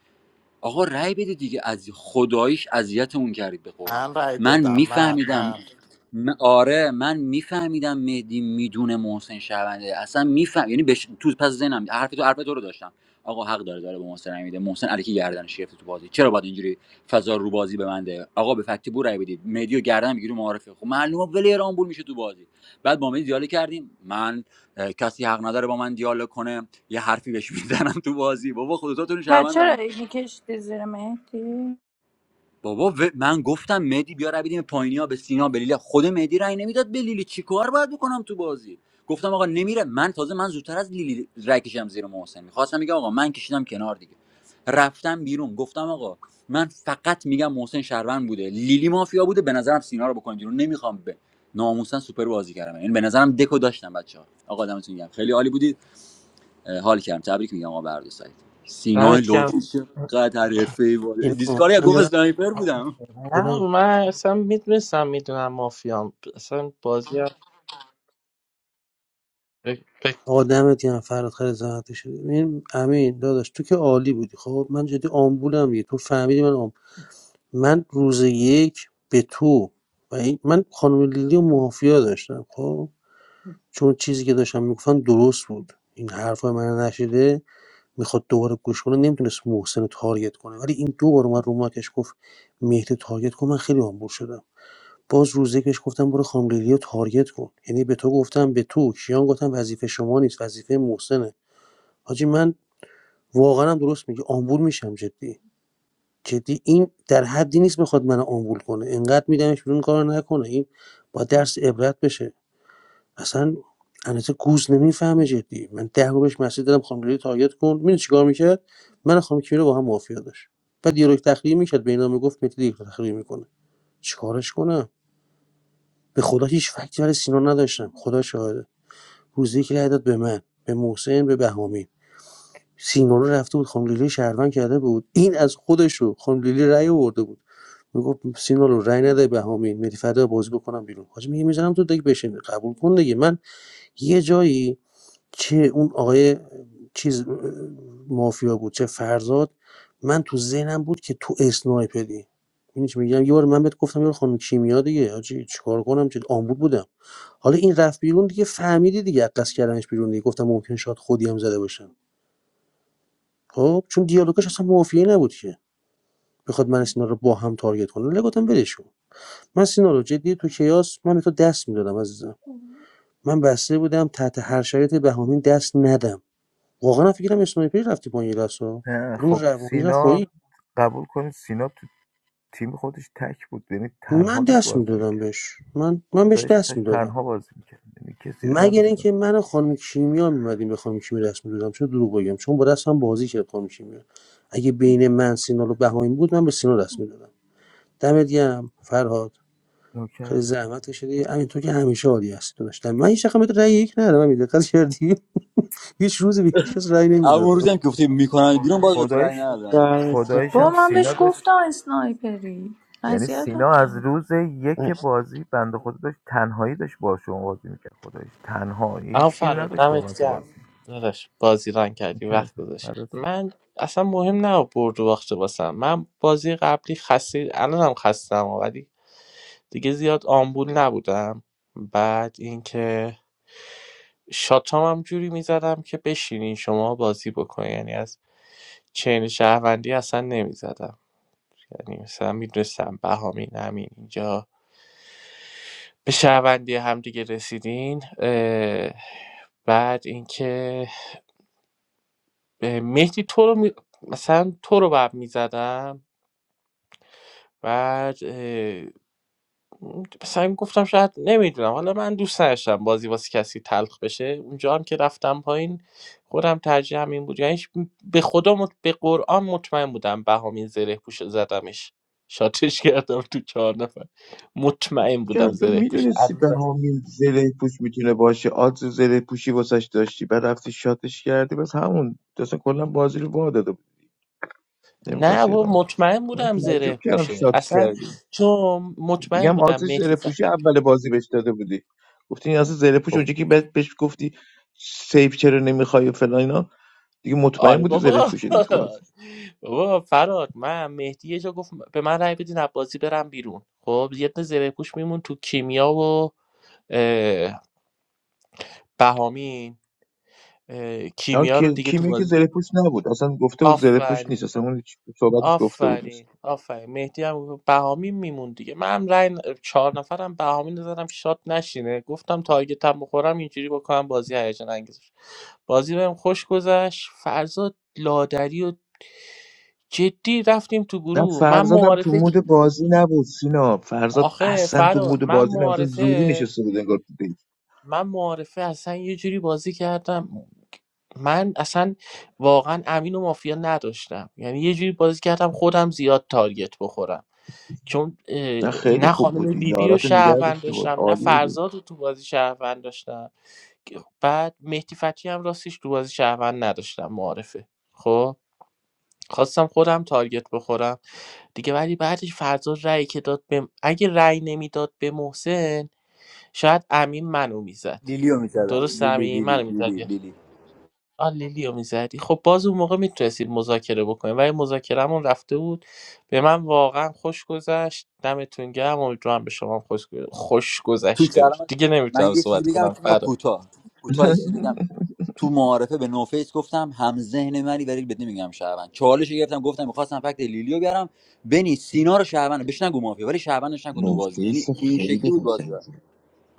آقا رأی بده دیگه از خداییش اذیتمون کردید به قرآن
من رای
من
دادم من
میفهمیدم
من
م- آره من میفهمیدم مهدی میدونه محسن شونده اصلا میفهم یعنی بش... تو پس ذهنم حرف تو حرف تو رو داشتم آقا حق داره داره به محسن رأی میده محسن علیکی گردنش گرفته تو بازی چرا باید اینجوری فضا رو بازی ببنده آقا به فکتی بو رأی بدید مهدی و گردن میگیره معارفه خب معلومه ولی بول میشه تو بازی بعد با مهدی دیالوگ کردیم من اه، کسی حق نداره با من دیالوگ کنه یه حرفی بهش میزنم تو بازی بابا خودتون
پس
شهروند
چرا
دارم
اینی کشیدی زیر مهدی
بابا و- من گفتم مهدی بیا رو بدیم پایینیا به سینا بلیله خود مهدی رأی نمیداد به لیلی چیکار باید بکنم تو بازی گفتم آقا نمیره من تازه من زودتر از لیلی رأی کشم زیر محسن میخواستم میگم آقا من کشیدم کنار دیگه رفتم بیرون گفتم آقا من فقط میگم محسن شهروند بوده لیلی مافیا بوده به نظرم سینا رو بکنید بیرون نمیخوام به ناموسن سوپر بازی کردم این به نظرم دکو داشتم بچه‌ها آقا دمتون گرم خیلی عالی بودید اه، حال کردم تبریک میگم آقا به هر دو سایت سینا
دمت
لطفی
گرم
چقدر حرفه‌ای بود
سینا،
دیسکاری
من
گفت
دارم
اسنایپر بودم
نه
سینا
من اصلا میدونستم میدونم مافیام اصلا بازی هم ب- ب-
آقا دمت گرم فراد خیلی زحمت شد این امین داداش تو که عالی بودی خب من جدی آمبولم دیگه تو فهمیدی من آم... من روز یک به تو و این... من خانم لیلی و مافیا داشتم خب چون چیزی که داشتم میگفتن درست بود این حرفای من نشیده میخواد دوباره گوش کنه نمیتونست محسن رو تارگت کنه ولی این دو بار اومد رو ماکش گفت مهدی تارگت کن من خیلی آمبول شدم باز روزه که بهش گفتم برو خام لیلی رو تارگت کن یعنی به تو گفتم به تو کیان گفتم وظیفه شما نیست وظیفه محسنه حاجی من واقعا هم درست میگه آمبول میشم جدی جدی این در حدی نیست بخواد من آمبول کنه انقدر میدمش بیرون کار نکنه این با درس عبرت بشه اصلا البته گوز نمیفهمه جدی من ده بار بهش مسیج دادم خانم لیلی کن می‌دونی چیکار میکرد من و خانم رو با هم مافیا داشت بعد دیالوگ تخریبی میکرد بینا میگفت متی دیالوگ تخریبی میکنه چیکارش کنم به خدا هیچ فکتی برای سینا نداشتم خدا شاهده روزی که رأی به من به محسن به بهامی سینا رو رفته بود خانم لیلی شهروند کرده بود این از خودش رو خانم لیلی رأی آورده بود میگفت سینا رو رأی نده بهامی مدی فردا بازی بکنم بیرون حاجی میگه میزنم تو دیگه بشین قبول کن دیگه من یه جایی چه اون آقای چیز مافیا بود چه فرزاد من تو ذهنم بود که تو اسنایپری این چی میگم یه بار من بهت گفتم یارو خانم کیمیا دیگه حاجی چیکار کنم چه آمبول بودم حالا این رفت بیرون دیگه فهمیدی دیگه از قصد کردنش بیرون دیگه گفتم ممکن شاید خودی هم زده باشم خب چون دیالوگش اصلا مافیایی نبود که بخواد من و سینا رو با هم تارگت کنه ولی گفتم ولش کن من سینا رو جدی تو کیاس من به تو دست میدادم عزیزم من بسته بودم تحت هر شرایطی به همین دست ندم واقعا من فکرم اسنایپر رفتی با یه دست ها
اه،
کدوم
خب
روانی رفت پایین
سینا قبول کنید سینا تو تیم خودش تک بود یعنی
من
تنها داشت
دست
بازی
میدادم
میکرد
بهش من من بهش
خدایش
دست
داشت
میدادم
تنها بازی میکرد یعنی کسی رو
مگر
نداشت
اینکه من و خانم کیمیا میمدیم به خانم کیمیا دست میدادم چه دروغ بگم چون با دستم بازی کرد خانم کیمیا اگه بین من سینال و بهایم بود من به سینا دست میدادم دمت گرم فرهاد خیلی
نوکرت
زحمت کشیدی همین تو که همیشه عالی هستی تو داشتم من هیچ وقت بهت رأی یک ندادم همین دقت کردی هیچ روزی به هیچ کس رأی
اما اون
نمیدادم
روزی هم که گفتی میکنن بیرون باز به رای
خدایش
ندادم من
دمت
خدایش
با
هم
من
سینا
بهش
داشت
گفتم اسنایپری
یعنی
اذیت هم
سینا از
کرد
روز یک
گرم.
بازی بنده خدا داشت تنهایی داشت با شما بازی میکرد خدایش تنها
اما
هیچ گیر
فراد
نداشت واقعا
دمت
تو
گرم
بازی
داداش بازی رنگ کردی
میکرد
وقت گذاشتی
فردات شم.
من اصلا مهم نه برد و باخت واسم من بازی قبلی خسته الانم خستم ولی دیگه زیاد آمبول نبودم بعد اینکه شاتام هم جوری میزدم که بشینین شما بازی بکنین یعنی از چین شهروندی اصلا نمیزدم یعنی مثلا میدونستم بهامین همین اینجا به شهروندی هم دیگه رسیدین اه، بعد اینکه به مهدی تو رو می... مثلا تو رو بعد میزدم بعد اه، مثلا گفتم شاید نمیدونم حالا من دوست نداشتم بازی واسه کسی تلخ بشه اونجا هم که رفتم پایین خودم ترجیح همین بود یعنی هیچ- به خدا مط... به قرآن مطمئن بودم بهامین زره پوش رو زدمش شاتش کردم تو چهار نفر مطمئن
چرا
بودم
تو
زره پوشه
میدونستی به
عروضه.
همین زره پوش میتونه باشه آدز زره پوشی واسش داشتی بعد رفتی شاتش کردی بس همون تو اصلا کلا بازی رو وا داده بود
نه
نمیخواستی
با
ادامه بدی
مطمئن
من
بودم زره
تعجب کردم
پوشه
شات
اصلا
کردی
چون مطمئن
میگم
بودم
آدز زره
مهدی
پوشی
ف...
اول بازی بهش داده بودی گفتی این اصلا زره پوش اونجا که بهت- بهش گفتی سیف چرا نمیخوای و فلان اینا دیگه مطمئن
آره
بودی زره
بابا
پوشه دی تو بازی
بابا فراد من مهدی یه جا گفت به من رأی بدین عباسی برم بیرون خب یه دونه زره پوش میمون تو کیمیا و اه، بهامین اه،
الان
کیمیا رو
کی
دیگه تو
کیمیا که
بازی
زره پوش نبود اصلا گفته بود زره پوش
آفرین
نیست اصلا اون هیچ صحبتش گفته بود نیست
آفرین آفرین مهدی هم بهامین میمون دیگه منم رای ن- چهار نفرم بهامین رو زدم شاد نشینه گفتم تارگتم بخورم اینجوری بکنم بازی هیجان انگیز بشه. بازی بهم خوش گذشت فرزاد لادری و جدی رفتیم تو
و
گروه من
فرزادم تو
معارفه که-
مود بازی نبود سینا فرزاد
آخه
اصلا تو
فراد
مود
من
بازی نبود اصلا زوری
معارفه
نشسته بود انگار تو دیت
من معارفه اصلا یه جوری بازی کردم من اصلا واقعا امین و مافیا نداشتم یعنی یه جوری بازی کردم خودم زیاد تارگت بخورم چون اه،
نه خیلی
نه
خوب
خانم
بودی
لیلی رو
یارات نگه
شهروند
داشته بود
داشتم نه
عالی بودی
فرزاد رو تو بازی شهروند داشتم بعد مهدی فتی هم راستش تو بازی شهروند نداشتم معارفه خب خواستم خودم تارگت بخورم دیگه ولی بعدش فرزاد رأی که داد به اگه رأی نمیداد به محسن شاید امین منو میزد
لیلیو میکردم
درست
لیلی
امین منو
لیلی
میزد
لیلی لیلی
آ لیلیو میزدی خب باز اون موقع میتونستید مذاکره بکنید ولی مذاکرهمون رفته بود به من واقعا خوش گذشت دمتون گرم امیدوارم به شما هم خوش, گ- خوش
تو
گذشته باشه
کلام
دیگه
من
نمیتونم
یه چیزی
صحبت
بگم
کنم
که میاد
فراد
کوتاه کوتاه یه چیزی بگم تو معارفه به نوفیس گفتم هم ذهن منی ولی بد نمیگم شهروند چالش رو گرفتم گفتم میخواستم فکت لیلیو بیارم بنی سینا رو شهروند بهش نگو مافیا ولی شهروندش نکن تو بازی
نوفیس
یعنی این شکلی
خیلی
بود بازی
قشنگ بود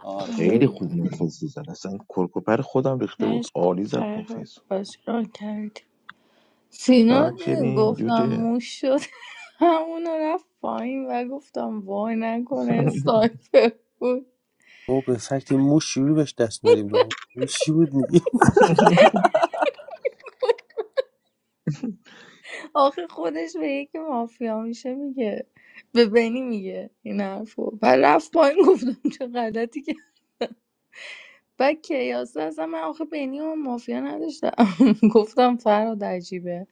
آره
خیلی
خیلی
آم،
خوب نوفیس زد اصلا کرکوپر خودم ریخته بود
مرسی
عالی زد
فرهاد
نوفیس
بازی را کردی سینا دیدی
چاکرین
گفتم
جوجه
موش شد همون رفت پایین و گفتم وای نکنه اسنایپر بود
ما به فکت موش شیوری بهش دست ندیم نامو. این چی بود
آخه خودش به یکی مافیا میشه میگه به بنی میگه این حرفو و رفت پایین گفتم چه غلطی و کیاسه اصلا من آخه بینی و مافیا نداشتم گفتم فراد عجیبه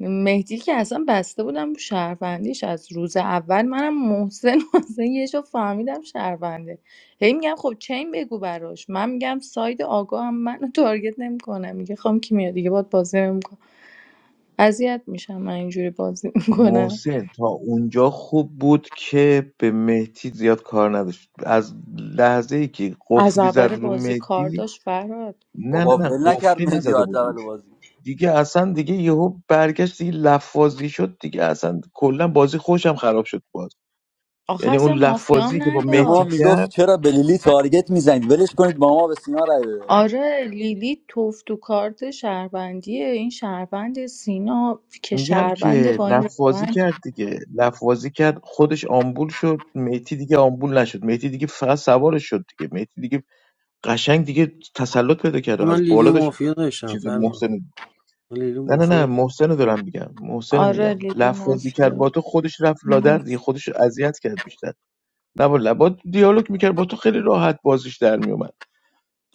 مهدی که اصلا بسته بودم رو شهروندیش از روز اول منم محسن محسن یه جا فهمیدم شهرونده هی میگم خب چین بگو براش من میگم ساید آگاه هم منو تارگت نمیکنه میگه خام کیمیا دیگه باد بازی نمیکنم اذیت میشم من اینجوری بازی میکنم
محسن تا اونجا خوب بود که به مهدی زیاد کار نداشت از لحظه ای که
از
قفلی زد
اول
رو
بازی کار
مهدی
داشت فراد
نه نه
بابا
نه
ول نکرد
قفلی
مدیا
نزده
از
بود
اول
روش
بازی
دیگه اصلا دیگه یهو برگشت دیگه لفاظی شد دیگه اصلا کلا بازی خوشم خراب شد باز
آخه
یعنی اون
اصلا مافیام
لفاظی که با
به ما
مهدی
نداشت
میگفت
کرد
چرا به لیلی تارگت میزنید ولش کنید با ما به سینا رای بده
آره لیلی توف تو کارت شهروندیه این شهروند سینا که
میگم
شهروند
که
با این
لفاظی
روند
کرد دیگه لفاظی کرد خودش آمبول شد مهدی دیگه آمبول نشد مهدی دیگه فقط سوارش شد دیگه مهدی دیگه قشنگ دیگه تسلط پیدا کرده
من
از
لیلی
بالا داشت
مافیا داشتم
چیز
فرزاد
محسن
من لیلی
نه نه
مافیا
نه
داشتم
محسن رو دارم میگم محسن
آره
میگم
لیلی
لفظی کرد
مافیا
با تو خودش رفت لادر دیگه خودش رو اذیت کرد بیشتر نه با لبات دیالوگ میکرد با تو خیلی راحت بازیش در میومد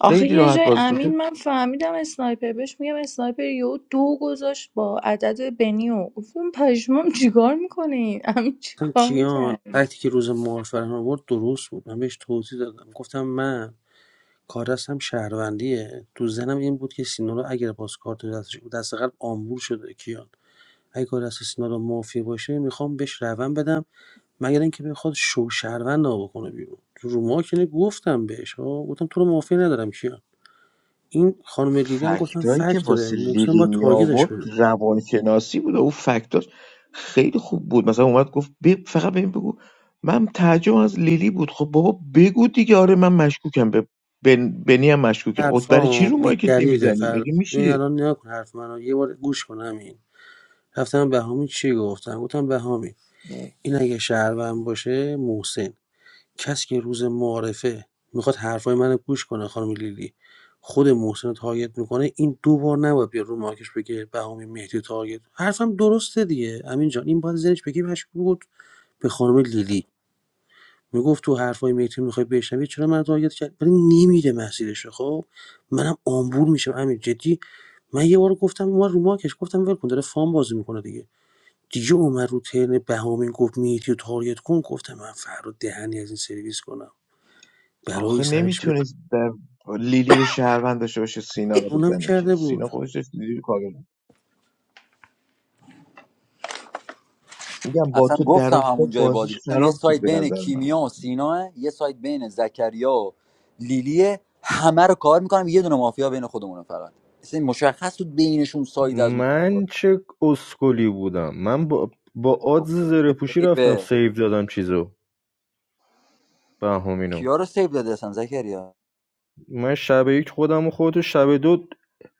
آخه
خیلی
یه
راحت
جای
بازیش
امین من فهمیدم اسنایپر بهش میگم اسنایپر یهو دو گذاشت با عدد بنیو گفتم پشمام چیکار میکنی امین
اصلا
چیکار
کیان
میکردی
وقتی که روز معارفه رو آورد درست بود من بهش توضیح دادم گفتم من کار دستم شهروندیه تو زنم این بود که سینا رو اگر باز کارت دستش بود دست قلب آمبور شده کیان اگه کار دست سینا رو مافیا باشه میخوام بهش روند بدم مگر اینکه بخواد شو شهروند رو بکنه بیرون تو رو ما که نه، گفتم بهش ها گفتم تو رو مافیا ندارم کیان این خانم لیلی هم گفتم
فکتایی که
فکت داره
واسه
محسن
لیلی
با
می
تاگیدش
آورد
کنه
روانشناسی بود و اون فکتاش خیلی خوب بود مثلا اومد گفت ب- فقط ببین بگو من تعجب از لیلی بود خب بابا بگو دیگه آره من مشکوکم به بن... بنی هم مشکوکم اوت برای چی
حرفام
رو مایکت
بی‌دلیله
نمیزنی
فردا
مگه
ببین
میشه
الان نگاه کن حرف منو یه بار گوش کن همین رفتم بهامی چی گفتم گفتم بهامی این اگه شهروند باشه محسن کسی که روز معارفه میخواد حرفای منو گوش کنه خانم لیلی خود محسن رو تارگت میکنه این دو بار نباید بیاد رو مارکش بگه بهامی مهدی رو تارگت حرفم درسته دیگه امین جان این باید زنش بگی مشکوک بود به خانم لیلی میگفت تو حرفای مهدی میخوای بشنوی چرا من تارگت کرد ولی نمیره مسیرش خب منم آمبور میشم امیر جدی من یه بار گفتم اومد رو ماکش گفتم ول کن داره فام بازی میکنه دیگه دیگه اومد رو ترن بهامین گفت مهدی رو تارگت کن گفتم من فردا دهنی از این سرویس کنم برای
آخه
سرش بیارم
نمیتونست بر... لیلی رو شهروند داشته باشه سینا رو
اونم
بزنه که
کرده بود
سینا خودش داشت لیلی رو کاور میگم با
اصلا
تو در
گفتم
افتاد
همون جای بازی
بازیش
گفتم یه
خراب شد
سایت
به
بین
نظر من
کیمیا و سینا یه سایت بین زکریا و لیلیه همه رو کار میکنم یه دونه مافیا بین خودمونه فقط اصلا مشخص بود بینشون ساید از اون
من چه اسکلی بودم من با, با
خب،
آدز زره پوشی رفتم
عیبه.
سیو دادم چیزو بهامینو
کیا رو سیو داده اصلا زکریا
من شب یک خودم و خودتو شب دو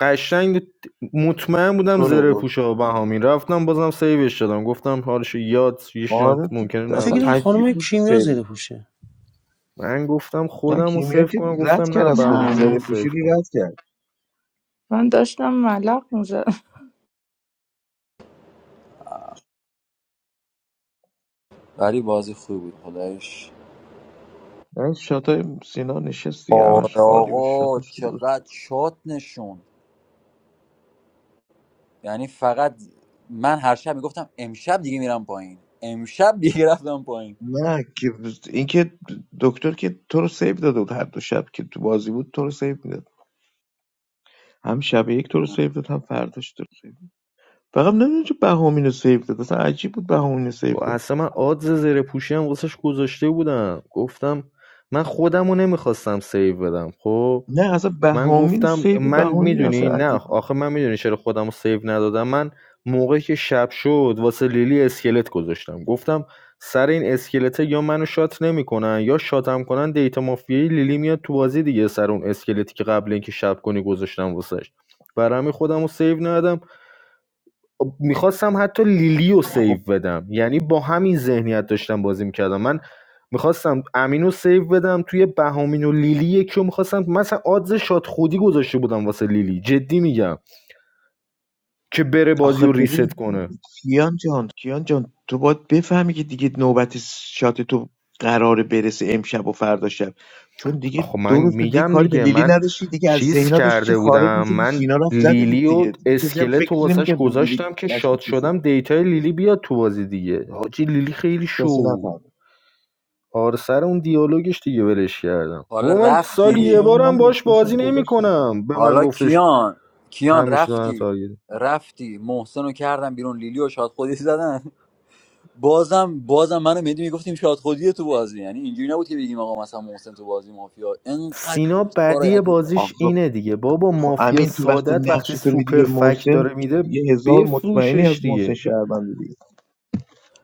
قشنگ مطمئن بودم
تو رو
زره
برد.
پوشا و بهامین رفتم بازم سیوش دادم گفتم حالش یاد یه
آره
شانس ممکنه
تو-
من
اصلا
فکرم
نباشه
عجیب
خانم
بود
کیمیا
سیوت
زده پوشه
من گفتم
نه
خودم رو
کیمیا
سیو
که
کنم
رد
گفتم
کرد
نه
از
نه
خودش
بهامین
زره
رو سیو
پوشی رو
کنم
رد کرد
من داشتم ملق میزدم
ولی بازی خوبی بود خدایش
من شاتای سینا نشست دیگه همش
آره
عالی بود
آقا
شاتش که درست
چقدر شات نشون یعنی فقط من هر شب میگفتم امشب دیگه میرم پایین امشب دیگه رفتم پایین
نه که اینکه دکتر که تو رو سیو داده بود هر دو شب که تو بازی بود تو رو سیو میداد هم شب یک تو رو سیو داد هم فرداش تو رو سیو داد فقط نمیدونم چه بهامین رو سیو داد اصلا عجیب بود بهامین رو سیو
با
داد
اصلا من آدز زیر پوشی هم واسش گذاشته بودم گفتم من خودمو نمیخواستم سیو بدم خب
نه اصلا
من
بهامین
گفتم
سیو
من
بهامین اصلا
میدونی نه
عجیب بود
آخه من میدونی چرا خودم رو سیو ندادم من موقعی که شب شد واسه لیلی اسکلت گذاشتم گفتم سر این اسکلته یا منو شات نمیکنن یا شاتم کنن دیتا مافیایی لیلی میاد تو بازی دیگه سر اون اسکلتی که قبل اینکه شب کنی گذاشتم واسش برای همین خودم سیو ندادم میخواستم حتی لیلی رو سیو
خب
بدم یعنی با همین ذهنیت داشتم بازی میکردم من میخواستم امین رو سیو بدم توی بهامین و لیلی یکی رو میخواستم مثلا آدز شاد خودی گذاشته بودم واسه لیلی جدی میگم که بره بازی
آخه
رو
ببین
ریست کنه
کیان جان کیان جان تو باید بفهمی که دیگه نوبت شات تو قراره برسه امشب و فردا شب چون دیگه
خب من
دو روز به دیگه
میگم
کاری به
دیگه
لیلی
من
نداشتی دیگه از
چیز
ذهنا داشتی چی
کرده
خارج
بودم
میشدی
من
سینا رفت زده دید
لیلی و
دیگه دیگه کسی هم
اسکلت رو
فکر
واسش
نمیکرد به لیلی
گذاشتم که شاد
مشکوک بشه
شدم دیتای لیلی بیاد تو بازی دیگه حاجی لیلی خیلی
کسی
شو
نفهمید
آره سر اون دیالوگش دیگه ولش کردم
حالا
با من سالی
همون شب
یه
رفتی
هم من
بارم باش
دو ساعت
بازی
گذاشتم
نمیکنم به من
حالا
گفتش
کیان کیان
همیشه دارن
رفتی
تارگت
رفتی محسن رو کردن بیرون لیلی و شاد خودی زدن بازم بازم منو مهدی میگفتیم شاد خودی تو بازی یعنی اینجوری نبود که بگیم آقا مثلا محسن تو بازی مافیا انقدر
سینا
کارای
بدی
عجیب
بازیش
آقا
اینه دیگه بابا
خب
مافیا
امین تو وقتی
سادت وقتی
نقشی تو میدی به
سوپر فک
محسن
داره میده
یه هزار مطمئنی
بفروشش
از محسن
دیگه
شهروند دیگه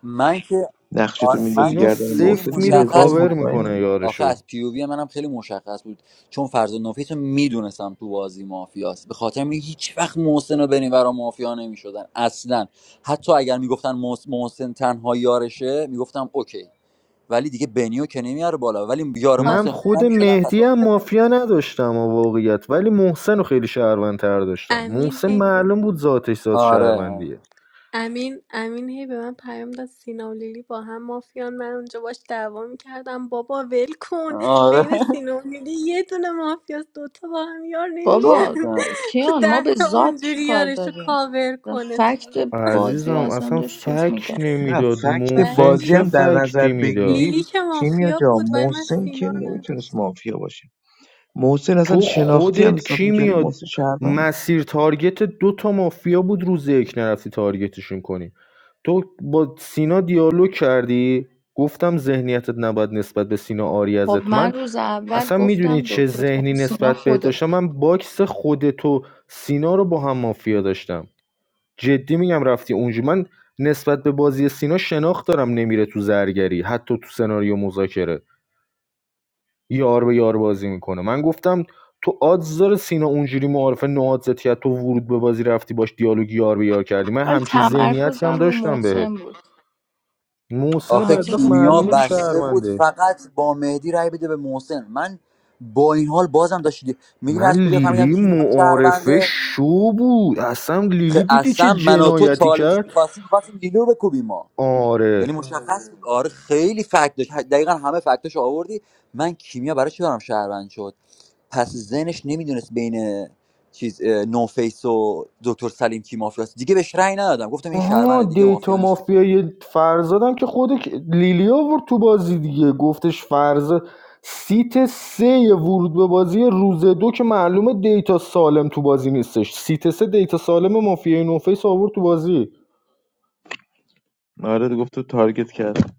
من که
نقشی تو
آره من
میندازی
که
سینا
گردن
پیووی
سفت
محسن
میره
یه هزار
مشخص
کاور
بود
مطمئنی
میکنه
دیگه.
آخه
یارشو
از پیووی منم خیلی مشخص بود چون فرض نفیس رو میدونستم تو بازی مافیاست به خاطر می هیچ وقت محسن و بریم برا مافیا نمیشدن اصلا حتی اگر میگفتن محس- محسن تنها یارشه میگفتم اوکی ولی دیگه بنیو که نمیاره بالا ولی یار
من
حالا
محسن
خود
خودم
من
میشدن پس
مهدی
اصلا
حالم
هم
اینو
خراب.
بگم.
مافیا نداشتم و واقعیت ولی محسن رو خیلی شهروندتر داشتم محسن
امین
معلوم بود ذاتش ذات
آره
شهروندیه
امین امین هی به من پیام داد سینا و لیلی با هم مافیان من اونجا باش دعوا میکردم بابا ول کن
آره
بین سینا و لیلی یه دونه مافیاست دوتا با هم یار نمیشن
بابا
گفتم
تو
کیان ما
ده
به
تا
ذات
اونجوری
چیکار
یارشو
داریم
کاور کنه تو
فکت بازی رو
عزیزم
اصلا
اصلا
داشت چیز
فک
نه
نمیداد
فکت
محسن
بازی
چه
هم
ولی
در نظر
فکتی میداد
لیلی
بگیری
که
کیمیا
مافیا
جا
بود ولی من
محسن که
سینا رو
نمیتونست
نداشتم
مافیا باشه محسن اصلا
تو
شناختی هم
خودت
حساب
کی
میکردی
میاد
محسن شهروند بود
مسیر تارگت دو تا مافیا بود روز یک نرفتی تارگتشون کنی تو با سینا دیالوگ کردی گفتم ذهنیتت نباید نسبت به سینا آری
خب
ازت
من
من
روز اول
اصلا میدونی
گفتم
چه
دکتر
ذهنی
سینا
نسبت بهت داشتم
خودت
من باکس خودت و سینا رو با هم مافیا داشتم جدی میگم رفتی اونجا من نسبت به بازی سینا شناخت دارم نمیره تو زرگری حتی تو سناریو مذاکره یار به یار بازی میکنه من گفتم تو آدز داره سینا اونجوری معارفه نهاد زدی تو ورود به بازی رفتی باش دیالوگ یار به یار کردی من
ولی
همچین ذهنیتی هم
تمرکزم رو
داشتم بهت
محسن بود
محسن
آخه
بدبخت
تمرکزم رو
کیمیا
معلومه
محسن
بسته بود
شهرونده
فقط با مهدی رای بده به محسن من با این حال بازم داشت میدونی
من
از کجا فهمیدم
لیلی
کیمیا
معارفه
شهرونده
شو بود اصلا
خ...
لیلی دیدی چه
اصلا من و تو
جنایتی
چالش
کرد
میخواستیم میخواستیم لیلو بکوبیم ما
آره
یعنی مشخص بود آره خیلی فکت داشت دقیقا همه فکتش آوردی من کیمیا برای چی برام شهروند شد پس ذهنش نمیدونست بین چیز اه، نوفیس و دکتر سلیم کی مافیاست دیگه بهش رأی ندادم گفتم این
آها
شهرونده دیگه
دیتا
مافیا نیست
مافیای فرزادم که خود لیلی آورد تو بازی دیگه گفتش فرز سیت سه ورود به بازی روز دو که معلومه دیتا سالم تو بازی نیستش سیت سه دیتا سالم مافیای نوفیس آورد تو بازی
آره گفت تو تارگت کرد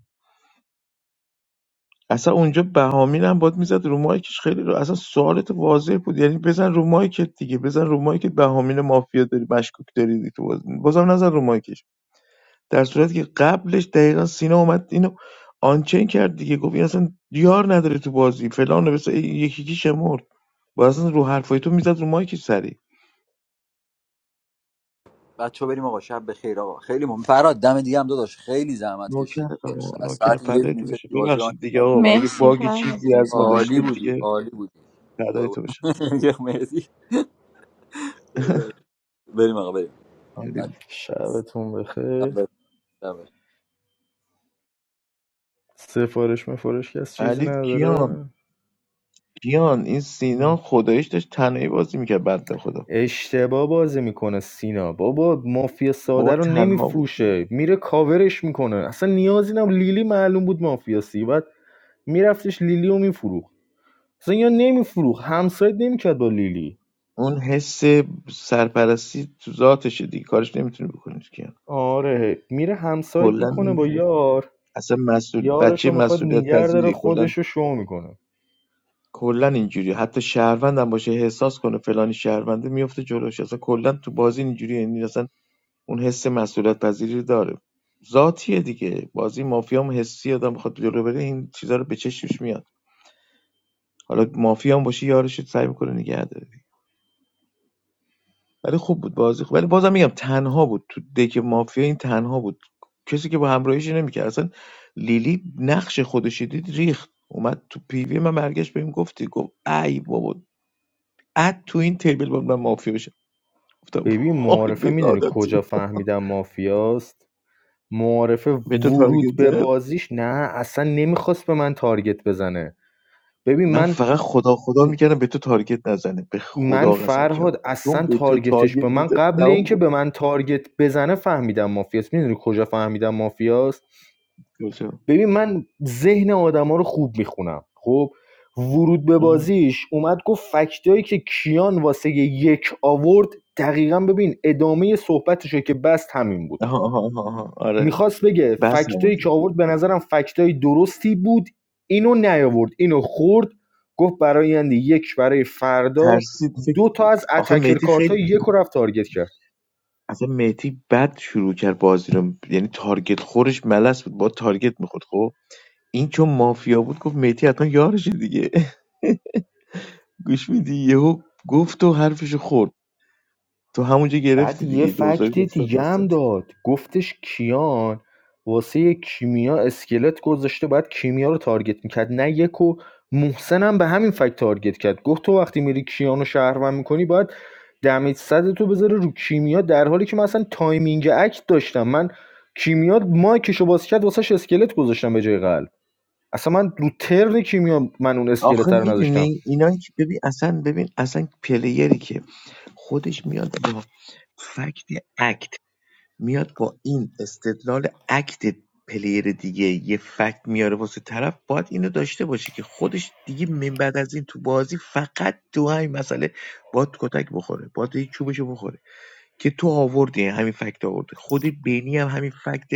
اصلا اونجا بهامین هم باد میزد رو مایکش خیلی رو اصلا سوالت واضح بود یعنی بزن رو مایکت دیگه بزن رو مایکت بهامین مافیا داری مشکوک داری دیگه تو باز بازم نزن رو مایکش در صورتی که قبلش دقیقا سینا اومد اینو آنچین کرد دیگه گفت این اصلا دیار نداره تو بازی فلان و بس یکی یکی شمرد و اصلا رو حرفای تو میزد رو مایکش سری
بچه بریم آقا شب بخیر آقا خیلی مهم فراد دم دیگه هم داداش خیلی زحمت کشید
نوکر
داشت
آقا
از ساعت
نوکر
یک
فدای تو بشه
نشستی بازی آن
ببخشید دیگه
کردی
آقا اگه
مرسی
باگ
فرهاد
چیزی از ما
بازم
عالی
داشتید
بودی
دیگه
عالی بودی
فدای
وای
تو بشه
وای. یه مرسی داداش. بریم آقا بریم بچه‌ها،
علی
شبتون
شب
بخیر
بخیر.
سفارش مفارش کس چیزی
علی
نداره
کیان کیان این
چونه؟
سینا خدایش داشت تنهایی بازی میکرد بنده خدا
اشتباه بازی میکنه سینا بابا مافیا
بابا
ساده رو
تنها بود
نمیفروشه میره کاورش میکنه اصلا نیازی نم لیلی معلوم بود مافیاسی بعد میرفتش لیلی رو میفروخت اصلا یا نمیفروخت همسایت نمیکرد با لیلی
اون حس سرپرستی تو ذاتشه دیگه کارش نمیتونی بکنیش کیان
آره میره همسایت
کلا
میکنه
این
با یار
اصلا مسئول
یارش
بچه
رو میخواد
مسئولیت
نیگر داره
پذیری کلا
خودش رو شو میکنه
کلا اینجوری حتی شهروندم باشه احساس کنه فلانی شهرونده میفته جلوش اصلا کلا تو بازی اینجوری یعنی اصلا اون حس مسئولیت پذیری رو داره ذاتیه دیگه بازی مافیا هم حسی آدم بخواد جلو بره این چیزا رو به چشمش میاد حالا مافیا هم باشه یارش سعی میکنه نگه داره ولی خوب بود بازی خوب ولی بازم میگم تنها بود تو دک مافیا این تنها بود کسی که با همراهیش نمیکرد اصلا لیلی نقش خودش دید ریخت اومد تو پیوی من برگشت بهم گفتی گفت ای بابا اد تو این تیبل بود من مافیا بشم گفتم
ببین
وای
معارفه میدونی
بگادتی
کجا فهمیدم مافیاست معارفه
به تو
ورود
تارگت
به
زد
بازیش نه اصلا نمیخواست به من تارگت بزنه ببین
من
من
فقط خدا خدا میکردم به تو تارگت نزنه به
من
خدا قسم که
فرهاد
چون
اصلا
به تو
تارگتش به
تارگت
من
میزد
قبل
تمام
اینکه
بود
به من تارگت بزنه فهمیدم مافیاست میدونی کجا فهمیدم مافیاست
کجا
ببین من ذهن آدما رو خوب میخونم خب ورود به بازیش اومد گفت فکتایی که کیان واسه یک آورد دقیقا ببین ادامه صحبتشو که بست همین بود
آها آها آها آها. آره
میخواست بگه
بس نبود
فکتایی که آورد به نظرم فکتای درستی بود اینو نیاورد اینو خورد گفت برای آینده یک برای فردا
ترسید
دو
فکر
تا از
آخه
اتکر
مهدی
کارت
خیلی
یک رو رفت تارگت کرد
اصلا مهدی بد شروع کرد بازی رو یعنی تارگت خورش ملس بود با تارگت میخورد خب این چون مافیا بود گفت مهدی حتما یارشه دیگه گوش میدی یهو گفت و حرفشو خورد تو همونجا
بعد
گرفتی
یه
دیگه دوزاری
فکت
گفتاد
دیگه
داستان
هم
شد.
داد گفتش کیان واسه کیمیا اسکلت گذاشته باید کیمیا رو تارگت میکرد نه یک و محسن هم به همین فکت تارگت کرد گفت تو وقتی میری کیان رو شهروند میکنی باید دمیج صد تو بذاره رو کیمیا در حالی که من اصلا تایمینگ اکت داشتم من کیمیا مایکش رو باز کرد واسهش اسکلت گذاشتم به جای قلب اصلا من رو ترن کیمیا من اون
آخه
اسکلت رو نذاشتم
میدونی اینا که ببین اصلا ببین اصلا پلیری که خودش میاد با فکت اکت میاد با این استدلال اکت پلیر دیگه یه فکت میاره واسه طرف باید اینو داشته باشه که خودش دیگه من بعد از این تو بازی فقط تو همین مسئله باید کتک بخوره باید یه چوبشو بخوره که تو آوردی همین فکت آورده خود بینی هم همین فکت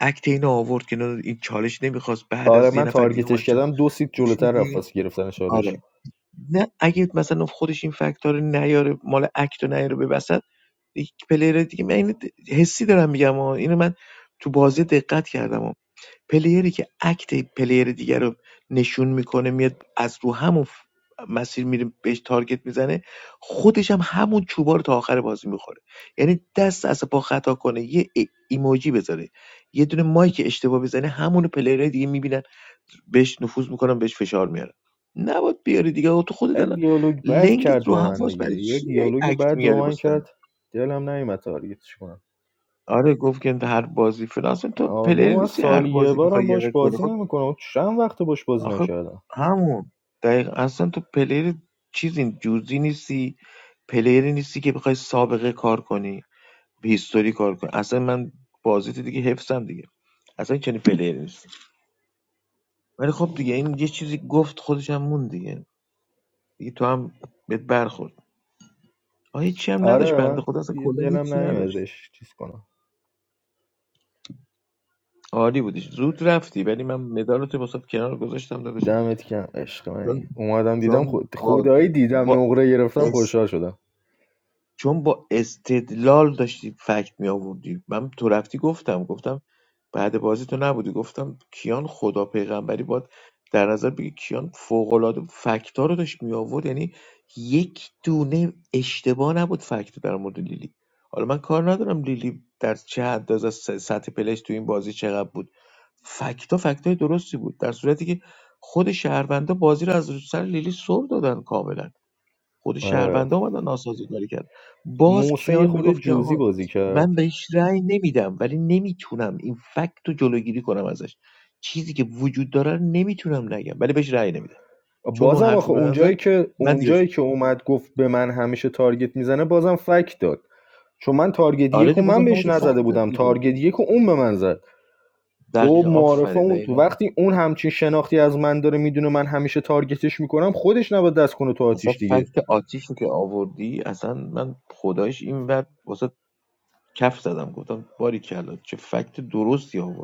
اکت اینو آورد که نه، این چالش نمیخواست بعد
آره
از یه
من
نفر دیگه
تارگتش
اومد چون
کردم دو سیت
گوش
جلوتر رفت
میدی
واسه گرفتن
آره
چالش
نه اگه مثلا خودش این فکت‌ها رو نیاره مال اکت رو نیاره به وسط دیگه پلیر دیگه من اینو حسی دارم میگم ها اینو من تو بازی دقت کردم ها. پلیری که اکت پلیر دیگر رو نشون میکنه میاد از رو همون ف- مسیر میره بهش تارگت میزنه خودش هم همون چوبا رو تا آخر بازی میخوره یعنی دست از پا خطا کنه یه ای- ایموجی بذاره یه دونه مایک اشتباه بزنه همون پلیرهای دیگه میبینن بهش نفوذ میکنن بهش فشار میارن نباید بیاری دیگه آقا تو خودت
یه
الان
دیالوگ بد
لنگت
کرد
رو
با من
حواس برای
دیگه یه
چی
دیالوگ
اکت
بد با
میاری
من
بستن
کرد دلم نیومد تارگتش کنم
آره گفت که هر بازی فلان اصلا تو
آره
پلیر
بابا من
نیستی هر
سالی یه
بازی بخوای
بارم باش
یقه کنی
بازی
خب
نمیکنم چند وقت باش بازی
آخه
نکردم
همون دقیق اصلا تو پلیر چیزی جوزی نیستی پلیری نیستی که بخوای سابقه کار کنی به هیستوری کار کنی اصلا من بازیت دیگه حفظم دیگه اصلا چنین پلیری نیستی ولی خب دیگه این یه چیزی گفت خودش هم مون دیگه دیگه تو هم بهت برخورد آه هیچی هم نداشت
آره
بنده
من
خدا اصلا کلا
دلم
هیچی
نیومد
نداشت
بهش چیز کنم
عالی بودیش زود رفتی ولی من مدالت واسه کنار گذاشتم داداش
دمت گرم عشق منی
چون
اومدم دیدم
چون
خود
با,
خدایی دیدم
با
نقره گرفتم خوشحال شدم
چون با استدلال داشتی فکت می آوردی من تو رفتی گفتم گفتم بعد بازی تو نبودی گفتم کیان خدا پیغمبری باد در نظر بگی کیان فوق العاده فکت ها رو داشت می آورد یعنی یک دونه اشتباه نبود فکت در مورد لیلی حالا من کار ندارم لیلی در چه حد از س- سطح پلش تو این بازی چقدر بود فکت ها فکت های درستی بود در صورتی که خود شهروندا بازی رو از رو سر لیلی سر دادن کاملا خود
آره
شهروندا اومدن ناسازگاری کرد باز
محسن یه
کیان
خورده
میگفت که
جوزی
آقا
بازی کرد
من بهش رأی نمیدم ولی نمیتونم این فکت رو جلوگیری کنم ازش چیزی که وجود داره رو نمیتونم نگم ولی بهش رأی نمیدم چون اون
بازم
حرف
آخه
رو به من زد
اونجایی که
من دیگه
اونجایی که اومد گفت به من همیشه تارگت میزنه بازم فک داد چون من تارگت
آره
یک و
دیگه بازم
من
همون
بهش
فکت
نزده
داد
بودم
دیگه
تارگت یک و اون به من زد خب
دقیق
معارفه
آفرین
اون
دقیقا
وقتی اون همچین شناختی از من داره میدونه من همیشه تارگتش میکنم خودش نباید دست کنه تو
اصلا
آتیش دیگه
فکت آتیش رو که آوردی اصلا من خدایش این وقت واسه کف زدم گفتم باری کلا چه فکت درستی آوردی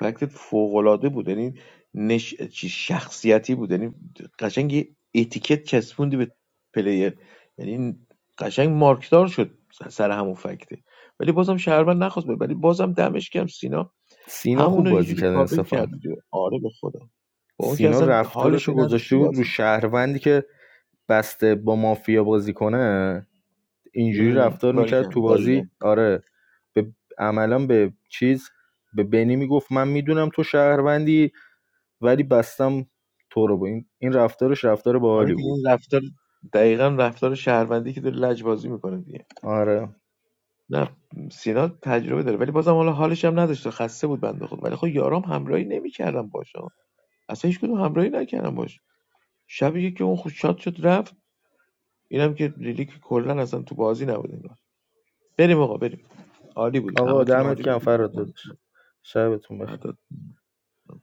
فکتت فوقالعاده بود یعنی نش... چی- شخصیتی بود یعنی قشنگ یه اتیکت چسبوندی به پلیر یعنی قشنگ مارکدار شد سر همون فکته ولی بازم شهروند نخواست بره. ولی بازم دمش گرم سینا
سینا خوب
همونو یه
بازی
جوری
کرده
کاور کرد
انصافا
دیگه. آره به خدا با اون که
سینا
اصلا
رفتارش
حالش
رو
رو نداشت تو
گذاشته بود رو
بازی
شهروندی که بسته با مافیا بازی کنه اینجوری رفتار
باری
میکرد تو
کردم دقیقا
بازی آره به عملا به چیز به بنی میگفت من میدونم تو شهروندی ولی بستم تو رو با این این رفتارش رفتار
آره
باحالی
دیگه
بود
این رفتار دقیقا رفتار شهروندی که داره لجبازی میکنه
آره
نه سینا تجربه داره ولی بازم حالا حالش هم نداشته خسته بود بنده خود ولی خب یارام همراهی نمیکردم باشه اصلا هیچ کدوم همراهی نکردم باش شبیه که اون خود شاد شد رفت اینم که لیلی که کلا اصلا تو بازی نبود انگار بریم آقا بریم عالی بودید
آقا
همتون
دمت
عالی
گرم
بودید
فراد
دمتون
دادش
گرم.
شبتون بخیر
فدات شم.